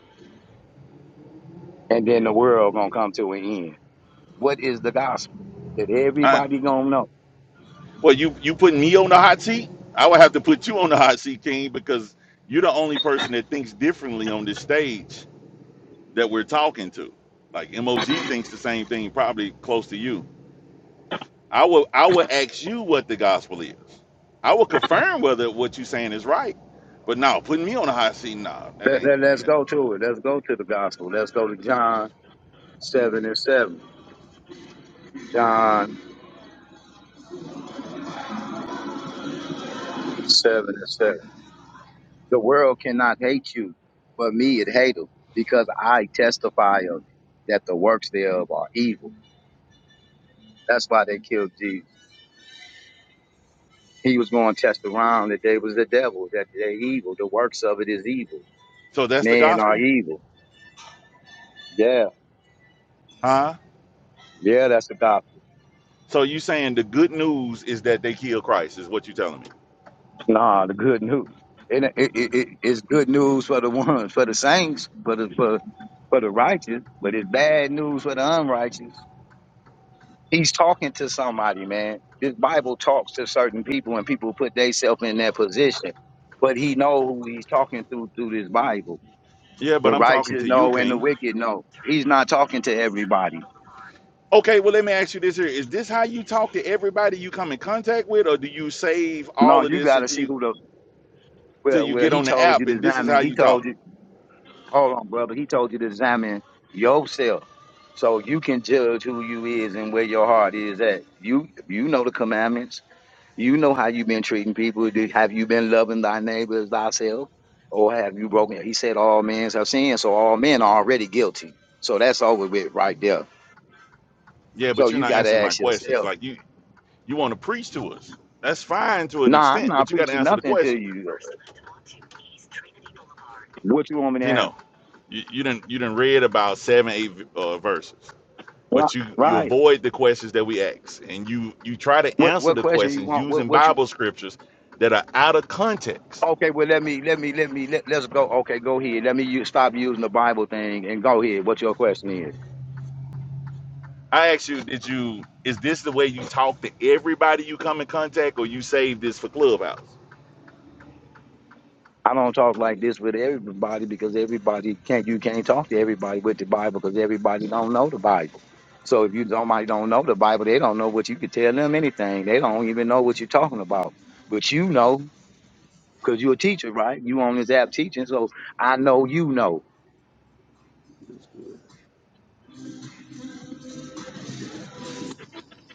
Speaker 6: And then the world gonna come to an end. What is the gospel? That
Speaker 2: I,
Speaker 6: everybody gonna know.
Speaker 2: well, you you put me on the hot seat. I would have to put you on the hot seat, King, because you're the only person that thinks differently on this stage that we're talking to. Like Mog thinks the same thing, probably close to you. I will I will ask you what the gospel is. I will confirm whether what you're saying is right. But no, putting me on the hot seat, nah, that
Speaker 6: Let,
Speaker 2: ain't.
Speaker 6: let, let's
Speaker 2: That,
Speaker 6: go to it. Let's go to the gospel. Let's go to John 7 and 7. John 7 and 7. The world cannot hate you, but me it hateth, because I testify of it, that the works thereof are evil. That's why they killed Jesus. He was going to test around that they was the devil, that they're evil. The works of it is evil.
Speaker 2: so that's the
Speaker 6: Men are
Speaker 2: gospel,
Speaker 6: evil. Yeah,
Speaker 2: huh?
Speaker 6: yeah, that's the gospel.
Speaker 2: So you saying the good news is that they killed Christ, is what you telling me.
Speaker 6: Nah, the good news. It, it, it, it- it's good news for the ones, for the saints, for the for, for the righteous, but it's bad news for the unrighteous. He's talking to somebody, man. This Bible talks to certain people, and people put themselves in that position. But he know who he's talking to through this Bible.
Speaker 2: Yeah,
Speaker 6: The
Speaker 2: but I'm talking
Speaker 6: righteous
Speaker 2: to you,
Speaker 6: know, and the
Speaker 2: King.
Speaker 6: wicked know. He's not talking to everybody.
Speaker 2: Okay, well let me ask you this here. Is this how you talk to everybody you come in contact with, or do you save
Speaker 6: No,
Speaker 2: all of
Speaker 6: you
Speaker 2: this
Speaker 6: got to
Speaker 2: until
Speaker 6: see
Speaker 2: you
Speaker 6: who the
Speaker 2: till
Speaker 6: well.
Speaker 2: you
Speaker 6: Well,
Speaker 2: get
Speaker 6: he
Speaker 2: on the
Speaker 6: told you
Speaker 2: app
Speaker 6: to
Speaker 2: and this is how
Speaker 6: examine. He
Speaker 2: you
Speaker 6: told
Speaker 2: talk?
Speaker 6: you. Hold on, brother. He told you to examine yourself, so you can judge who you is and where your heart is at. You you know the commandments. You know how you've been treating people. Do- Have you been loving thy neighbor as thyself, or have you broken? He said all men have sinned, so all men are already guilty. So that's over with right there.
Speaker 2: Yeah,
Speaker 6: So
Speaker 2: but you're
Speaker 6: you
Speaker 2: not
Speaker 6: got to
Speaker 2: answering my
Speaker 6: ask
Speaker 2: questions.
Speaker 6: yourself.
Speaker 2: Like you you want to preach to us. That's fine to an
Speaker 6: Nah, I'm
Speaker 2: extent, but
Speaker 6: not
Speaker 2: you gotta
Speaker 6: preaching
Speaker 2: answer the
Speaker 6: nothing to
Speaker 2: question.
Speaker 6: you. What you want me to
Speaker 2: You
Speaker 6: answer?
Speaker 2: know, you, you didn't you didn't read about seven, eight uh, verses.
Speaker 6: Right.
Speaker 2: but you you
Speaker 6: Right.
Speaker 2: avoid the questions that we ask and you you try to
Speaker 6: What
Speaker 2: answer
Speaker 6: what
Speaker 2: the
Speaker 6: question you
Speaker 2: questions
Speaker 6: want? What
Speaker 2: using
Speaker 6: what you?
Speaker 2: bible scriptures that are out of context
Speaker 6: Okay, well let me let me let me let, let's go. Okay, go ahead. Let me use, stop using the Bible thing and go ahead. What your question is?
Speaker 2: i ask you did you is this the way you talk to everybody you come in contact or you save this for clubhouse
Speaker 6: I don't talk like this with everybody because everybody can't you can't talk to everybody with the Bible because everybody don't know the Bible. So if you somebody don't know the Bible, they don't know what you could tell them anything. They don't even know what you're talking about. But you know because you're a teacher, right? You on this app teaching, so I know you know.
Speaker 2: that's good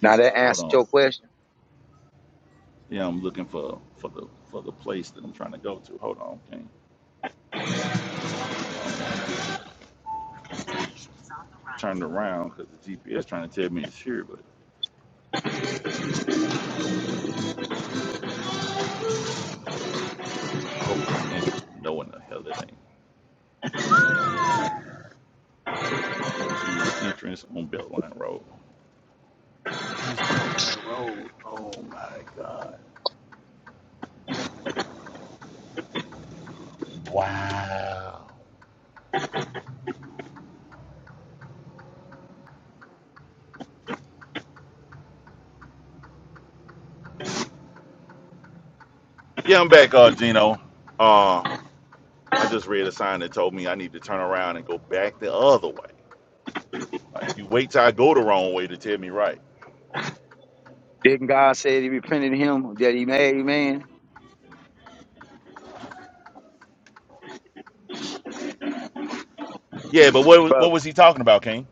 Speaker 6: Now that
Speaker 2: hold
Speaker 6: answered
Speaker 2: on
Speaker 6: your question.
Speaker 2: yeah i'm looking for for the for the place that i'm trying to go to hold on okay i don't want to get turned around because the gps trying to tell me it's here but i hope that's the entrance no one the hell it ain't trucks use entrance on beltline road Where's Beltline Road? Oh my God. Wow. Yeah, I'm back, uh, Gino. Uh, I just read a sign that told me I need to turn around and go back the other way. Like you wait till I go the wrong way to tell me right.
Speaker 6: Didn't God say that he repented him that he made man?
Speaker 2: Yeah, but what was,
Speaker 6: Brother,
Speaker 2: what was he talking about, King?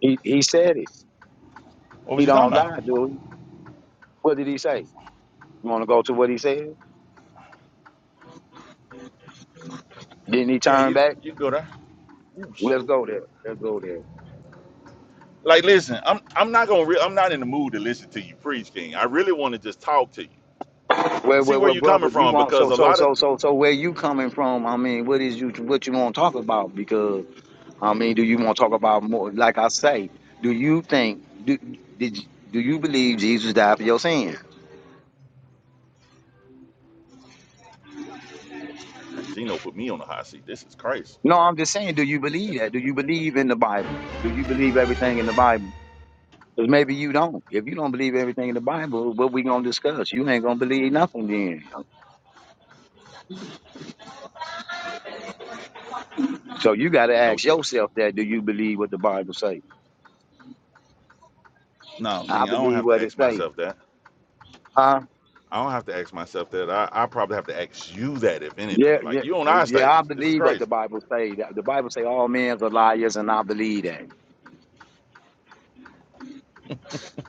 Speaker 6: he, he said it.
Speaker 2: What
Speaker 6: He
Speaker 2: was he talking
Speaker 6: don't
Speaker 2: about?
Speaker 6: lie, dude. What did he say? You want to go to what he said? Didn't he
Speaker 2: Yeah,
Speaker 6: turn
Speaker 2: you
Speaker 6: back?
Speaker 2: you go there. Ooh,
Speaker 6: Let's
Speaker 2: shit.
Speaker 6: go there. Let's go there.
Speaker 2: Like, listen, I'm I'm not gonna re- I'm not in the mood to listen to you preach, King. I really want to just talk to you
Speaker 6: Well,
Speaker 2: and see
Speaker 6: well,
Speaker 2: where
Speaker 6: well,
Speaker 2: you're
Speaker 6: brother,
Speaker 2: coming
Speaker 6: you
Speaker 2: from
Speaker 6: want
Speaker 2: because
Speaker 6: so
Speaker 2: a
Speaker 6: so
Speaker 2: lot of
Speaker 6: so so so where you coming from? I mean, what is you what you want to talk about? Because I mean, do you want to talk about more? Like I say, do you think do did do you believe Jesus died for your sin?
Speaker 2: Man, Gino put me on the hot seat. This is crazy.
Speaker 6: No, I'm just saying, do you believe that? Do you believe in the Bible? Do you believe everything in the Bible? Because maybe you don't. If you don't believe everything in the Bible, what we gonna discuss? You ain't gonna believe nothing then. So you gotta
Speaker 2: No
Speaker 6: ask
Speaker 2: trucks.
Speaker 6: yourself that: Do you believe what the Bible say?
Speaker 2: No,
Speaker 6: I
Speaker 2: King, I don't
Speaker 6: believe
Speaker 2: have to
Speaker 6: what it
Speaker 2: ask
Speaker 6: say.
Speaker 2: myself that.
Speaker 6: Huh?
Speaker 2: I don't have to ask myself that. I, I probably have to ask you that, if
Speaker 6: Yeah,
Speaker 2: anything.
Speaker 6: yeah,
Speaker 2: Like, you on
Speaker 6: well,
Speaker 2: our
Speaker 6: yeah.
Speaker 2: stage.
Speaker 6: I
Speaker 2: This is
Speaker 6: believe what
Speaker 2: crazy.
Speaker 6: the Bible say. The the Bible say all men are liars, and I believe that.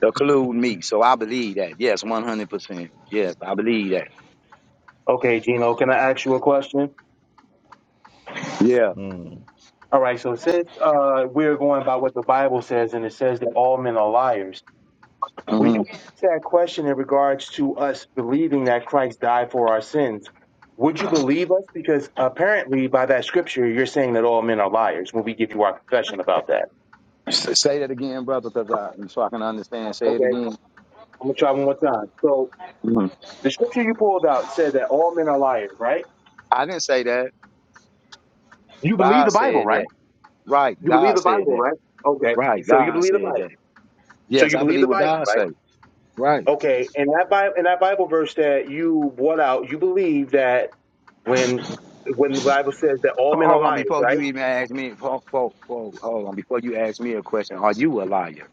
Speaker 6: Include me, so I believe that. Yes, one hundred percent. Yes, I believe that.
Speaker 4: Okay, Gino, can I ask you a question?
Speaker 6: Yeah.
Speaker 2: Mm,
Speaker 4: All right, so since uh, we're going by what the Bible says, and it says that all men are liars, When you
Speaker 6: hmm
Speaker 4: ask that question in regards to us believing that Christ died for our sins, would you believe us? Because apparently, by that scripture, you're saying that all men are liars when we give you our confession about that.
Speaker 6: Say that again, brother, because I so I can understand. Say
Speaker 4: Okay,
Speaker 6: it again.
Speaker 4: I'm gonna try one more time. So,
Speaker 6: Mhm.
Speaker 4: the scripture you pulled out said that all men are liars, right?
Speaker 6: I didn't say that.
Speaker 4: You believe the
Speaker 6: God
Speaker 4: Bible,
Speaker 6: said
Speaker 4: right?
Speaker 6: that. Right.
Speaker 4: You believe
Speaker 6: God
Speaker 4: the
Speaker 6: said that.
Speaker 4: Bible, right? Okay,
Speaker 6: Right.
Speaker 4: so you
Speaker 6: God
Speaker 4: believe the
Speaker 6: said
Speaker 4: Bible.
Speaker 6: that.
Speaker 4: So
Speaker 6: Yes,
Speaker 4: you
Speaker 6: I
Speaker 4: believe the
Speaker 6: believe what
Speaker 4: Bible,
Speaker 6: God
Speaker 4: right?
Speaker 6: said. Right.
Speaker 4: Okay, and that Bible, in that Bible verse that you brought out, you believe that when when the Bible says that all
Speaker 6: Ho-
Speaker 4: men are
Speaker 6: Hold on,
Speaker 4: liars,
Speaker 6: before
Speaker 4: right?
Speaker 6: you even ask me, ho- ho- ho- hold on, before you ask me a question, are you a liar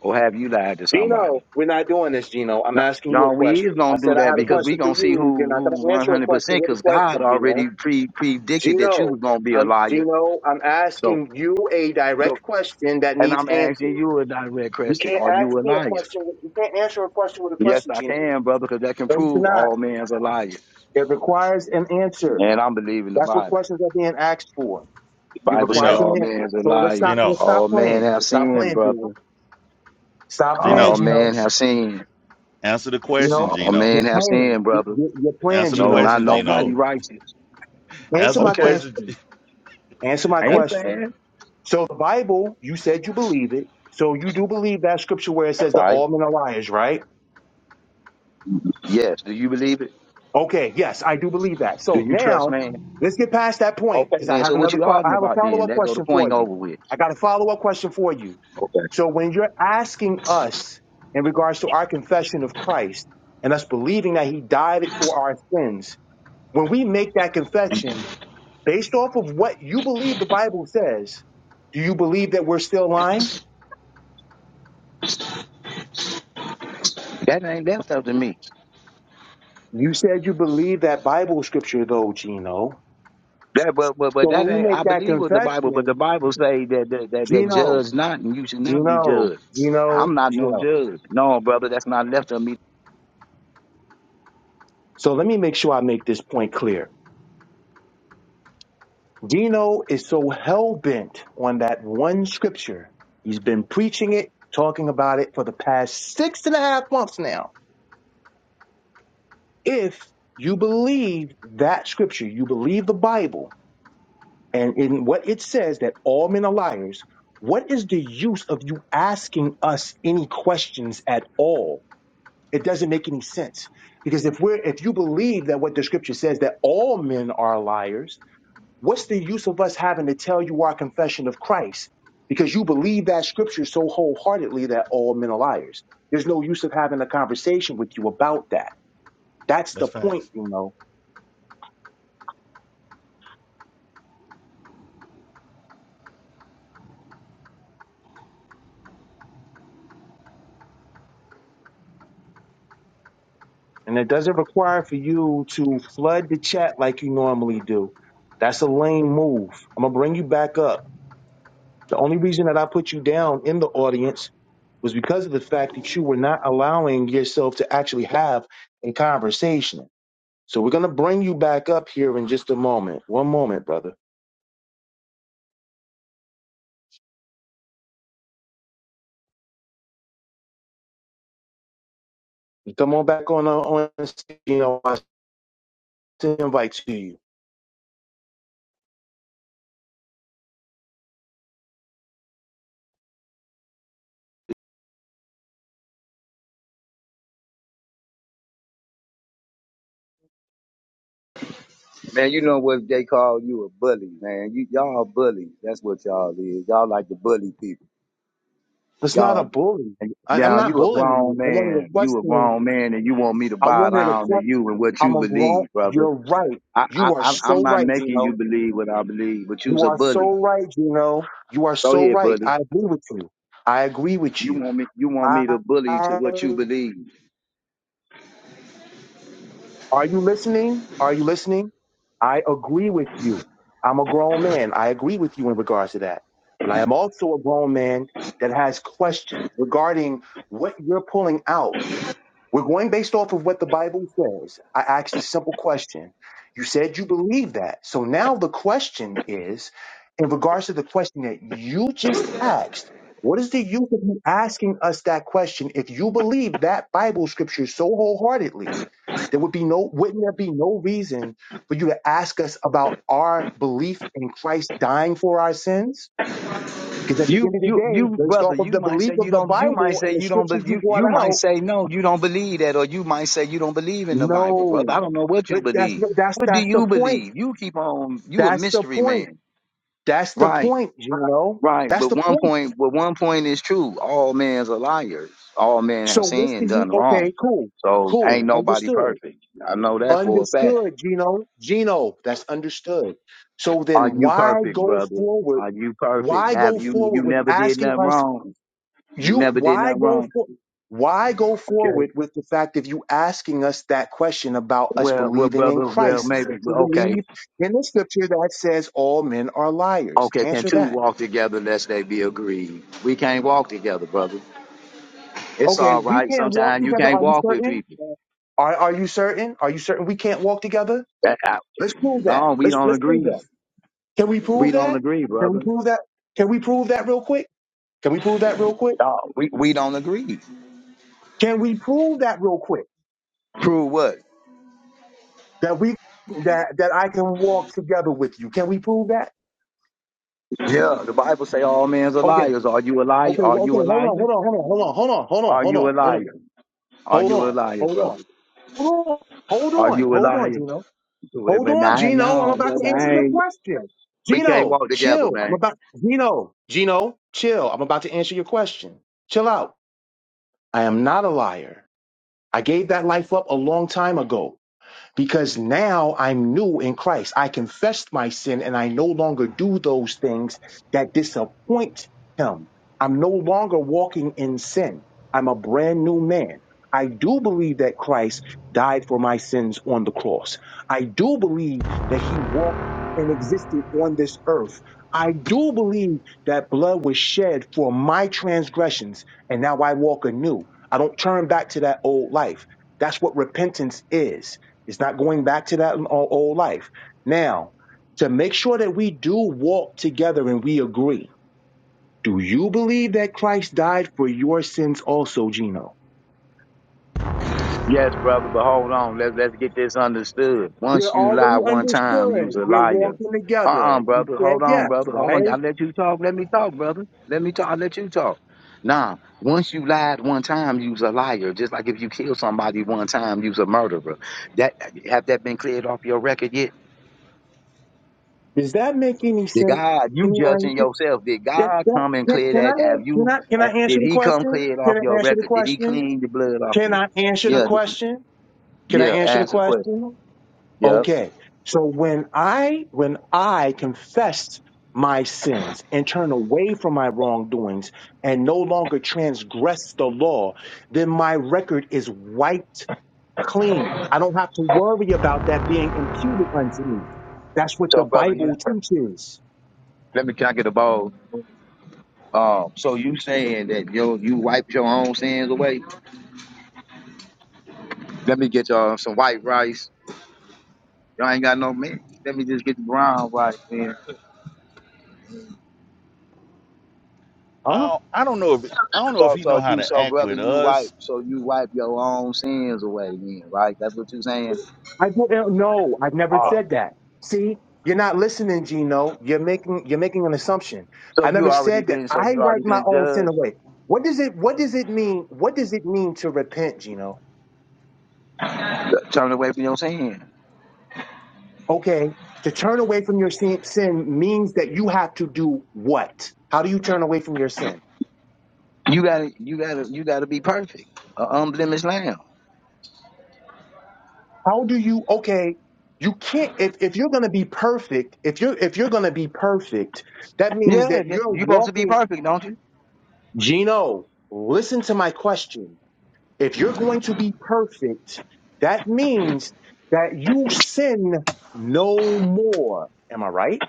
Speaker 6: or have you lied to
Speaker 4: Gino,
Speaker 6: somebody?
Speaker 4: we're not doing this, Gino. I'm
Speaker 6: No,
Speaker 4: asking you a
Speaker 6: no, we is
Speaker 4: question. I
Speaker 6: gonna do
Speaker 4: said I
Speaker 6: that
Speaker 4: had a
Speaker 6: because
Speaker 2: mm,
Speaker 6: we
Speaker 4: question for
Speaker 6: gonna see
Speaker 2: mm.
Speaker 4: you. You're not
Speaker 6: who
Speaker 4: going
Speaker 6: who
Speaker 4: to
Speaker 6: one
Speaker 4: answer a
Speaker 6: hundred
Speaker 4: question
Speaker 6: percent.
Speaker 4: with a
Speaker 6: Because God
Speaker 4: question, Gino.
Speaker 6: already pre predicted that you
Speaker 4: Gino,
Speaker 6: was gonna be a
Speaker 4: I'm
Speaker 6: liar.
Speaker 4: Gino. I'm
Speaker 6: So,
Speaker 4: asking you a
Speaker 6: so,
Speaker 4: direct question that
Speaker 6: and
Speaker 4: needs
Speaker 6: I'm asking
Speaker 4: answered.
Speaker 6: you a direct
Speaker 4: You
Speaker 6: question:
Speaker 4: can't
Speaker 6: Are
Speaker 4: ask
Speaker 6: you a
Speaker 4: me a
Speaker 6: liar?
Speaker 4: question. with- You can't answer a question with a
Speaker 6: Yes,
Speaker 4: question,
Speaker 6: I
Speaker 4: Gino.
Speaker 6: can, brother, because that can
Speaker 4: No, you
Speaker 6: prove
Speaker 4: cannot.
Speaker 6: all men's a liar,
Speaker 4: It requires an answer.
Speaker 6: and I'm believing the
Speaker 4: That's
Speaker 6: Bible.
Speaker 4: what questions are being asked for. It
Speaker 6: Bible say
Speaker 4: requires
Speaker 2: Gino,
Speaker 4: an
Speaker 6: all men
Speaker 4: answer.
Speaker 6: is a
Speaker 4: So let's stop.
Speaker 6: liar.
Speaker 2: Gino,
Speaker 4: Let's stop
Speaker 6: All men
Speaker 4: playing.
Speaker 6: have
Speaker 4: Let's Stop
Speaker 6: sinned,
Speaker 4: playing, Gino.
Speaker 6: brother.
Speaker 4: Stop playing,
Speaker 6: All
Speaker 2: Gino,
Speaker 4: Gino.
Speaker 6: men have sinned.
Speaker 2: answer the
Speaker 4: You
Speaker 2: question,
Speaker 4: know,
Speaker 6: All
Speaker 2: Gino.
Speaker 4: you're
Speaker 6: men have
Speaker 4: playing.
Speaker 6: sinned,
Speaker 4: You-
Speaker 6: brother.
Speaker 4: you- You're playing,
Speaker 2: Answer the
Speaker 6: No,
Speaker 4: Gino.
Speaker 6: not
Speaker 2: question,
Speaker 4: Stop
Speaker 6: nobody
Speaker 2: Gino.
Speaker 4: playing.
Speaker 6: righteous.
Speaker 4: Answer
Speaker 2: Answer the
Speaker 4: my
Speaker 6: Okay.
Speaker 2: question.
Speaker 4: question. Answer my
Speaker 6: I ain't
Speaker 4: question.
Speaker 6: saying.
Speaker 4: So the Bible, you said you believe it. So you do believe that scripture where it says that
Speaker 6: Right.
Speaker 4: all men are liars, right?
Speaker 6: Yes. Do you believe it?
Speaker 4: Okay. Yes, I do believe that.
Speaker 6: Do
Speaker 4: So
Speaker 6: you trust
Speaker 4: now
Speaker 6: man?
Speaker 4: let's get past that point
Speaker 6: Okay
Speaker 4: because I
Speaker 6: then.
Speaker 4: have
Speaker 6: So what
Speaker 4: another,
Speaker 6: you
Speaker 4: que- I
Speaker 6: arguing
Speaker 4: have a
Speaker 6: about
Speaker 4: follow
Speaker 6: then?
Speaker 4: up
Speaker 6: That go the
Speaker 4: question for
Speaker 6: point
Speaker 4: you.
Speaker 6: over with.
Speaker 4: I got a follow up question for you.
Speaker 6: Okay.
Speaker 4: So when you're asking us in regards to our confession of Christ and us believing that he died for our sins, when we make that confession, Based off of what you believe the Bible says, do you believe that we're still lying?
Speaker 6: That ain't left up to me.
Speaker 4: You said you believe that Bible scripture, though, Gino.
Speaker 6: That but but but
Speaker 4: So
Speaker 6: that
Speaker 4: when
Speaker 6: ain't
Speaker 4: we make
Speaker 6: I
Speaker 4: that
Speaker 6: believe with the Bible, but the
Speaker 4: confession,
Speaker 6: Bible say that that, that, that
Speaker 4: Gino,
Speaker 6: judge not and you should not be
Speaker 4: Gino,
Speaker 6: judged.
Speaker 4: Gino,
Speaker 6: I'm not no
Speaker 4: Gino.
Speaker 6: judge. No, brother, that's not left of me
Speaker 4: So let me make sure I make this point clear. Gino is so hell bent on that one scripture. He's been preaching it, talking about it for the past six and a half months now. If you believe that scripture, you believe the Bible, And in what it says that all men are liars, what is the use of you asking us any questions at all? It doesn't make any sense. Because if we're if you believe that what the scripture says that all men are liars, what's the use of us having to tell you our confession of Christ? Because you believe that scripture so wholeheartedly that all men are liars. There's no use of having a conversation with you about that. That's the
Speaker 2: That's
Speaker 4: point,
Speaker 2: facts.
Speaker 4: you know. And it doesn't require for you to flood the chat like you normally do. That's a lame move. I'm going to bring you back up. The only reason that I put you down in the audience was because of the fact that you were not allowing yourself to actually have a conversation. So we're going to bring you back up here in just a moment. One moment, brother. You Come on back on, uh, on you know, I send an invite to you.
Speaker 6: Man, you know what they call you a bully, man. You y'all bullies. That's what y'all is. Y'all like to bully people.
Speaker 4: It's not a
Speaker 6: Y'all
Speaker 4: bully.
Speaker 6: and
Speaker 4: I, I'm
Speaker 6: y'all,
Speaker 4: not
Speaker 6: you a
Speaker 4: bullying
Speaker 6: grown
Speaker 4: you. I wanted a
Speaker 6: man. You a
Speaker 4: question.
Speaker 6: grown man and you want me to
Speaker 4: I
Speaker 6: bow
Speaker 4: wanted a
Speaker 6: down
Speaker 4: question.
Speaker 6: to you and what
Speaker 4: I'm
Speaker 6: you
Speaker 4: a grown.
Speaker 6: believe, brother.
Speaker 4: You're right.
Speaker 6: I
Speaker 4: You
Speaker 6: I
Speaker 4: are
Speaker 6: I- I'm
Speaker 4: so
Speaker 6: not
Speaker 4: right,
Speaker 6: making
Speaker 4: Gino.
Speaker 6: you believe what I believe, but
Speaker 4: You
Speaker 6: you's a
Speaker 4: are so
Speaker 6: bully.
Speaker 4: right, Gino. You are
Speaker 6: Go
Speaker 4: so
Speaker 6: ahead,
Speaker 4: right.
Speaker 6: bully.
Speaker 4: I agree with you. I agree with
Speaker 6: You
Speaker 4: you.
Speaker 6: want me you want me
Speaker 4: I,
Speaker 6: to bully to
Speaker 4: I-
Speaker 6: what you believe.
Speaker 4: are you listening? Are you listening? I agree with you. I'm a grown man. I agree with you in regards to that. But I am also a grown man that has questions regarding what you're pulling out We're going based off of what the Bible says. I asked a simple question. You said you believe that. So now the question is, in regards to the question that you just asked, what is the use of you asking us that question if you believe that Bible scripture so wholeheartedly? There would be no, wouldn't there be no reason for you to ask us about our belief in Christ dying for our sins? Because at the
Speaker 6: You,
Speaker 4: end of the
Speaker 6: you,
Speaker 4: day,
Speaker 6: you,
Speaker 4: based
Speaker 6: brother.
Speaker 4: off of
Speaker 6: You
Speaker 4: the
Speaker 6: might
Speaker 4: belief
Speaker 6: say
Speaker 4: of
Speaker 6: you
Speaker 4: the
Speaker 6: don't. You might
Speaker 4: Bible
Speaker 6: say
Speaker 4: and the
Speaker 6: you don't.
Speaker 4: scriptures
Speaker 6: But
Speaker 4: you
Speaker 6: you,
Speaker 4: brought
Speaker 6: you might
Speaker 4: out,
Speaker 6: say no. You don't believe that, or you might say you don't believe in the Bible,
Speaker 4: no,
Speaker 6: brother. I don't know what you
Speaker 4: But that's
Speaker 6: believe.
Speaker 4: that's
Speaker 6: What do
Speaker 4: that's the
Speaker 6: you
Speaker 4: point.
Speaker 6: believe? You keep on. You a
Speaker 4: That's the
Speaker 6: mystery
Speaker 4: point.
Speaker 6: man.
Speaker 4: That's the
Speaker 6: Right,
Speaker 4: point. You know,
Speaker 6: right.
Speaker 4: that's
Speaker 6: But
Speaker 4: the
Speaker 6: one
Speaker 4: point.
Speaker 6: point, but one point is true. All men's are liars. All men
Speaker 4: So
Speaker 6: have
Speaker 4: what's
Speaker 6: sinned,
Speaker 4: the
Speaker 6: and
Speaker 4: you?
Speaker 6: done
Speaker 4: Okay,
Speaker 6: wrong.
Speaker 4: cool,
Speaker 6: So ain't
Speaker 4: cool,
Speaker 6: nobody
Speaker 4: understood,
Speaker 6: perfect. I know that for a fact.
Speaker 4: understood. Gino, Gino, that's understood. So
Speaker 6: Are
Speaker 4: then,
Speaker 6: you
Speaker 4: why
Speaker 6: perfect,
Speaker 4: go
Speaker 6: brother?
Speaker 4: forward?
Speaker 6: Are you
Speaker 4: Why
Speaker 6: perfect?
Speaker 4: go
Speaker 6: Have you? You
Speaker 4: forward with
Speaker 6: never did
Speaker 4: asking
Speaker 6: nothing
Speaker 4: us?
Speaker 6: wrong. You
Speaker 4: You
Speaker 6: never did
Speaker 4: why
Speaker 6: nothing
Speaker 4: go
Speaker 6: wrong.
Speaker 4: for? Why go
Speaker 6: Okay.
Speaker 4: forward with the fact of you asking us that question about us
Speaker 6: Well, well,
Speaker 4: believing in
Speaker 6: brother, well,
Speaker 4: Christ?
Speaker 6: maybe,
Speaker 4: Since you
Speaker 6: well, okay,
Speaker 4: believe in the scripture that says all men are liars,
Speaker 6: okay. Can
Speaker 4: answer
Speaker 6: two
Speaker 4: that.
Speaker 6: walk together lest they be agreed? We can't walk together, brother. It's
Speaker 4: Okay,
Speaker 6: all
Speaker 4: we
Speaker 6: right.
Speaker 4: can't walk
Speaker 6: Sometimes you
Speaker 4: together.
Speaker 6: can't
Speaker 4: Are you
Speaker 6: walk with
Speaker 4: certain?
Speaker 6: people.
Speaker 4: Are are you certain? Are you certain we can't walk together?
Speaker 6: That, I,
Speaker 4: Let's prove that.
Speaker 6: no, we
Speaker 4: Let's
Speaker 6: don't
Speaker 4: let's prove
Speaker 6: agree.
Speaker 4: that. Can we
Speaker 6: We
Speaker 4: prove
Speaker 6: don't
Speaker 4: that?
Speaker 6: agree,
Speaker 4: Can we
Speaker 6: brother.
Speaker 4: prove that? Can we prove that real quick? Can we prove that real quick?
Speaker 6: No, we, we don't agree.
Speaker 4: Can we prove that real quick?
Speaker 6: Prove what?
Speaker 4: That we that that I can walk together with you. Can we prove that?
Speaker 6: Yeah, the Bible say all men are
Speaker 4: Okay.
Speaker 6: liars. Are you a liar?
Speaker 4: Okay.
Speaker 6: Are
Speaker 4: well, Okay.
Speaker 6: you a
Speaker 4: Hold
Speaker 6: liar?
Speaker 4: on. Hold on. Hold on. Hold on. Hold on. Hold on.
Speaker 6: Are
Speaker 4: Hold
Speaker 6: you a
Speaker 4: on. Hold on.
Speaker 6: liar? Are
Speaker 4: Hold
Speaker 6: you a
Speaker 4: on.
Speaker 6: liar,
Speaker 4: Hold on.
Speaker 6: brother?
Speaker 4: Hold on. Hold
Speaker 6: Are
Speaker 4: on.
Speaker 6: you a
Speaker 4: Hold on.
Speaker 6: liar?
Speaker 4: Gino.
Speaker 6: Well,
Speaker 4: Hold
Speaker 6: But
Speaker 4: on,
Speaker 6: now,
Speaker 4: Gino. I'm
Speaker 6: no,
Speaker 4: about
Speaker 6: brother,
Speaker 4: to answer
Speaker 6: I
Speaker 4: your
Speaker 6: ain't.
Speaker 4: question.
Speaker 6: We can't
Speaker 4: Gino,
Speaker 6: walk together,
Speaker 4: chill. I'm
Speaker 6: man.
Speaker 4: about Gino, Gino, chill. I'm about to answer your question. Chill out. I am not a liar. I gave that life up a long time ago because now I'm new in Christ. I confessed my sin and I no longer do those things that disappoint him. I'm no longer walking in sin. I'm a brand new man. I do believe that Christ died for my sins on the cross. I do believe that he walked and existed on this earth. I do believe that blood was shed for my transgressions, and now I walk anew. I don't turn back to that old life. That's what repentance is. It's not going back to that o- old life. Now, to make sure that we do walk together and we agree, do you believe that Christ died for your sins also, Gino?
Speaker 6: Yes, brother, but hold on. Let's let's get this understood.
Speaker 4: We're
Speaker 6: Once you lie
Speaker 4: already
Speaker 6: one time, you's
Speaker 4: understood.
Speaker 6: a
Speaker 4: We're
Speaker 6: liar.
Speaker 4: walking
Speaker 6: Uh uh
Speaker 4: together. You
Speaker 6: brother.
Speaker 4: said
Speaker 6: Hold on,
Speaker 4: yes,
Speaker 6: brother. Hold on.
Speaker 4: right?
Speaker 6: I let you talk. Let me talk, brother. Let me talk. I let you talk. Nah. Once you lied one time, you's a liar. Just like if you kill somebody one time, you's a murderer. That have that been cleared off your record yet?
Speaker 4: Does that make any
Speaker 6: Did
Speaker 4: sense?
Speaker 6: God, you
Speaker 4: Anyone?
Speaker 6: judging yourself? Did
Speaker 4: That,
Speaker 6: God
Speaker 4: that,
Speaker 6: come and
Speaker 4: can,
Speaker 6: clear
Speaker 4: can
Speaker 6: that?
Speaker 4: I
Speaker 6: Have
Speaker 4: can
Speaker 6: you?
Speaker 4: I can
Speaker 6: uh,
Speaker 4: I answer
Speaker 6: Did
Speaker 4: the
Speaker 6: He come
Speaker 4: question?
Speaker 6: clear it off
Speaker 4: Can I
Speaker 6: your
Speaker 4: answer the
Speaker 6: record? Did He
Speaker 4: question?
Speaker 6: clean the blood off
Speaker 4: Can
Speaker 6: you?
Speaker 4: I answer the
Speaker 6: Yeah.
Speaker 4: question? Can I
Speaker 6: Yeah.
Speaker 4: answer the
Speaker 6: Answer the question.
Speaker 4: question?
Speaker 6: Yeah.
Speaker 4: Okay. So when I when I confessed my sins and turn away from my wrongdoings and no longer transgress the law, then my record is wiped clean. I don't have to worry about that being imputed unto me. That's what the
Speaker 6: So, brother, you
Speaker 4: Bible teaches.
Speaker 6: let me can I get a ball? Um, so you saying that yo you wiped your own sins away? Let me get y'all some white rice. Y'all ain't got no milk. Let me just get the brown rice, man.
Speaker 2: I
Speaker 4: huh?
Speaker 2: don't, I don't know if I don't know if
Speaker 6: So,
Speaker 2: he know
Speaker 6: so
Speaker 2: how
Speaker 6: you,
Speaker 2: to
Speaker 6: so
Speaker 2: act
Speaker 6: brother,
Speaker 2: with
Speaker 6: you wipe,
Speaker 2: us.
Speaker 6: so you wipe your own sins away, then, right? That's what you saying.
Speaker 4: I didn't know. I've never
Speaker 6: All right.
Speaker 2: Oh,
Speaker 4: said that. See, you're not listening, Gino. You're making you're making an assumption.
Speaker 6: So
Speaker 4: I never
Speaker 6: you already
Speaker 4: said that
Speaker 6: been, so
Speaker 4: I
Speaker 6: you already
Speaker 4: write my
Speaker 6: been
Speaker 4: own sin
Speaker 6: judged.
Speaker 4: away. What does it what does it mean? What does it mean to repent, Gino?
Speaker 6: Turn away from your sin.
Speaker 4: Okay. To turn away from your sin, sin means that you have to do what? How do you turn away from your sin?
Speaker 6: You gotta, you gotta, you gotta be perfect, an unblemished lamb.
Speaker 4: How do you okay? You can't if, if you're gonna be perfect, if you're if you're gonna be perfect, that
Speaker 6: Yeah,
Speaker 4: means that
Speaker 6: yeah,
Speaker 4: you're
Speaker 6: you supposed to be
Speaker 4: walking
Speaker 6: perfect, don't you?
Speaker 4: Gino, listen to my question If you're going to be perfect, that means that you sin no more. Am I right?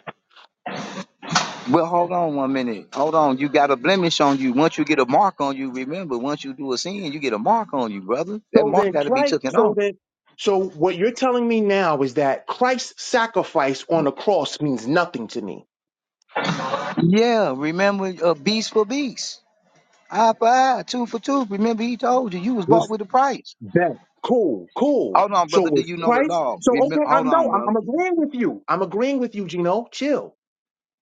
Speaker 6: Well, hold on one minute. Hold on. You got a blemish on you. Once you get a mark on you, remember, once you do a sin, you get a mark on you, brother. That
Speaker 4: So
Speaker 6: mark
Speaker 4: then
Speaker 6: got to be
Speaker 4: Christ,
Speaker 6: taken
Speaker 4: so
Speaker 6: off.
Speaker 4: then, so what you're telling me now is that Christ's sacrifice on the cross means nothing to me.
Speaker 6: Yeah, remember, uh, beast for beast, eye for eye, tooth for tooth. Remember, he told you you was bought
Speaker 4: Was
Speaker 6: with a price.
Speaker 4: that cool? Cool.
Speaker 6: Hold on,
Speaker 4: So
Speaker 6: brother. Do
Speaker 4: was
Speaker 6: you know the
Speaker 4: Christ?
Speaker 6: law?
Speaker 4: So
Speaker 6: Remember,
Speaker 4: okay,
Speaker 6: hold
Speaker 4: I'm
Speaker 6: on,
Speaker 4: no, I'm,
Speaker 6: brother.
Speaker 4: I'm agreeing with you. I'm agreeing with you, Gino. Chill.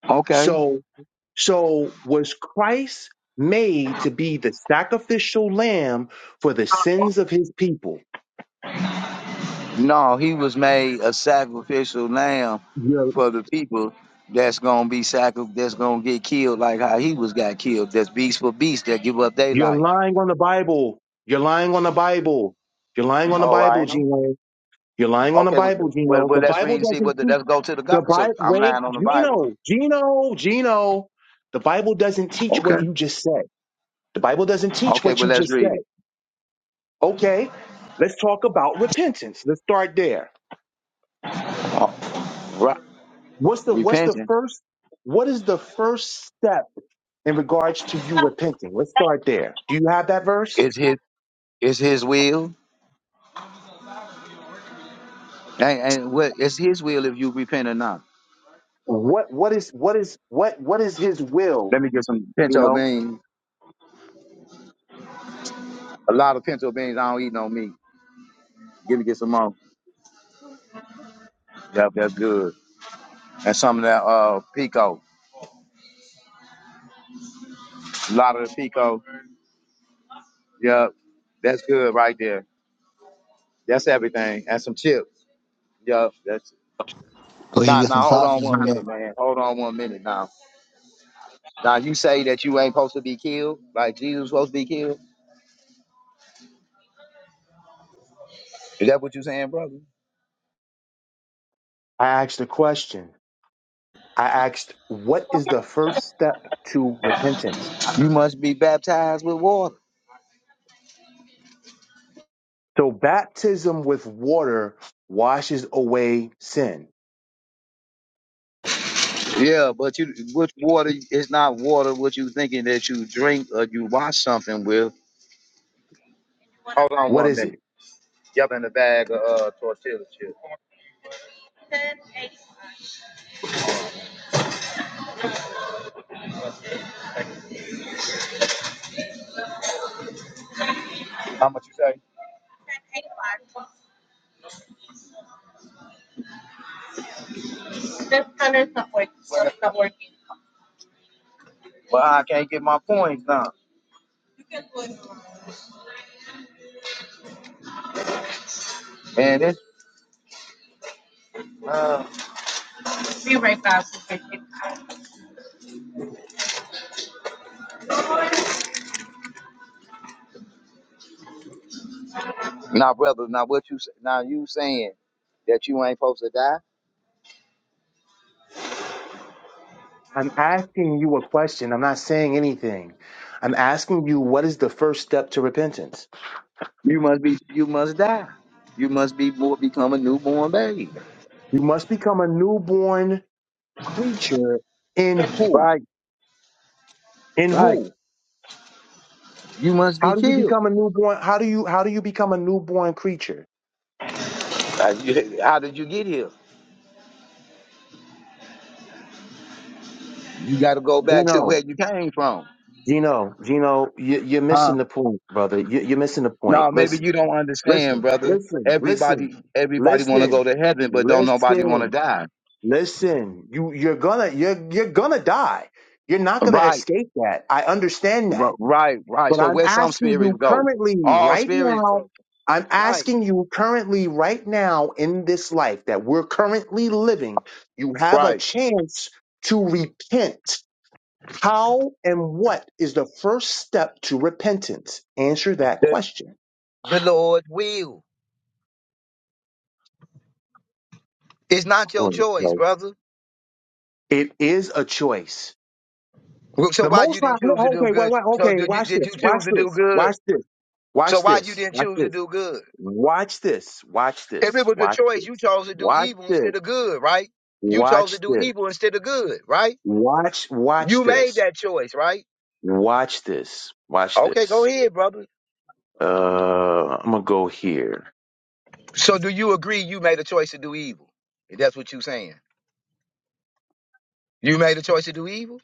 Speaker 6: Okay.
Speaker 4: So So was Christ made to be the sacrificial lamb for the sins of his people?
Speaker 6: No, he was made a sacrificial lamb
Speaker 4: You're,
Speaker 6: for the people that's gonna be sacri- that's gonna get killed like how he was got killed. That's beast for beast that give up their
Speaker 4: you're
Speaker 6: life.
Speaker 4: lying on the Bible. You're lying on the Bible. You're lying on the
Speaker 6: Oh, I
Speaker 4: Bible,
Speaker 6: am.
Speaker 4: Gino. You're lying on the
Speaker 6: Okay, well,
Speaker 4: Bible,
Speaker 6: well,
Speaker 4: Gino.
Speaker 6: well,
Speaker 4: The
Speaker 6: let's read
Speaker 4: Bible
Speaker 6: and see
Speaker 4: doesn't
Speaker 6: what. The,
Speaker 4: teach
Speaker 6: let's go to the
Speaker 4: the
Speaker 6: God. So
Speaker 4: Bible.
Speaker 6: I'm
Speaker 4: Wait,
Speaker 6: lying on the Bible.
Speaker 4: Gino, Gino, Gino. The Bible doesn't teach
Speaker 6: Okay.
Speaker 4: what you just said. The Bible doesn't teach
Speaker 6: Okay,
Speaker 4: what
Speaker 6: well,
Speaker 4: you
Speaker 6: let's
Speaker 4: just
Speaker 6: read
Speaker 4: said.
Speaker 6: it.
Speaker 4: Okay, let's talk about repentance. Let's start there.
Speaker 6: Oh, right.
Speaker 4: What's the what's the
Speaker 6: Repentance
Speaker 4: first what is the first step in regards to you repenting? Let's start there. Do you have that verse?
Speaker 6: is his is his will, and, and what it's his will if you repent or not.
Speaker 4: What what is what is what what is his will?
Speaker 6: Let me get some
Speaker 4: You
Speaker 6: pinto
Speaker 4: know,
Speaker 6: beans. A lot of pinto beans. I don't eat no meat. Give me get some more. Yep, that's good. And some of that uh pico. A lot of the pico. Yep, that's good right there. That's everything. And some chips. Yep, that's.
Speaker 7: Go ahead and
Speaker 6: Nah,
Speaker 7: get some
Speaker 6: nah. Hold on
Speaker 7: sausages in
Speaker 6: one
Speaker 7: there.
Speaker 6: minute, man. Hold on one minute now. Now you say that you ain't supposed to be killed, like Jesus was supposed to be killed. Is that what you saying, brother?
Speaker 4: I asked a question. I asked, what is the first step to repentance?
Speaker 6: You must be baptized with water.
Speaker 4: So baptism with water washes away sin.
Speaker 6: Yeah, but you which water It's not water what you thinking that you drink or you wash something with. Hold on
Speaker 4: What
Speaker 6: one
Speaker 4: is it?
Speaker 6: minute. Yep, in the bag of uh, tortilla chips. How much you say? Well, I can't get my points now. And this uh, now, brother. Now, what you say- now you saying that you ain't supposed to die?
Speaker 4: I'm asking you a question. I'm not saying anything. I'm asking you what is the first step to repentance?
Speaker 6: You must be. You must die. You must be born, become a newborn baby.
Speaker 4: You must become a newborn creature in who?
Speaker 6: Right.
Speaker 4: In
Speaker 6: Right.
Speaker 4: who?
Speaker 6: You must
Speaker 4: How
Speaker 6: be
Speaker 4: do you
Speaker 6: killed.
Speaker 4: become a newborn? How do you how do you become a newborn creature?
Speaker 6: Uh, you- How did you get here? You got to go back to
Speaker 4: Gino,
Speaker 6: where you came from.
Speaker 4: Gino, Gino, you, you're
Speaker 6: Huh?
Speaker 4: missing the point, brother. You, you're missing the point.
Speaker 6: No, maybe
Speaker 4: Listen,
Speaker 6: you don't understand,
Speaker 4: listen,
Speaker 6: brother.
Speaker 4: listen, listen,
Speaker 6: Everybody, everybody want to
Speaker 4: listen,
Speaker 6: go to heaven, but don't nobody want to
Speaker 4: listen,
Speaker 6: die.
Speaker 4: listen. You you're gonna you're you're gonna die. You're not gonna
Speaker 6: Right,
Speaker 4: escape that. I understand that.
Speaker 6: r- right, right.
Speaker 4: But
Speaker 6: So
Speaker 4: I'm
Speaker 6: where some
Speaker 4: asking
Speaker 6: spirits
Speaker 4: you
Speaker 6: go,
Speaker 4: currently,
Speaker 6: all
Speaker 4: right
Speaker 6: spirits, go.
Speaker 4: now, I'm
Speaker 6: right.
Speaker 4: asking you currently, right now, in this life that we're currently living, you have a
Speaker 6: right?
Speaker 4: chance to repent. How and what is the first step to repentance? Answer that
Speaker 6: The,
Speaker 4: question.
Speaker 6: the Lord will. It's not your
Speaker 4: Lord,
Speaker 6: choice,
Speaker 4: no.
Speaker 6: brother.
Speaker 4: It is a choice.
Speaker 6: Well, So
Speaker 4: The
Speaker 6: why
Speaker 4: most
Speaker 6: you didn't
Speaker 4: likely,
Speaker 6: choose to do
Speaker 4: okay, wait,
Speaker 6: good?
Speaker 4: wait,
Speaker 6: So
Speaker 4: okay,
Speaker 6: did you
Speaker 4: watch
Speaker 6: did
Speaker 4: this,
Speaker 6: you choose
Speaker 4: watch
Speaker 6: to do
Speaker 4: this,
Speaker 6: good?
Speaker 4: watch this,
Speaker 6: So
Speaker 4: watch
Speaker 6: why you
Speaker 4: this,
Speaker 6: didn't
Speaker 4: watch
Speaker 6: choose to
Speaker 4: this,
Speaker 6: do good?
Speaker 4: watch this, watch
Speaker 6: If it
Speaker 4: this,
Speaker 6: was a
Speaker 4: watch
Speaker 6: choice,
Speaker 4: this,
Speaker 6: you chose to do
Speaker 4: watch
Speaker 6: evil
Speaker 4: this.
Speaker 6: instead of good, right? You chose to
Speaker 4: Watch
Speaker 6: do
Speaker 4: this.
Speaker 6: evil instead of good, right?
Speaker 4: Watch watch
Speaker 6: You made
Speaker 4: this.
Speaker 6: that choice, right?
Speaker 4: Watch this. Watch
Speaker 6: Okay, go
Speaker 4: this.
Speaker 6: ahead, brother.
Speaker 4: Uh I'm gonna go here.
Speaker 6: So do you agree you made a choice to do evil? If that's what you're saying. You made a choice to do evil?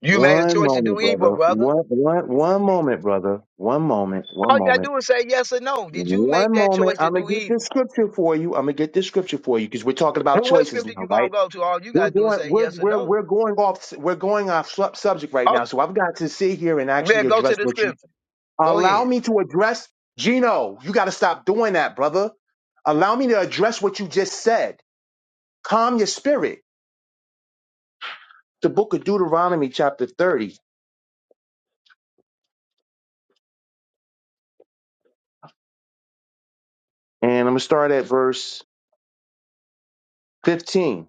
Speaker 6: You made a
Speaker 4: One
Speaker 6: choice to
Speaker 4: moment,
Speaker 6: do evil,
Speaker 4: brother.
Speaker 6: brother.
Speaker 4: One one one moment, brother. One moment. One
Speaker 6: All you gotta
Speaker 4: moment.
Speaker 6: do is say yes or no. Did you make
Speaker 4: One
Speaker 6: that
Speaker 4: moment.
Speaker 6: choice to
Speaker 4: I'm gonna
Speaker 6: do
Speaker 4: get
Speaker 6: evil?
Speaker 4: this scripture for you. I'm gonna get this scripture for you because we're talking about
Speaker 6: Well, what
Speaker 4: choices
Speaker 6: scripture
Speaker 4: now,
Speaker 6: you gonna
Speaker 4: right?
Speaker 6: go to? All you
Speaker 4: We're
Speaker 6: gotta do is
Speaker 4: going
Speaker 6: say
Speaker 4: we're
Speaker 6: yes or
Speaker 4: we're
Speaker 6: no.
Speaker 4: we're going off we're going off sub- subject right now.
Speaker 6: Okay,
Speaker 4: So I've got to sit here and
Speaker 6: well,
Speaker 4: actually
Speaker 6: go to
Speaker 4: address
Speaker 6: the
Speaker 4: what you
Speaker 6: scripture. Go
Speaker 4: Allow
Speaker 6: ahead.
Speaker 4: me to address Gino. You got to stop doing that, brother. Allow me to address what you just said. Calm your spirit. The book of Deuteronomy, chapter 30, and I'm going to start at verse 15.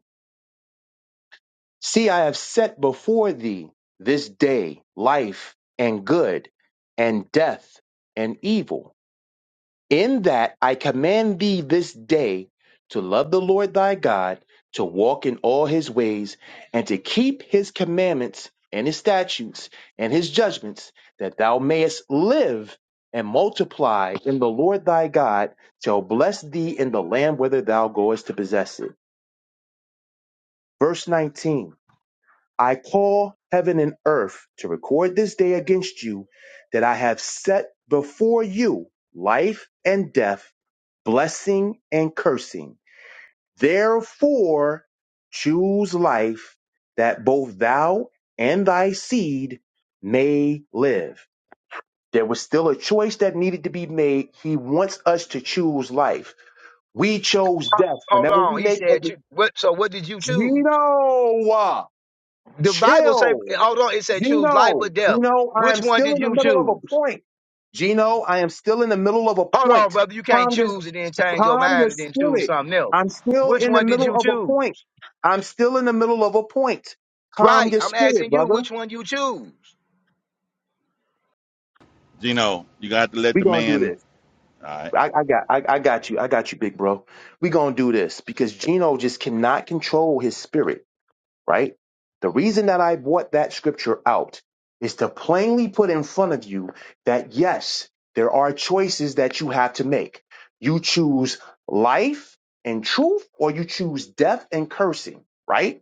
Speaker 4: See, I have set before thee this day life and good, and death and evil In that I command thee this day to love the Lord thy God, to walk in all his ways, and to keep his commandments and his statutes and his judgments, that thou mayest live and multiply in the Lord thy God, shall bless thee in the land whither thou goest to possess it. Verse 19 I call heaven and earth to record this day against you that I have set before you life and death blessing and cursing. Therefore, choose life that both thou and thy seed may live. There was still a choice that needed to be made. He wants us to choose life. We chose death.
Speaker 6: Hold
Speaker 4: Whenever we
Speaker 6: on. He
Speaker 4: make a
Speaker 6: said, cho- "What? So what did you choose?"
Speaker 4: Gino, uh,
Speaker 6: The Bible say,
Speaker 4: chill.
Speaker 6: hold on, it said choose life or
Speaker 4: Gino,
Speaker 6: death.
Speaker 4: Gino, I
Speaker 6: Which
Speaker 4: am
Speaker 6: one
Speaker 4: still
Speaker 6: did
Speaker 4: in the
Speaker 6: you
Speaker 4: middle of
Speaker 6: choose?
Speaker 4: a point. Gino, I am still in the middle of a
Speaker 6: Hold on,
Speaker 4: point.
Speaker 6: brother, you can't
Speaker 4: Calm
Speaker 6: choose and then change your
Speaker 4: Calm your
Speaker 6: mind and then choose
Speaker 4: spirit.
Speaker 6: something else.
Speaker 4: I'm still
Speaker 6: Which
Speaker 4: in the
Speaker 6: one did
Speaker 4: middle
Speaker 6: you
Speaker 4: of a
Speaker 6: choose?
Speaker 4: point. I'm still in the middle of a point. Calm
Speaker 6: Right,
Speaker 4: your
Speaker 6: I'm
Speaker 4: spirit,
Speaker 6: asking you
Speaker 4: brother.
Speaker 6: which one you choose.
Speaker 2: Gino, you got to let
Speaker 4: We
Speaker 2: the
Speaker 4: gonna do
Speaker 2: man.
Speaker 4: this.
Speaker 2: All right,
Speaker 4: I, I got, I, I got you. I got you, big bro. We gonna do this because Gino just cannot control his spirit. Right. The reason that I brought that scripture out is to plainly put in front of you that yes, there are choices that you have to make. You choose life and truth, or you choose death and cursing. Right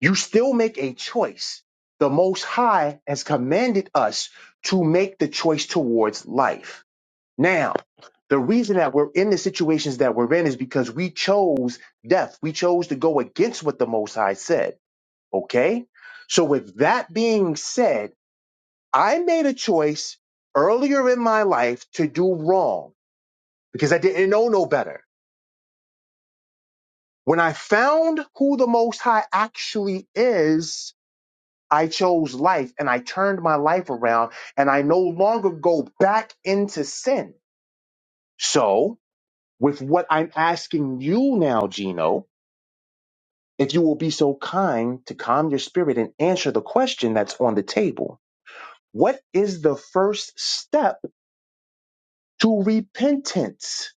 Speaker 4: You still make a choice. The Most High has commanded us to make the choice towards life. Now, the reason that we're in the situations that we're in is because we chose death. We chose to go against what the Most High said. Okay? So, with that being said, I made a choice earlier in my life to do wrong because I didn't know no better. When I found who the Most High actually is, I chose life and I turned my life around and I no longer go back into sin. So, with what I'm asking you now, Gino, if you will be so kind to calm your spirit and answer the question that's on the table. What is the first step to repentance?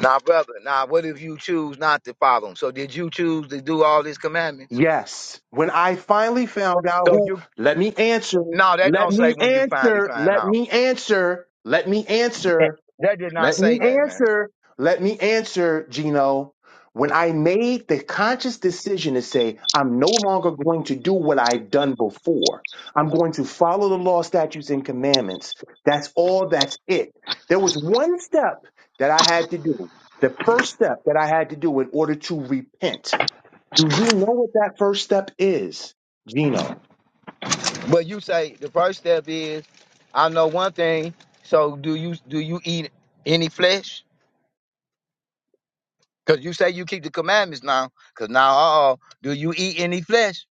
Speaker 6: Now, brother, now what if you choose not to follow him? So did you choose to do all these commandments?
Speaker 4: Yes. When I finally found out
Speaker 6: So
Speaker 4: who,
Speaker 6: you
Speaker 4: let me answer,
Speaker 6: no, that
Speaker 4: let
Speaker 6: don't say
Speaker 4: me
Speaker 6: when you finally
Speaker 4: answer,
Speaker 6: find
Speaker 4: let
Speaker 6: out.
Speaker 4: me answer, let me answer.
Speaker 6: That that did not
Speaker 4: Let me
Speaker 6: say that, man.
Speaker 4: answer. Let me answer, Gino. When I made the conscious decision to say, I'm no longer going to do what I've done before, I'm going to follow the law, statutes, and commandments. That's all, that's it. There was one step that I had to do, the first step that I had to do in order to repent. Do you know what that first step is, Gino?
Speaker 6: But you say the first step is I know one thing. So do you do you eat any flesh? Because you say you keep the commandments now. Because now, uh-oh, do you eat any flesh?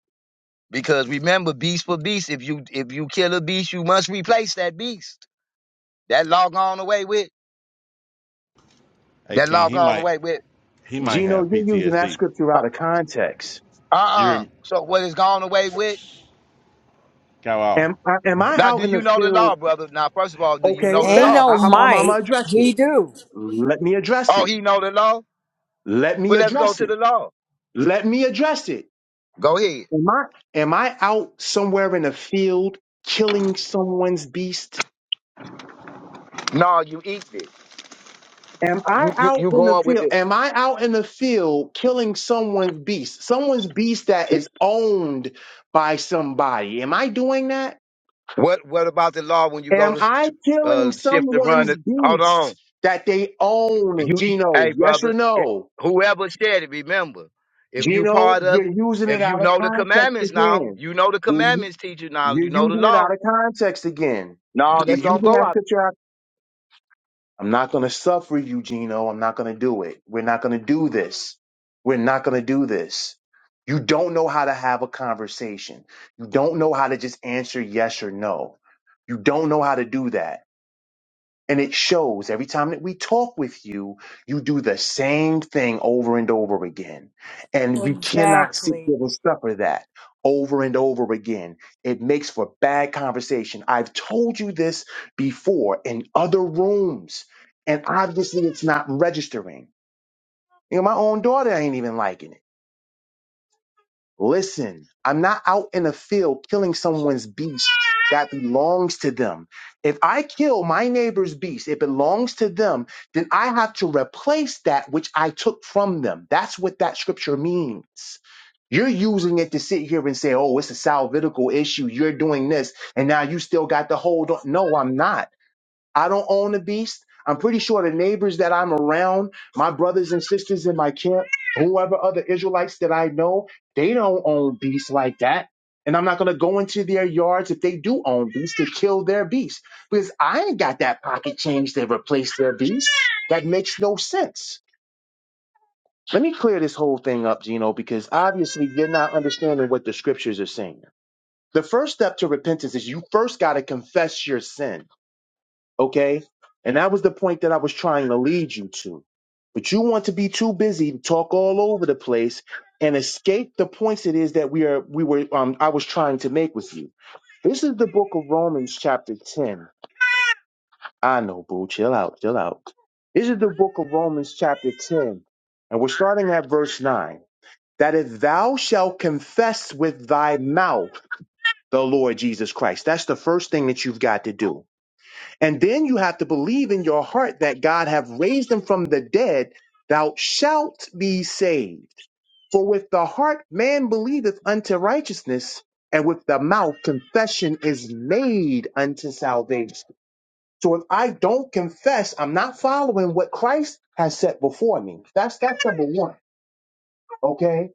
Speaker 6: Because remember, beast for beast. If you if you kill a beast, you must replace that beast. That law gone away with.
Speaker 2: hey
Speaker 6: That
Speaker 2: King,
Speaker 6: law
Speaker 2: he
Speaker 6: gone
Speaker 2: might
Speaker 6: away with.
Speaker 2: he might
Speaker 4: Gino,
Speaker 2: have
Speaker 4: you're using that
Speaker 2: PTSD.
Speaker 4: scripture out of context.
Speaker 2: You hear
Speaker 6: Uh-uh.
Speaker 2: me,
Speaker 6: So what is gone away with?
Speaker 2: Kyle?
Speaker 4: Am, am I
Speaker 6: Now, do
Speaker 4: out in the
Speaker 6: you know the
Speaker 4: field?
Speaker 6: law, brother? Now, first of all, do you
Speaker 4: Okay,
Speaker 6: know the
Speaker 3: Ain't
Speaker 4: bet.
Speaker 6: law?
Speaker 4: I,
Speaker 3: no
Speaker 4: I'm, I'm, I'm
Speaker 3: might.
Speaker 4: gonna address it.
Speaker 3: He do.
Speaker 4: Let me address
Speaker 6: Oh,
Speaker 4: it.
Speaker 6: he know the law?
Speaker 4: Let me
Speaker 6: Well, let's go
Speaker 4: address
Speaker 6: to
Speaker 4: it.
Speaker 6: the law.
Speaker 4: Let me address it.
Speaker 6: Go ahead.
Speaker 4: Am I, am I out somewhere in a field killing someone's beast?
Speaker 6: No, you eat it.
Speaker 4: Am I
Speaker 6: You you,
Speaker 4: out
Speaker 6: you
Speaker 4: in the
Speaker 6: going with
Speaker 4: field?
Speaker 6: it.
Speaker 4: Am I out in the field killing someone's beast? Someone's beast that is owned by somebody. Am I doing that?
Speaker 6: What what about the law when you go
Speaker 4: Am I
Speaker 6: to
Speaker 4: killing
Speaker 6: uh, shift the run?
Speaker 4: someone's
Speaker 6: Hold on.
Speaker 4: beast that they own,
Speaker 6: You,
Speaker 4: Gino?
Speaker 6: hey,
Speaker 4: Yes or
Speaker 6: brother, it-
Speaker 4: no?
Speaker 6: whoever said it, remember, if you
Speaker 4: Gino,
Speaker 6: part of
Speaker 4: you're
Speaker 6: it,
Speaker 4: using it
Speaker 6: if you
Speaker 4: out of
Speaker 6: know the
Speaker 4: context
Speaker 6: commandments now,
Speaker 4: again.
Speaker 6: you know the
Speaker 4: You're,
Speaker 6: commandments, teacher. Now you
Speaker 4: you're
Speaker 6: know the
Speaker 4: using it
Speaker 6: law.
Speaker 4: out of context again.
Speaker 6: No,
Speaker 4: You're
Speaker 6: that's gonna
Speaker 4: using
Speaker 6: go
Speaker 4: that
Speaker 6: out.
Speaker 4: scripture. out- I'm not going to suffer you, Gino. I'm not going to do it. We're not going to do this. We're not going to do this. You don't know how to have a conversation. You don't know how to just answer yes or no. You don't know how to do that. And it shows every time that we talk with you, you do the same thing over and over again. And we cannot sit
Speaker 3: Exactly.
Speaker 4: there and suffer that over and over again. It makes for bad conversation. I've told you this before in other rooms, and obviously it's not registering. You know, my own daughter ain't even liking it. Listen, I'm not out in a field killing someone's beast that belongs to them. If I kill my neighbor's beast, it belongs to them, then I have to replace that which I took from them. That's what that scripture means. You're using it to sit here and say, oh, it's a salvitical issue. You're doing this, and now you still got the hold on. No, I'm not. I don't own a beast. I'm pretty sure the neighbors that I'm around, my brothers and sisters in my camp, whoever other Israelites that I know, they don't own beasts like that. And I'm not going to go into their yards if they do own beasts to kill their beasts because I ain't got that pocket change to replace their beasts. That makes no sense. Let me clear this whole thing up, Gino, because obviously you're not understanding what the scriptures are saying. The first step to repentance is you first got to confess your sin Okay. And that was the point that I was trying to lead you to. But you want to be too busy to talk all over the place and escape the points it is that we are we were um I was trying to make with you. This is the book of Romans chapter 10. I know, boo, chill out, chill out. This is the book of Romans chapter 10, and we're starting at verse 9. That if thou shalt confess with thy mouth the Lord Jesus Christ, that's the first thing that you've got to do and then you have to believe in your heart that God have raised him from the dead. Thou shalt be saved. For with the heart man believeth unto righteousness, and with the mouth confession is made unto salvation. So if I don't confess, I'm not following what Christ has set before me. That's that's number one. Okay.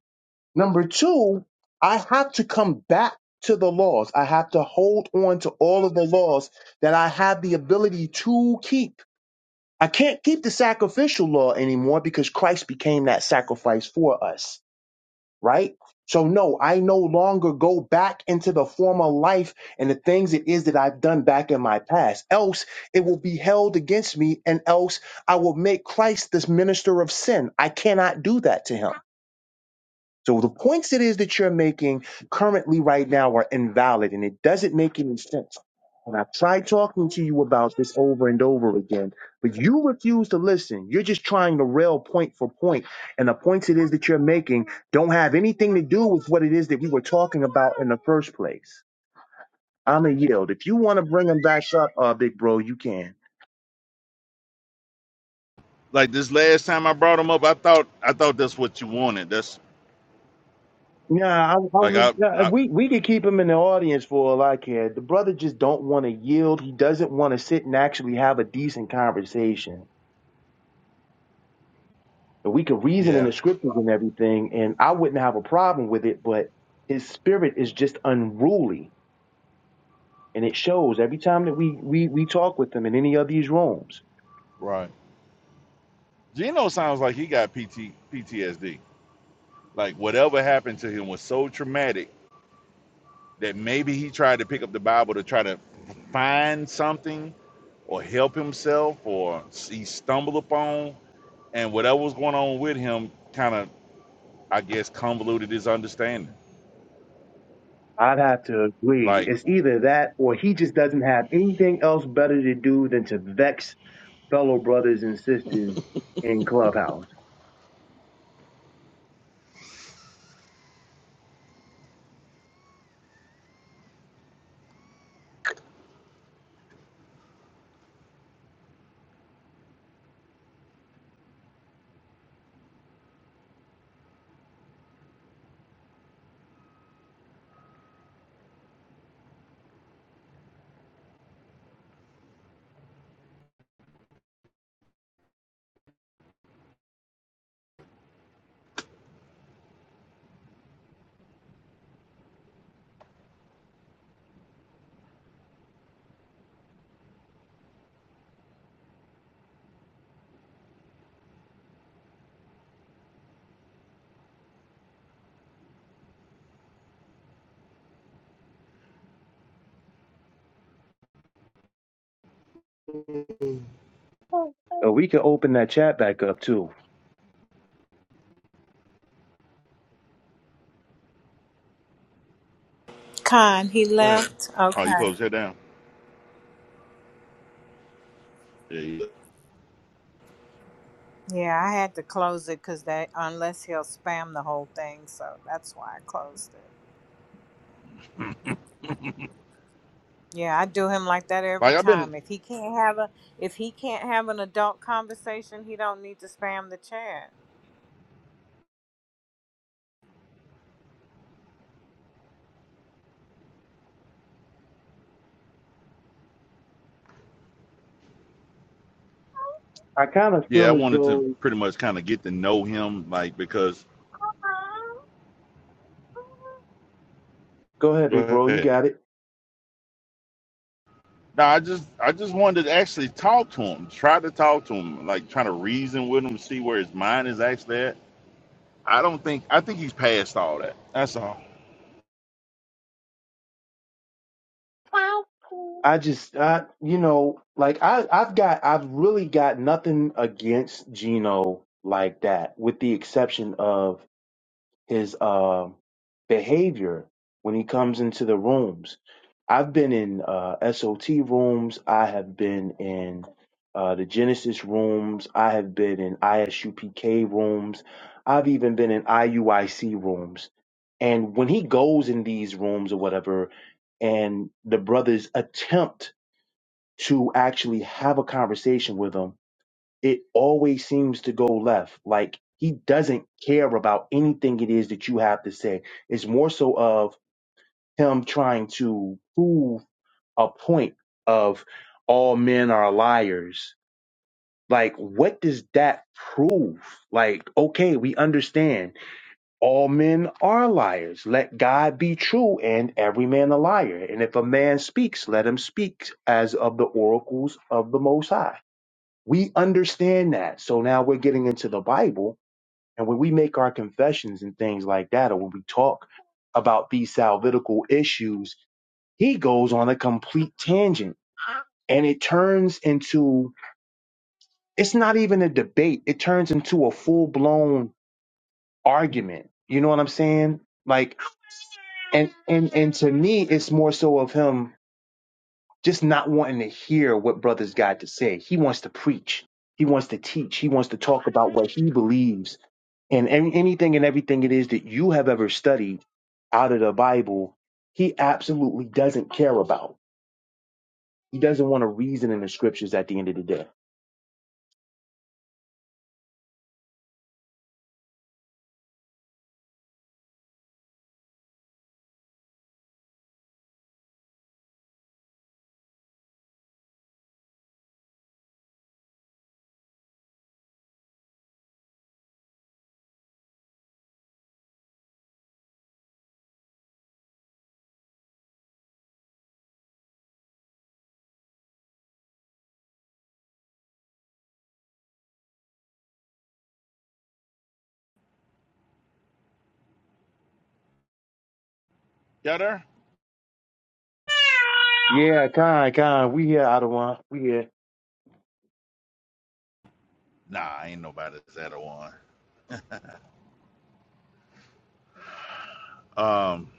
Speaker 4: Number two, I have to come back to the laws. I have to hold on to all of the laws that I have the ability to keep I can't keep the sacrificial law anymore because Christ became that sacrifice for us, right? So no, I no longer go back into the former life and the things it is that I've done back in my past. Else it will be held against me and else I will make Christ this minister of sin. I cannot do that to him. So the points it is that you're making currently right now are invalid and it doesn't make any sense. And I've tried talking to you about this over and over again, but you refuse to listen. You're just trying to rail point for point, and the points it is that you're making don't have anything to do with what it is that we were talking about in the first place. I'm a yield. If you want to bring them back up, uh, big bro, you can.
Speaker 2: like this last time I brought him up, I thought I thought that's what you wanted. That's
Speaker 4: Yeah, I, I
Speaker 2: like
Speaker 4: was.
Speaker 2: I
Speaker 4: nah,
Speaker 2: I
Speaker 4: We we could keep him in the audience for all I care. The brother just don't want to yield. He doesn't want to sit and actually have a decent conversation. And we could reason in
Speaker 2: yeah,
Speaker 4: the scriptures and everything, and I wouldn't have a problem with it. But his spirit is just unruly, and it shows every time that we we we talk with him in any of these rooms.
Speaker 2: right. Gino sounds like he got PT, PTSD. Like whatever happened to him was so traumatic that maybe he tried to pick up the Bible to try to find something or help himself or he stumbled upon and whatever was going on with him kind of I guess convoluted his understanding.
Speaker 4: I'd have to agree.
Speaker 2: Like
Speaker 4: It's either that, or he just doesn't have anything else better to do than to vex fellow brothers and sisters in clubhouse. Uh, we could open that chat back up too.
Speaker 3: Con, he
Speaker 2: what happened?
Speaker 3: left.
Speaker 2: Oh,
Speaker 3: Okay.
Speaker 2: you closed your head down. Yeah. you-
Speaker 3: Yeah, I had to close it because that unless he'll spam the whole thing, so that's why I closed it. Yeah, I do him like that every
Speaker 2: Like I've been
Speaker 3: time. If he can't have a if he can't have an adult conversation, he don't need to spam the chat.
Speaker 4: I kind of
Speaker 2: Yeah,
Speaker 4: feel
Speaker 2: I
Speaker 4: as
Speaker 2: wanted to
Speaker 4: though.
Speaker 2: pretty much kind of get to know him, like because
Speaker 4: Go ahead, big
Speaker 2: go
Speaker 4: bro. You
Speaker 2: ahead.
Speaker 4: got it.
Speaker 2: No, I just I just wanted to actually talk to him, try to talk to him, like trying to reason with him, see where his mind is actually at. I don't think I think he's past all that. That's all.
Speaker 4: I just, I, you know, like I, I've got, I've really got nothing against Gino like that, with the exception of his uh, behavior when he comes into the rooms. I've been in uh, SOT rooms. I have been in uh, the Genesis rooms. I have been in ISUPK rooms. I've even been in IUIC rooms. And when he goes in these rooms or whatever, and the brothers attempt to actually have a conversation with him, it always seems to go left. Like he doesn't care about anything it is that you have to say. It's more so of him trying to prove a point of all men are liars. Like, what does that prove? Like, okay, we understand all men are liars. Let God be true and every man a liar. And if a man speaks, let him speak as of the oracles of the Most High we understand that. So now we're getting into the Bible, and when we make our confessions and things like that, or when we talk about these salvitical issues, he goes on a complete tangent and it turns into it's not even a debate it turns into a full-blown argument you know what i'm saying like and and and to me it's more so of him just not wanting to hear what brothers got to say he wants to preach he wants to teach he wants to talk about what he believes And any, anything and everything it is that you have ever studied out of the Bible, he absolutely doesn't care about. He doesn't want to reason in the scriptures at the end of the day.
Speaker 2: Y'all there?
Speaker 4: Yeah, Khan, Khan, we here, Adawan. We here.
Speaker 2: Nah, ain't nobody's at a one. Um,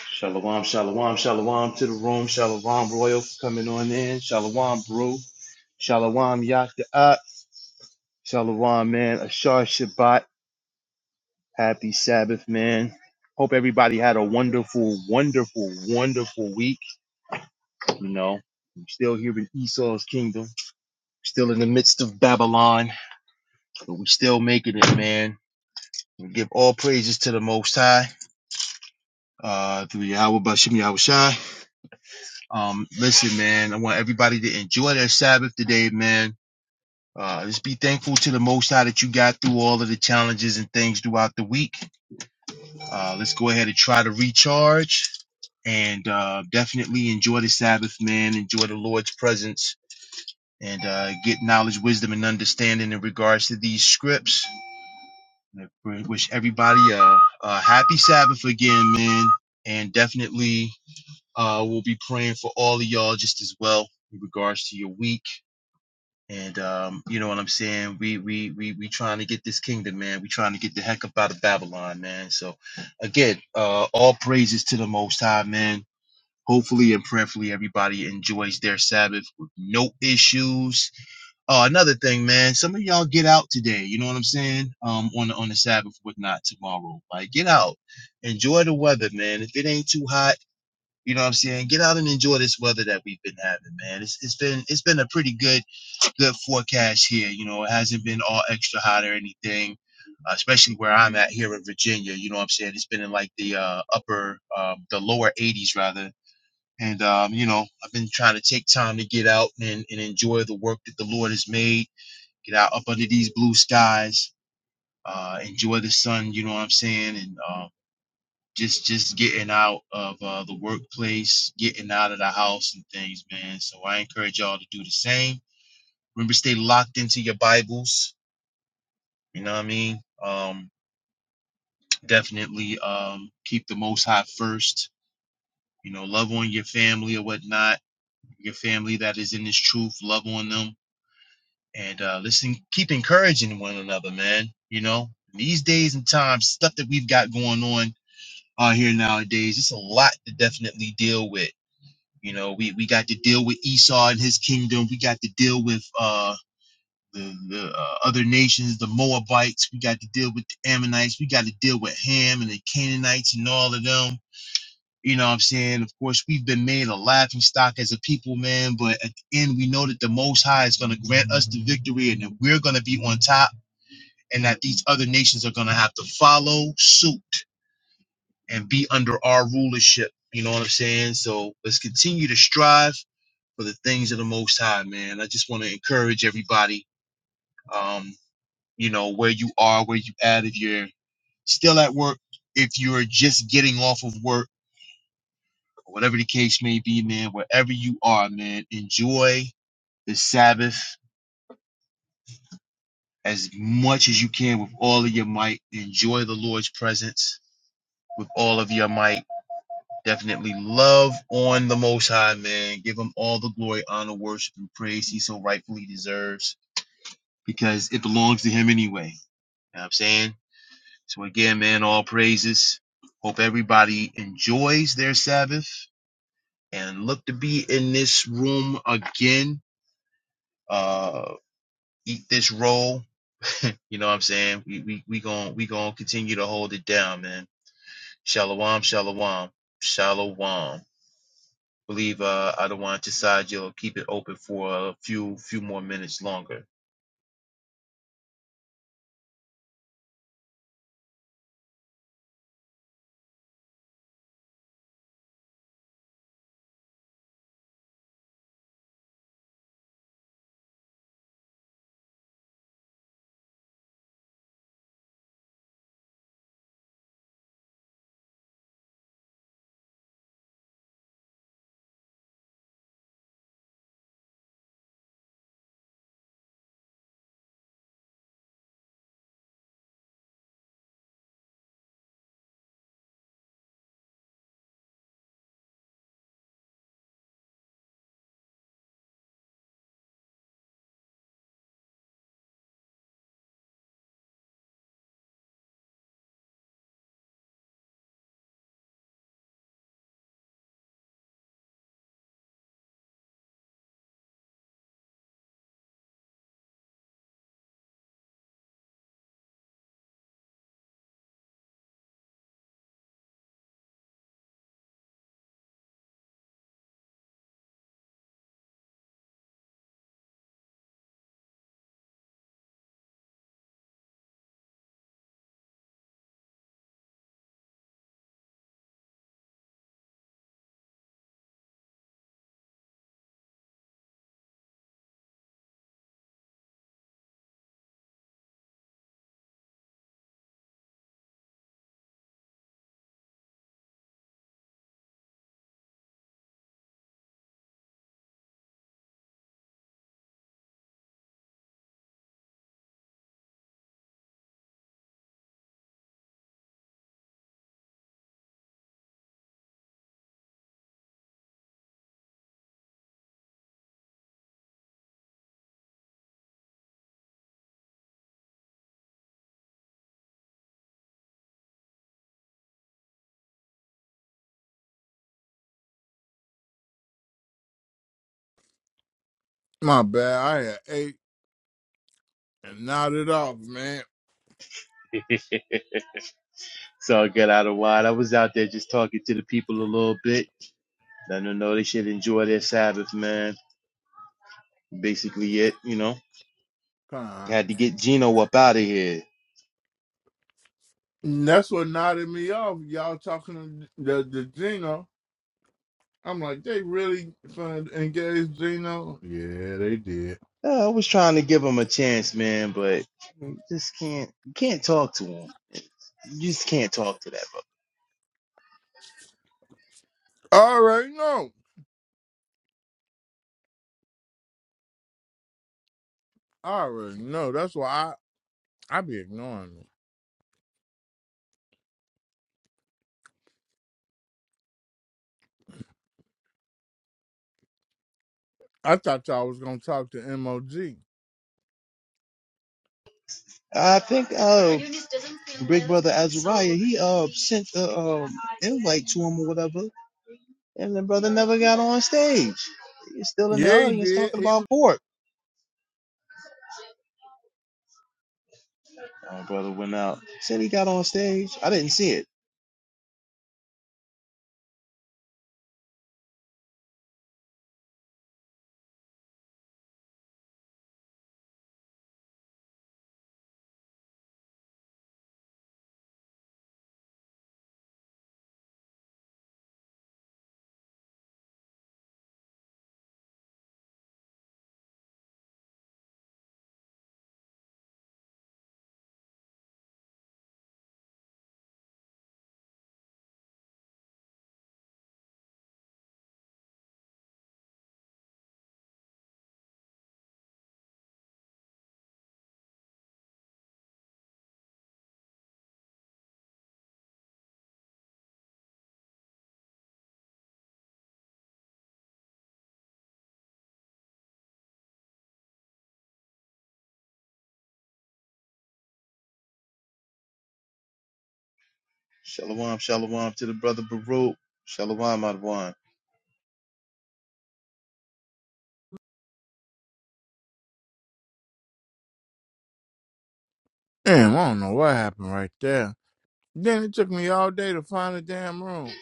Speaker 4: Shalom, shalom, shalom to the room. Shalom, Royal, for coming on in. Shalom, Brew. Shalom, Yakta'at. Shalom, man. Ashar Shabbat. Happy Sabbath, man. Hope everybody had a wonderful, wonderful, wonderful week. You know, we're still here in Esau's kingdom, we're still in the midst of Babylon, but we still making it, man. We give all praises to the Most High, uh, through Yahweh Bashim Yahushai. Um, listen, man, I want everybody to enjoy their Sabbath today, man. Uh, just be thankful to the Most High that you got through all of the challenges and things throughout the week. Uh, let's go ahead and try to recharge and uh, definitely enjoy the Sabbath, man. Enjoy the Lord's presence and uh, get knowledge, wisdom, and understanding in regards to these scripts. I wish everybody a, a happy Sabbath again, man. And definitely, uh, we'll be praying for all of y'all just as well in regards to your week. And um, you know what I'm saying? We we we we trying to get this kingdom, man. We trying to get the heck up out of Babylon, man. So again, uh, all praises to the Most High, man. Hopefully and prayerfully, everybody enjoys their Sabbath with no issues Oh, another thing, man. Some of y'all get out today. You know what I'm saying? Um, on the on the Sabbath, whatnot, tomorrow. Like, get out, enjoy the weather, man. If it ain't too hot, you know what I'm saying? Get out and enjoy this weather that we've been having, man. It's it's been it's been a pretty good good forecast here. You know, it hasn't been all extra hot or anything. uh, Especially where I'm at here in Virginia, you know what I'm saying? It's been in like the uh, upper, um, the lower 80s rather. And, um, you know, I've been trying to take time to get out and, and enjoy the work that the Lord has made get out up under these blue skies, uh, enjoy the sun. You know what I'm saying? And uh, just just getting out of uh, the workplace, getting out of the house and things, man. So I encourage y'all to do the same. Remember, stay locked into your Bibles. You know what I mean? Um, definitely um, keep the Most High first. You know, love on your family or whatnot. Your family that is in this truth, love on them and uh, listen, keep encouraging one another, man. You know, these days and times, stuff that we've got going on out here nowadays, it's a lot to definitely deal with. You know, we we got to deal with Esau and his kingdom. We got to deal with uh the, the uh, other nations, the Moabites. We got to deal with the Ammonites. We got to deal with Ham and the Canaanites and all of them you know what I'm saying? Of course, we've been made a laughing stock as a people, man, but at the end, we know that the Most High is going to grant us the victory and that we're going to be on top and that these other nations are going to have to follow suit and be under our rulership. You know what I'm saying? So let's continue to strive for the things of the Most High, man. I just want to encourage everybody, um, you know, where you are, where you at, if you're still at work, if you're just getting off of work whatever the case may be, man, wherever you are, man, enjoy the Sabbath as much as you can with all of your might. Enjoy the Lord's presence with all of your might. Definitely love on the Most High, man. Give him all the glory, honor, worship, and praise he so rightfully deserves because it belongs to him anyway. You know what I'm saying? So, again, man, all praises. Hope everybody enjoys their Sabbath and look to be in this room again Uh. eat this roll. You know what I'm saying? We we we going we going to continue to hold it down, man. Shalom, shalom, shalom. Believe uh I don't want to side you'll keep it open for a few few more minutes longer.
Speaker 5: My bad. I had ate and nodded off, man.
Speaker 4: so get out of wine. I was out there just talking to the people a little bit. Letting them know they should enjoy their Sabbath, man. Basically it, you know.
Speaker 5: God.
Speaker 4: Had to get Gino up out of here.
Speaker 5: And That's what nodded me off. Y'all talking to the, the Gino. I'm like, they really finna engage Gino? Yeah, they did.
Speaker 4: Uh, I was trying to give him a chance, man, but you just can't you can't talk to him. You just can't talk to that
Speaker 5: I already know. I already know. That's why I, I be ignoring them. I thought y'all was gonna talk to MOG.
Speaker 4: brother. I think uh to him or whatever, and the brother never got on stage. He's still in the
Speaker 5: Yeah, he
Speaker 4: audience
Speaker 5: did.
Speaker 4: talking
Speaker 5: He
Speaker 4: about
Speaker 5: was.
Speaker 4: pork. My brother went out. Said he got on stage. I didn't see it. Shalom, shalom to the brother Baruch. Shalom, Adwan.
Speaker 5: Damn, I don't know what happened right there. Then it took me all day to find a damn room.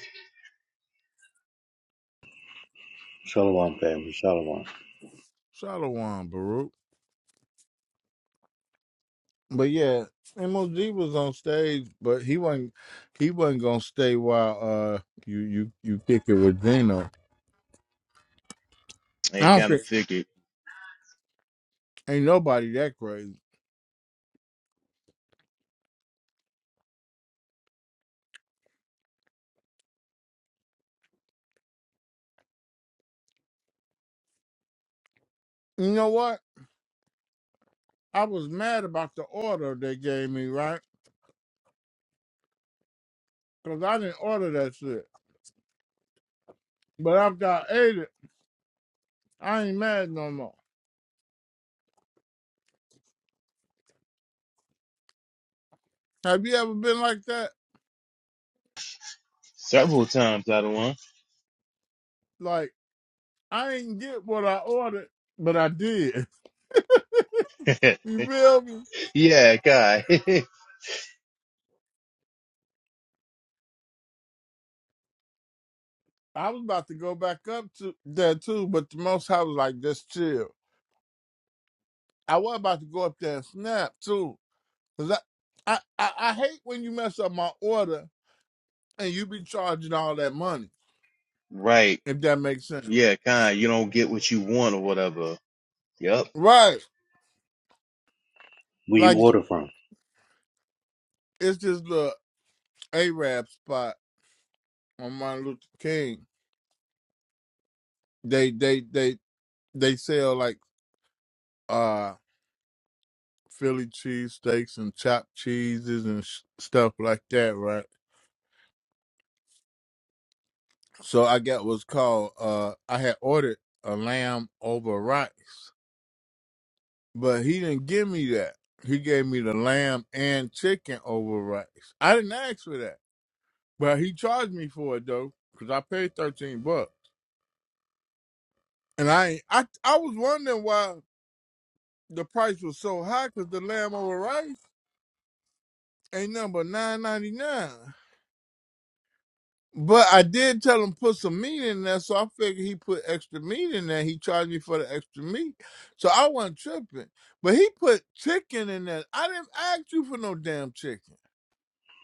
Speaker 8: Shalom family, Shalom.
Speaker 5: Shalom Baruch. But yeah, MOG was on stage, but he wasn't he wasn't gonna stay while uh you you you kick it with Gino. I
Speaker 4: I
Speaker 5: don't
Speaker 4: kind of
Speaker 5: think
Speaker 4: figured
Speaker 5: ain't nobody that crazy. You know what? I was mad about the order they gave me, right? Because I didn't order that shit. But after I ate it, I ain't mad no more. Have you ever been like that?
Speaker 4: several times, Adwan.
Speaker 5: Like I ain't get what I ordered, but I did. You feel me?
Speaker 4: yeah, guy.
Speaker 5: I was about to go back up to there too, but the most I was like, just chill. I was about to go up there and snap too, cause I, I, I, I hate when you mess up my order and you be charging all that money.
Speaker 4: right.
Speaker 5: If that makes sense,
Speaker 4: Yeah, kind. You don't get what you want or whatever. Yep.
Speaker 5: right?
Speaker 8: Where you
Speaker 5: Like
Speaker 8: order from?
Speaker 5: it's this little Arab spot on Martin Luther King. They, they, they, they sell like uh Philly cheese steaks and chopped cheeses and sh- stuff like that, right? So I got what's called uh I had ordered a lamb over rice, but he didn't give me that. He gave me the lamb and chicken over rice. I didn't ask for that, but he charged me for it though, cause I paid thirteen bucks. And I ain't- I I was wondering why the price was so high, cause the lamb over rice ain't number nine ninety nine. But I did tell him put some meat in there, so I figured he put extra meat in there. He charged me for the extra meat, so I wasn't tripping. But he put chicken in there. I didn't ask you for no damn chicken.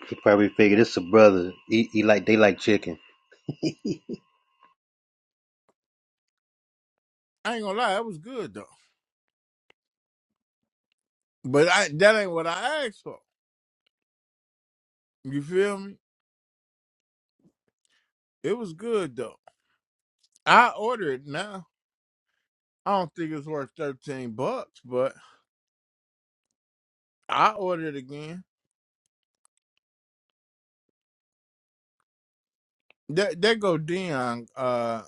Speaker 8: They probably figured it's a brother. He, he like they like chicken.
Speaker 5: I ain't gonna lie, that was good though. But I, that ain't what I asked for. You feel me? It was good though. I ordered it now. I don't think it's worth thirteen bucks, but I ordered again. That that go Dion uh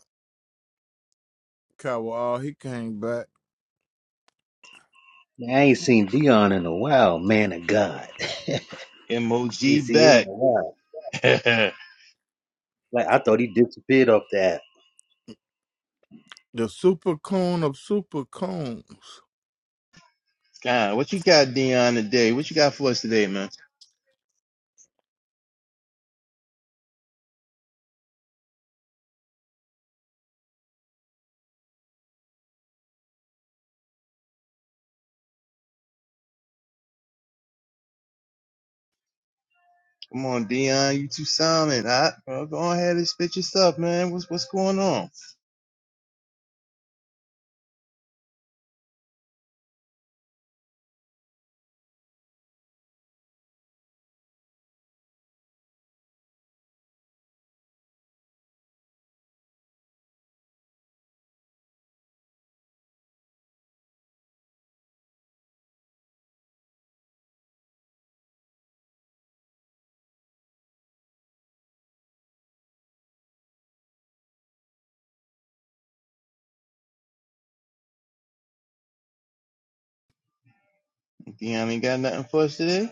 Speaker 5: Cowell. He came back.
Speaker 8: Man, I ain't seen Dion in a while, man of God. I ain't
Speaker 4: MOG
Speaker 8: seen him in a
Speaker 4: back.
Speaker 8: while. Like I thought he disappeared off that.
Speaker 5: The super coon of super coons.
Speaker 4: God, what you got, Dion, today? What you got for us today, man? Come on, Dion. You too silent. Huh? Well, go on ahead and spit your stuff, man. What's what's going on? Dion ain't got nothing for us today.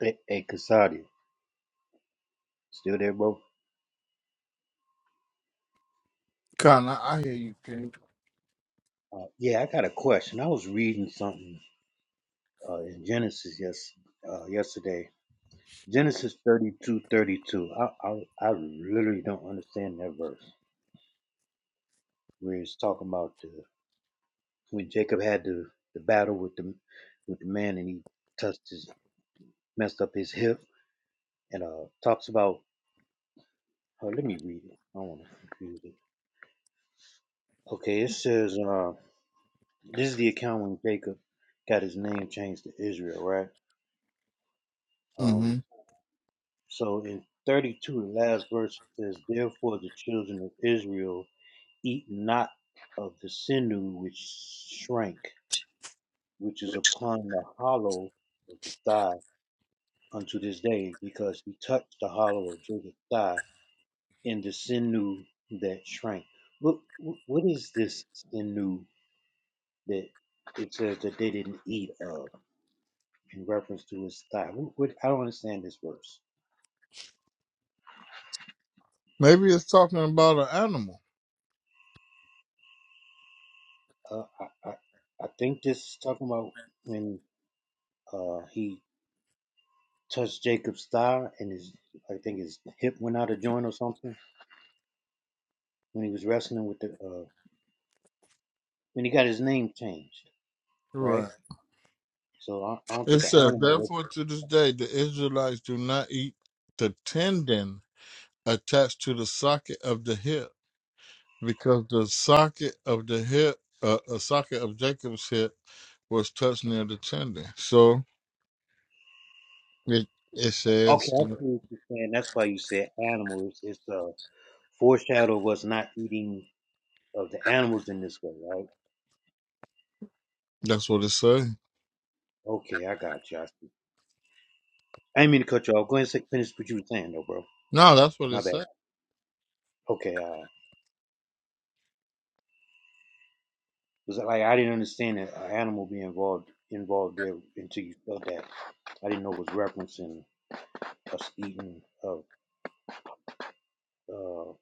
Speaker 8: Hey, hey Cassati, still there, bro?
Speaker 5: Kind of, I hear you. King.
Speaker 8: Uh, yeah, I got a question. I was reading something uh, in Genesis yes uh, yesterday. Genesis thirty two thirty two. I, I I literally don't understand that verse where it's talking about the. when Jacob had the, the battle with the with the man and he touched his messed up his hip and uh talks about oh, let me read it. I don't want to confuse it. Okay, it says uh this is the account when Jacob got his name changed to Israel, right?
Speaker 5: hmm
Speaker 8: Um so in thirty two the last verse says, Therefore the children of Israel eat not of the sinew which shrank, which is upon the hollow of the thigh unto this day, because he touched the hollow of Jacob's thigh and the sinew that shrank. What what is this sinew that it says that they didn't eat of in reference to his thigh? What, what I don't understand this verse.
Speaker 5: Maybe it's talking about an animal.
Speaker 8: Uh, I, I I think this is talking about when uh he touched Jacob's thigh and his I think his hip went out of joint or something when he was wrestling with the uh when he got his name changed, right?
Speaker 5: Right.
Speaker 8: So I, I don't
Speaker 5: It
Speaker 8: think an
Speaker 5: says,
Speaker 8: animal
Speaker 5: therefore, to this day, the Israelites do not eat the tendon attached to the socket of the hip, because the socket of the hip, uh, a socket of Jacob's hip, was touched near the tendon. So it it
Speaker 8: Okay,
Speaker 5: says
Speaker 8: I see what you're saying. That's why you said animals. It's the foreshadow of us not eating of the animals in this way, right?
Speaker 5: that's what it says.
Speaker 8: Okay, I got you. I see. I didn't mean to cut you off. Go ahead and say- finish what you were saying, though, bro.
Speaker 5: No, that's what
Speaker 8: My
Speaker 5: it
Speaker 8: bad.
Speaker 5: says.
Speaker 8: Okay, uh, was it like I didn't understand that an animal be involved involved there until you said that. I didn't know it was referencing us eating of. Uh,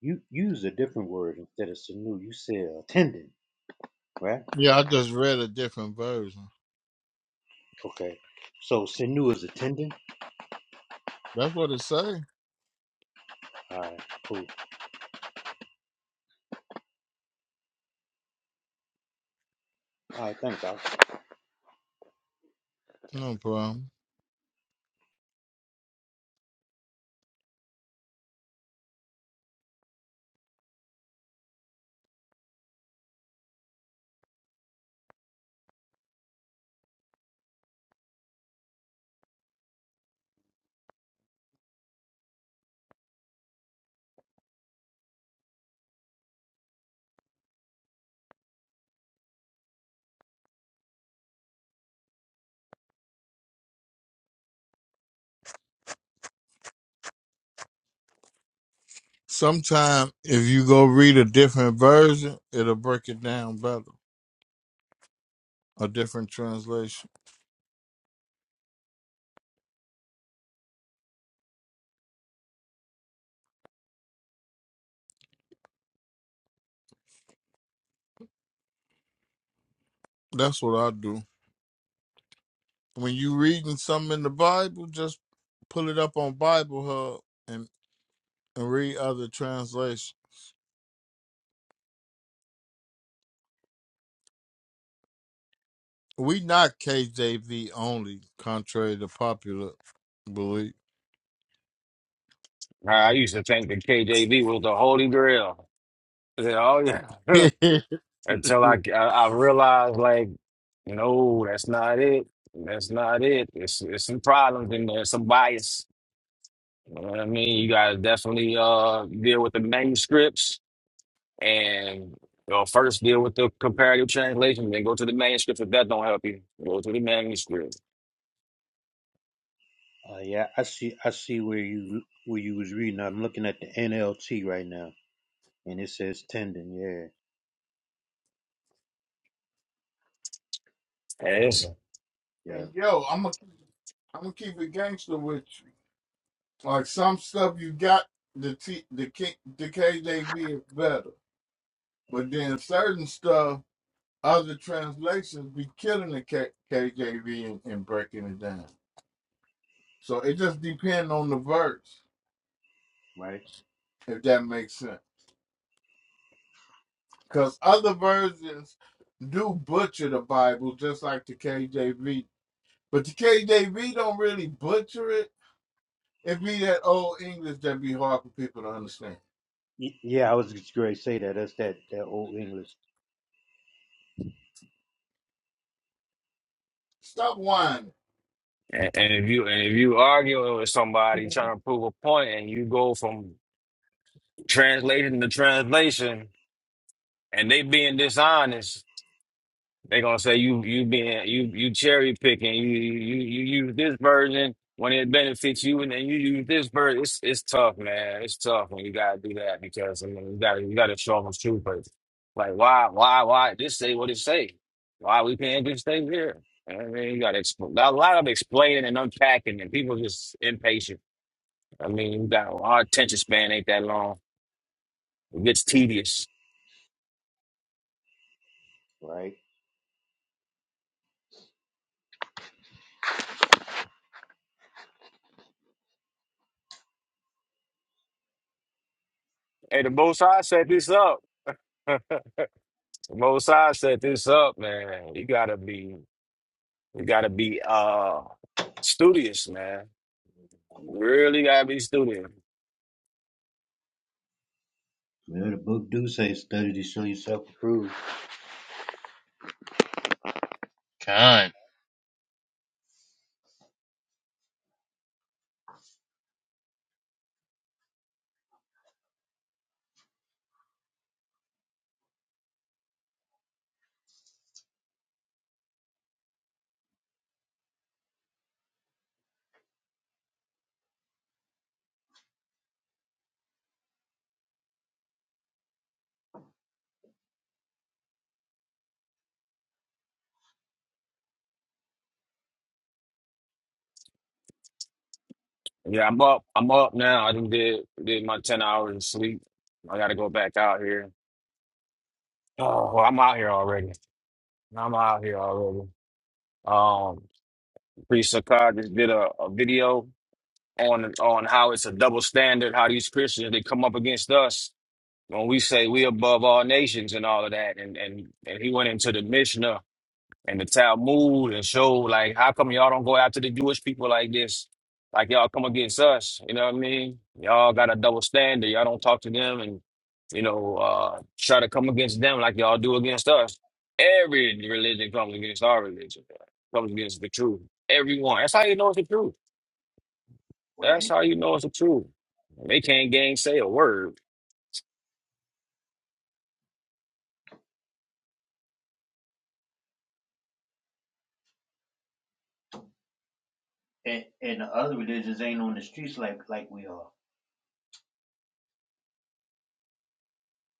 Speaker 8: you you used a different word instead of sinew. You said a tendon, right?
Speaker 5: Yeah, I just read a different version.
Speaker 8: Okay. So sinew is a tendon.
Speaker 5: That's what it says.
Speaker 8: All right, cool. All right, thanks. I
Speaker 5: No problem. Sometimes if you go read a different version, it'll break it down better. A different translation. That's what I do. When you reading something in the Bible, just pull it up on Bible Hub and, and read other translations. We not KJV only, contrary to popular belief.
Speaker 9: I used to think that KJV was the holy grail. I said, oh yeah,
Speaker 5: and
Speaker 9: until I, I I realized like, no, that's not it. That's not it. It's it's some problems in there, some bias. You know what I mean? You gotta definitely uh deal with the manuscripts and you know, first deal with the comparative translation, then go to the manuscripts. If that don't help you, go to the manuscript.
Speaker 8: Uh, yeah, I see. I see where you where you was reading. I'm looking at the NLT right now, and it says tendon. Yeah,
Speaker 9: And, it's,
Speaker 8: yeah,
Speaker 5: yo, I'm gonna I'm gonna keep it gangster with you. Like some stuff you got the T, the K, the KJV is better. But then certain stuff, other translations be killing the K- KJV and, and breaking it down. So it just depends on the verse,
Speaker 8: right.
Speaker 5: if that makes sense. Because other versions do butcher the Bible just like the KJV. But the KJV don't really butcher it. It be that old English that be hard for people to understand.
Speaker 8: Y- Yeah, I was just going to say that. That's that that old English,
Speaker 5: Stop whining.
Speaker 9: and, and if you and if you argue with somebody
Speaker 8: Yeah.
Speaker 9: trying to prove a point, and you go from translating the translation and they being dishonest, they gonna say you you being you you cherry picking, you you you use this version when it benefits you and then you use this version. It's it's tough, man. It's tough when you gotta do that because I mean you gotta you gotta show them truth, but like why why why this say what it say? Why we can't just stay here? I mean, you got to explain a lot of explaining and unpacking, and people just impatient. I mean, you got our attention span ain't that long. It gets tedious.
Speaker 8: right?
Speaker 9: Hey, the Most High set this up. the Most High set this up, man. You gotta be, you gotta be uh studious, man. Really gotta be studious.
Speaker 8: Well, the book do say study to show yourself approved,
Speaker 4: Kind.
Speaker 9: Yeah, I'm up. I'm up now. I done did did my ten hours of sleep. I gotta go back out here. Oh, well, I'm out here already. I'm out here already. Um, Priest Sakai just did a, a video on on how it's a double standard. How these Christians they come up against us when we say we above all nations and all of that, and and and he went into the Mishnah and the Talmud and showed like, how come y'all don't go after the Jewish people like this? Like y'all come against us, you know what I mean? Y'all got a double standard. Y'all don't talk to them and you know uh, try to come against them like y'all do against us. Every religion comes against our religion, comes against the truth. Everyone. That's how you know it's the truth. That's
Speaker 8: right?
Speaker 9: how you know it's the truth. They can't gainsay a word.
Speaker 8: And and the other religions ain't on the streets like like we are,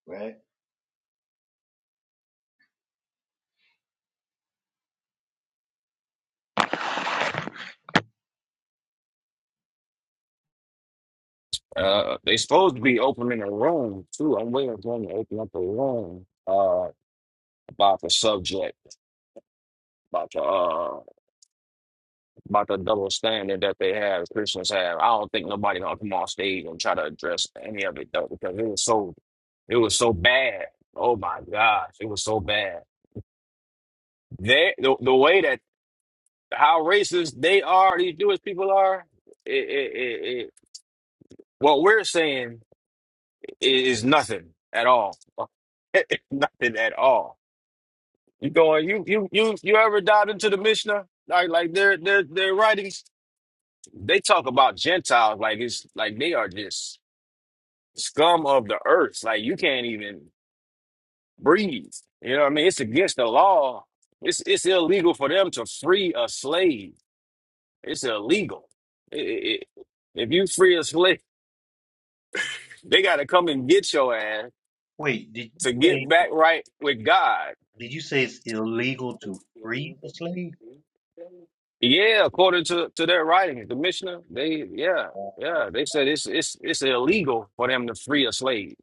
Speaker 8: right?
Speaker 9: Uh, they supposed to be opening a room too. I'm waiting for them to open up a room uh about the subject, about the uh about the double standard that they have, Christians have. I don't think nobody gonna come on stage and try to address any of it though, because it was so it was so bad. Oh my gosh, it was so bad. They the, the way that how racist they are, these Jewish people are. It, it, it, it, what we're saying is nothing at all. nothing at all You going? You you you you ever dived into the Mishnah? Like like their their their writings, they talk about Gentiles like it's like they are just scum of the earth. Like you can't even breathe. You know what I mean? It's against the law. It's it's illegal for them to free a slave. It's illegal. I- I- I- if you free a slave, they got to come and get your ass
Speaker 8: Wait, did you
Speaker 9: to get
Speaker 8: say
Speaker 9: back right with God.
Speaker 8: did you say it's illegal to free a slave?
Speaker 9: Yeah, according to, to their writing, the Mishnah, they yeah, yeah,
Speaker 8: Uh,
Speaker 9: they said it's it's it's illegal for them to free a slave.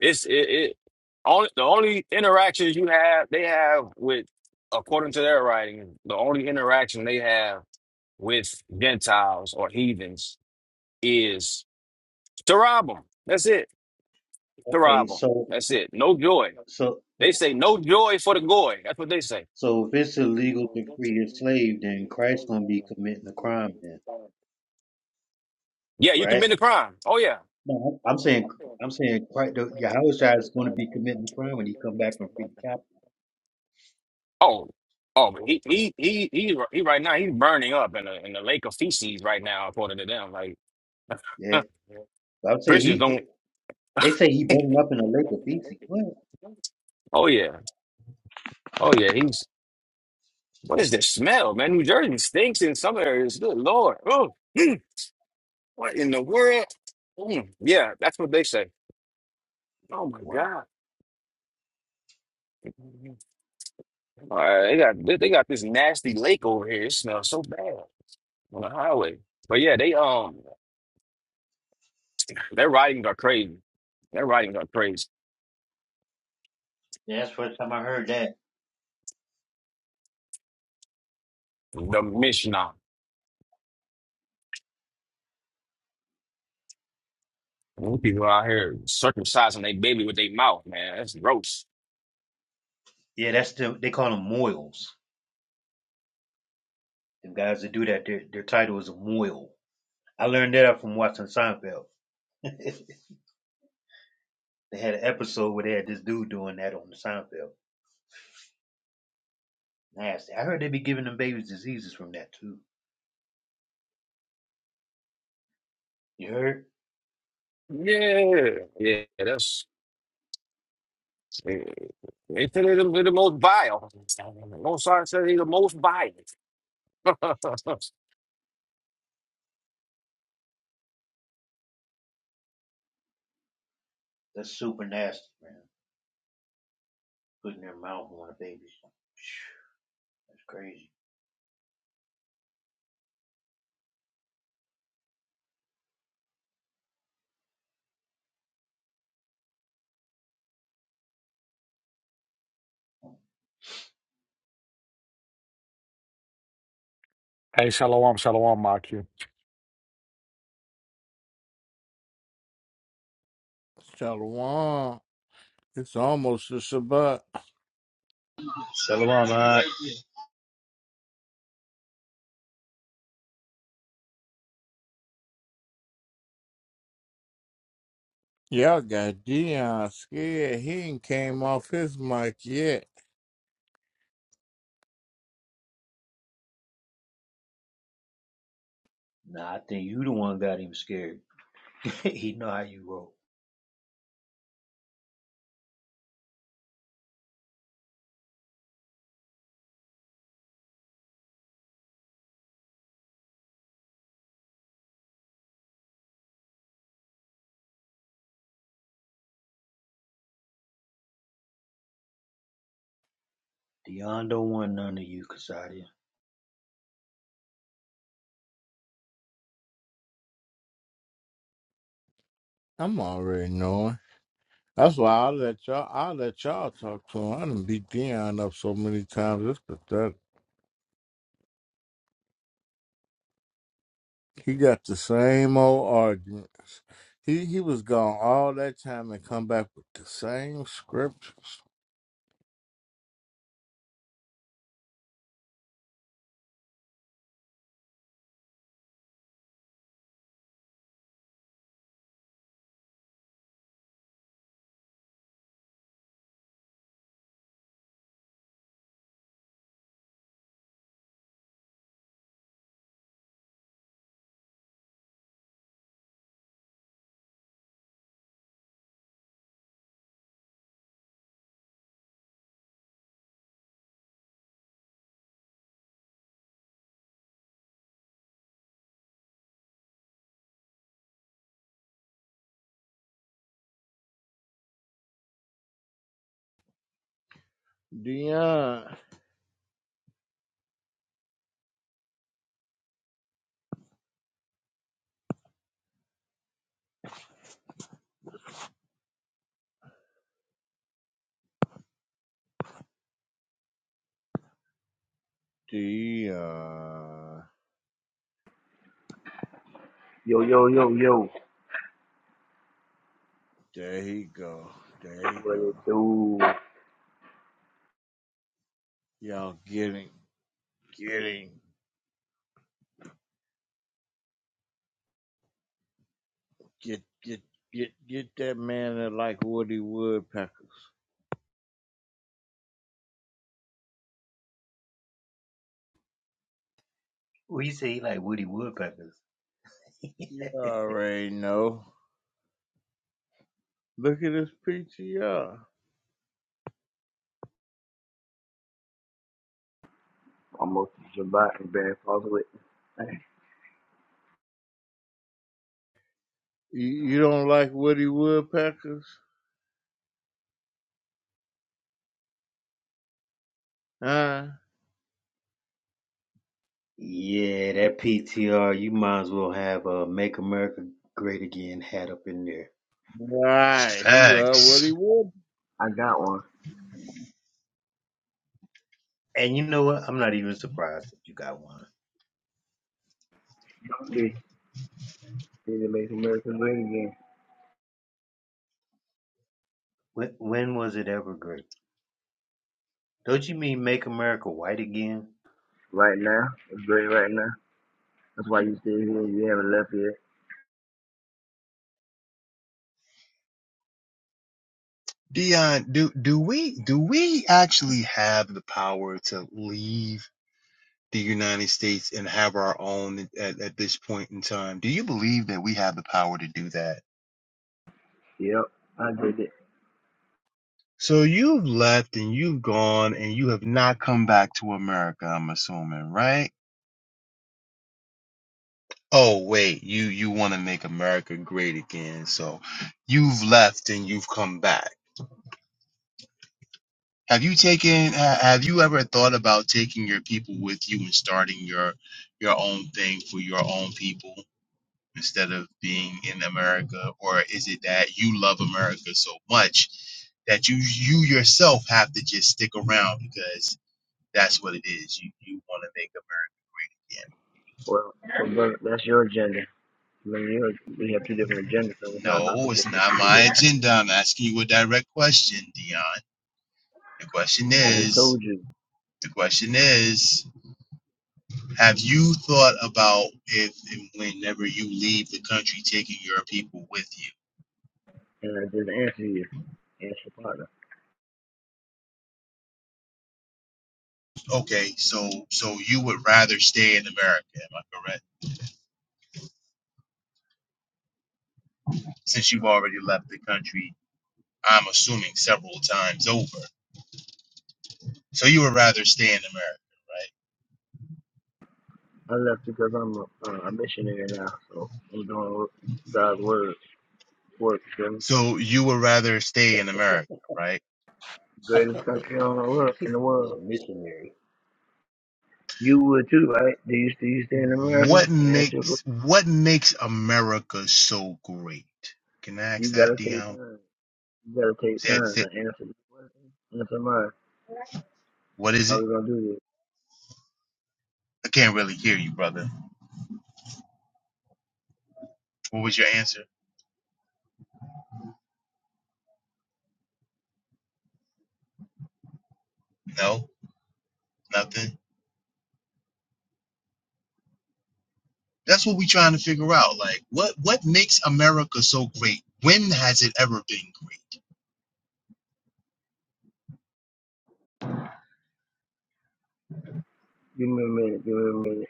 Speaker 9: It's it, it only the only interactions you have they have with according to their writing, the only interaction they have with Gentiles or heathens is to rob them. That's it. To
Speaker 8: okay,
Speaker 9: rob them.
Speaker 8: so
Speaker 9: That's it. No joy.
Speaker 8: so.
Speaker 9: They
Speaker 8: so
Speaker 9: say no joy for the goy. That's what they say.
Speaker 8: So if it's illegal to free a slave, then Christ's gonna be committing a crime then,
Speaker 9: Yeah, you
Speaker 8: right?
Speaker 9: commit a crime. Oh yeah.
Speaker 8: No, I'm saying I'm saying Christ, the Yahushua is gonna be committing a crime when he come back and free the captive.
Speaker 9: Oh, oh, but he he he he he right now he's burning up in the in the lake of feces right now, according to them. Like
Speaker 8: Yeah, so I would say
Speaker 9: Christians
Speaker 8: he.
Speaker 9: don't.
Speaker 8: They say he burned up in a lake of feces. What?
Speaker 9: Oh yeah, oh yeah. He's what is this smell, man? New Jersey stinks in some areas. Good Lord, oh, mm, what in the world? Mm, yeah, that's what they say. Oh my
Speaker 8: Wow,
Speaker 9: God, all right, they
Speaker 8: that's
Speaker 9: got they they got this nasty lake over here. It smells so bad on the highway. But yeah, they um their writings are crazy. Their writings are crazy.
Speaker 8: yeah, that's the first time I heard that.
Speaker 9: The Mishnah. Them People out here circumcising their baby with their mouth, man. That's gross.
Speaker 8: Yeah, that's the they call them moils. Them guys that do that, their their title is a moil. I learned that from watching Seinfeld. they had an episode where they had this dude doing that on the Seinfeld. Nasty. I heard they be giving them babies diseases from that too. You heard?
Speaker 9: Yeah, yeah, that's yeah. they said they're the, they're the most vile. Mozart said he's the most vile.
Speaker 8: That's super nasty, man. Putting their mouth on a baby. That's crazy.
Speaker 10: Hey, shalom, shalom, Machu.
Speaker 5: Shalom. It's almost a Shabbat.
Speaker 4: Shalom, hot.
Speaker 5: Y'all got Dion scared. He ain't came off his mic yet.
Speaker 8: Nah, I think you the one got him scared. he know how you roll. Dion don't want none of you, Casadia.
Speaker 5: I'm already knowing. That's why I let y'all. I let y'all talk to him. I done beat Dion up so many times. It's pathetic. He got the same old arguments. He he was gone all that time and come back with the same scriptures.
Speaker 1: Dion. Dion.
Speaker 7: Yo, yo, yo, yo.
Speaker 1: There he go. There he
Speaker 7: What
Speaker 1: go.
Speaker 7: it do?
Speaker 1: Y'all get him. Get him. Get get get get that man that like Woody Woodpecker.
Speaker 8: Well, you say he like Woody Woodpeckers.
Speaker 1: You already know. Look at his PTR.
Speaker 7: Almost Shabbat and Bad Falls with. Hey,
Speaker 1: You, you don't like Woody Woodpeckers? Huh?
Speaker 8: Yeah, that PTR, you might as well have a Make America Great Again hat up in there.
Speaker 1: Right. He love Woody
Speaker 4: Facts.
Speaker 1: Woodpecker.
Speaker 7: I got one.
Speaker 8: and you know what? I'm not even surprised that you got one.
Speaker 7: This is Make America Great Again.
Speaker 8: When, when was it ever great? Don't you mean make America white again?
Speaker 7: Right now. It's great right now. That's why you still here. You haven't left yet.
Speaker 4: Dion, do do we do we actually have the power to leave? the United States and have our own at, at this point in time. Do you believe that we have the power to do that?
Speaker 7: Yep, I did it.
Speaker 4: So you've left and you've gone and you have not come back to America, I'm assuming, right? Oh wait, you you want to make America great again. So you've left and you've come back. Have you taken ha- have you ever thought about taking your people with you and starting your your own thing for your own people? instead of being in America? Or is it that you love America so much that you you yourself have to just stick around because that's what it is. You you want to make America
Speaker 7: Well, well brother, that's your agenda. Brother, you and yours, we have two different agendas, so
Speaker 4: again.
Speaker 7: it's not about the
Speaker 4: No,
Speaker 7: case
Speaker 4: it's
Speaker 7: that
Speaker 4: not
Speaker 7: you do
Speaker 4: my
Speaker 7: it.
Speaker 4: agenda. I'm asking you a direct question, Dion. The question
Speaker 7: I just
Speaker 4: is
Speaker 7: told you,
Speaker 4: the question is have you thought about if and whenever you leave the country taking your people with you?
Speaker 7: and I just answered you. Answer your partner.
Speaker 4: Okay, so so you would rather stay in America, am I correct? since you've already left the country, I'm assuming several times over. So you would rather stay in America, right?
Speaker 7: I left because I'm a, uh, a missionary now, so I'm doing God's word work for the
Speaker 4: So you would rather stay in America, right?
Speaker 7: greatest country on the world,
Speaker 8: He
Speaker 7: in
Speaker 8: said,
Speaker 7: the
Speaker 8: yeah,
Speaker 7: world.
Speaker 8: missionary.
Speaker 7: You would too, right? Do you, do you stay in America?
Speaker 4: What
Speaker 7: I asked you, a
Speaker 4: makes
Speaker 7: question.
Speaker 4: what makes America so great? Can I
Speaker 7: you
Speaker 4: ask that,
Speaker 7: gotta take
Speaker 4: Dion?
Speaker 7: time. You gotta take
Speaker 4: Say, it-
Speaker 7: time
Speaker 4: say, it.
Speaker 7: to answer the question. Answer mine.
Speaker 4: what
Speaker 7: That's
Speaker 4: is
Speaker 7: how
Speaker 4: it?
Speaker 7: we gonna do this.
Speaker 4: I can't really hear you, brother. What was your answer? No, nothing. That's what we're trying to figure out. Like, what what makes America so great? When has it ever been great?
Speaker 7: Give me a minute. Give me a minute.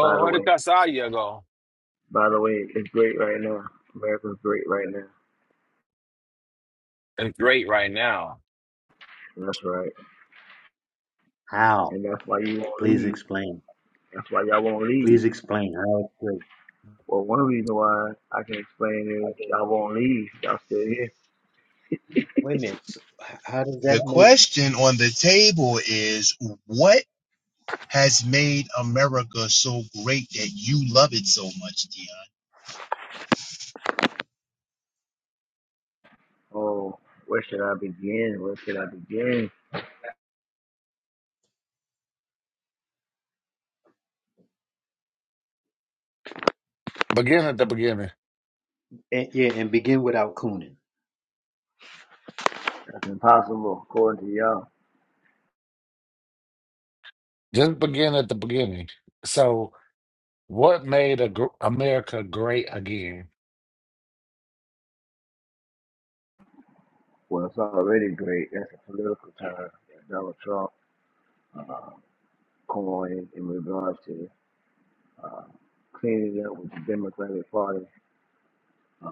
Speaker 7: By the
Speaker 9: where the
Speaker 7: way,
Speaker 9: Casadia go?
Speaker 7: by the way, it's great right now. America's great right now.
Speaker 9: It's great right now.
Speaker 7: That's right.
Speaker 8: How?
Speaker 7: And that's why you won't
Speaker 8: Please
Speaker 7: leave.
Speaker 8: explain.
Speaker 7: That's why y'all won't leave.
Speaker 8: Please explain how it's great.
Speaker 7: Well, one reason why I can explain is y'all won't leave. Y'all still here.
Speaker 8: Wait a minute. So h- how does that
Speaker 4: The
Speaker 8: make?
Speaker 4: question on the table is what has made America so great that you love it so much, Dion?
Speaker 7: Oh, where should I begin? Where should I begin?
Speaker 10: Begin at the beginning.
Speaker 8: And, yeah, and begin without cooning.
Speaker 7: That's impossible according to y'all.
Speaker 10: Just begin at the beginning. So, what made a, gr- America great again?
Speaker 7: Well, it's already great. That's a political term. that Donald Trump uh, coined in regards to uh, cleaning up with the Democratic Party uh,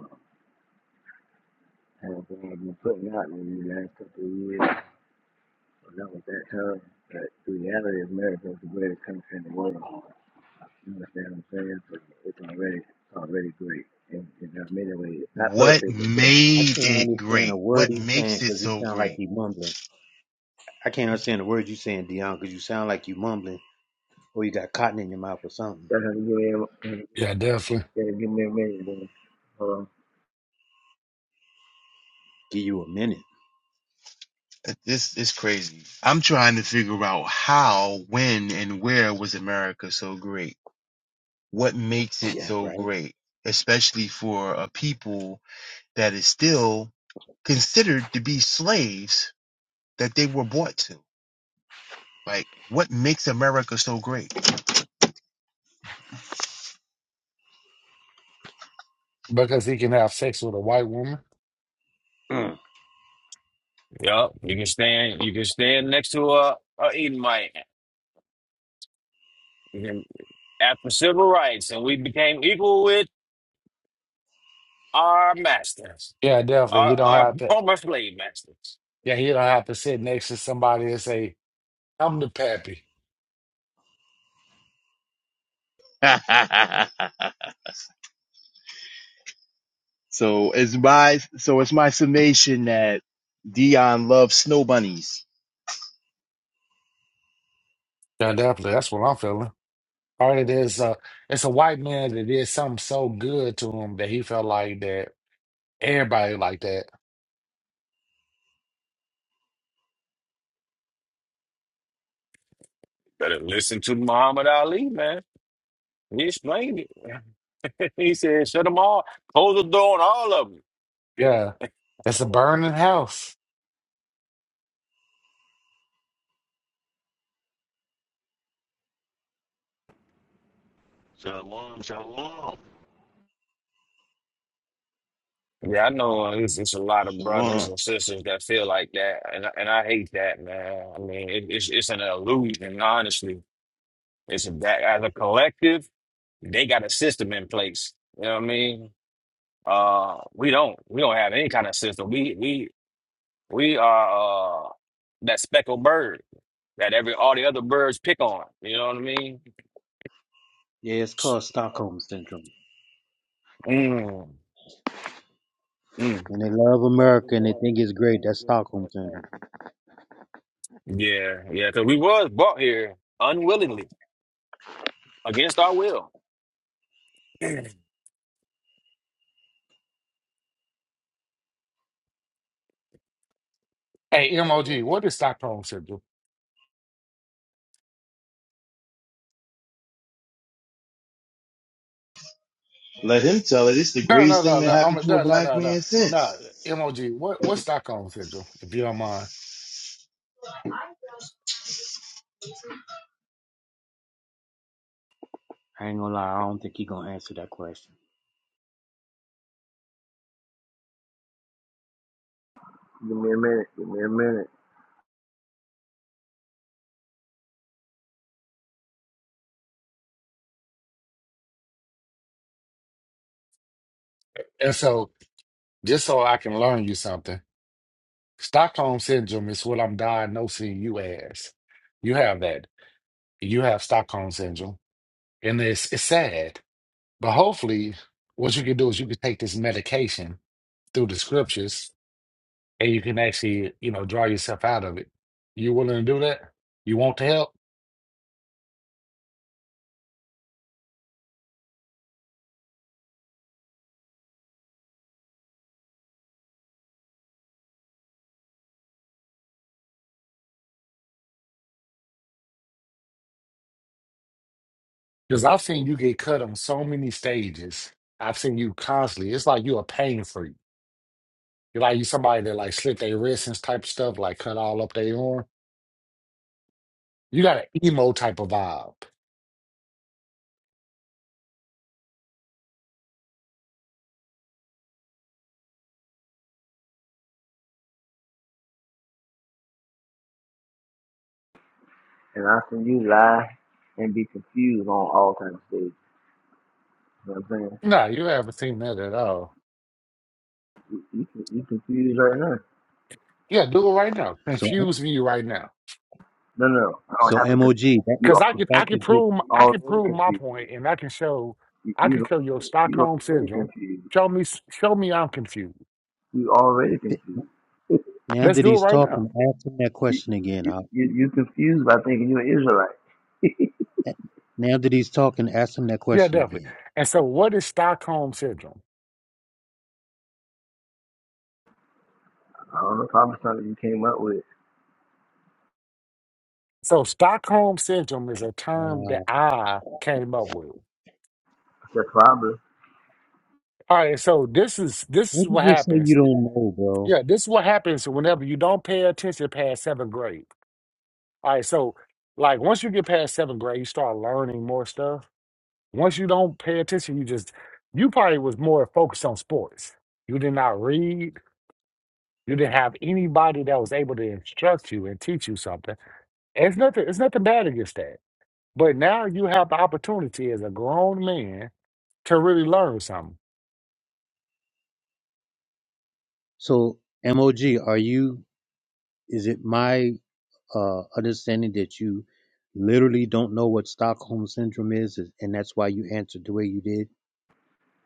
Speaker 7: has been putting out in the last couple of years. Not with that time, but the reality of America is the greatest country in the world. You understand what I'm saying? So it's already it's already great in, in many ways. Not
Speaker 4: What
Speaker 7: perfect, but great.
Speaker 8: I
Speaker 4: made
Speaker 8: can't
Speaker 4: it
Speaker 8: understand a
Speaker 4: great?
Speaker 8: word
Speaker 4: What
Speaker 8: he's
Speaker 4: makes
Speaker 8: saying
Speaker 4: it
Speaker 8: because he
Speaker 4: so
Speaker 8: sound like
Speaker 4: great?
Speaker 8: he's mumbling. I can't understand the words you saying, Dion, because you sound like you mumbling or you got cotton in your mouth or something.
Speaker 7: That's how you give me, a,
Speaker 10: Yeah, definitely.
Speaker 7: yeah, give me a minute, man. Hold on.
Speaker 8: Give you a minute.
Speaker 4: Uh, This is crazy. I'm trying to figure out how, when, and where was America so great? What makes it
Speaker 8: Yeah,
Speaker 4: so
Speaker 8: right.
Speaker 4: great? Especially for a people that is still considered to be slaves that they were bought to. Like, what makes America so great?
Speaker 10: Because he can have sex with a white woman.
Speaker 9: Yup, you can stand. You can stand next to a, a Edomite. You can, after civil rights, and we became equal with our masters,
Speaker 10: Yeah, definitely.
Speaker 9: our
Speaker 10: He don't
Speaker 9: our
Speaker 10: have to.
Speaker 9: former slave masters.
Speaker 10: Yeah, he don't have to sit next to somebody and say, "I'm the pappy."
Speaker 4: so it's my so it's my summation that Dion loves snow bunnies.
Speaker 10: Yeah, definitely. That's what I'm feeling. All right, it is, a it's a white man that did something so good to him that he felt like that everybody like that.
Speaker 9: Better listen to Muhammad Ali, man. He explained it. he said, shut them all, close the door on all of them.
Speaker 10: Yeah, it's a burning house.
Speaker 2: Shalom, shalom.
Speaker 9: Yeah, I know uh, it's, it's a lot of brothers
Speaker 4: Siobhan,
Speaker 9: and sisters that feel like that, and I- and I hate that, man. I mean, it, it's it's an illusion, honestly. It's a, that as a collective, they got a system in place. You know what I mean? Uh, we don't we don't have any kind of system. We we we are uh that speckled bird that every all the other birds pick on. You know what I mean?
Speaker 8: Yeah, it's called Stockholm Syndrome.
Speaker 9: Mm, mm.
Speaker 8: And they love
Speaker 9: Laws of
Speaker 8: America and they
Speaker 9: North
Speaker 8: think
Speaker 9: and
Speaker 8: it's
Speaker 9: the
Speaker 8: great.
Speaker 9: fingers
Speaker 8: That's
Speaker 9: good
Speaker 8: Stockholm
Speaker 9: that
Speaker 8: Syndrome.
Speaker 9: happened. Yeah, yeah, because we was brought here unwillingly against our will.
Speaker 10: Hey, MOG, what is Stockholm syndrome?
Speaker 4: let him tell it. It's the
Speaker 10: No,
Speaker 4: greatest
Speaker 10: no,
Speaker 4: thing
Speaker 10: no,
Speaker 4: that
Speaker 10: no. I'm,
Speaker 4: happened
Speaker 10: no,
Speaker 4: to a
Speaker 10: no,
Speaker 4: black
Speaker 10: no, no,
Speaker 4: man
Speaker 10: no.
Speaker 4: since
Speaker 10: MOG, what, what's Stockholm syndrome, if you don't mind?
Speaker 8: I ain't gonna lie, I don't think he gonna answer that question.
Speaker 7: Give me a minute. Give me a minute.
Speaker 10: And so, just so I can learn you something, Stockholm syndrome is what I'm diagnosing you as. You have that. You have Stockholm syndrome, and it's it's sad. But hopefully, what you can do is you can take this medication through the scriptures, and you can actually, you know, draw yourself out of it. You willing to do that? You want to help? Because I've seen you get cut on so many stages. I've seen you constantly. It's like you a pain freak. You're like you somebody that like slit their wrists and type stuff, like cut all up their arm. You got an emo type of vibe.
Speaker 7: And I see you lie and be confused on all kinds of stages. You know what I'm saying?
Speaker 10: No, you haven't seen that at all.
Speaker 7: You, you, you confused right now.
Speaker 10: Yeah, do it right now.
Speaker 8: So,
Speaker 10: Confuse me right now.
Speaker 7: No, no. no. I don't
Speaker 8: so
Speaker 7: have to. Con-
Speaker 8: MOG, that,
Speaker 7: you
Speaker 10: Cause I
Speaker 8: the
Speaker 10: can
Speaker 7: already,
Speaker 10: I
Speaker 8: fact
Speaker 10: can
Speaker 8: that you,
Speaker 10: prove m-
Speaker 7: you
Speaker 10: I can
Speaker 7: already
Speaker 10: prove my
Speaker 7: confused.
Speaker 10: point and I can show
Speaker 7: You,
Speaker 10: I can
Speaker 7: you
Speaker 10: show your
Speaker 7: already, you
Speaker 10: Stockholm
Speaker 7: already
Speaker 10: syndrome.
Speaker 7: confused.
Speaker 10: Show me show me I'm confused.
Speaker 7: You already confused. You,
Speaker 8: now
Speaker 10: Let's
Speaker 8: that
Speaker 10: do it
Speaker 8: he's
Speaker 10: right now.
Speaker 8: talking, ask him that
Speaker 7: you,
Speaker 8: question again.
Speaker 7: you,
Speaker 8: I,
Speaker 7: you confused by thinking you're an Israelite.
Speaker 8: now that he's talking, ask him that
Speaker 10: Yeah,
Speaker 8: question
Speaker 10: definitely.
Speaker 8: again.
Speaker 10: And so what is Stockholm syndrome?
Speaker 7: I don't know, probably something you came up with.
Speaker 10: So Stockholm syndrome is a term that
Speaker 8: Uh,
Speaker 10: I came up with.
Speaker 7: That's probably.
Speaker 10: All right, so this is this
Speaker 8: what
Speaker 10: is
Speaker 8: did
Speaker 10: what
Speaker 8: you say you
Speaker 10: happens.
Speaker 8: don't know, bro?
Speaker 10: Yeah, this is what happens whenever you don't pay attention past seventh grade. All right, so like once you get past seventh grade, you start learning more stuff. Once you don't pay attention, you just you probably was more focused on sports. You did not read. You didn't have anybody that was able to instruct you and teach you something. And it's nothing. It's nothing bad against that. But now you have the opportunity as a grown man to really learn something.
Speaker 8: So, MOG, are you, is it my uh, understanding that you literally don't know what Stockholm Syndrome is, is- and that's why you answered the way you did?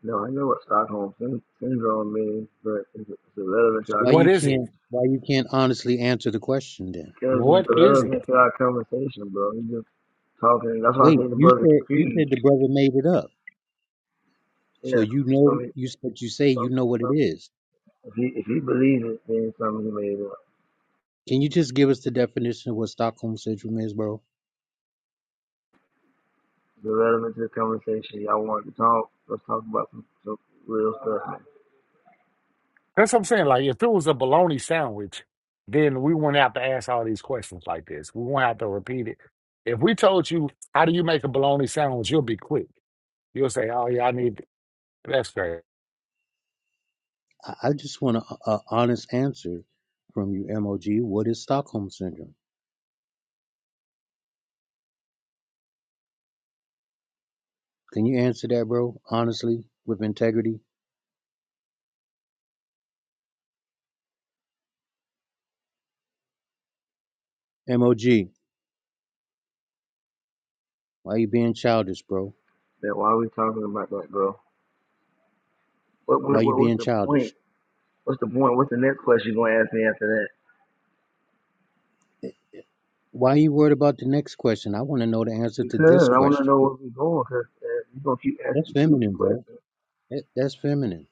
Speaker 7: No, I know what Stockholm syn- syndrome means, but it's, it's irrelevant to
Speaker 8: So
Speaker 7: our
Speaker 8: Why
Speaker 10: What
Speaker 8: you
Speaker 10: is it?
Speaker 8: can't why you can't honestly answer the question then?
Speaker 7: because
Speaker 10: What
Speaker 7: it's
Speaker 10: is
Speaker 7: irrelevant
Speaker 10: it?
Speaker 7: to our conversation, bro. You just talking. That's why I
Speaker 8: Wait,
Speaker 7: say the
Speaker 8: you
Speaker 7: brother
Speaker 8: said you said
Speaker 7: confused.
Speaker 8: the brother made it up. So
Speaker 7: Yeah,
Speaker 8: you
Speaker 7: I
Speaker 8: know
Speaker 7: mean,
Speaker 8: you but you say
Speaker 7: some,
Speaker 8: you know what it
Speaker 7: some,
Speaker 8: is.
Speaker 7: if he if he believes it, then something he made up.
Speaker 8: Can you just give us the definition of what Stockholm syndrome is, bro?
Speaker 7: It's irrelevant to the conversation. Y'all want to talk? Let's talk about some, some real stuff. man.
Speaker 10: That's what I'm saying. Like, if it was a bologna sandwich, then we wouldn't have to ask all these questions like this. We wouldn't have to repeat it. If we told you, how do you make a bologna sandwich, you'll be quick. You'll say, oh, yeah, I need that's great.
Speaker 8: I, I just want a, honest answer from you, MOG. What is Stockholm syndrome? Can you answer that, bro? Honestly, with integrity. MOG, why you being childish, bro?
Speaker 7: Then why are we talking about that, bro? What,
Speaker 8: Why
Speaker 7: what,
Speaker 8: you
Speaker 7: what what's
Speaker 8: being
Speaker 7: the point?
Speaker 8: childish?
Speaker 7: What's the point? What's the next question you're gonna ask me after that?
Speaker 8: Eh, Why you worried about the next question? I want to know the answer to this
Speaker 7: Because I want to
Speaker 8: question.
Speaker 7: know where we're going. Cause uh, you're gonna keep
Speaker 8: That's
Speaker 7: asking stupid
Speaker 8: feminine, bro.
Speaker 7: questions.
Speaker 8: That, that's feminine.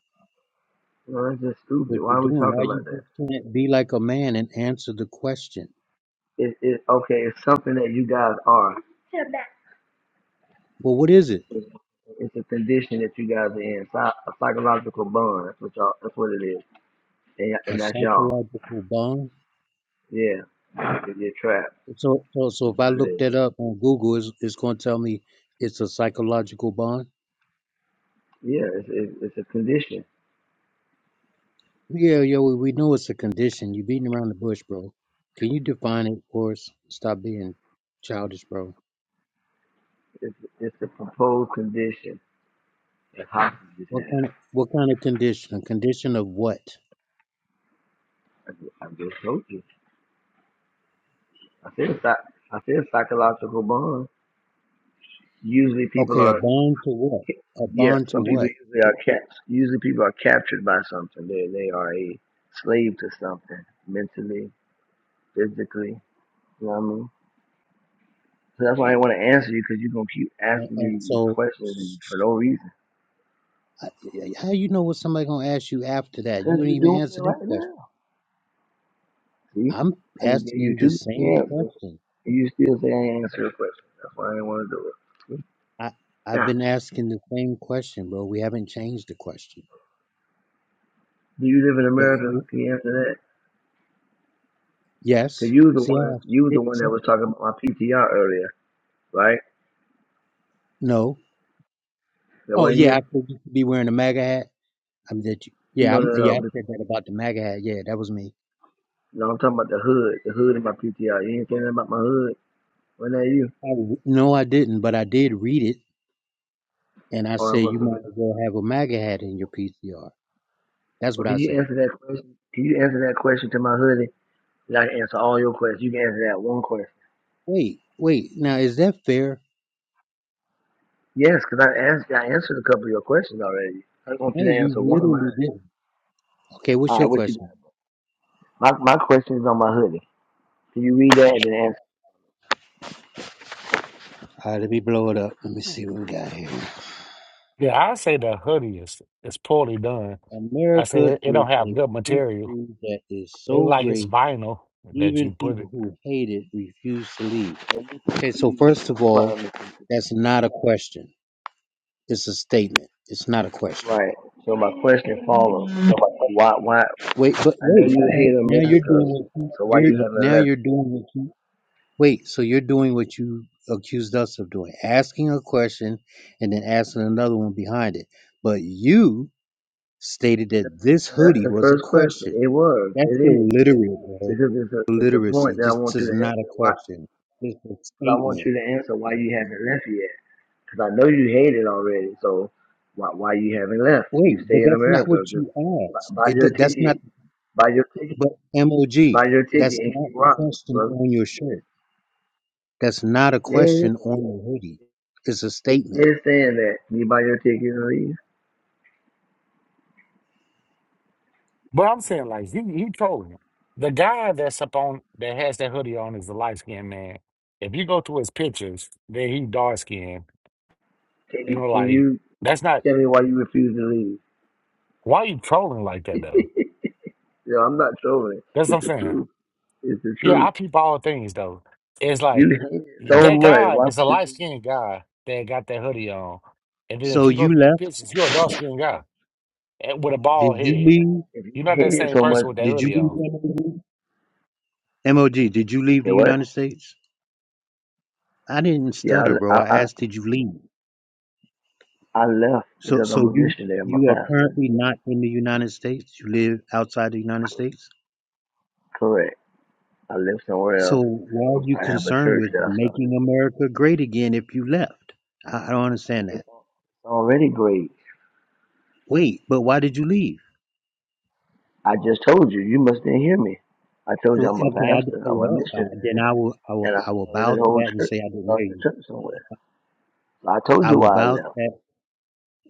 Speaker 7: You know, that's just
Speaker 8: What
Speaker 7: stupid. Why
Speaker 8: you're
Speaker 7: are we
Speaker 8: doing, why
Speaker 7: talking
Speaker 8: you
Speaker 7: about that?
Speaker 8: just can't be like a man and answer the question?
Speaker 7: It, it okay. It's something that you guys are.
Speaker 8: Well, what is it?
Speaker 7: It's, it's a condition that you guys are in. Psy- a psychological bond. That's what y'all. That's what it is. And, y-
Speaker 8: A
Speaker 7: and that's y'all.
Speaker 8: psychological bond?
Speaker 7: Yeah. If you're trapped.
Speaker 8: So, so, so
Speaker 7: That's
Speaker 8: if I
Speaker 7: what it
Speaker 8: look
Speaker 7: is.
Speaker 8: that up on Google, it's, it's going to tell me it's a psychological bond.
Speaker 7: Yeah. It's, it's, it's a condition.
Speaker 8: Yeah, yeah, we, we know it's a condition. You're beating around the bush, bro. Can you define it for us? Stop being childish, bro.
Speaker 7: It's, it's a proposed condition that hostages
Speaker 8: What
Speaker 7: have.
Speaker 8: kind? Of, what kind of condition? A condition of what?
Speaker 7: I ju- I just told you. I said psy- I said psychological bond. Usually people
Speaker 8: Okay, a
Speaker 7: are
Speaker 8: bond to what? A
Speaker 7: yeah.
Speaker 8: bond to
Speaker 7: Some people
Speaker 8: what?
Speaker 7: usually are caps. Usually people are captured by something. They they are a slave to something mentally, physically. You know what I mean? So that's why I want to answer you because you're gonna keep
Speaker 8: And,
Speaker 7: asking
Speaker 8: and
Speaker 7: me these
Speaker 8: so,
Speaker 7: questions and for no reason.
Speaker 8: I- I- How you know what somebody gonna ask you after that? You
Speaker 7: Because
Speaker 8: didn't
Speaker 7: you're
Speaker 8: even
Speaker 7: doing it
Speaker 8: answer this
Speaker 7: right
Speaker 8: question.
Speaker 7: now. See,
Speaker 8: I'm
Speaker 7: I just gave you
Speaker 8: asking the
Speaker 7: two
Speaker 8: same
Speaker 7: answers
Speaker 8: question.
Speaker 7: and you still say I did answer your question. That's why I didn't want to do it.
Speaker 8: I I've been
Speaker 7: Gosh,
Speaker 8: asking the same question, bro. We haven't changed the question.
Speaker 7: do you live in
Speaker 8: But
Speaker 7: America?
Speaker 8: you,
Speaker 7: Can you answer that? Cause
Speaker 8: yes,
Speaker 7: you was the
Speaker 8: see,
Speaker 7: one,
Speaker 8: I asked
Speaker 7: you was the
Speaker 8: it.
Speaker 7: one that
Speaker 8: see?
Speaker 7: was talking about my PTR earlier, right?
Speaker 8: No.
Speaker 7: That
Speaker 8: Oh
Speaker 7: wasn't
Speaker 8: yeah, I
Speaker 7: you?
Speaker 8: said you should be wearing a MAGA hat. I mean, that you, yeah,
Speaker 7: No,
Speaker 8: I'm,
Speaker 7: no,
Speaker 8: yeah,
Speaker 7: no.
Speaker 8: I
Speaker 7: bef-
Speaker 8: said that about the MAGA hat. Yeah, that was me.
Speaker 7: No, I'm talking about the hood, the hood in my PTR. You ain't saying nothing about my hood. Wasn't that you?
Speaker 8: I- no, I didn't, but I did read it, and I
Speaker 7: Oh, I
Speaker 8: said you
Speaker 7: must have been.
Speaker 8: might as well have a MAGA hat in your PCR. That's
Speaker 7: But
Speaker 8: what
Speaker 7: can
Speaker 8: I
Speaker 7: you
Speaker 8: said.
Speaker 7: answer that question? Can you answer that question to my hoodie? And I can answer all your questions. You can answer that one question.
Speaker 8: Wait, wait. Now is that fair?
Speaker 7: Yes, cause I asked, I answered a couple of your questions already. I want you
Speaker 8: No,
Speaker 7: to
Speaker 8: you
Speaker 7: answer one of mine.
Speaker 8: literally didn't. Okay, what's
Speaker 7: All
Speaker 8: your
Speaker 7: right, what you got?
Speaker 8: question?
Speaker 7: My my question is on my hoodie. Can you read that and then answer?
Speaker 8: All right, let me blow it up. Let me see what we got here.
Speaker 10: Yeah, I say the hoodie is, is poorly done. I say
Speaker 8: America
Speaker 10: it, it
Speaker 8: is
Speaker 10: don't have
Speaker 8: a
Speaker 10: good material.
Speaker 8: country that is
Speaker 10: It
Speaker 8: so
Speaker 10: like it's
Speaker 8: great,
Speaker 10: vinyl that you
Speaker 8: even
Speaker 10: put
Speaker 8: people
Speaker 10: it.
Speaker 8: who hate it refuse to leave. Okay, so first of all, that's not a question. It's a statement. It's not a question.
Speaker 7: Right. So my question follows. Why? Why?
Speaker 8: Wait, but
Speaker 7: I know
Speaker 8: wait.
Speaker 7: you hate
Speaker 8: Now you're
Speaker 7: America,
Speaker 8: doing what you,
Speaker 7: so why
Speaker 8: you're
Speaker 7: you haven't
Speaker 8: now
Speaker 7: left?
Speaker 8: you're doing what you wait. So you're doing what you accused us of doing, asking a question and then asking another one behind it. But you stated that this
Speaker 7: And that's
Speaker 8: hoodie
Speaker 7: the
Speaker 8: was a
Speaker 7: first question.
Speaker 8: question.
Speaker 7: It was.
Speaker 8: That's
Speaker 7: It is
Speaker 8: illiterate, bro.
Speaker 7: because it's a it's a point
Speaker 8: Illiteracy.
Speaker 7: that I
Speaker 8: This
Speaker 7: want you
Speaker 8: is
Speaker 7: to
Speaker 8: not
Speaker 7: answer.
Speaker 8: a
Speaker 7: Why?
Speaker 8: question. It's a
Speaker 7: Because I want
Speaker 8: statement.
Speaker 7: you to answer why you haven't left yet. Because I know you hate it already. So why why you haven't left?
Speaker 8: Wait,
Speaker 7: You
Speaker 8: but
Speaker 7: stay in
Speaker 8: that's not what
Speaker 7: America. Just
Speaker 8: you
Speaker 7: buy,
Speaker 8: asked.
Speaker 7: buy
Speaker 8: It,
Speaker 7: your
Speaker 8: do- that's
Speaker 7: ticket.
Speaker 8: not,
Speaker 7: Buy your ticket.
Speaker 8: but MOG,
Speaker 7: Buy your
Speaker 8: that's
Speaker 7: ticket and
Speaker 8: not
Speaker 7: keep
Speaker 8: the
Speaker 7: rocking,
Speaker 8: question
Speaker 7: brother.
Speaker 8: on your shirt. That's not a
Speaker 7: Yeah, yeah.
Speaker 8: question
Speaker 7: yeah.
Speaker 8: on the hoodie. It's a
Speaker 7: I
Speaker 8: statement.
Speaker 7: understand that. You buy your ticket and leave.
Speaker 10: But I'm saying like he he told him the guy that's up on that has that hoodie on is a light skinned man. If you go to his pictures, then he dark skinned.
Speaker 7: Can
Speaker 10: You
Speaker 7: you
Speaker 10: know,
Speaker 7: can
Speaker 10: like
Speaker 7: you
Speaker 10: that's not
Speaker 7: tell me why you refuse to
Speaker 10: why you trolling like that
Speaker 7: leave?
Speaker 10: though.
Speaker 7: Yeah, I'm not trolling.
Speaker 10: That's what
Speaker 7: It's
Speaker 10: I'm
Speaker 7: the
Speaker 10: saying.
Speaker 7: truth. It's the
Speaker 10: Yeah, I
Speaker 7: truth.
Speaker 10: peep all things though. It's
Speaker 7: You
Speaker 10: like
Speaker 7: hate it so
Speaker 10: that
Speaker 7: much.
Speaker 10: guy
Speaker 7: Why would
Speaker 10: is a
Speaker 7: you
Speaker 10: light
Speaker 7: leave?
Speaker 10: skinned guy that got that hoodie on, and then if
Speaker 8: So
Speaker 10: you go
Speaker 8: you
Speaker 10: through your
Speaker 8: left?
Speaker 10: pictures, you're a dark skinned guy eh, with a
Speaker 8: Did
Speaker 10: bald
Speaker 8: you
Speaker 10: head.
Speaker 8: leave?
Speaker 7: If you
Speaker 10: You're not that
Speaker 7: hate it
Speaker 10: same
Speaker 7: so much,
Speaker 10: person with that
Speaker 7: why
Speaker 8: Did
Speaker 7: you
Speaker 8: you
Speaker 10: hoodie
Speaker 8: leave
Speaker 10: on.
Speaker 8: MOG? did you leave
Speaker 7: say
Speaker 8: the
Speaker 7: what?
Speaker 8: United States? I didn't
Speaker 7: Yeah,
Speaker 8: stutter,
Speaker 7: I,
Speaker 8: bro.
Speaker 7: I,
Speaker 8: I
Speaker 7: I,
Speaker 8: asked, did you leave?
Speaker 7: I left
Speaker 8: So,
Speaker 7: because
Speaker 8: so
Speaker 7: I'm a
Speaker 8: you
Speaker 7: missionary. I'm a
Speaker 8: you are
Speaker 7: pastor.
Speaker 8: currently not in the United States. You live outside the United States.
Speaker 7: Correct. I live somewhere
Speaker 8: So
Speaker 7: else.
Speaker 8: why are
Speaker 7: I'm,
Speaker 8: you
Speaker 7: I have a
Speaker 8: concerned
Speaker 7: church
Speaker 8: with
Speaker 7: that I started.
Speaker 8: making America great again if you left? I, I don't understand that.
Speaker 7: It's al- it's already great.
Speaker 8: Wait, but why did you leave?
Speaker 7: I just told you. You must didn't hear me. I told you
Speaker 8: Well, okay,
Speaker 7: I'm a
Speaker 8: I,
Speaker 7: pastor. I'm a
Speaker 8: well uh,
Speaker 7: missionary,
Speaker 8: then I will, I will,
Speaker 7: and I
Speaker 8: I will
Speaker 7: started
Speaker 8: bow
Speaker 7: this
Speaker 8: to
Speaker 7: whole
Speaker 8: that and
Speaker 7: church.
Speaker 8: say I didn't hear
Speaker 7: started a
Speaker 8: you.
Speaker 7: church somewhere. So I told
Speaker 8: I
Speaker 7: you
Speaker 8: will
Speaker 7: why I
Speaker 8: bow to
Speaker 7: left.
Speaker 8: that.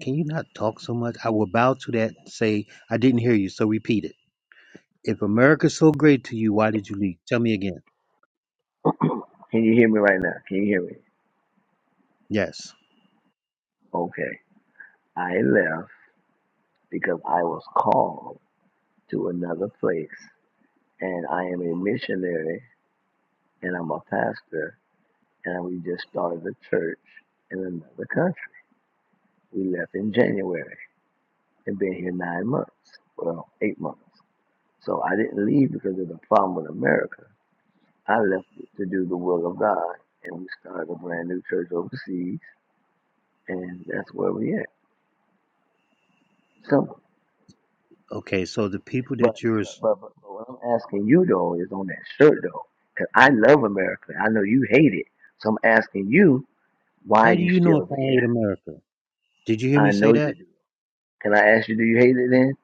Speaker 8: Can you not talk so much? I will bow to that and say I didn't hear you. So repeat it. If America's so great to you, why did you leave? Tell me again.
Speaker 7: Can you hear me right now? Can you hear me?
Speaker 8: Yes.
Speaker 7: Okay. I left because I was called to another place. And I am a missionary and I'm a pastor. And we just started a church in another country. We left in January and been here nine months. Well, eight months. So I didn't leave because of the problem with America. I left to do the will of God. And we started a brand new church overseas. And that's where we at. Simple.
Speaker 8: Okay. So the people
Speaker 7: But
Speaker 8: that you're,
Speaker 7: but, but but but what I'm asking you though is on that shirt though, 'cause I love America. I know you hate it, so I'm asking you why are
Speaker 8: how do
Speaker 7: you
Speaker 8: you know if
Speaker 7: still
Speaker 8: I hate
Speaker 7: there?
Speaker 8: America? Did you hear me
Speaker 7: I know
Speaker 8: say
Speaker 7: you
Speaker 8: that?
Speaker 7: do. Can I ask you, do you hate it then?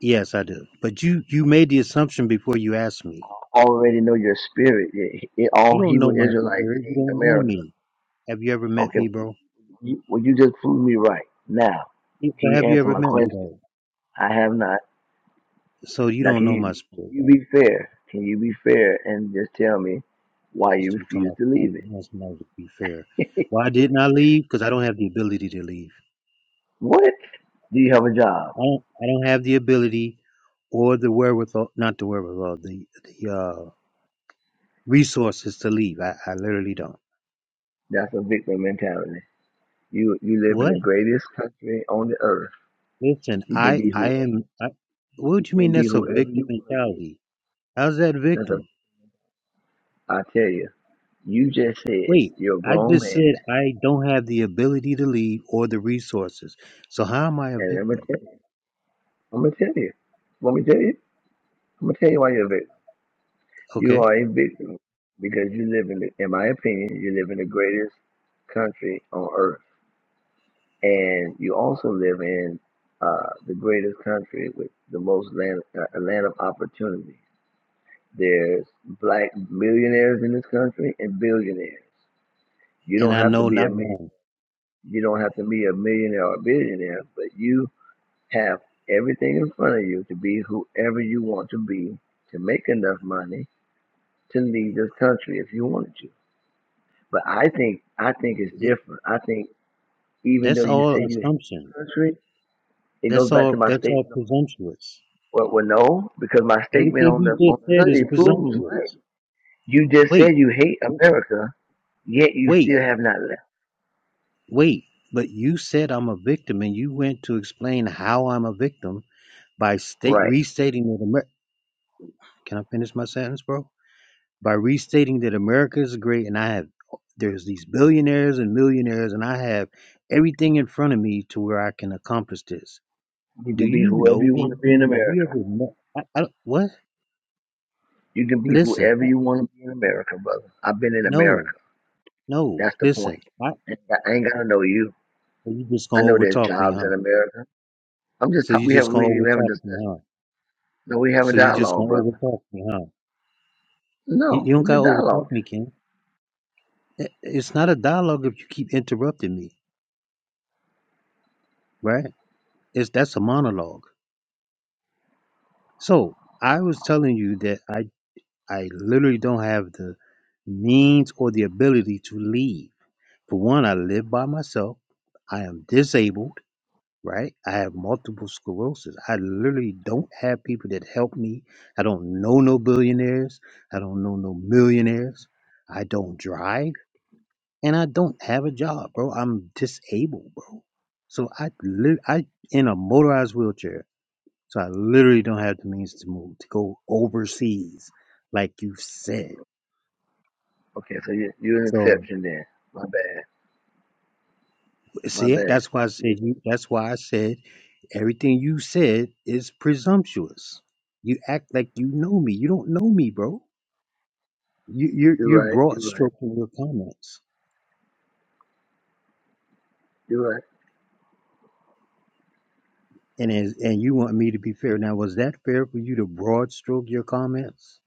Speaker 8: Yes, I do. But you you made the assumption before you asked me.
Speaker 7: I already know your spirit. It, it, all
Speaker 8: You don't
Speaker 7: Hebrew
Speaker 8: know my
Speaker 7: Israelites
Speaker 8: spirit. You
Speaker 7: hate
Speaker 8: don't know
Speaker 7: America.
Speaker 8: me. Have you ever met
Speaker 7: Okay,
Speaker 8: me,
Speaker 7: well
Speaker 8: bro?
Speaker 7: you, well you just proved me right. Now,
Speaker 8: Yeah,
Speaker 7: can
Speaker 8: But
Speaker 7: you
Speaker 8: have you
Speaker 7: answer
Speaker 8: ever
Speaker 7: my
Speaker 8: met me
Speaker 7: question?
Speaker 8: though?
Speaker 7: I have not.
Speaker 8: So you
Speaker 7: Now,
Speaker 8: don't
Speaker 7: can
Speaker 8: know
Speaker 7: you
Speaker 8: my
Speaker 7: can
Speaker 8: spirit,
Speaker 7: you
Speaker 8: bro.
Speaker 7: be fair? Can you be fair and just tell me why
Speaker 8: This
Speaker 7: you
Speaker 8: dude talking
Speaker 7: refuse
Speaker 8: about
Speaker 7: to leave
Speaker 8: somebody, you know, somebody to be fair.
Speaker 7: it?
Speaker 8: Why didn't I leave? Because I don't have the ability to leave.
Speaker 7: What? Do you have a job?
Speaker 8: I don't. I don't have the ability or the wherewithal, not the wherewithal, the the uh, resources to leave. I, I literally don't.
Speaker 7: That's a victim mentality. You you live in
Speaker 8: What?
Speaker 7: the greatest country on the earth.
Speaker 8: Listen,
Speaker 7: You can
Speaker 8: I
Speaker 7: be
Speaker 8: I
Speaker 7: who
Speaker 8: am. I, what
Speaker 7: you
Speaker 8: do you mean?
Speaker 7: can be
Speaker 8: That's a
Speaker 7: whoever
Speaker 8: victim
Speaker 7: you want to be.
Speaker 8: mentality. How's that
Speaker 7: That's a,
Speaker 8: victim?
Speaker 7: I tell you, you just said
Speaker 8: Wait,
Speaker 7: you're a
Speaker 8: I
Speaker 7: grown
Speaker 8: just said
Speaker 7: man,
Speaker 8: I don't have the ability to lead or the resources. So how am I a
Speaker 7: and I'm gonna
Speaker 8: victim?
Speaker 7: tell you. I'm gonna tell you. Want me to tell you? I'm gonna tell you why you're a victim. You
Speaker 8: Okay,
Speaker 7: are a victim because you live in, the, in my opinion, you live in the greatest country on earth. and you also live in uh, the greatest country with the most land, uh, a land of opportunity. There's black millionaires in this country and billionaires. You
Speaker 8: and
Speaker 7: don't
Speaker 8: I
Speaker 7: have to
Speaker 8: know
Speaker 7: be
Speaker 8: not
Speaker 7: a million,
Speaker 8: wrong.
Speaker 7: you don't have to be a millionaire or a billionaire, but you have everything in front of you to be whoever you want to be to make enough money to leave this country if you wanted to. But I think I think it's
Speaker 8: It-
Speaker 7: different. I think even though
Speaker 8: That's
Speaker 7: you say
Speaker 8: all
Speaker 7: you hate the
Speaker 8: assumption.
Speaker 7: country, it goes
Speaker 8: That's
Speaker 7: back to
Speaker 8: all.
Speaker 7: my
Speaker 8: That's all
Speaker 7: statement
Speaker 8: presumptuous.
Speaker 7: Well, well, no, because my statement
Speaker 8: Everything
Speaker 7: on
Speaker 8: you
Speaker 7: the on
Speaker 8: just
Speaker 7: the
Speaker 8: said is
Speaker 7: hoodie proves right.
Speaker 8: presumptuous.
Speaker 7: You just
Speaker 8: Wait,
Speaker 7: said you hate
Speaker 8: w-
Speaker 7: America, yet you
Speaker 8: wait,
Speaker 7: still have not left.
Speaker 8: wait. But you said I'm a victim, and you went to explain how I'm a victim by state
Speaker 7: Right.
Speaker 8: restating it. Amer- Can I finish my sentence, bro? by restating that America is great and I have there's these billionaires and millionaires and I have everything in front of me to where I can accomplish this.
Speaker 7: You
Speaker 8: Do
Speaker 7: can be
Speaker 8: you
Speaker 7: whoever
Speaker 8: know
Speaker 7: you want to
Speaker 8: me?
Speaker 7: be in
Speaker 8: Have you
Speaker 7: America.
Speaker 8: ever met? I, I, what?
Speaker 7: You can be
Speaker 8: Listen,
Speaker 7: whoever
Speaker 8: I-
Speaker 7: you want to be in America, brother. I've been in America.
Speaker 8: no, no.
Speaker 7: That's the
Speaker 8: Listen,
Speaker 7: point.
Speaker 8: I,
Speaker 7: And I ain't gotta know you.
Speaker 8: so you just
Speaker 7: I
Speaker 8: gonna
Speaker 7: know there's
Speaker 8: overtalk me,
Speaker 7: jobs
Speaker 8: huh?
Speaker 7: in America. I'm just
Speaker 8: So
Speaker 7: talk-
Speaker 8: you
Speaker 7: we have
Speaker 8: just gonna
Speaker 7: we have a
Speaker 8: overtalk me,
Speaker 7: discussion.
Speaker 8: huh?
Speaker 7: No, we have a
Speaker 8: So you just gonna
Speaker 7: dialogue, brother.
Speaker 8: overtalk me, huh? You,
Speaker 7: No,
Speaker 8: you don't
Speaker 7: we
Speaker 8: gotta
Speaker 7: just dialogue.
Speaker 8: overtalk me, King. It- It's not a dialogue if you keep interrupting me, right? It's that's a monologue. So I was telling you that I I literally don't have the means or the ability to leave. For one, I live by myself. I am disabled, right? I have multiple sclerosis. I literally don't have people that help me. I don't know no billionaires. I don't know no millionaires. I don't drive and I don't have a job, bro. I'm disabled, bro. So I lit- I in a motorized wheelchair. So I literally don't have the means to move to go overseas like you said.
Speaker 7: Okay, so you you're an
Speaker 8: So
Speaker 7: exception then. My bad. My
Speaker 8: see,
Speaker 7: bad.
Speaker 8: that's why I said
Speaker 7: You-
Speaker 8: you. That's why I said everything you said is presumptuous. You act like you know me. You don't know me, bro. You, you're
Speaker 7: You're
Speaker 8: you're
Speaker 7: right.
Speaker 8: broad
Speaker 7: You're right.
Speaker 8: stroking your comments,
Speaker 7: You're right.
Speaker 8: and as, and you want me to be fair. Now, was that fair for you to broad stroke your comments?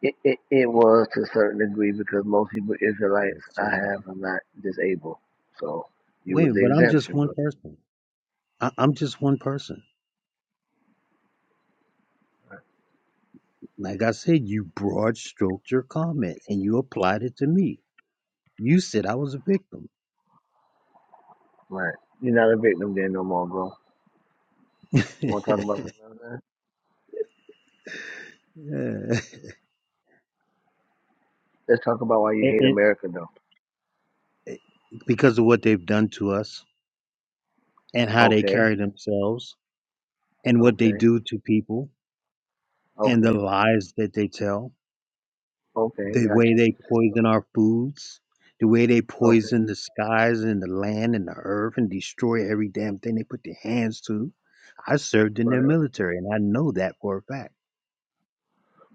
Speaker 7: It, it, it was to a certain degree because most Hebrew Israelites
Speaker 8: Yes, sir.
Speaker 7: I have are not disabled. So you
Speaker 8: Wait, a
Speaker 7: was
Speaker 8: minute,
Speaker 7: the
Speaker 8: but I'm just
Speaker 7: exemption,
Speaker 8: one
Speaker 7: but
Speaker 8: person. I, I'm just one person. Like I said, you broad stroked your comment and you applied it to me. You said I was a victim.
Speaker 7: right. You're not a victim then no more, bro. You wanna talk about something else? man?
Speaker 8: Yeah.
Speaker 7: Let's talk about why you
Speaker 8: And,
Speaker 7: hate
Speaker 8: and,
Speaker 7: America though.
Speaker 8: because of what they've done to us and how they
Speaker 7: Okay,
Speaker 8: carry themselves and what they
Speaker 7: okay,
Speaker 8: do to people and the
Speaker 7: okay,
Speaker 8: lies that they tell,
Speaker 7: okay,
Speaker 8: the way
Speaker 7: gotcha.
Speaker 8: they poison our foods, the way they
Speaker 7: Okay,
Speaker 8: poison the skies and the land and the earth and destroy every damn thing they put their hands to. I served in
Speaker 7: right.
Speaker 8: their
Speaker 7: right.
Speaker 8: military and I know that for a fact.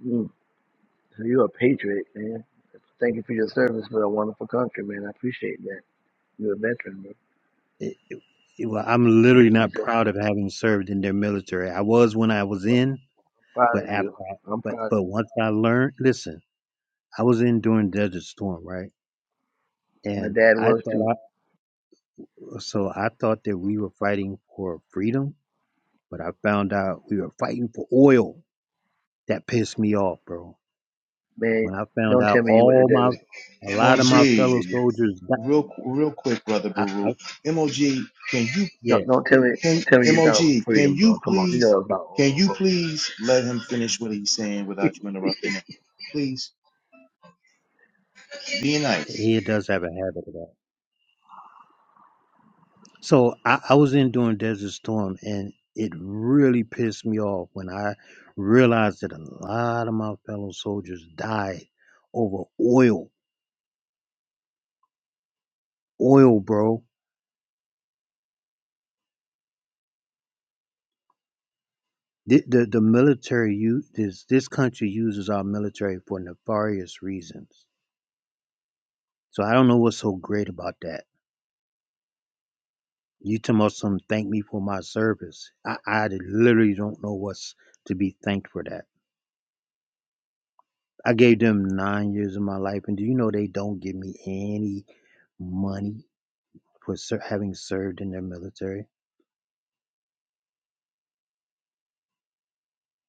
Speaker 7: Mm. So you're a patriot, man. Thank you for your service for a wonderful country, man. I appreciate that. You're a veteran, bro.
Speaker 8: It, it- well, I'm literally
Speaker 7: You
Speaker 8: not
Speaker 7: said,
Speaker 8: proud of having served in their military. I was when I was
Speaker 7: well,
Speaker 8: in,
Speaker 7: I'm
Speaker 8: but
Speaker 7: proud of
Speaker 8: after,
Speaker 7: you.
Speaker 8: I,
Speaker 7: I'm
Speaker 8: but
Speaker 7: proud of
Speaker 8: but
Speaker 7: you.
Speaker 8: once I learned, listen, I was in during Desert Storm, right?
Speaker 7: My
Speaker 8: And
Speaker 7: dad
Speaker 8: I
Speaker 7: was too.
Speaker 8: thought I so I thought that we were fighting for freedom, but I found out we were fighting for oil. That pissed me off, bro.
Speaker 7: Man,
Speaker 8: When I found
Speaker 7: don't
Speaker 8: out
Speaker 7: tell me you went to
Speaker 8: all my
Speaker 7: Desert Storm
Speaker 8: a
Speaker 7: for
Speaker 8: lot of my
Speaker 7: freedom,
Speaker 4: MOG.
Speaker 8: fellow
Speaker 7: did you?
Speaker 8: soldiers, di-
Speaker 4: Real real quick, brother
Speaker 8: I, I,
Speaker 4: Baruch. MOG, can you
Speaker 8: yeah,
Speaker 7: Don't don't tell me
Speaker 4: can
Speaker 7: don't tell me you
Speaker 4: MOG
Speaker 7: thought it was
Speaker 4: can
Speaker 7: freedom,
Speaker 4: you
Speaker 7: bro. Come on, you know
Speaker 4: please
Speaker 7: it was not
Speaker 4: can
Speaker 7: oil,
Speaker 4: you
Speaker 7: bro.
Speaker 4: please let him finish what he's saying without you interrupting him? Please be nice.
Speaker 8: he does have a habit of that. So I, I was in doing Desert Storm, and it really pissed me off when I realized that a lot of my fellow soldiers died over oil, oil, bro The, the, the military use this this country uses our military for nefarious reasons. So I don't know what's so great about that. You talking about some thank me for my service. I, I literally don't know what's to be thanked for that. I gave them nine years of my life, and do you know they don't give me any money for ser- having served in their military?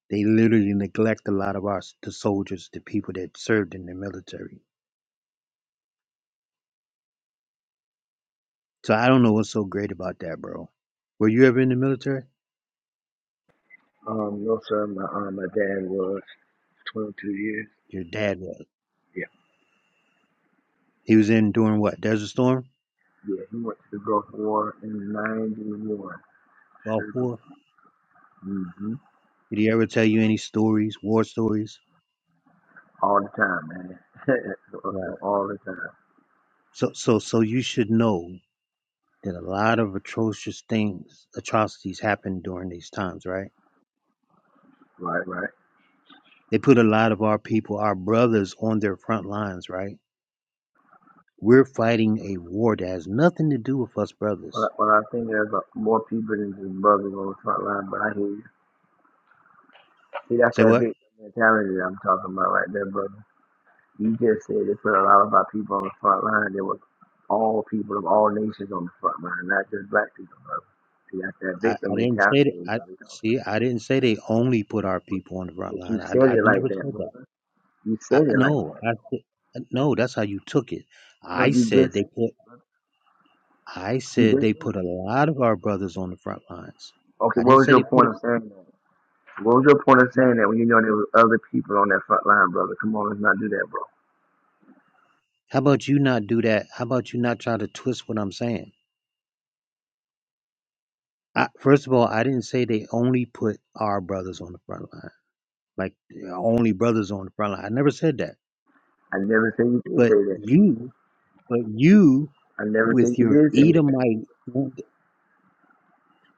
Speaker 8: They literally neglect a lot of our s- the soldiers, the people that served in the military. So I don't know what's so great about that, bro. Were you ever in the military?
Speaker 7: Um, no, sir. My um, my dad was 22 years.
Speaker 8: Your dad was.
Speaker 7: Yeah,
Speaker 8: He was in during what? Desert Storm?
Speaker 7: yeah. He went to the Gulf War in '91. Sure
Speaker 8: Gulf
Speaker 7: did.
Speaker 8: War?
Speaker 7: hmm
Speaker 8: Did he ever tell you any stories, war stories?
Speaker 7: All the time, man.
Speaker 8: Right.
Speaker 7: All the time.
Speaker 8: So so so you should know that a lot of atrocious things, atrocities happen during these times, right?
Speaker 7: Right, right.
Speaker 8: They put a lot of our people, our brothers on their front lines, right? We're fighting a war that has nothing to do with us
Speaker 7: Well,
Speaker 8: brothers.
Speaker 7: I- well, I think there's uh, more people than just brothers on the front line, but I hear you. See, that's
Speaker 8: Say
Speaker 7: that
Speaker 8: what?
Speaker 7: victim mentality that I'm talking about right there, brother. You just said it put a lot about people on the front line. There were all people of all nations on the front line, not just black people, brother. See, that's that
Speaker 8: I,
Speaker 7: victim
Speaker 8: I didn't
Speaker 7: mentality
Speaker 8: say that.
Speaker 7: you
Speaker 8: I
Speaker 7: know, we talking
Speaker 8: see.
Speaker 7: about.
Speaker 8: I didn't say they only put our people on the front
Speaker 7: But you
Speaker 8: line.
Speaker 7: said
Speaker 8: I, I
Speaker 7: it
Speaker 8: never
Speaker 7: like that,
Speaker 8: said that.
Speaker 7: brother. You
Speaker 8: I,
Speaker 7: said it like
Speaker 8: no,
Speaker 7: that.
Speaker 8: I, said- uh, no, that's how you took it.
Speaker 7: No,
Speaker 8: I
Speaker 7: you
Speaker 8: said
Speaker 7: just
Speaker 8: they put. I
Speaker 7: you
Speaker 8: said
Speaker 7: just
Speaker 8: they
Speaker 7: said
Speaker 8: put a lot of our brothers on the front lines.
Speaker 7: it. Okay,
Speaker 8: I
Speaker 7: what
Speaker 8: didn't
Speaker 7: was
Speaker 8: say they
Speaker 7: your
Speaker 8: put.
Speaker 7: point
Speaker 8: it-
Speaker 7: of saying that? What was your point of
Speaker 8: no.
Speaker 7: saying that when you know there were other people on that front line, brother? Come on, let's not do that, bro.
Speaker 8: How about you not do that? How about you not try to twist what I'm saying? I, first of all, I didn't say they only put our brothers on the front line, like the only brothers on the front line. I never said that.
Speaker 7: I never said you did
Speaker 8: But
Speaker 7: say that.
Speaker 8: you, but you
Speaker 7: I never
Speaker 8: with
Speaker 7: said you
Speaker 8: your
Speaker 7: did say that.
Speaker 8: Edomite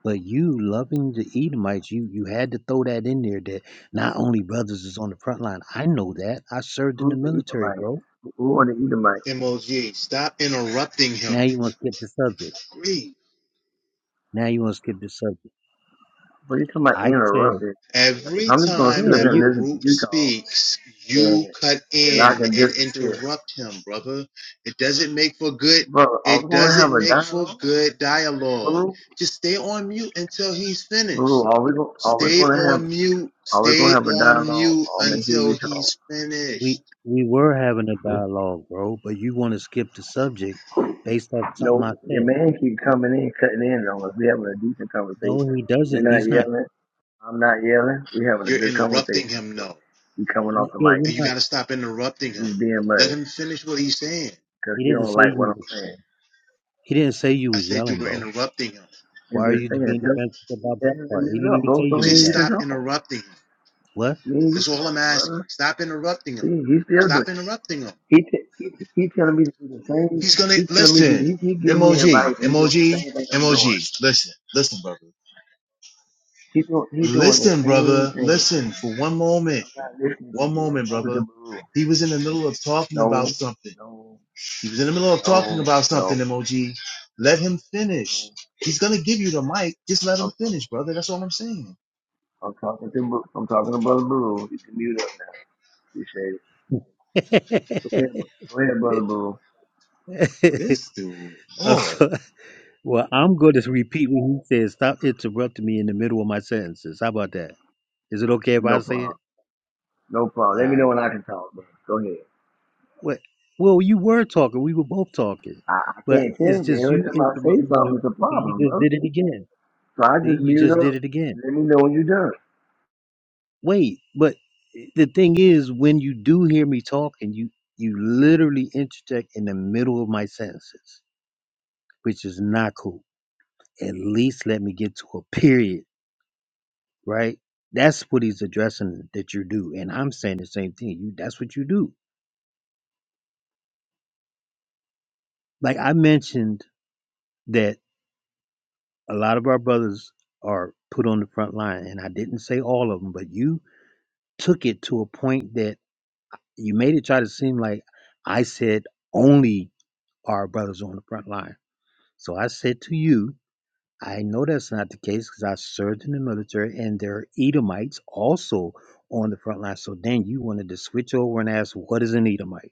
Speaker 8: But you loving the Edomites, you you had to throw that in there that not only brothers is on the front line. I know that. I served in the
Speaker 7: Who's the
Speaker 8: military,
Speaker 7: Edomite?
Speaker 8: bro.
Speaker 7: Who are the Edomites?
Speaker 4: MOG, stop interrupting him.
Speaker 8: Now you want to skip the subject.
Speaker 4: Great.
Speaker 8: Now you want to skip the subject.
Speaker 7: When you talking about
Speaker 8: I said,
Speaker 7: interrupted, if
Speaker 4: Every
Speaker 7: I'm just gonna
Speaker 4: time
Speaker 7: sit
Speaker 8: yeah,
Speaker 7: up
Speaker 4: that
Speaker 7: here and
Speaker 8: you
Speaker 7: listen to
Speaker 4: Baruch
Speaker 7: you talk,
Speaker 4: speaks, you
Speaker 7: then
Speaker 4: cut
Speaker 7: then I
Speaker 4: in
Speaker 7: can
Speaker 4: and
Speaker 7: disappear.
Speaker 4: interrupt him, brother. It doesn't make for good.
Speaker 7: But are we
Speaker 4: It
Speaker 7: gonna have
Speaker 4: doesn't
Speaker 7: a
Speaker 4: make for
Speaker 7: dialogue,
Speaker 4: good dialogue.
Speaker 7: Baru?
Speaker 4: Just stay on mute until he's
Speaker 7: Baru,
Speaker 4: finished.
Speaker 7: are we gonna are we
Speaker 4: Stay
Speaker 7: gonna have
Speaker 4: on mute.
Speaker 7: are we gonna
Speaker 4: Stay
Speaker 7: have a
Speaker 4: on
Speaker 7: dialogue?
Speaker 4: mute
Speaker 7: I'm gonna hear
Speaker 4: until
Speaker 7: you talk.
Speaker 4: he's
Speaker 8: we
Speaker 4: finished.
Speaker 8: we were having a dialogue, bro, but you want to skip the subject based off something
Speaker 7: No,
Speaker 8: I
Speaker 7: your
Speaker 8: said.
Speaker 7: man keep coming in, cutting in on us. We having a decent conversation.
Speaker 8: No, he
Speaker 7: You're
Speaker 8: doesn't.
Speaker 7: not
Speaker 8: He's not.
Speaker 7: yelling. I'm not yelling. We having a
Speaker 4: You're
Speaker 7: good
Speaker 4: interrupting
Speaker 7: conversation.
Speaker 4: him,
Speaker 7: So
Speaker 4: no,
Speaker 7: he coming
Speaker 8: Yeah,
Speaker 7: off the mic.
Speaker 8: you're
Speaker 4: and you
Speaker 8: not.
Speaker 4: got to stop interrupting him.
Speaker 7: He's being
Speaker 4: Let
Speaker 7: muddy
Speaker 4: him finish what he's saying.
Speaker 7: because
Speaker 8: He
Speaker 7: he
Speaker 8: didn't
Speaker 7: don't
Speaker 8: say
Speaker 7: like what
Speaker 8: you.
Speaker 7: I'm saying.
Speaker 8: He didn't say you
Speaker 4: I
Speaker 8: was
Speaker 4: said you
Speaker 8: yelling,
Speaker 4: were
Speaker 8: bro.
Speaker 4: interrupting him.
Speaker 8: Why
Speaker 7: And
Speaker 8: are you
Speaker 7: just saying,
Speaker 8: being
Speaker 7: tell him,
Speaker 8: defensive about
Speaker 7: tell
Speaker 8: that
Speaker 7: him to
Speaker 8: part? He
Speaker 7: mute
Speaker 8: didn't
Speaker 7: up,
Speaker 8: even say
Speaker 7: bro, so he
Speaker 8: you
Speaker 4: Just
Speaker 7: you can
Speaker 4: stop
Speaker 7: talk.
Speaker 4: interrupting him.
Speaker 8: was
Speaker 7: Me you
Speaker 4: That's all I'm
Speaker 7: talking,
Speaker 4: asking.
Speaker 7: brother.
Speaker 4: Stop interrupting him.
Speaker 7: See, he still doing.
Speaker 4: Stop interrupting him.
Speaker 7: He t- he t- he telling me to do the same.
Speaker 4: He's gonna
Speaker 7: He telling me to.
Speaker 4: listen.
Speaker 7: He he
Speaker 4: M
Speaker 7: giving
Speaker 4: O
Speaker 7: me
Speaker 4: G.
Speaker 7: advice, and he
Speaker 4: M O
Speaker 7: doing the
Speaker 4: G.
Speaker 7: same thing
Speaker 4: M
Speaker 7: I'm
Speaker 4: O G.
Speaker 7: doing.
Speaker 4: Listen, listen, brother.
Speaker 7: He doing he doing the
Speaker 4: Listen,
Speaker 7: same
Speaker 4: brother.
Speaker 7: thing.
Speaker 4: Listen for one moment.
Speaker 7: I'm not listening to
Speaker 4: One
Speaker 7: you. I'm
Speaker 4: moment,
Speaker 7: talking to
Speaker 4: brother.
Speaker 7: Baru.
Speaker 4: He was in the middle of talking about
Speaker 7: No,
Speaker 4: something.
Speaker 7: no,
Speaker 4: He was in the middle of talking
Speaker 7: no,
Speaker 4: about
Speaker 7: no,
Speaker 4: something,
Speaker 7: no.
Speaker 4: M O G. Let him finish.
Speaker 7: no.
Speaker 4: He's gonna give you the mic. Just let him
Speaker 7: I'm talking
Speaker 4: finish,
Speaker 7: to
Speaker 4: brother. That's
Speaker 7: Baru.
Speaker 4: all I'm saying.
Speaker 7: I'm talking to Baru. I'm talking to brother Baru. You can mute up now. Appreciate it.
Speaker 8: yelling.
Speaker 7: Go
Speaker 8: What?
Speaker 7: ahead, bro- go ahead, brother Baru.
Speaker 4: This dude, Lord.
Speaker 8: Also, well, I'm going to repeat what he said. Stop interrupting me in the middle of my sentences. How about that? Is it okay if I
Speaker 7: No
Speaker 8: say it?
Speaker 7: problem. No problem.
Speaker 8: All
Speaker 7: Let me
Speaker 8: right.
Speaker 7: know when I can talk, bro. Go ahead.
Speaker 8: Well, Well, you were talking. We were both talking,
Speaker 7: I, I
Speaker 8: but
Speaker 7: can't
Speaker 8: it's
Speaker 7: change it.
Speaker 8: just
Speaker 7: Every
Speaker 8: you
Speaker 7: time I say
Speaker 8: interrupt me. in
Speaker 7: something,
Speaker 8: the-
Speaker 7: it's a
Speaker 8: You
Speaker 7: problem,
Speaker 8: just
Speaker 7: bro.
Speaker 8: did it again.
Speaker 7: So I
Speaker 8: See,
Speaker 7: just
Speaker 8: you
Speaker 7: mute
Speaker 8: just
Speaker 7: up.
Speaker 8: did it again.
Speaker 7: Let me know when you're done.
Speaker 8: Wait, but the thing is, when you do hear me talking, you you literally interject in the middle of my sentences, which is not cool. At least let me get to a period right? That's what he's addressing that you do. And I'm saying the same thing. You that's what you do. Like I mentioned that a lot of our brothers are put on the front line and I didn't say all of them, but you took it to a point that you made it try to seem like I said only our brothers on the front line. So I said to you, I know that's not the case because I served in the military and there are Edomites also on the front line. So then you wanted to switch over and ask, what is an Edomite?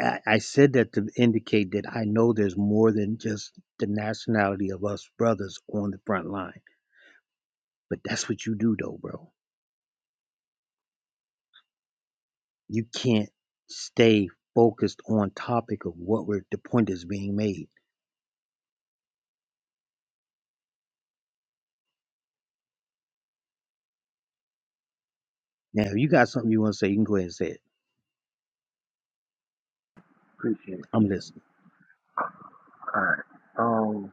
Speaker 8: I, I said that to indicate that I know there's more than just the nationality of us brothers on the front line. But that's what you do, though, bro. You can't stay focused on topic of what we're, the point is being made. Now, if you got something you want to say, you can go ahead and say it.
Speaker 7: Appreciate it.
Speaker 8: I'm
Speaker 7: Appreciate
Speaker 8: listening.
Speaker 7: it. All right. Um.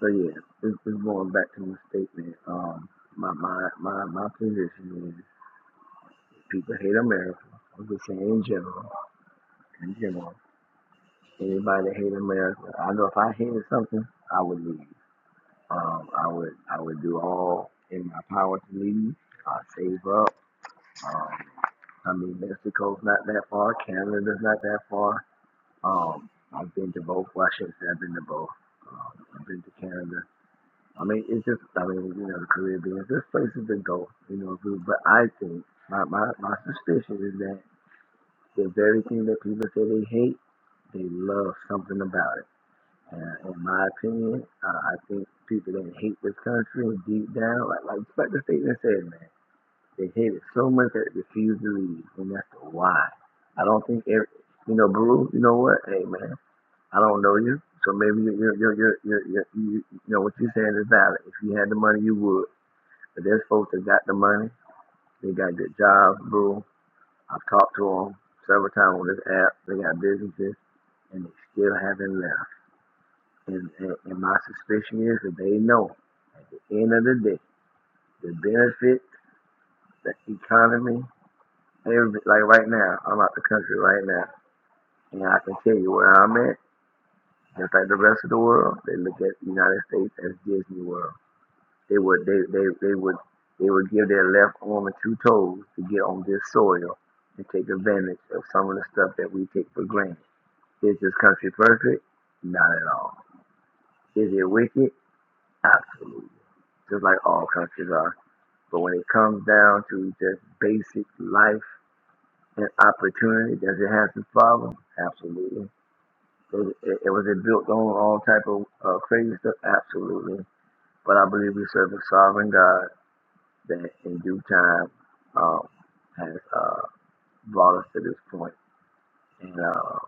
Speaker 7: So yeah, this is going back to my statement. Um. My my my my position is people hate America. I'm just saying in general. In general, anybody that hate America, I know if I hated something, I would leave. Um. I would I would do all in my power to leave. I save up. Um. I mean, Mexico's not that far. Canada's not that far. Um, I've been to both. Well, I shouldn't say I've been to both. Um, I've been to Canada. I mean, it's just, I mean, you know, the Caribbean. There's places to go, you know. but I think my, my my suspicion is that the very thing that people say they hate, they love something about it. And in my opinion, uh, I think people that hate this country deep down, like like, like the statement said, man. They hate it so much that they refuse to leave, and that's the why. I don't think every, you know, Baru. You know what? Hey, man, I don't know you, so maybe you're, you're, you're, you're, you're, you you know what you're saying is valid. If you had the money, you would. But there's folks that got the money. They got good jobs, Baru. I've talked to them several times on this app. They got businesses, and they still haven't left. And, and, and my suspicion is that they know at the end of the day, the benefit, the economy, every, like right now, I'm out the country right now. And I can tell you where I'm at, just like the rest of the world, they look at the United States as Disney World. They would they they, they would they would give their left arm and two toes to get on this soil and take advantage of some of the stuff that we take for granted. Is this country perfect? Not at all. Is it wicked? Absolutely. Just like all countries are. But when it comes down to just basic life and opportunity, does it have some problems? Absolutely. It, it, it was it built on all type of uh, crazy stuff? Absolutely. But I believe we serve a sovereign God that in due time um, has uh, brought us to this point. And, uh,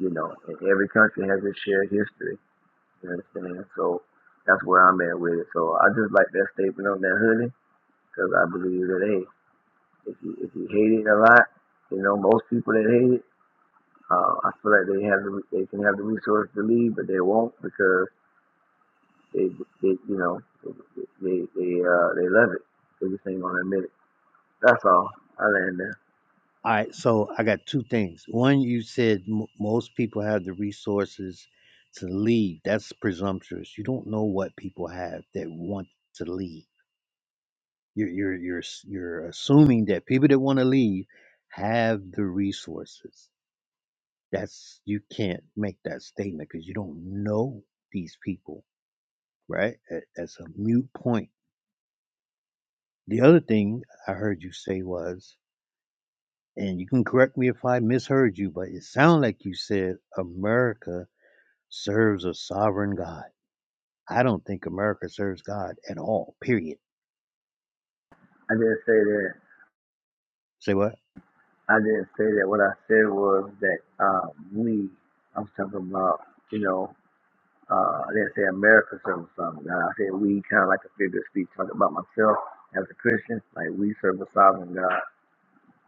Speaker 7: you know, and every country has its shared history. You understand? So that's where I'm at with it. So I just like that statement on that hoodie because I believe that, hey, if you, if you hate it a lot, you know, most people that hate it, uh, I feel like they have the, they can have the resource to leave, but they won't because They, they you know, they, they, uh, they love it. They just ain't gonna admit it. That's all. I land there.
Speaker 8: All right, so I got two things. One, you said m- most people have the resources to lead. That's presumptuous. You don't know what people have that want to lead You're you're you're s- you're assuming that people that want to leave have the resources. That's you can't make that statement because you don't know these people, right? That- That's a mute point. The other thing I heard you say was, and you can correct me if I misheard you, but it sounded like you said America serves a sovereign God. I don't think America serves God at all. Period.
Speaker 7: I didn't say that.
Speaker 8: Say what?
Speaker 7: I didn't say that. What I said was that uh, we. I was talking about, you know, uh, I didn't say America serve a sovereign God. I said we kind of like a figure of speech, talking about myself as a Christian. Like we serve a sovereign God.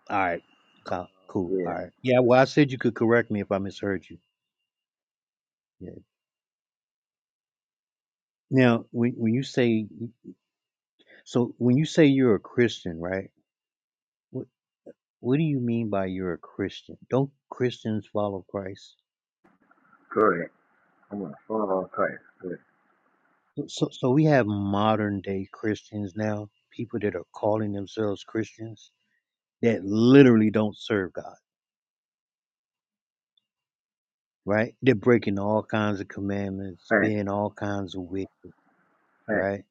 Speaker 8: All right, co- cool. All
Speaker 7: Yeah,
Speaker 8: right. Yeah. Well, I said you could correct me if I misheard you. Yeah. Now, when when you say so, when you say you're a Christian, right? What what do you mean by you're a Christian? Don't Christians follow Christ?
Speaker 7: correct. I'm gonna follow on Christ. Good.
Speaker 8: So, so so we have modern day Christians now, people that are calling themselves Christians that literally don't serve God, right? They're breaking all kinds of commandments,
Speaker 7: Thanks.
Speaker 8: being all kinds of wicked,
Speaker 7: Thanks.
Speaker 8: right?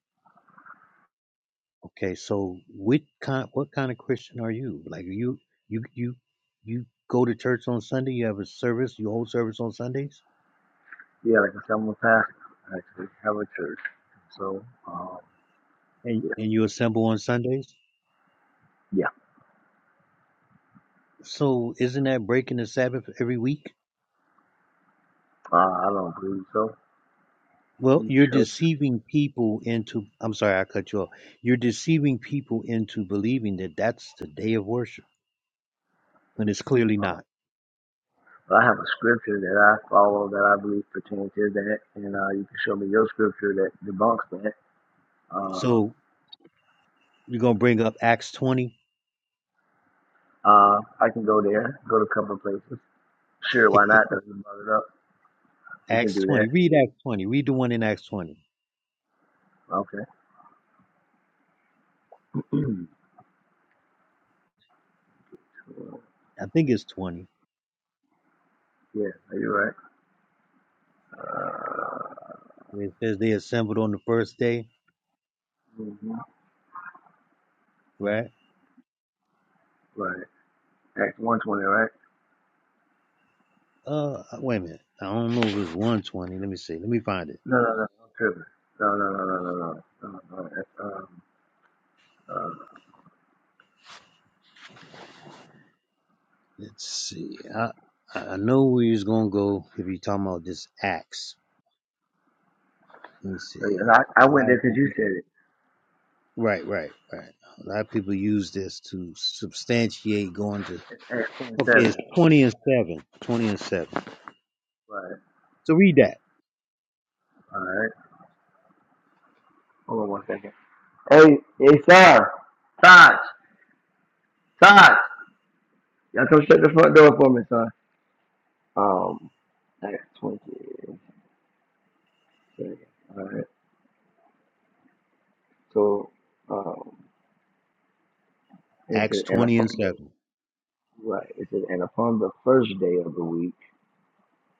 Speaker 8: Okay, so what kind what kind of Christian are you? Like you you you you go to church on Sunday, you have a service, you hold service on Sundays?
Speaker 7: Yeah, like I said, I'm a pastor. I actually have a church. So, um,
Speaker 8: And
Speaker 7: yeah.
Speaker 8: and you assemble on Sundays?
Speaker 7: Yeah.
Speaker 8: So isn't that breaking the Sabbath every week?
Speaker 7: Uh, I don't believe so.
Speaker 8: Well,
Speaker 7: You
Speaker 8: you're
Speaker 7: show.
Speaker 8: deceiving people into I'm sorry, I cut you off. You're deceiving people into believing that that's the day of worship when it's clearly
Speaker 7: Uh,
Speaker 8: not.
Speaker 7: I have a scripture that I follow that I believe pertains to that, and uh, you can show me your scripture that debunks that. Um,
Speaker 8: So you're going to bring up Acts 20.
Speaker 7: uh, I can go there, go to a couple of places. Sure, why not? Doesn't brought it up. We can
Speaker 8: Acts
Speaker 7: do that.
Speaker 8: 20. Read Acts 20. Read the one in Acts 20.
Speaker 7: Okay.
Speaker 8: I think it's 20.
Speaker 7: yeah, are you right? Uh,
Speaker 8: It says they assembled on the first day,
Speaker 7: mhm,
Speaker 8: right?
Speaker 7: Right. Acts one twenty, right?
Speaker 8: Uh, wait a minute. I don't know if it's 120. Let me see. Let me find it.
Speaker 7: No, no, no, I'm tripping. No, no, no, no, no, no. no, no. no, That's, um, uh,
Speaker 8: Let's see. I I know where he's gonna go if you are talking about this axe. Let me
Speaker 7: yeah,
Speaker 8: see.
Speaker 7: and I,
Speaker 8: A
Speaker 7: I went
Speaker 8: lot
Speaker 7: there
Speaker 8: of
Speaker 7: because you
Speaker 8: people.
Speaker 7: said it.
Speaker 8: Right, right, right. A lot of people use this to substantiate going to.
Speaker 7: It's at 27.
Speaker 8: Okay, it's
Speaker 7: eight
Speaker 8: twenty and
Speaker 7: twenty-seven.
Speaker 8: seven. Twenty and seven.
Speaker 7: Right.
Speaker 8: So read that.
Speaker 7: All right. Hold on one second. Hey, hey, sir. Taj. Taj. Y'all come shut the front door for me, son. Um, I got 20 seconds. All right. So, um, it
Speaker 8: Acts
Speaker 7: says, and
Speaker 8: twenty
Speaker 7: upon
Speaker 8: and
Speaker 7: the,
Speaker 8: seven.
Speaker 7: right, it says, and upon the first day of the week,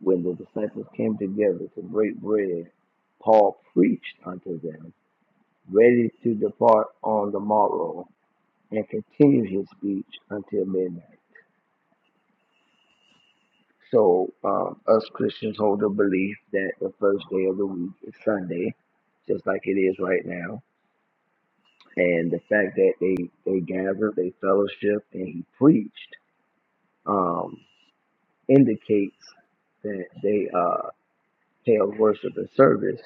Speaker 7: when the disciples came together to break bread, Paul preached unto them, ready to depart on the morrow, and continued his speech until midnight. So, um, us Christians hold the belief that the first day of the week is Sunday, just like it is right now. And the fact that they, they gathered, they fellowship, and he preached um, indicates that they uh, held worship and service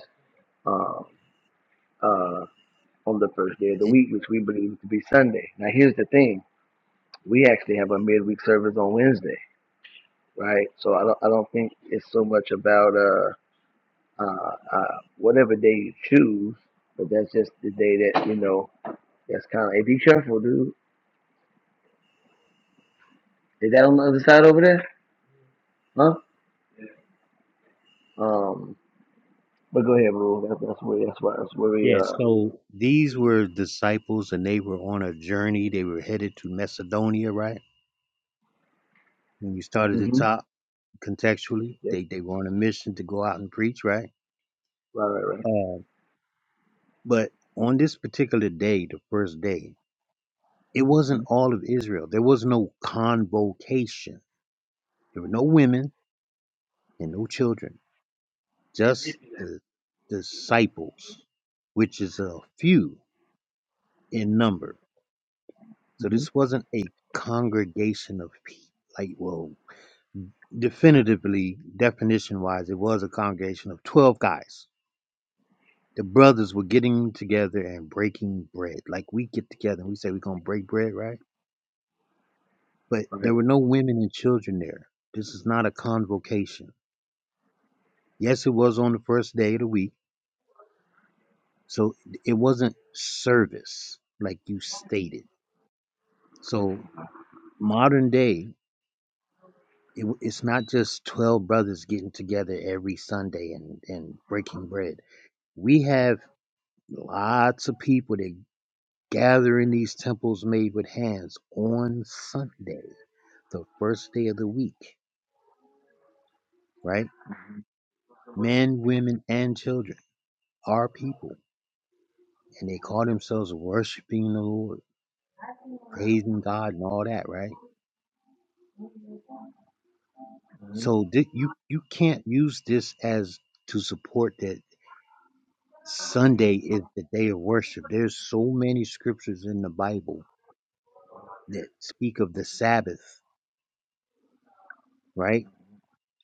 Speaker 7: um, uh, on the first day of the
Speaker 8: It,
Speaker 7: week, which we believe to be Sunday. Now, here's the thing we actually have a midweek service on Wednesday, right? So, I don't, I don't think it's so much about. Uh, uh, uh, whatever day you choose. But that's just the day that you know. That's kind of. Hey, be careful, dude. Is that on the other side over there? Huh? Um. But go ahead, bro. That, that's where. That's where. That's where we.
Speaker 8: yeah.
Speaker 7: Uh.
Speaker 8: So these were disciples, and they were on a journey. They were headed to Macedonia, right? When you started the
Speaker 7: Mhm.
Speaker 8: top contextually,
Speaker 7: Yep.
Speaker 8: they they were on a mission to go out and preach, right?
Speaker 7: Right. Right. Right.
Speaker 8: Uh, But on this particular day, the first day, it wasn't
Speaker 7: Mhm.
Speaker 8: all of Israel. There was no convocation. There were no women and no children, just the disciples, which is a few in number. So
Speaker 7: Mhm.
Speaker 8: this wasn't a congregation of people. Like, well, definitively, definition wise, it was a congregation of 12 guys. The brothers were getting together and breaking bread. Like we get together and we say we're going to break bread, right? But there
Speaker 7: Okay.
Speaker 8: were no women and children there. This is not a convocation. Yes, it was on the first day of the week. So it wasn't service like you stated. So modern day, it, it's not just 12 brothers getting together every Sunday and, and breaking bread. We have lots of people that gather in these temples made with hands on Sunday, the first day of the week, right? Men, women, and children, our people and they call themselves worshiping the Lord, praising God, and all that, right? So thi- you you can't use this as to support that Sunday is the day of worship. There's so many scriptures in the Bible that speak of the Sabbath, right,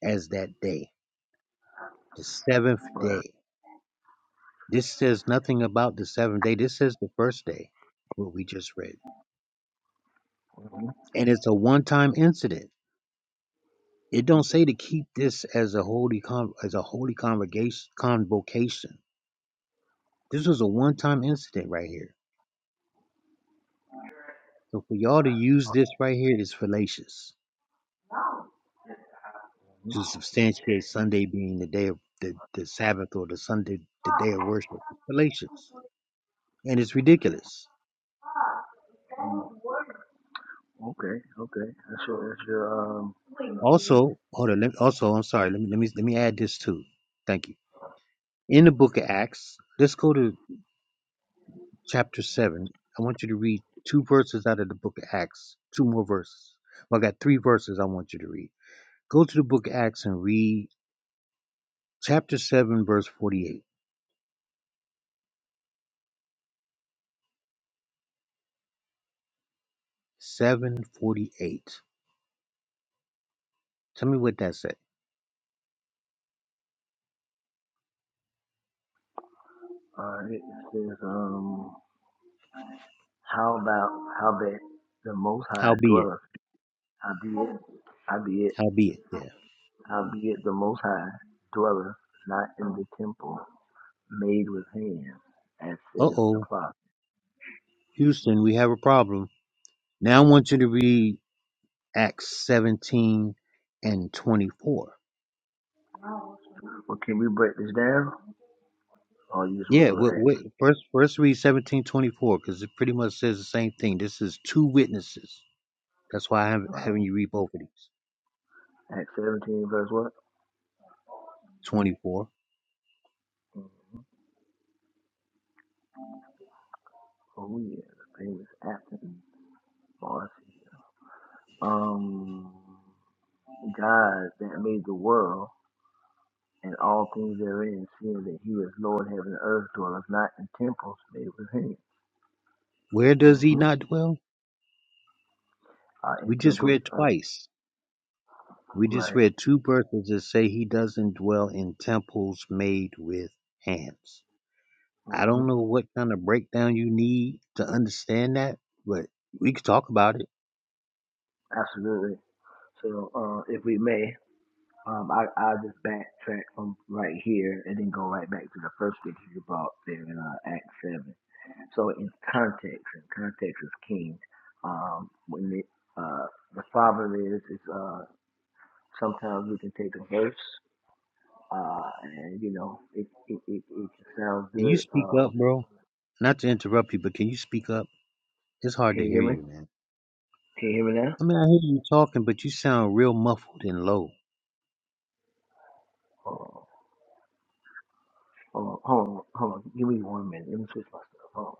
Speaker 8: as that day, the seventh day. This says nothing about the seventh day. This says the first day, what we just read, and it's a one-time incident. It don't say to keep this as a holy con- as a holy congregation convocation This was a one-time incident right here. So for y'all to use this right here is fallacious to substantiate Sunday being the day of the, the Sabbath or the Sunday the day of worship. It's fallacious and it's ridiculous.
Speaker 7: Okay, okay. That's your, that's your um,
Speaker 8: Also, hold on. Let, also, I'm sorry. Let me let me let me add this too. Thank you. In the book of Acts, let's go to chapter seven. I want you to read two verses out of the book of Acts. Two more verses. Well, I got three verses I want you to read. Go to the book of Acts and read chapter seven, verse forty-eight. 748. Tell me what that said.
Speaker 7: uh, it says, um, how about, how that the Most High
Speaker 8: Howbeit.
Speaker 7: dwelleth, how be it, how be it,
Speaker 8: Howbeit. Yeah.
Speaker 7: how be it the Most High dwelleth not in the temple, made with hands, as
Speaker 8: Uh
Speaker 7: says the
Speaker 8: oh.
Speaker 7: Father.
Speaker 8: Houston, we have a problem. Now I want you to read Acts 17 and 24.
Speaker 7: Well, can we break this down? Or you just want
Speaker 8: Yeah,
Speaker 7: to go to
Speaker 8: wait,
Speaker 7: Acts,
Speaker 8: wait. First, first read 17 24 because it pretty much says the same thing. This is two witnesses. That's why I'm having
Speaker 7: uh,
Speaker 8: you read both of these.
Speaker 7: Acts 17, verse what?
Speaker 8: 24.
Speaker 7: Oh, yeah, the famous Athens. Oh, Um, God that made the world and all things therein, seeing that He is Lord, heaven and earth, dwelleth not in temples made with hands.
Speaker 8: Where does he
Speaker 7: Mm-hmm.
Speaker 8: not dwell?
Speaker 7: Uh, in
Speaker 8: We just
Speaker 7: temples,
Speaker 8: read
Speaker 7: uh,
Speaker 8: twice. We just
Speaker 7: right.
Speaker 8: read two verses that say he doesn't dwell in temples made with hands. I
Speaker 7: Mm-hmm.
Speaker 8: don't know what kind of breakdown you need to understand that, but we could talk about it.
Speaker 7: Absolutely. So, uh, if we may. Um, I I just backtrack from right here and then go right back to the first scripture you brought there in uh, Acts seven. So in context, and context is king. Um, when the uh the father is is uh sometimes we can take a verse uh and you know it it it, it can
Speaker 8: Can you
Speaker 7: good.
Speaker 8: speak
Speaker 7: Uh,
Speaker 8: up, bro? Not to interrupt you, but can you speak up? It's hard to
Speaker 7: can you
Speaker 8: hear
Speaker 7: hear me?
Speaker 8: you, man.
Speaker 7: Can you hear me now?
Speaker 8: I mean, I hear you talking, but you sound real muffled and low.
Speaker 7: Oh, oh, hold on, hold on. Give me one minute. Let me switch my stuff. Hold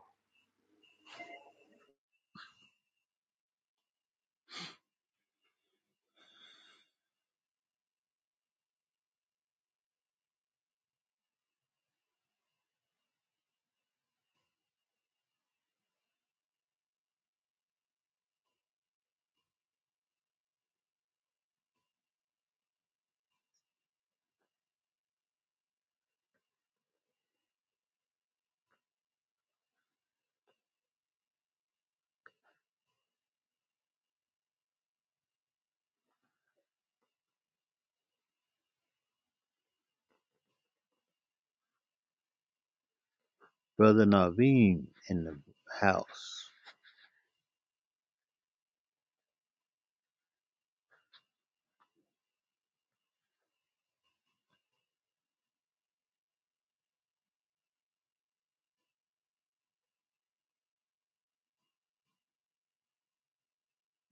Speaker 8: Brother Naveen in the house.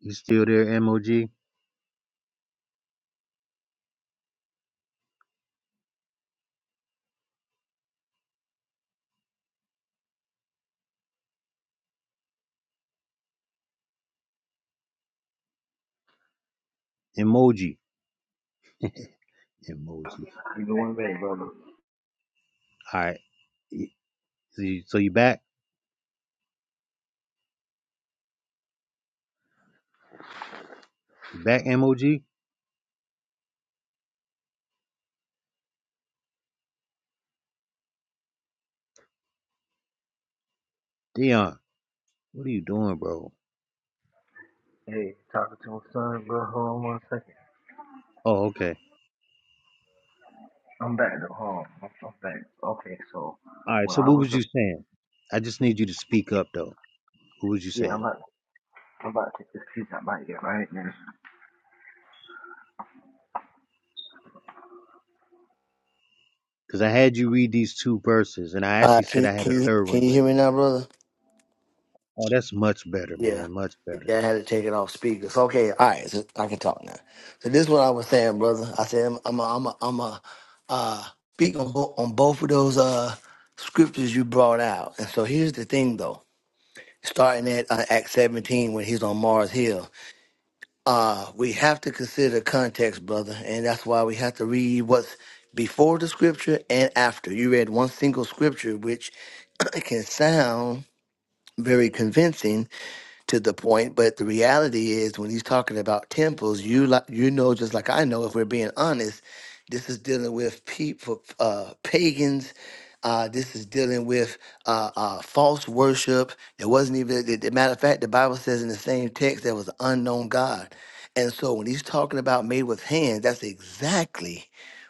Speaker 8: You still there, emoji? Emoji. emoji.
Speaker 7: on. Give me one minute, brother.
Speaker 8: All right. Y- So you, so you back? You back, emoji? Dion, what are you doing, bro?
Speaker 7: Hey, talking to my son, bro. Hold on one second.
Speaker 8: Oh, okay.
Speaker 7: I'm back at home. I'm, I'm back. Okay, so
Speaker 8: All right.
Speaker 7: when
Speaker 8: So
Speaker 7: I
Speaker 8: what
Speaker 7: was
Speaker 8: was
Speaker 7: up,
Speaker 8: you saying? I just need you to speak up, though. What was you
Speaker 7: yeah, I'm
Speaker 8: saying?
Speaker 7: about, I'm about to take this piece out my ear right now.
Speaker 8: Because I had you read these two verses, and I
Speaker 7: All
Speaker 8: actually
Speaker 7: right,
Speaker 8: said
Speaker 7: can,
Speaker 8: I had
Speaker 7: can,
Speaker 8: a
Speaker 7: you,
Speaker 8: third
Speaker 7: can
Speaker 8: one,
Speaker 7: you
Speaker 8: but
Speaker 7: hear me now, brother?
Speaker 8: oh, that's much better,
Speaker 7: Yeah.
Speaker 8: man, much better.
Speaker 7: Yeah, I had to take it off speakers. Okay, all right, so I can talk now. So this is what I was saying, brother. I said I'm I'm a, I'm a, I'm a uh, speak on, bo- on both of those uh scriptures you brought out. And so here's the thing, though. Starting at uh, Act 17 when he's on Mars Hill, Uh, we have to consider context, brother, and that's why we have to read what's before the scripture and after. You read one single scripture, which can sound very convincing to the point. But the reality is, when he's talking about temples, you like you know just like I know, if we're being honest, this is dealing with people, uh, pagans. Uh, this is dealing with uh, uh, false worship. It wasn't even. The, the matter of fact, the Bible says in the same text there was an unknown God. And so when he's talking about made with hands, that's exactly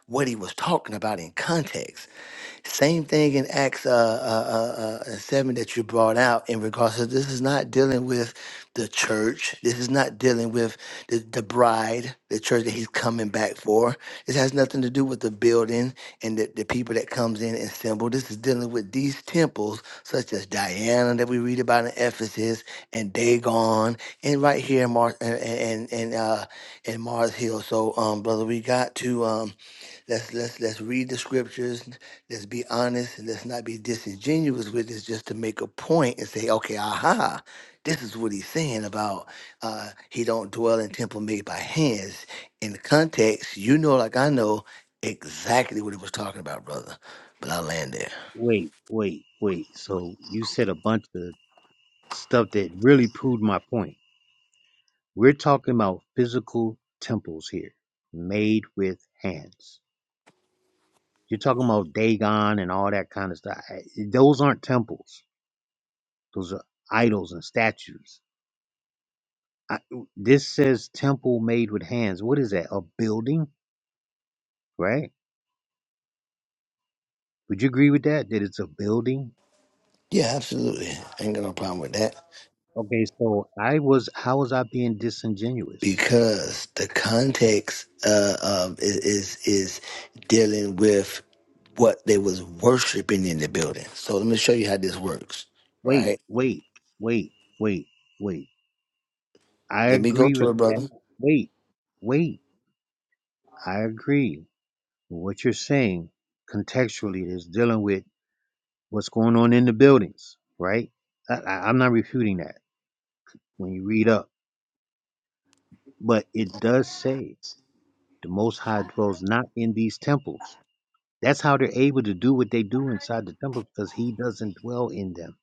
Speaker 7: what he was talking about in context same thing in Acts uh, uh, uh, uh, 7 that you brought out in regards to this is not dealing with the church. This is not dealing with the, the bride, the church that he's coming back for. This has nothing to do with the building and the, the people that comes in and assemble. This is dealing with these temples such as Diana that we read about in Ephesus and Dagon and right here in Mars and, and, and, uh, in Mars Hill. So, um, brother, we got to. Um, Let's let's let's read the scriptures. Let's be honest. and Let's not be disingenuous with this, just to make a point and say, okay, aha, this is what he's saying about uh, he don't dwell in temple made by hands. In the context, you know, like I know exactly what he was talking about, brother. But I will land there.
Speaker 8: Wait, wait, wait. So you said a bunch of stuff that really proved my point. We're talking about physical temples here, made with hands. You're talking about Dagon and all that kind of stuff. I- Those aren't temples. Those are idols and statues. I, this says temple made with hands. What is that? A building, right? Would you agree with that? That it's a building?
Speaker 7: Yeah, absolutely. Ain't got no problem with that
Speaker 8: Okay, so I was how was I being disingenuous?
Speaker 7: because the context uh, of is is is dealing with what they was worshiping in the building. So let me show you how this works,
Speaker 8: Wait,
Speaker 7: right?
Speaker 8: wait, wait, wait, wait. I
Speaker 7: Let me go
Speaker 8: agree
Speaker 7: to
Speaker 8: with
Speaker 7: it,
Speaker 8: that.
Speaker 7: brother.
Speaker 8: Wait, wait. I agree with what you're saying contextually is dealing with what's going on in the buildings, right? I, I, I'm not refuting that when you read up, but it does say the Most High dwells not in these temples. That's how they're able to do what they do inside the temple because He doesn't dwell in them.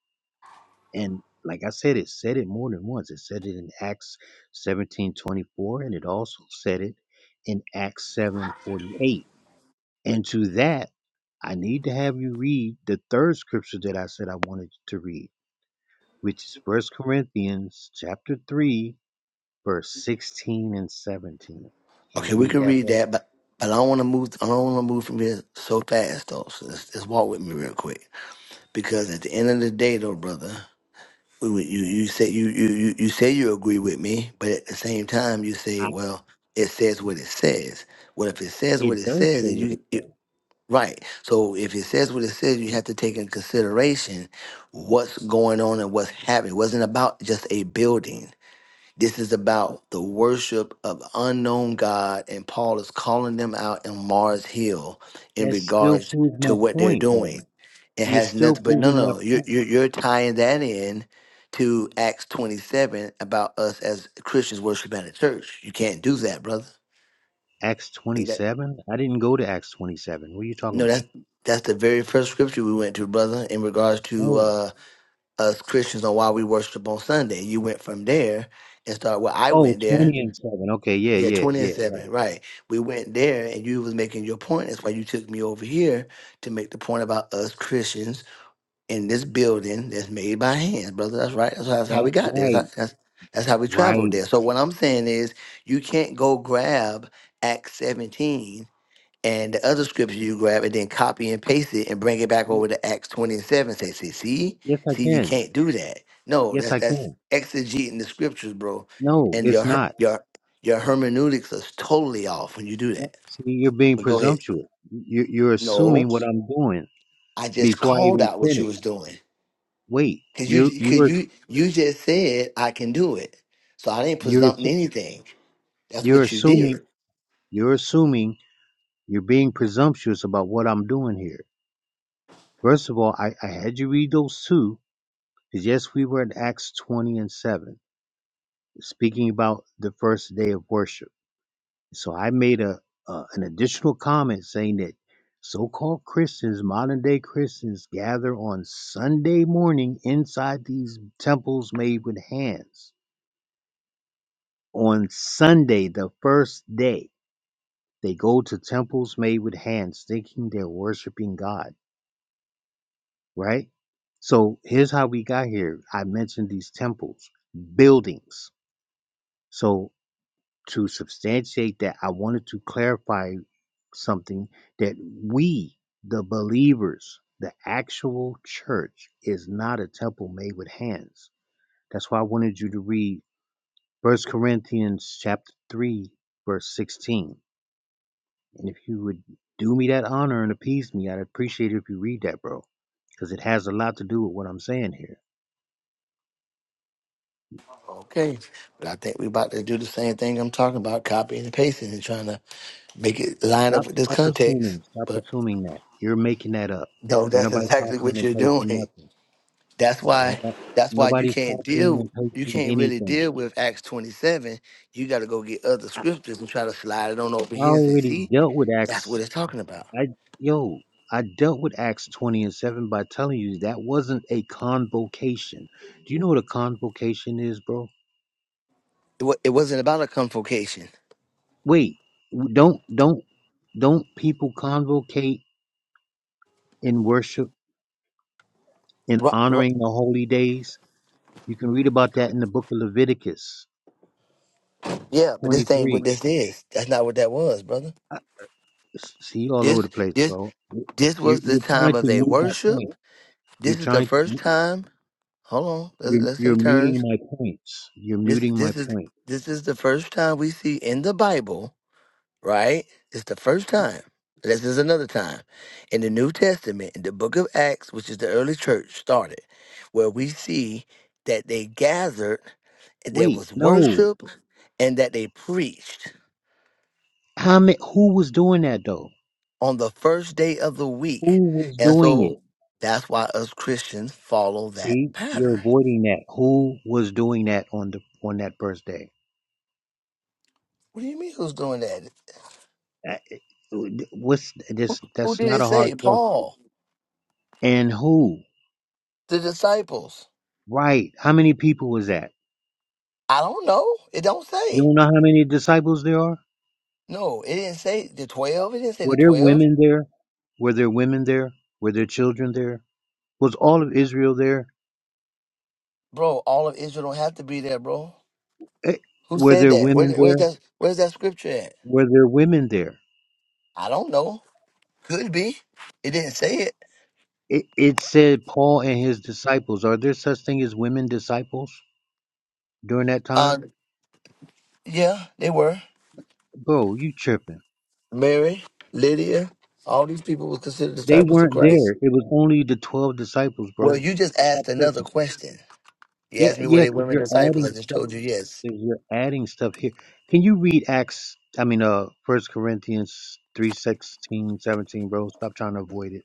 Speaker 8: And like I said, it said it more than once. It said it in Acts 17 24, and it also said it in Acts 7 48. And to that, I need to have you read the third scripture that I said I wanted you to read, which is First Corinthians chapter 3, verse 16 and 17. Can
Speaker 7: Okay,
Speaker 8: you
Speaker 7: we
Speaker 8: read
Speaker 7: can
Speaker 8: that,
Speaker 7: read
Speaker 8: bro?
Speaker 7: that, but but I don't want to move. I don't want to move from here so fast, though. So let's, let's walk with me real quick, because at the end of the day, though, brother, we, we, you you say you, you you you say you agree with me, but at the same time, you say,
Speaker 8: I,
Speaker 7: well, it says what it says. Well, if it says
Speaker 8: it
Speaker 7: what it
Speaker 8: does
Speaker 7: says,
Speaker 8: say
Speaker 7: then
Speaker 8: what it
Speaker 7: you
Speaker 8: says.
Speaker 7: Right. So if it says what it says, you have to take in consideration what's going on and what's happening. It wasn't about just a building. This is about the worship of unknown God, and Paul is calling them out in Mars Hill in
Speaker 8: That still
Speaker 7: regards
Speaker 8: proves my
Speaker 7: to what they're
Speaker 8: point, though.
Speaker 7: doing. It
Speaker 8: You're
Speaker 7: has
Speaker 8: still
Speaker 7: nothing, but no,
Speaker 8: proving my
Speaker 7: no, you're,
Speaker 8: point.
Speaker 7: you're, you're tying that in to Acts 27 about us as Christians worshiping at a church. You can't do that, brother.
Speaker 8: Acts 27? I didn't go to Acts 27. What are you talking
Speaker 7: No,
Speaker 8: about?
Speaker 7: that's that's the very first scripture we went to, brother, in regards to
Speaker 8: Oh,
Speaker 7: uh, us Christians on why we worship on Sunday. You went from there and started where I
Speaker 8: oh,
Speaker 7: went
Speaker 8: 20
Speaker 7: there.
Speaker 8: and 7. Okay, yeah,
Speaker 7: Yeah,
Speaker 8: yeah,
Speaker 7: twenty and
Speaker 8: yeah,
Speaker 7: seven,
Speaker 8: right.
Speaker 7: right? We went there, and you was making your point. That's why you took me over here to make the point about us Christians in this building that's made by hands, brother. That's right. That's, that's how we
Speaker 8: Yeah,
Speaker 7: got there.
Speaker 8: right,
Speaker 7: That's, that's that's how we traveled
Speaker 8: right.
Speaker 7: there. So what I'm saying is, you can't go grab Acts seventeen and the other scripture you grab and then copy and paste it and bring it back
Speaker 8: Y-
Speaker 7: over to Acts 20 and 7 say, see, see,
Speaker 8: Yes, I
Speaker 7: see, you
Speaker 8: can.
Speaker 7: can't do that. No,
Speaker 8: Yes,
Speaker 7: that's
Speaker 8: I
Speaker 7: that's
Speaker 8: can.
Speaker 7: exegeting the scriptures, bro.
Speaker 8: No,
Speaker 7: And your
Speaker 8: it's
Speaker 7: her-
Speaker 8: not.
Speaker 7: your your hermeneutics is totally off when you do
Speaker 8: No,
Speaker 7: that.
Speaker 8: See, you're
Speaker 7: But,
Speaker 8: being
Speaker 7: but go ahead.
Speaker 8: presumptuous. You're, you're
Speaker 7: No,
Speaker 8: assuming what I'm doing
Speaker 7: I just
Speaker 8: before I
Speaker 7: called
Speaker 8: even
Speaker 7: out what you
Speaker 8: finish.
Speaker 7: was doing.
Speaker 8: Wait,
Speaker 7: Cause
Speaker 8: you,
Speaker 7: you cause
Speaker 8: you're,
Speaker 7: you you just said I can do it. So I didn't
Speaker 8: you're,
Speaker 7: presumpting
Speaker 8: assu-
Speaker 7: anything. That's
Speaker 8: you're
Speaker 7: what you
Speaker 8: assuming,
Speaker 7: did.
Speaker 8: you're assuming you're being presumptuous about what I'm doing here. First of all, I, I had you read those two, because yes, we were in Acts 20 and 7. speaking about the first day of worship. So I made a, a an additional comment saying that so-called Christians, modern day Christians, gather on Sunday morning inside these temples made with hands. On Sunday, the first day, they go to temples made with hands, thinking they're worshiping God. Right. So here's how we got here. I mentioned these temples, buildings. So to substantiate that, I wanted to clarify something that we, the believers, the actual church, is not a temple made with hands. That's why I wanted you to read First Corinthians chapter 3, verse 16. And if you would do me that honor and appease me, I'd appreciate it if you read that, bro, because it has a lot to do with what I'm saying here.
Speaker 7: Okay. But I think we about to do the same thing I'm talking about, copying and pasting and trying to make it line up
Speaker 8: Stop,
Speaker 7: with this
Speaker 8: stop
Speaker 7: context.
Speaker 8: assuming. Stop
Speaker 7: But
Speaker 8: assuming that. You're making that up.
Speaker 7: no,
Speaker 8: Ain't
Speaker 7: that's
Speaker 8: nobody
Speaker 7: exactly
Speaker 8: copying
Speaker 7: what
Speaker 8: and
Speaker 7: you're
Speaker 8: pasting
Speaker 7: doing.
Speaker 8: nothing.
Speaker 7: That's
Speaker 8: Ain't
Speaker 7: why
Speaker 8: nobody,
Speaker 7: that's why you
Speaker 8: nobody's
Speaker 7: can't
Speaker 8: copying
Speaker 7: deal
Speaker 8: and
Speaker 7: you
Speaker 8: pasting
Speaker 7: can't really
Speaker 8: anything.
Speaker 7: deal with Acts 27. You gotta go get other scriptures and try to slide it on over
Speaker 8: I
Speaker 7: here and say,
Speaker 8: already
Speaker 7: see,
Speaker 8: dealt with
Speaker 7: that's
Speaker 8: Acts.
Speaker 7: what it's talking about.
Speaker 8: I yo, I dealt with Acts twenty and seven by telling you that wasn't a convocation. Do you know what a convocation is, bro?
Speaker 7: It, wa- it wasn't about a convocation.
Speaker 8: Wait, w- don't don't don't people convocate in worship in
Speaker 7: Right, right.
Speaker 8: honoring the holy days? You can read about that in the book of Leviticus
Speaker 7: Yeah, but
Speaker 8: twenty
Speaker 7: this ain't what
Speaker 8: three.
Speaker 7: this is. That's not what that was, brother.
Speaker 8: I s- See you all over the
Speaker 7: This
Speaker 8: place,
Speaker 7: this
Speaker 8: bro. You-
Speaker 7: this
Speaker 8: You're
Speaker 7: was the
Speaker 8: you're trying
Speaker 7: time of
Speaker 8: to
Speaker 7: their
Speaker 8: mute my point.
Speaker 7: worship. This
Speaker 8: You're
Speaker 7: is the
Speaker 8: trying to
Speaker 7: first
Speaker 8: mute-
Speaker 7: time. Hold on. Let's
Speaker 8: you're
Speaker 7: let's
Speaker 8: you're
Speaker 7: take
Speaker 8: muting
Speaker 7: turns.
Speaker 8: my points. You're
Speaker 7: This
Speaker 8: muting my
Speaker 7: this is
Speaker 8: point.
Speaker 7: this is the first time we see in the Bible, right? It's the first time. This is another time in the New Testament, in the book of Acts, which is the early church started, where we see that they gathered, and there
Speaker 8: Wait,
Speaker 7: was
Speaker 8: no.
Speaker 7: worship, and that they preached
Speaker 8: How ma- who was doing that though?
Speaker 7: on the first day of the week.
Speaker 8: Who was
Speaker 7: And
Speaker 8: doing
Speaker 7: so
Speaker 8: it?
Speaker 7: that's why us Christians follow that
Speaker 8: See, you're
Speaker 7: pattern.
Speaker 8: avoiding that. Who was doing that on the on that birthday?
Speaker 7: What do you mean who's doing that?
Speaker 8: Uh, What's this?
Speaker 7: Who
Speaker 8: That's
Speaker 7: did
Speaker 8: not
Speaker 7: it
Speaker 8: a hard
Speaker 7: say?
Speaker 8: question.
Speaker 7: Paul,
Speaker 8: And who?
Speaker 7: the disciples.
Speaker 8: Right. How many people was that?
Speaker 7: I don't know. It don't
Speaker 8: You
Speaker 7: say.
Speaker 8: don't know how many disciples there are.
Speaker 7: No, it didn't say the twelve. It didn't say
Speaker 8: Were
Speaker 7: the
Speaker 8: there
Speaker 7: twelve,
Speaker 8: women there? Were there women there? Were there children there? Was all of Israel there?
Speaker 7: bro. All of Israel don't have to be there, bro.
Speaker 8: Eh,
Speaker 7: Who
Speaker 8: Were
Speaker 7: said
Speaker 8: there
Speaker 7: that? Where,
Speaker 8: women
Speaker 7: where's
Speaker 8: there?
Speaker 7: that? Where's that scripture at?
Speaker 8: Were there women there?
Speaker 7: I don't know. Could be. It didn't say it.
Speaker 8: It, it said Paul and his disciples. Are there such thing as women disciples during that
Speaker 7: Uh,
Speaker 8: time?
Speaker 7: yeah, they were
Speaker 8: Bro, you tripping.
Speaker 7: Mary, Lydia. All these people were considered
Speaker 8: They
Speaker 7: disciples of
Speaker 8: weren't there.
Speaker 7: Christ.
Speaker 8: It was only the 12 disciples,
Speaker 7: Well,
Speaker 8: bro.
Speaker 7: you just
Speaker 8: Stop
Speaker 7: asked another
Speaker 8: tripping.
Speaker 7: question. You
Speaker 8: Yeah,
Speaker 7: asked me were
Speaker 8: yeah,
Speaker 7: they
Speaker 8: because
Speaker 7: women
Speaker 8: you're
Speaker 7: disciples.
Speaker 8: adding
Speaker 7: I just
Speaker 8: stuff.
Speaker 7: told you yes.
Speaker 8: 'cause You're adding stuff here. Can you read Acts, I mean, uh, First Corinthians 3 16 17, bro? Stop trying to avoid it.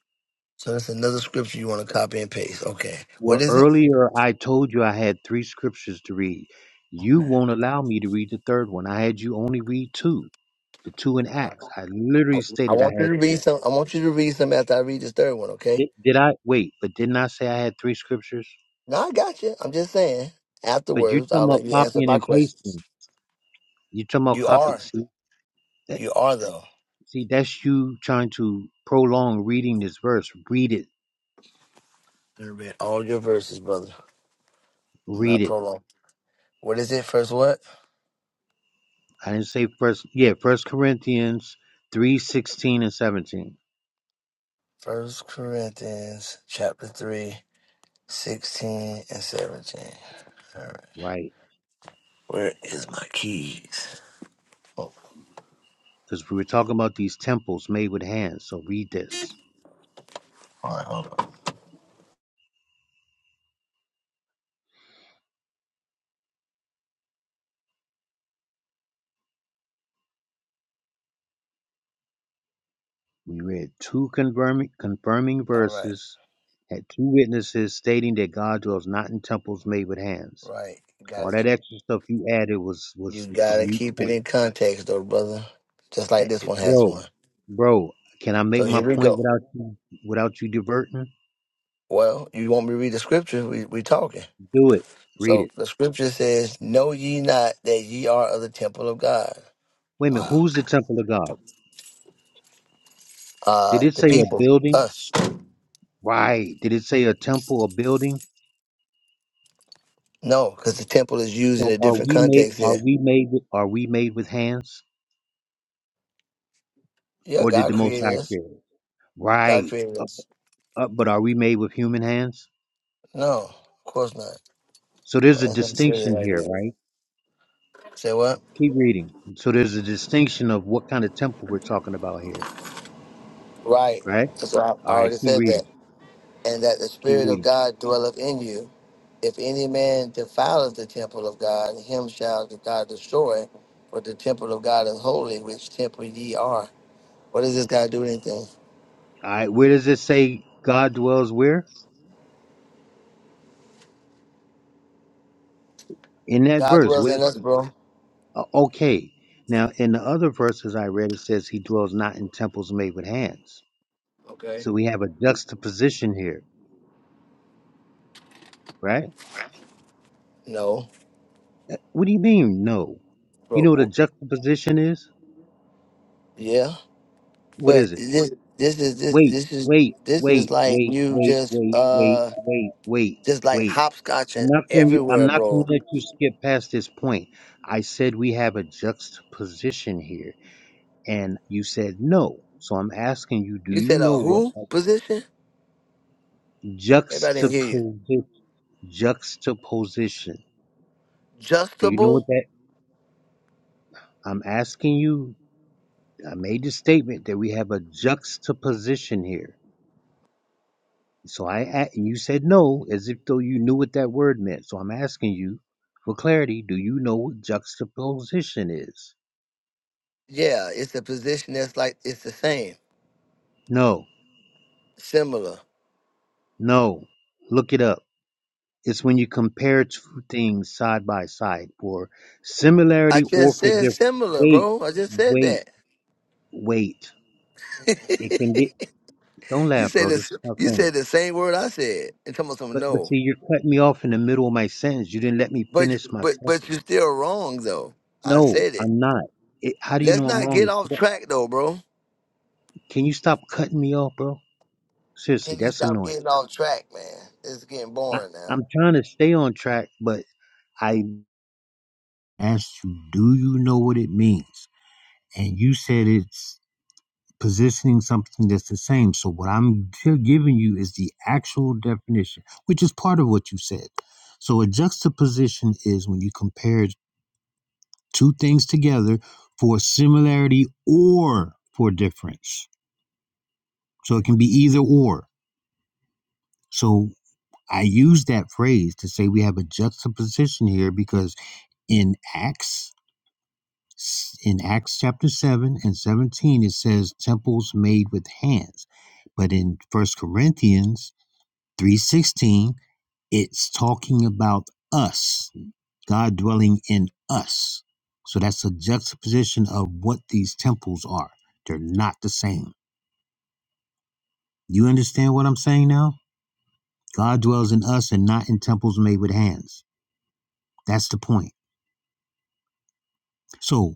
Speaker 7: So that's another scripture you want to copy and paste. Okay.
Speaker 8: Well,
Speaker 7: What is it?
Speaker 8: earlier I told you I had three scriptures to read. You
Speaker 7: Okay.
Speaker 8: won't allow me to read the third one. I had you only read two. The two in Acts. I literally
Speaker 7: I
Speaker 8: stated I
Speaker 7: want you to
Speaker 8: had
Speaker 7: read
Speaker 8: three.
Speaker 7: some. I want you to read some after I read this third one. Okay?
Speaker 8: Did, did I wait? But didn't I say I had three scriptures?
Speaker 7: No, I got you. I'm just saying.
Speaker 8: But you're
Speaker 7: Afterwards, I'll
Speaker 8: talking
Speaker 7: let
Speaker 8: about
Speaker 7: you answer
Speaker 8: copying
Speaker 7: my
Speaker 8: and
Speaker 7: questions.
Speaker 8: pasting. You're talking about
Speaker 7: You
Speaker 8: copy.
Speaker 7: are.
Speaker 8: See that?
Speaker 7: You are though.
Speaker 8: See that's you trying to prolong reading this verse. Read it.
Speaker 7: I read all your verses, brother. I'm
Speaker 8: Read
Speaker 7: not
Speaker 8: it.
Speaker 7: prolonged. What is it? First what?
Speaker 8: I didn't say first. Yeah, First Corinthians three sixteen and seventeen.
Speaker 7: First Corinthians chapter 3, 16 and 17. All right.
Speaker 8: Right.
Speaker 7: Where is my keys? Oh,
Speaker 8: Because we were talking about these temples made with hands. So read this.
Speaker 7: all right, hold on.
Speaker 8: We read two confirming, confirming
Speaker 7: All right,
Speaker 8: verses, had two witnesses stating that God dwells not in temples made with hands.
Speaker 7: right. You
Speaker 8: All
Speaker 7: gotta
Speaker 8: that
Speaker 7: keep
Speaker 8: extra stuff you added was
Speaker 7: you
Speaker 8: was a
Speaker 7: gotta
Speaker 8: mute
Speaker 7: keep it
Speaker 8: point,
Speaker 7: in context though, brother. Just
Speaker 8: Eh,
Speaker 7: like this
Speaker 8: eh,
Speaker 7: one has
Speaker 8: bro.
Speaker 7: one.
Speaker 8: Bro, can I
Speaker 7: So
Speaker 8: make my
Speaker 7: here we
Speaker 8: point
Speaker 7: go.
Speaker 8: without you without you diverting?
Speaker 7: Well, you want me to read the scripture? We we talking.
Speaker 8: Do it. Read
Speaker 7: So
Speaker 8: it.
Speaker 7: the scripture says, "Know ye not that ye are of the temple of God."
Speaker 8: Wait a minute.
Speaker 7: Wow.
Speaker 8: Who's the temple of God? Did
Speaker 7: Uh,
Speaker 8: it
Speaker 7: the
Speaker 8: say a
Speaker 7: people,
Speaker 8: building?
Speaker 7: us.
Speaker 8: Right. Did it say a temple, a building?
Speaker 7: No, because the temple is used in
Speaker 8: So
Speaker 7: a
Speaker 8: are
Speaker 7: different
Speaker 8: we made?
Speaker 7: context
Speaker 8: Are
Speaker 7: here.
Speaker 8: we made? With, are we made with hands,
Speaker 7: Yeah,
Speaker 8: or did the
Speaker 7: God
Speaker 8: Most
Speaker 7: created
Speaker 8: High
Speaker 7: us.
Speaker 8: create? it?
Speaker 7: God
Speaker 8: Right.
Speaker 7: created us.
Speaker 8: Uh, but are we made with human hands?
Speaker 7: No, of course not.
Speaker 8: So there's
Speaker 7: Well,
Speaker 8: a
Speaker 7: that's not said it
Speaker 8: distinction
Speaker 7: like
Speaker 8: here,
Speaker 7: that.
Speaker 8: right?
Speaker 7: Say what?
Speaker 8: Keep reading. So there's a distinction of what kind of temple we're talking about here,
Speaker 7: Right.
Speaker 8: right?
Speaker 7: So I
Speaker 8: All right,
Speaker 7: already
Speaker 8: keep
Speaker 7: said
Speaker 8: reading.
Speaker 7: that. And that the
Speaker 8: Keep
Speaker 7: Spirit of
Speaker 8: reading.
Speaker 7: God dwelleth in you. If any man defileth the temple of God, him shall God destroy. For the temple of God is holy, which temple ye are. What does this guy do anything?
Speaker 8: All right, where does it say God dwells where? In that
Speaker 7: God
Speaker 8: verse.
Speaker 7: dwells
Speaker 8: What
Speaker 7: in
Speaker 8: is
Speaker 7: us, bro.
Speaker 8: uh, okay? Now, in the other verses I read, it says he dwells not in temples made with hands.
Speaker 7: Okay.
Speaker 8: So we have a juxtaposition here, right?
Speaker 7: No,
Speaker 8: What do you mean? No. You
Speaker 7: bro.
Speaker 8: know what a
Speaker 7: w-
Speaker 8: juxtaposition is?
Speaker 7: Yeah,
Speaker 8: What
Speaker 7: but
Speaker 8: is it?
Speaker 7: this this is this
Speaker 8: wait,
Speaker 7: this is
Speaker 8: wait,
Speaker 7: this is
Speaker 8: wait,
Speaker 7: like
Speaker 8: wait,
Speaker 7: you
Speaker 8: wait,
Speaker 7: just
Speaker 8: wait, wait,
Speaker 7: uh
Speaker 8: wait, wait,
Speaker 7: just like
Speaker 8: wait. I'm
Speaker 7: hopscotching
Speaker 8: not going. You, I'm
Speaker 7: everywhere,
Speaker 8: not going
Speaker 7: bro.
Speaker 8: to let you skip past this point. I said we have a juxtaposition here, and you said no. So I'm asking you: Do
Speaker 7: You
Speaker 8: you
Speaker 7: said
Speaker 8: know
Speaker 7: a
Speaker 8: what
Speaker 7: who
Speaker 8: a
Speaker 7: position? Maybe I didn't hear you.
Speaker 8: juxtaposi- juxtaposition? Do you know what
Speaker 7: Justable?
Speaker 8: that? I'm asking you. I made the statement that we have a juxtaposition here. So I a- and you said no as if though you knew what that word meant. So I'm asking you for clarity, do you know what juxtaposition is?
Speaker 7: Yeah, it's a position that's like it's the same,
Speaker 8: No.
Speaker 7: similar.
Speaker 8: No. Look it up. It's when you compare two things side by side for
Speaker 7: I
Speaker 8: similarity or
Speaker 7: just
Speaker 8: for
Speaker 7: said
Speaker 8: difference.
Speaker 7: similar,
Speaker 8: Wait,
Speaker 7: bro. I just said
Speaker 8: wait,
Speaker 7: that.
Speaker 8: wait. It can be don't
Speaker 7: you
Speaker 8: laugh,
Speaker 7: said
Speaker 8: bro. This
Speaker 7: this.
Speaker 8: is not
Speaker 7: You
Speaker 8: funny.
Speaker 7: said the same word I said. And talking about something.
Speaker 8: But but
Speaker 7: No,
Speaker 8: see you're cutting me off in the middle of my sentence. You didn't let me
Speaker 7: but
Speaker 8: finish
Speaker 7: you-
Speaker 8: my
Speaker 7: but but
Speaker 8: sentence.
Speaker 7: you're still wrong though. I
Speaker 8: No,
Speaker 7: said it.
Speaker 8: I'm not. It, how do you
Speaker 7: Let's
Speaker 8: know I'm
Speaker 7: not get
Speaker 8: wrong?
Speaker 7: off track though, bro.
Speaker 8: Can you stop cutting me off, bro? Seriously,
Speaker 7: Can you
Speaker 8: that's
Speaker 7: stop
Speaker 8: annoying.
Speaker 7: getting off track, man? It's getting
Speaker 8: I,
Speaker 7: boring now.
Speaker 8: I'm trying to stay on track, but I asked you, do you know what it means? And you said it's positioning something that's the same. So what I'm gi- giving you is the actual definition, which is part of what you said. So a juxtaposition is when you compare two things together for similarity or for difference. So it can be either or. So I use that phrase to say we have a juxtaposition here because in Acts, in Acts chapter 7 and 17, it says temples made with hands. But in First Corinthians 3.16, it's talking about us, God dwelling in us. So that's a juxtaposition of what these temples are. They're not the same. You understand what I'm saying now? God dwells in us and not in temples made with hands. That's the point. So.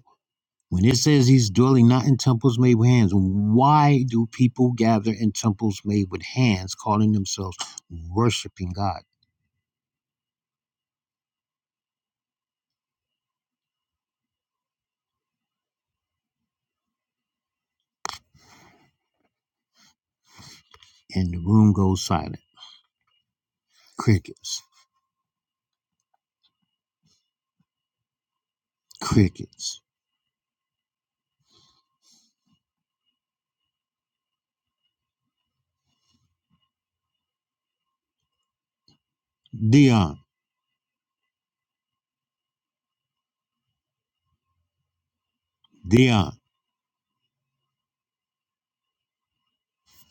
Speaker 8: When it says he's dwelling not in temples made with hands, why do people gather in temples made with hands, calling themselves worshiping God? And the room goes silent. Crickets. Crickets. Dion. Dion.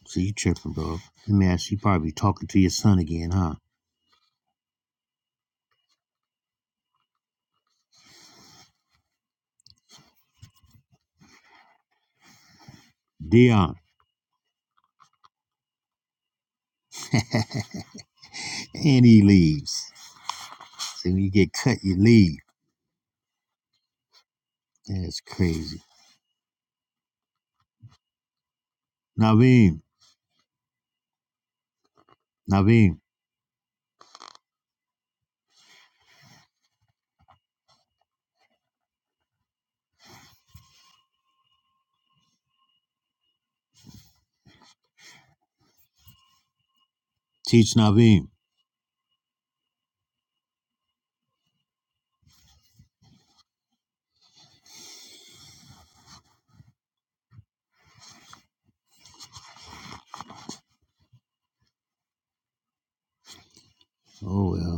Speaker 8: See, you tripping, bro. Let me ask you, you probably talking to your son again, huh? Dion. And he leaves. See, when you get cut, you leave. That's crazy. Naveem. Naveem. Teach Naveem. Oh, well.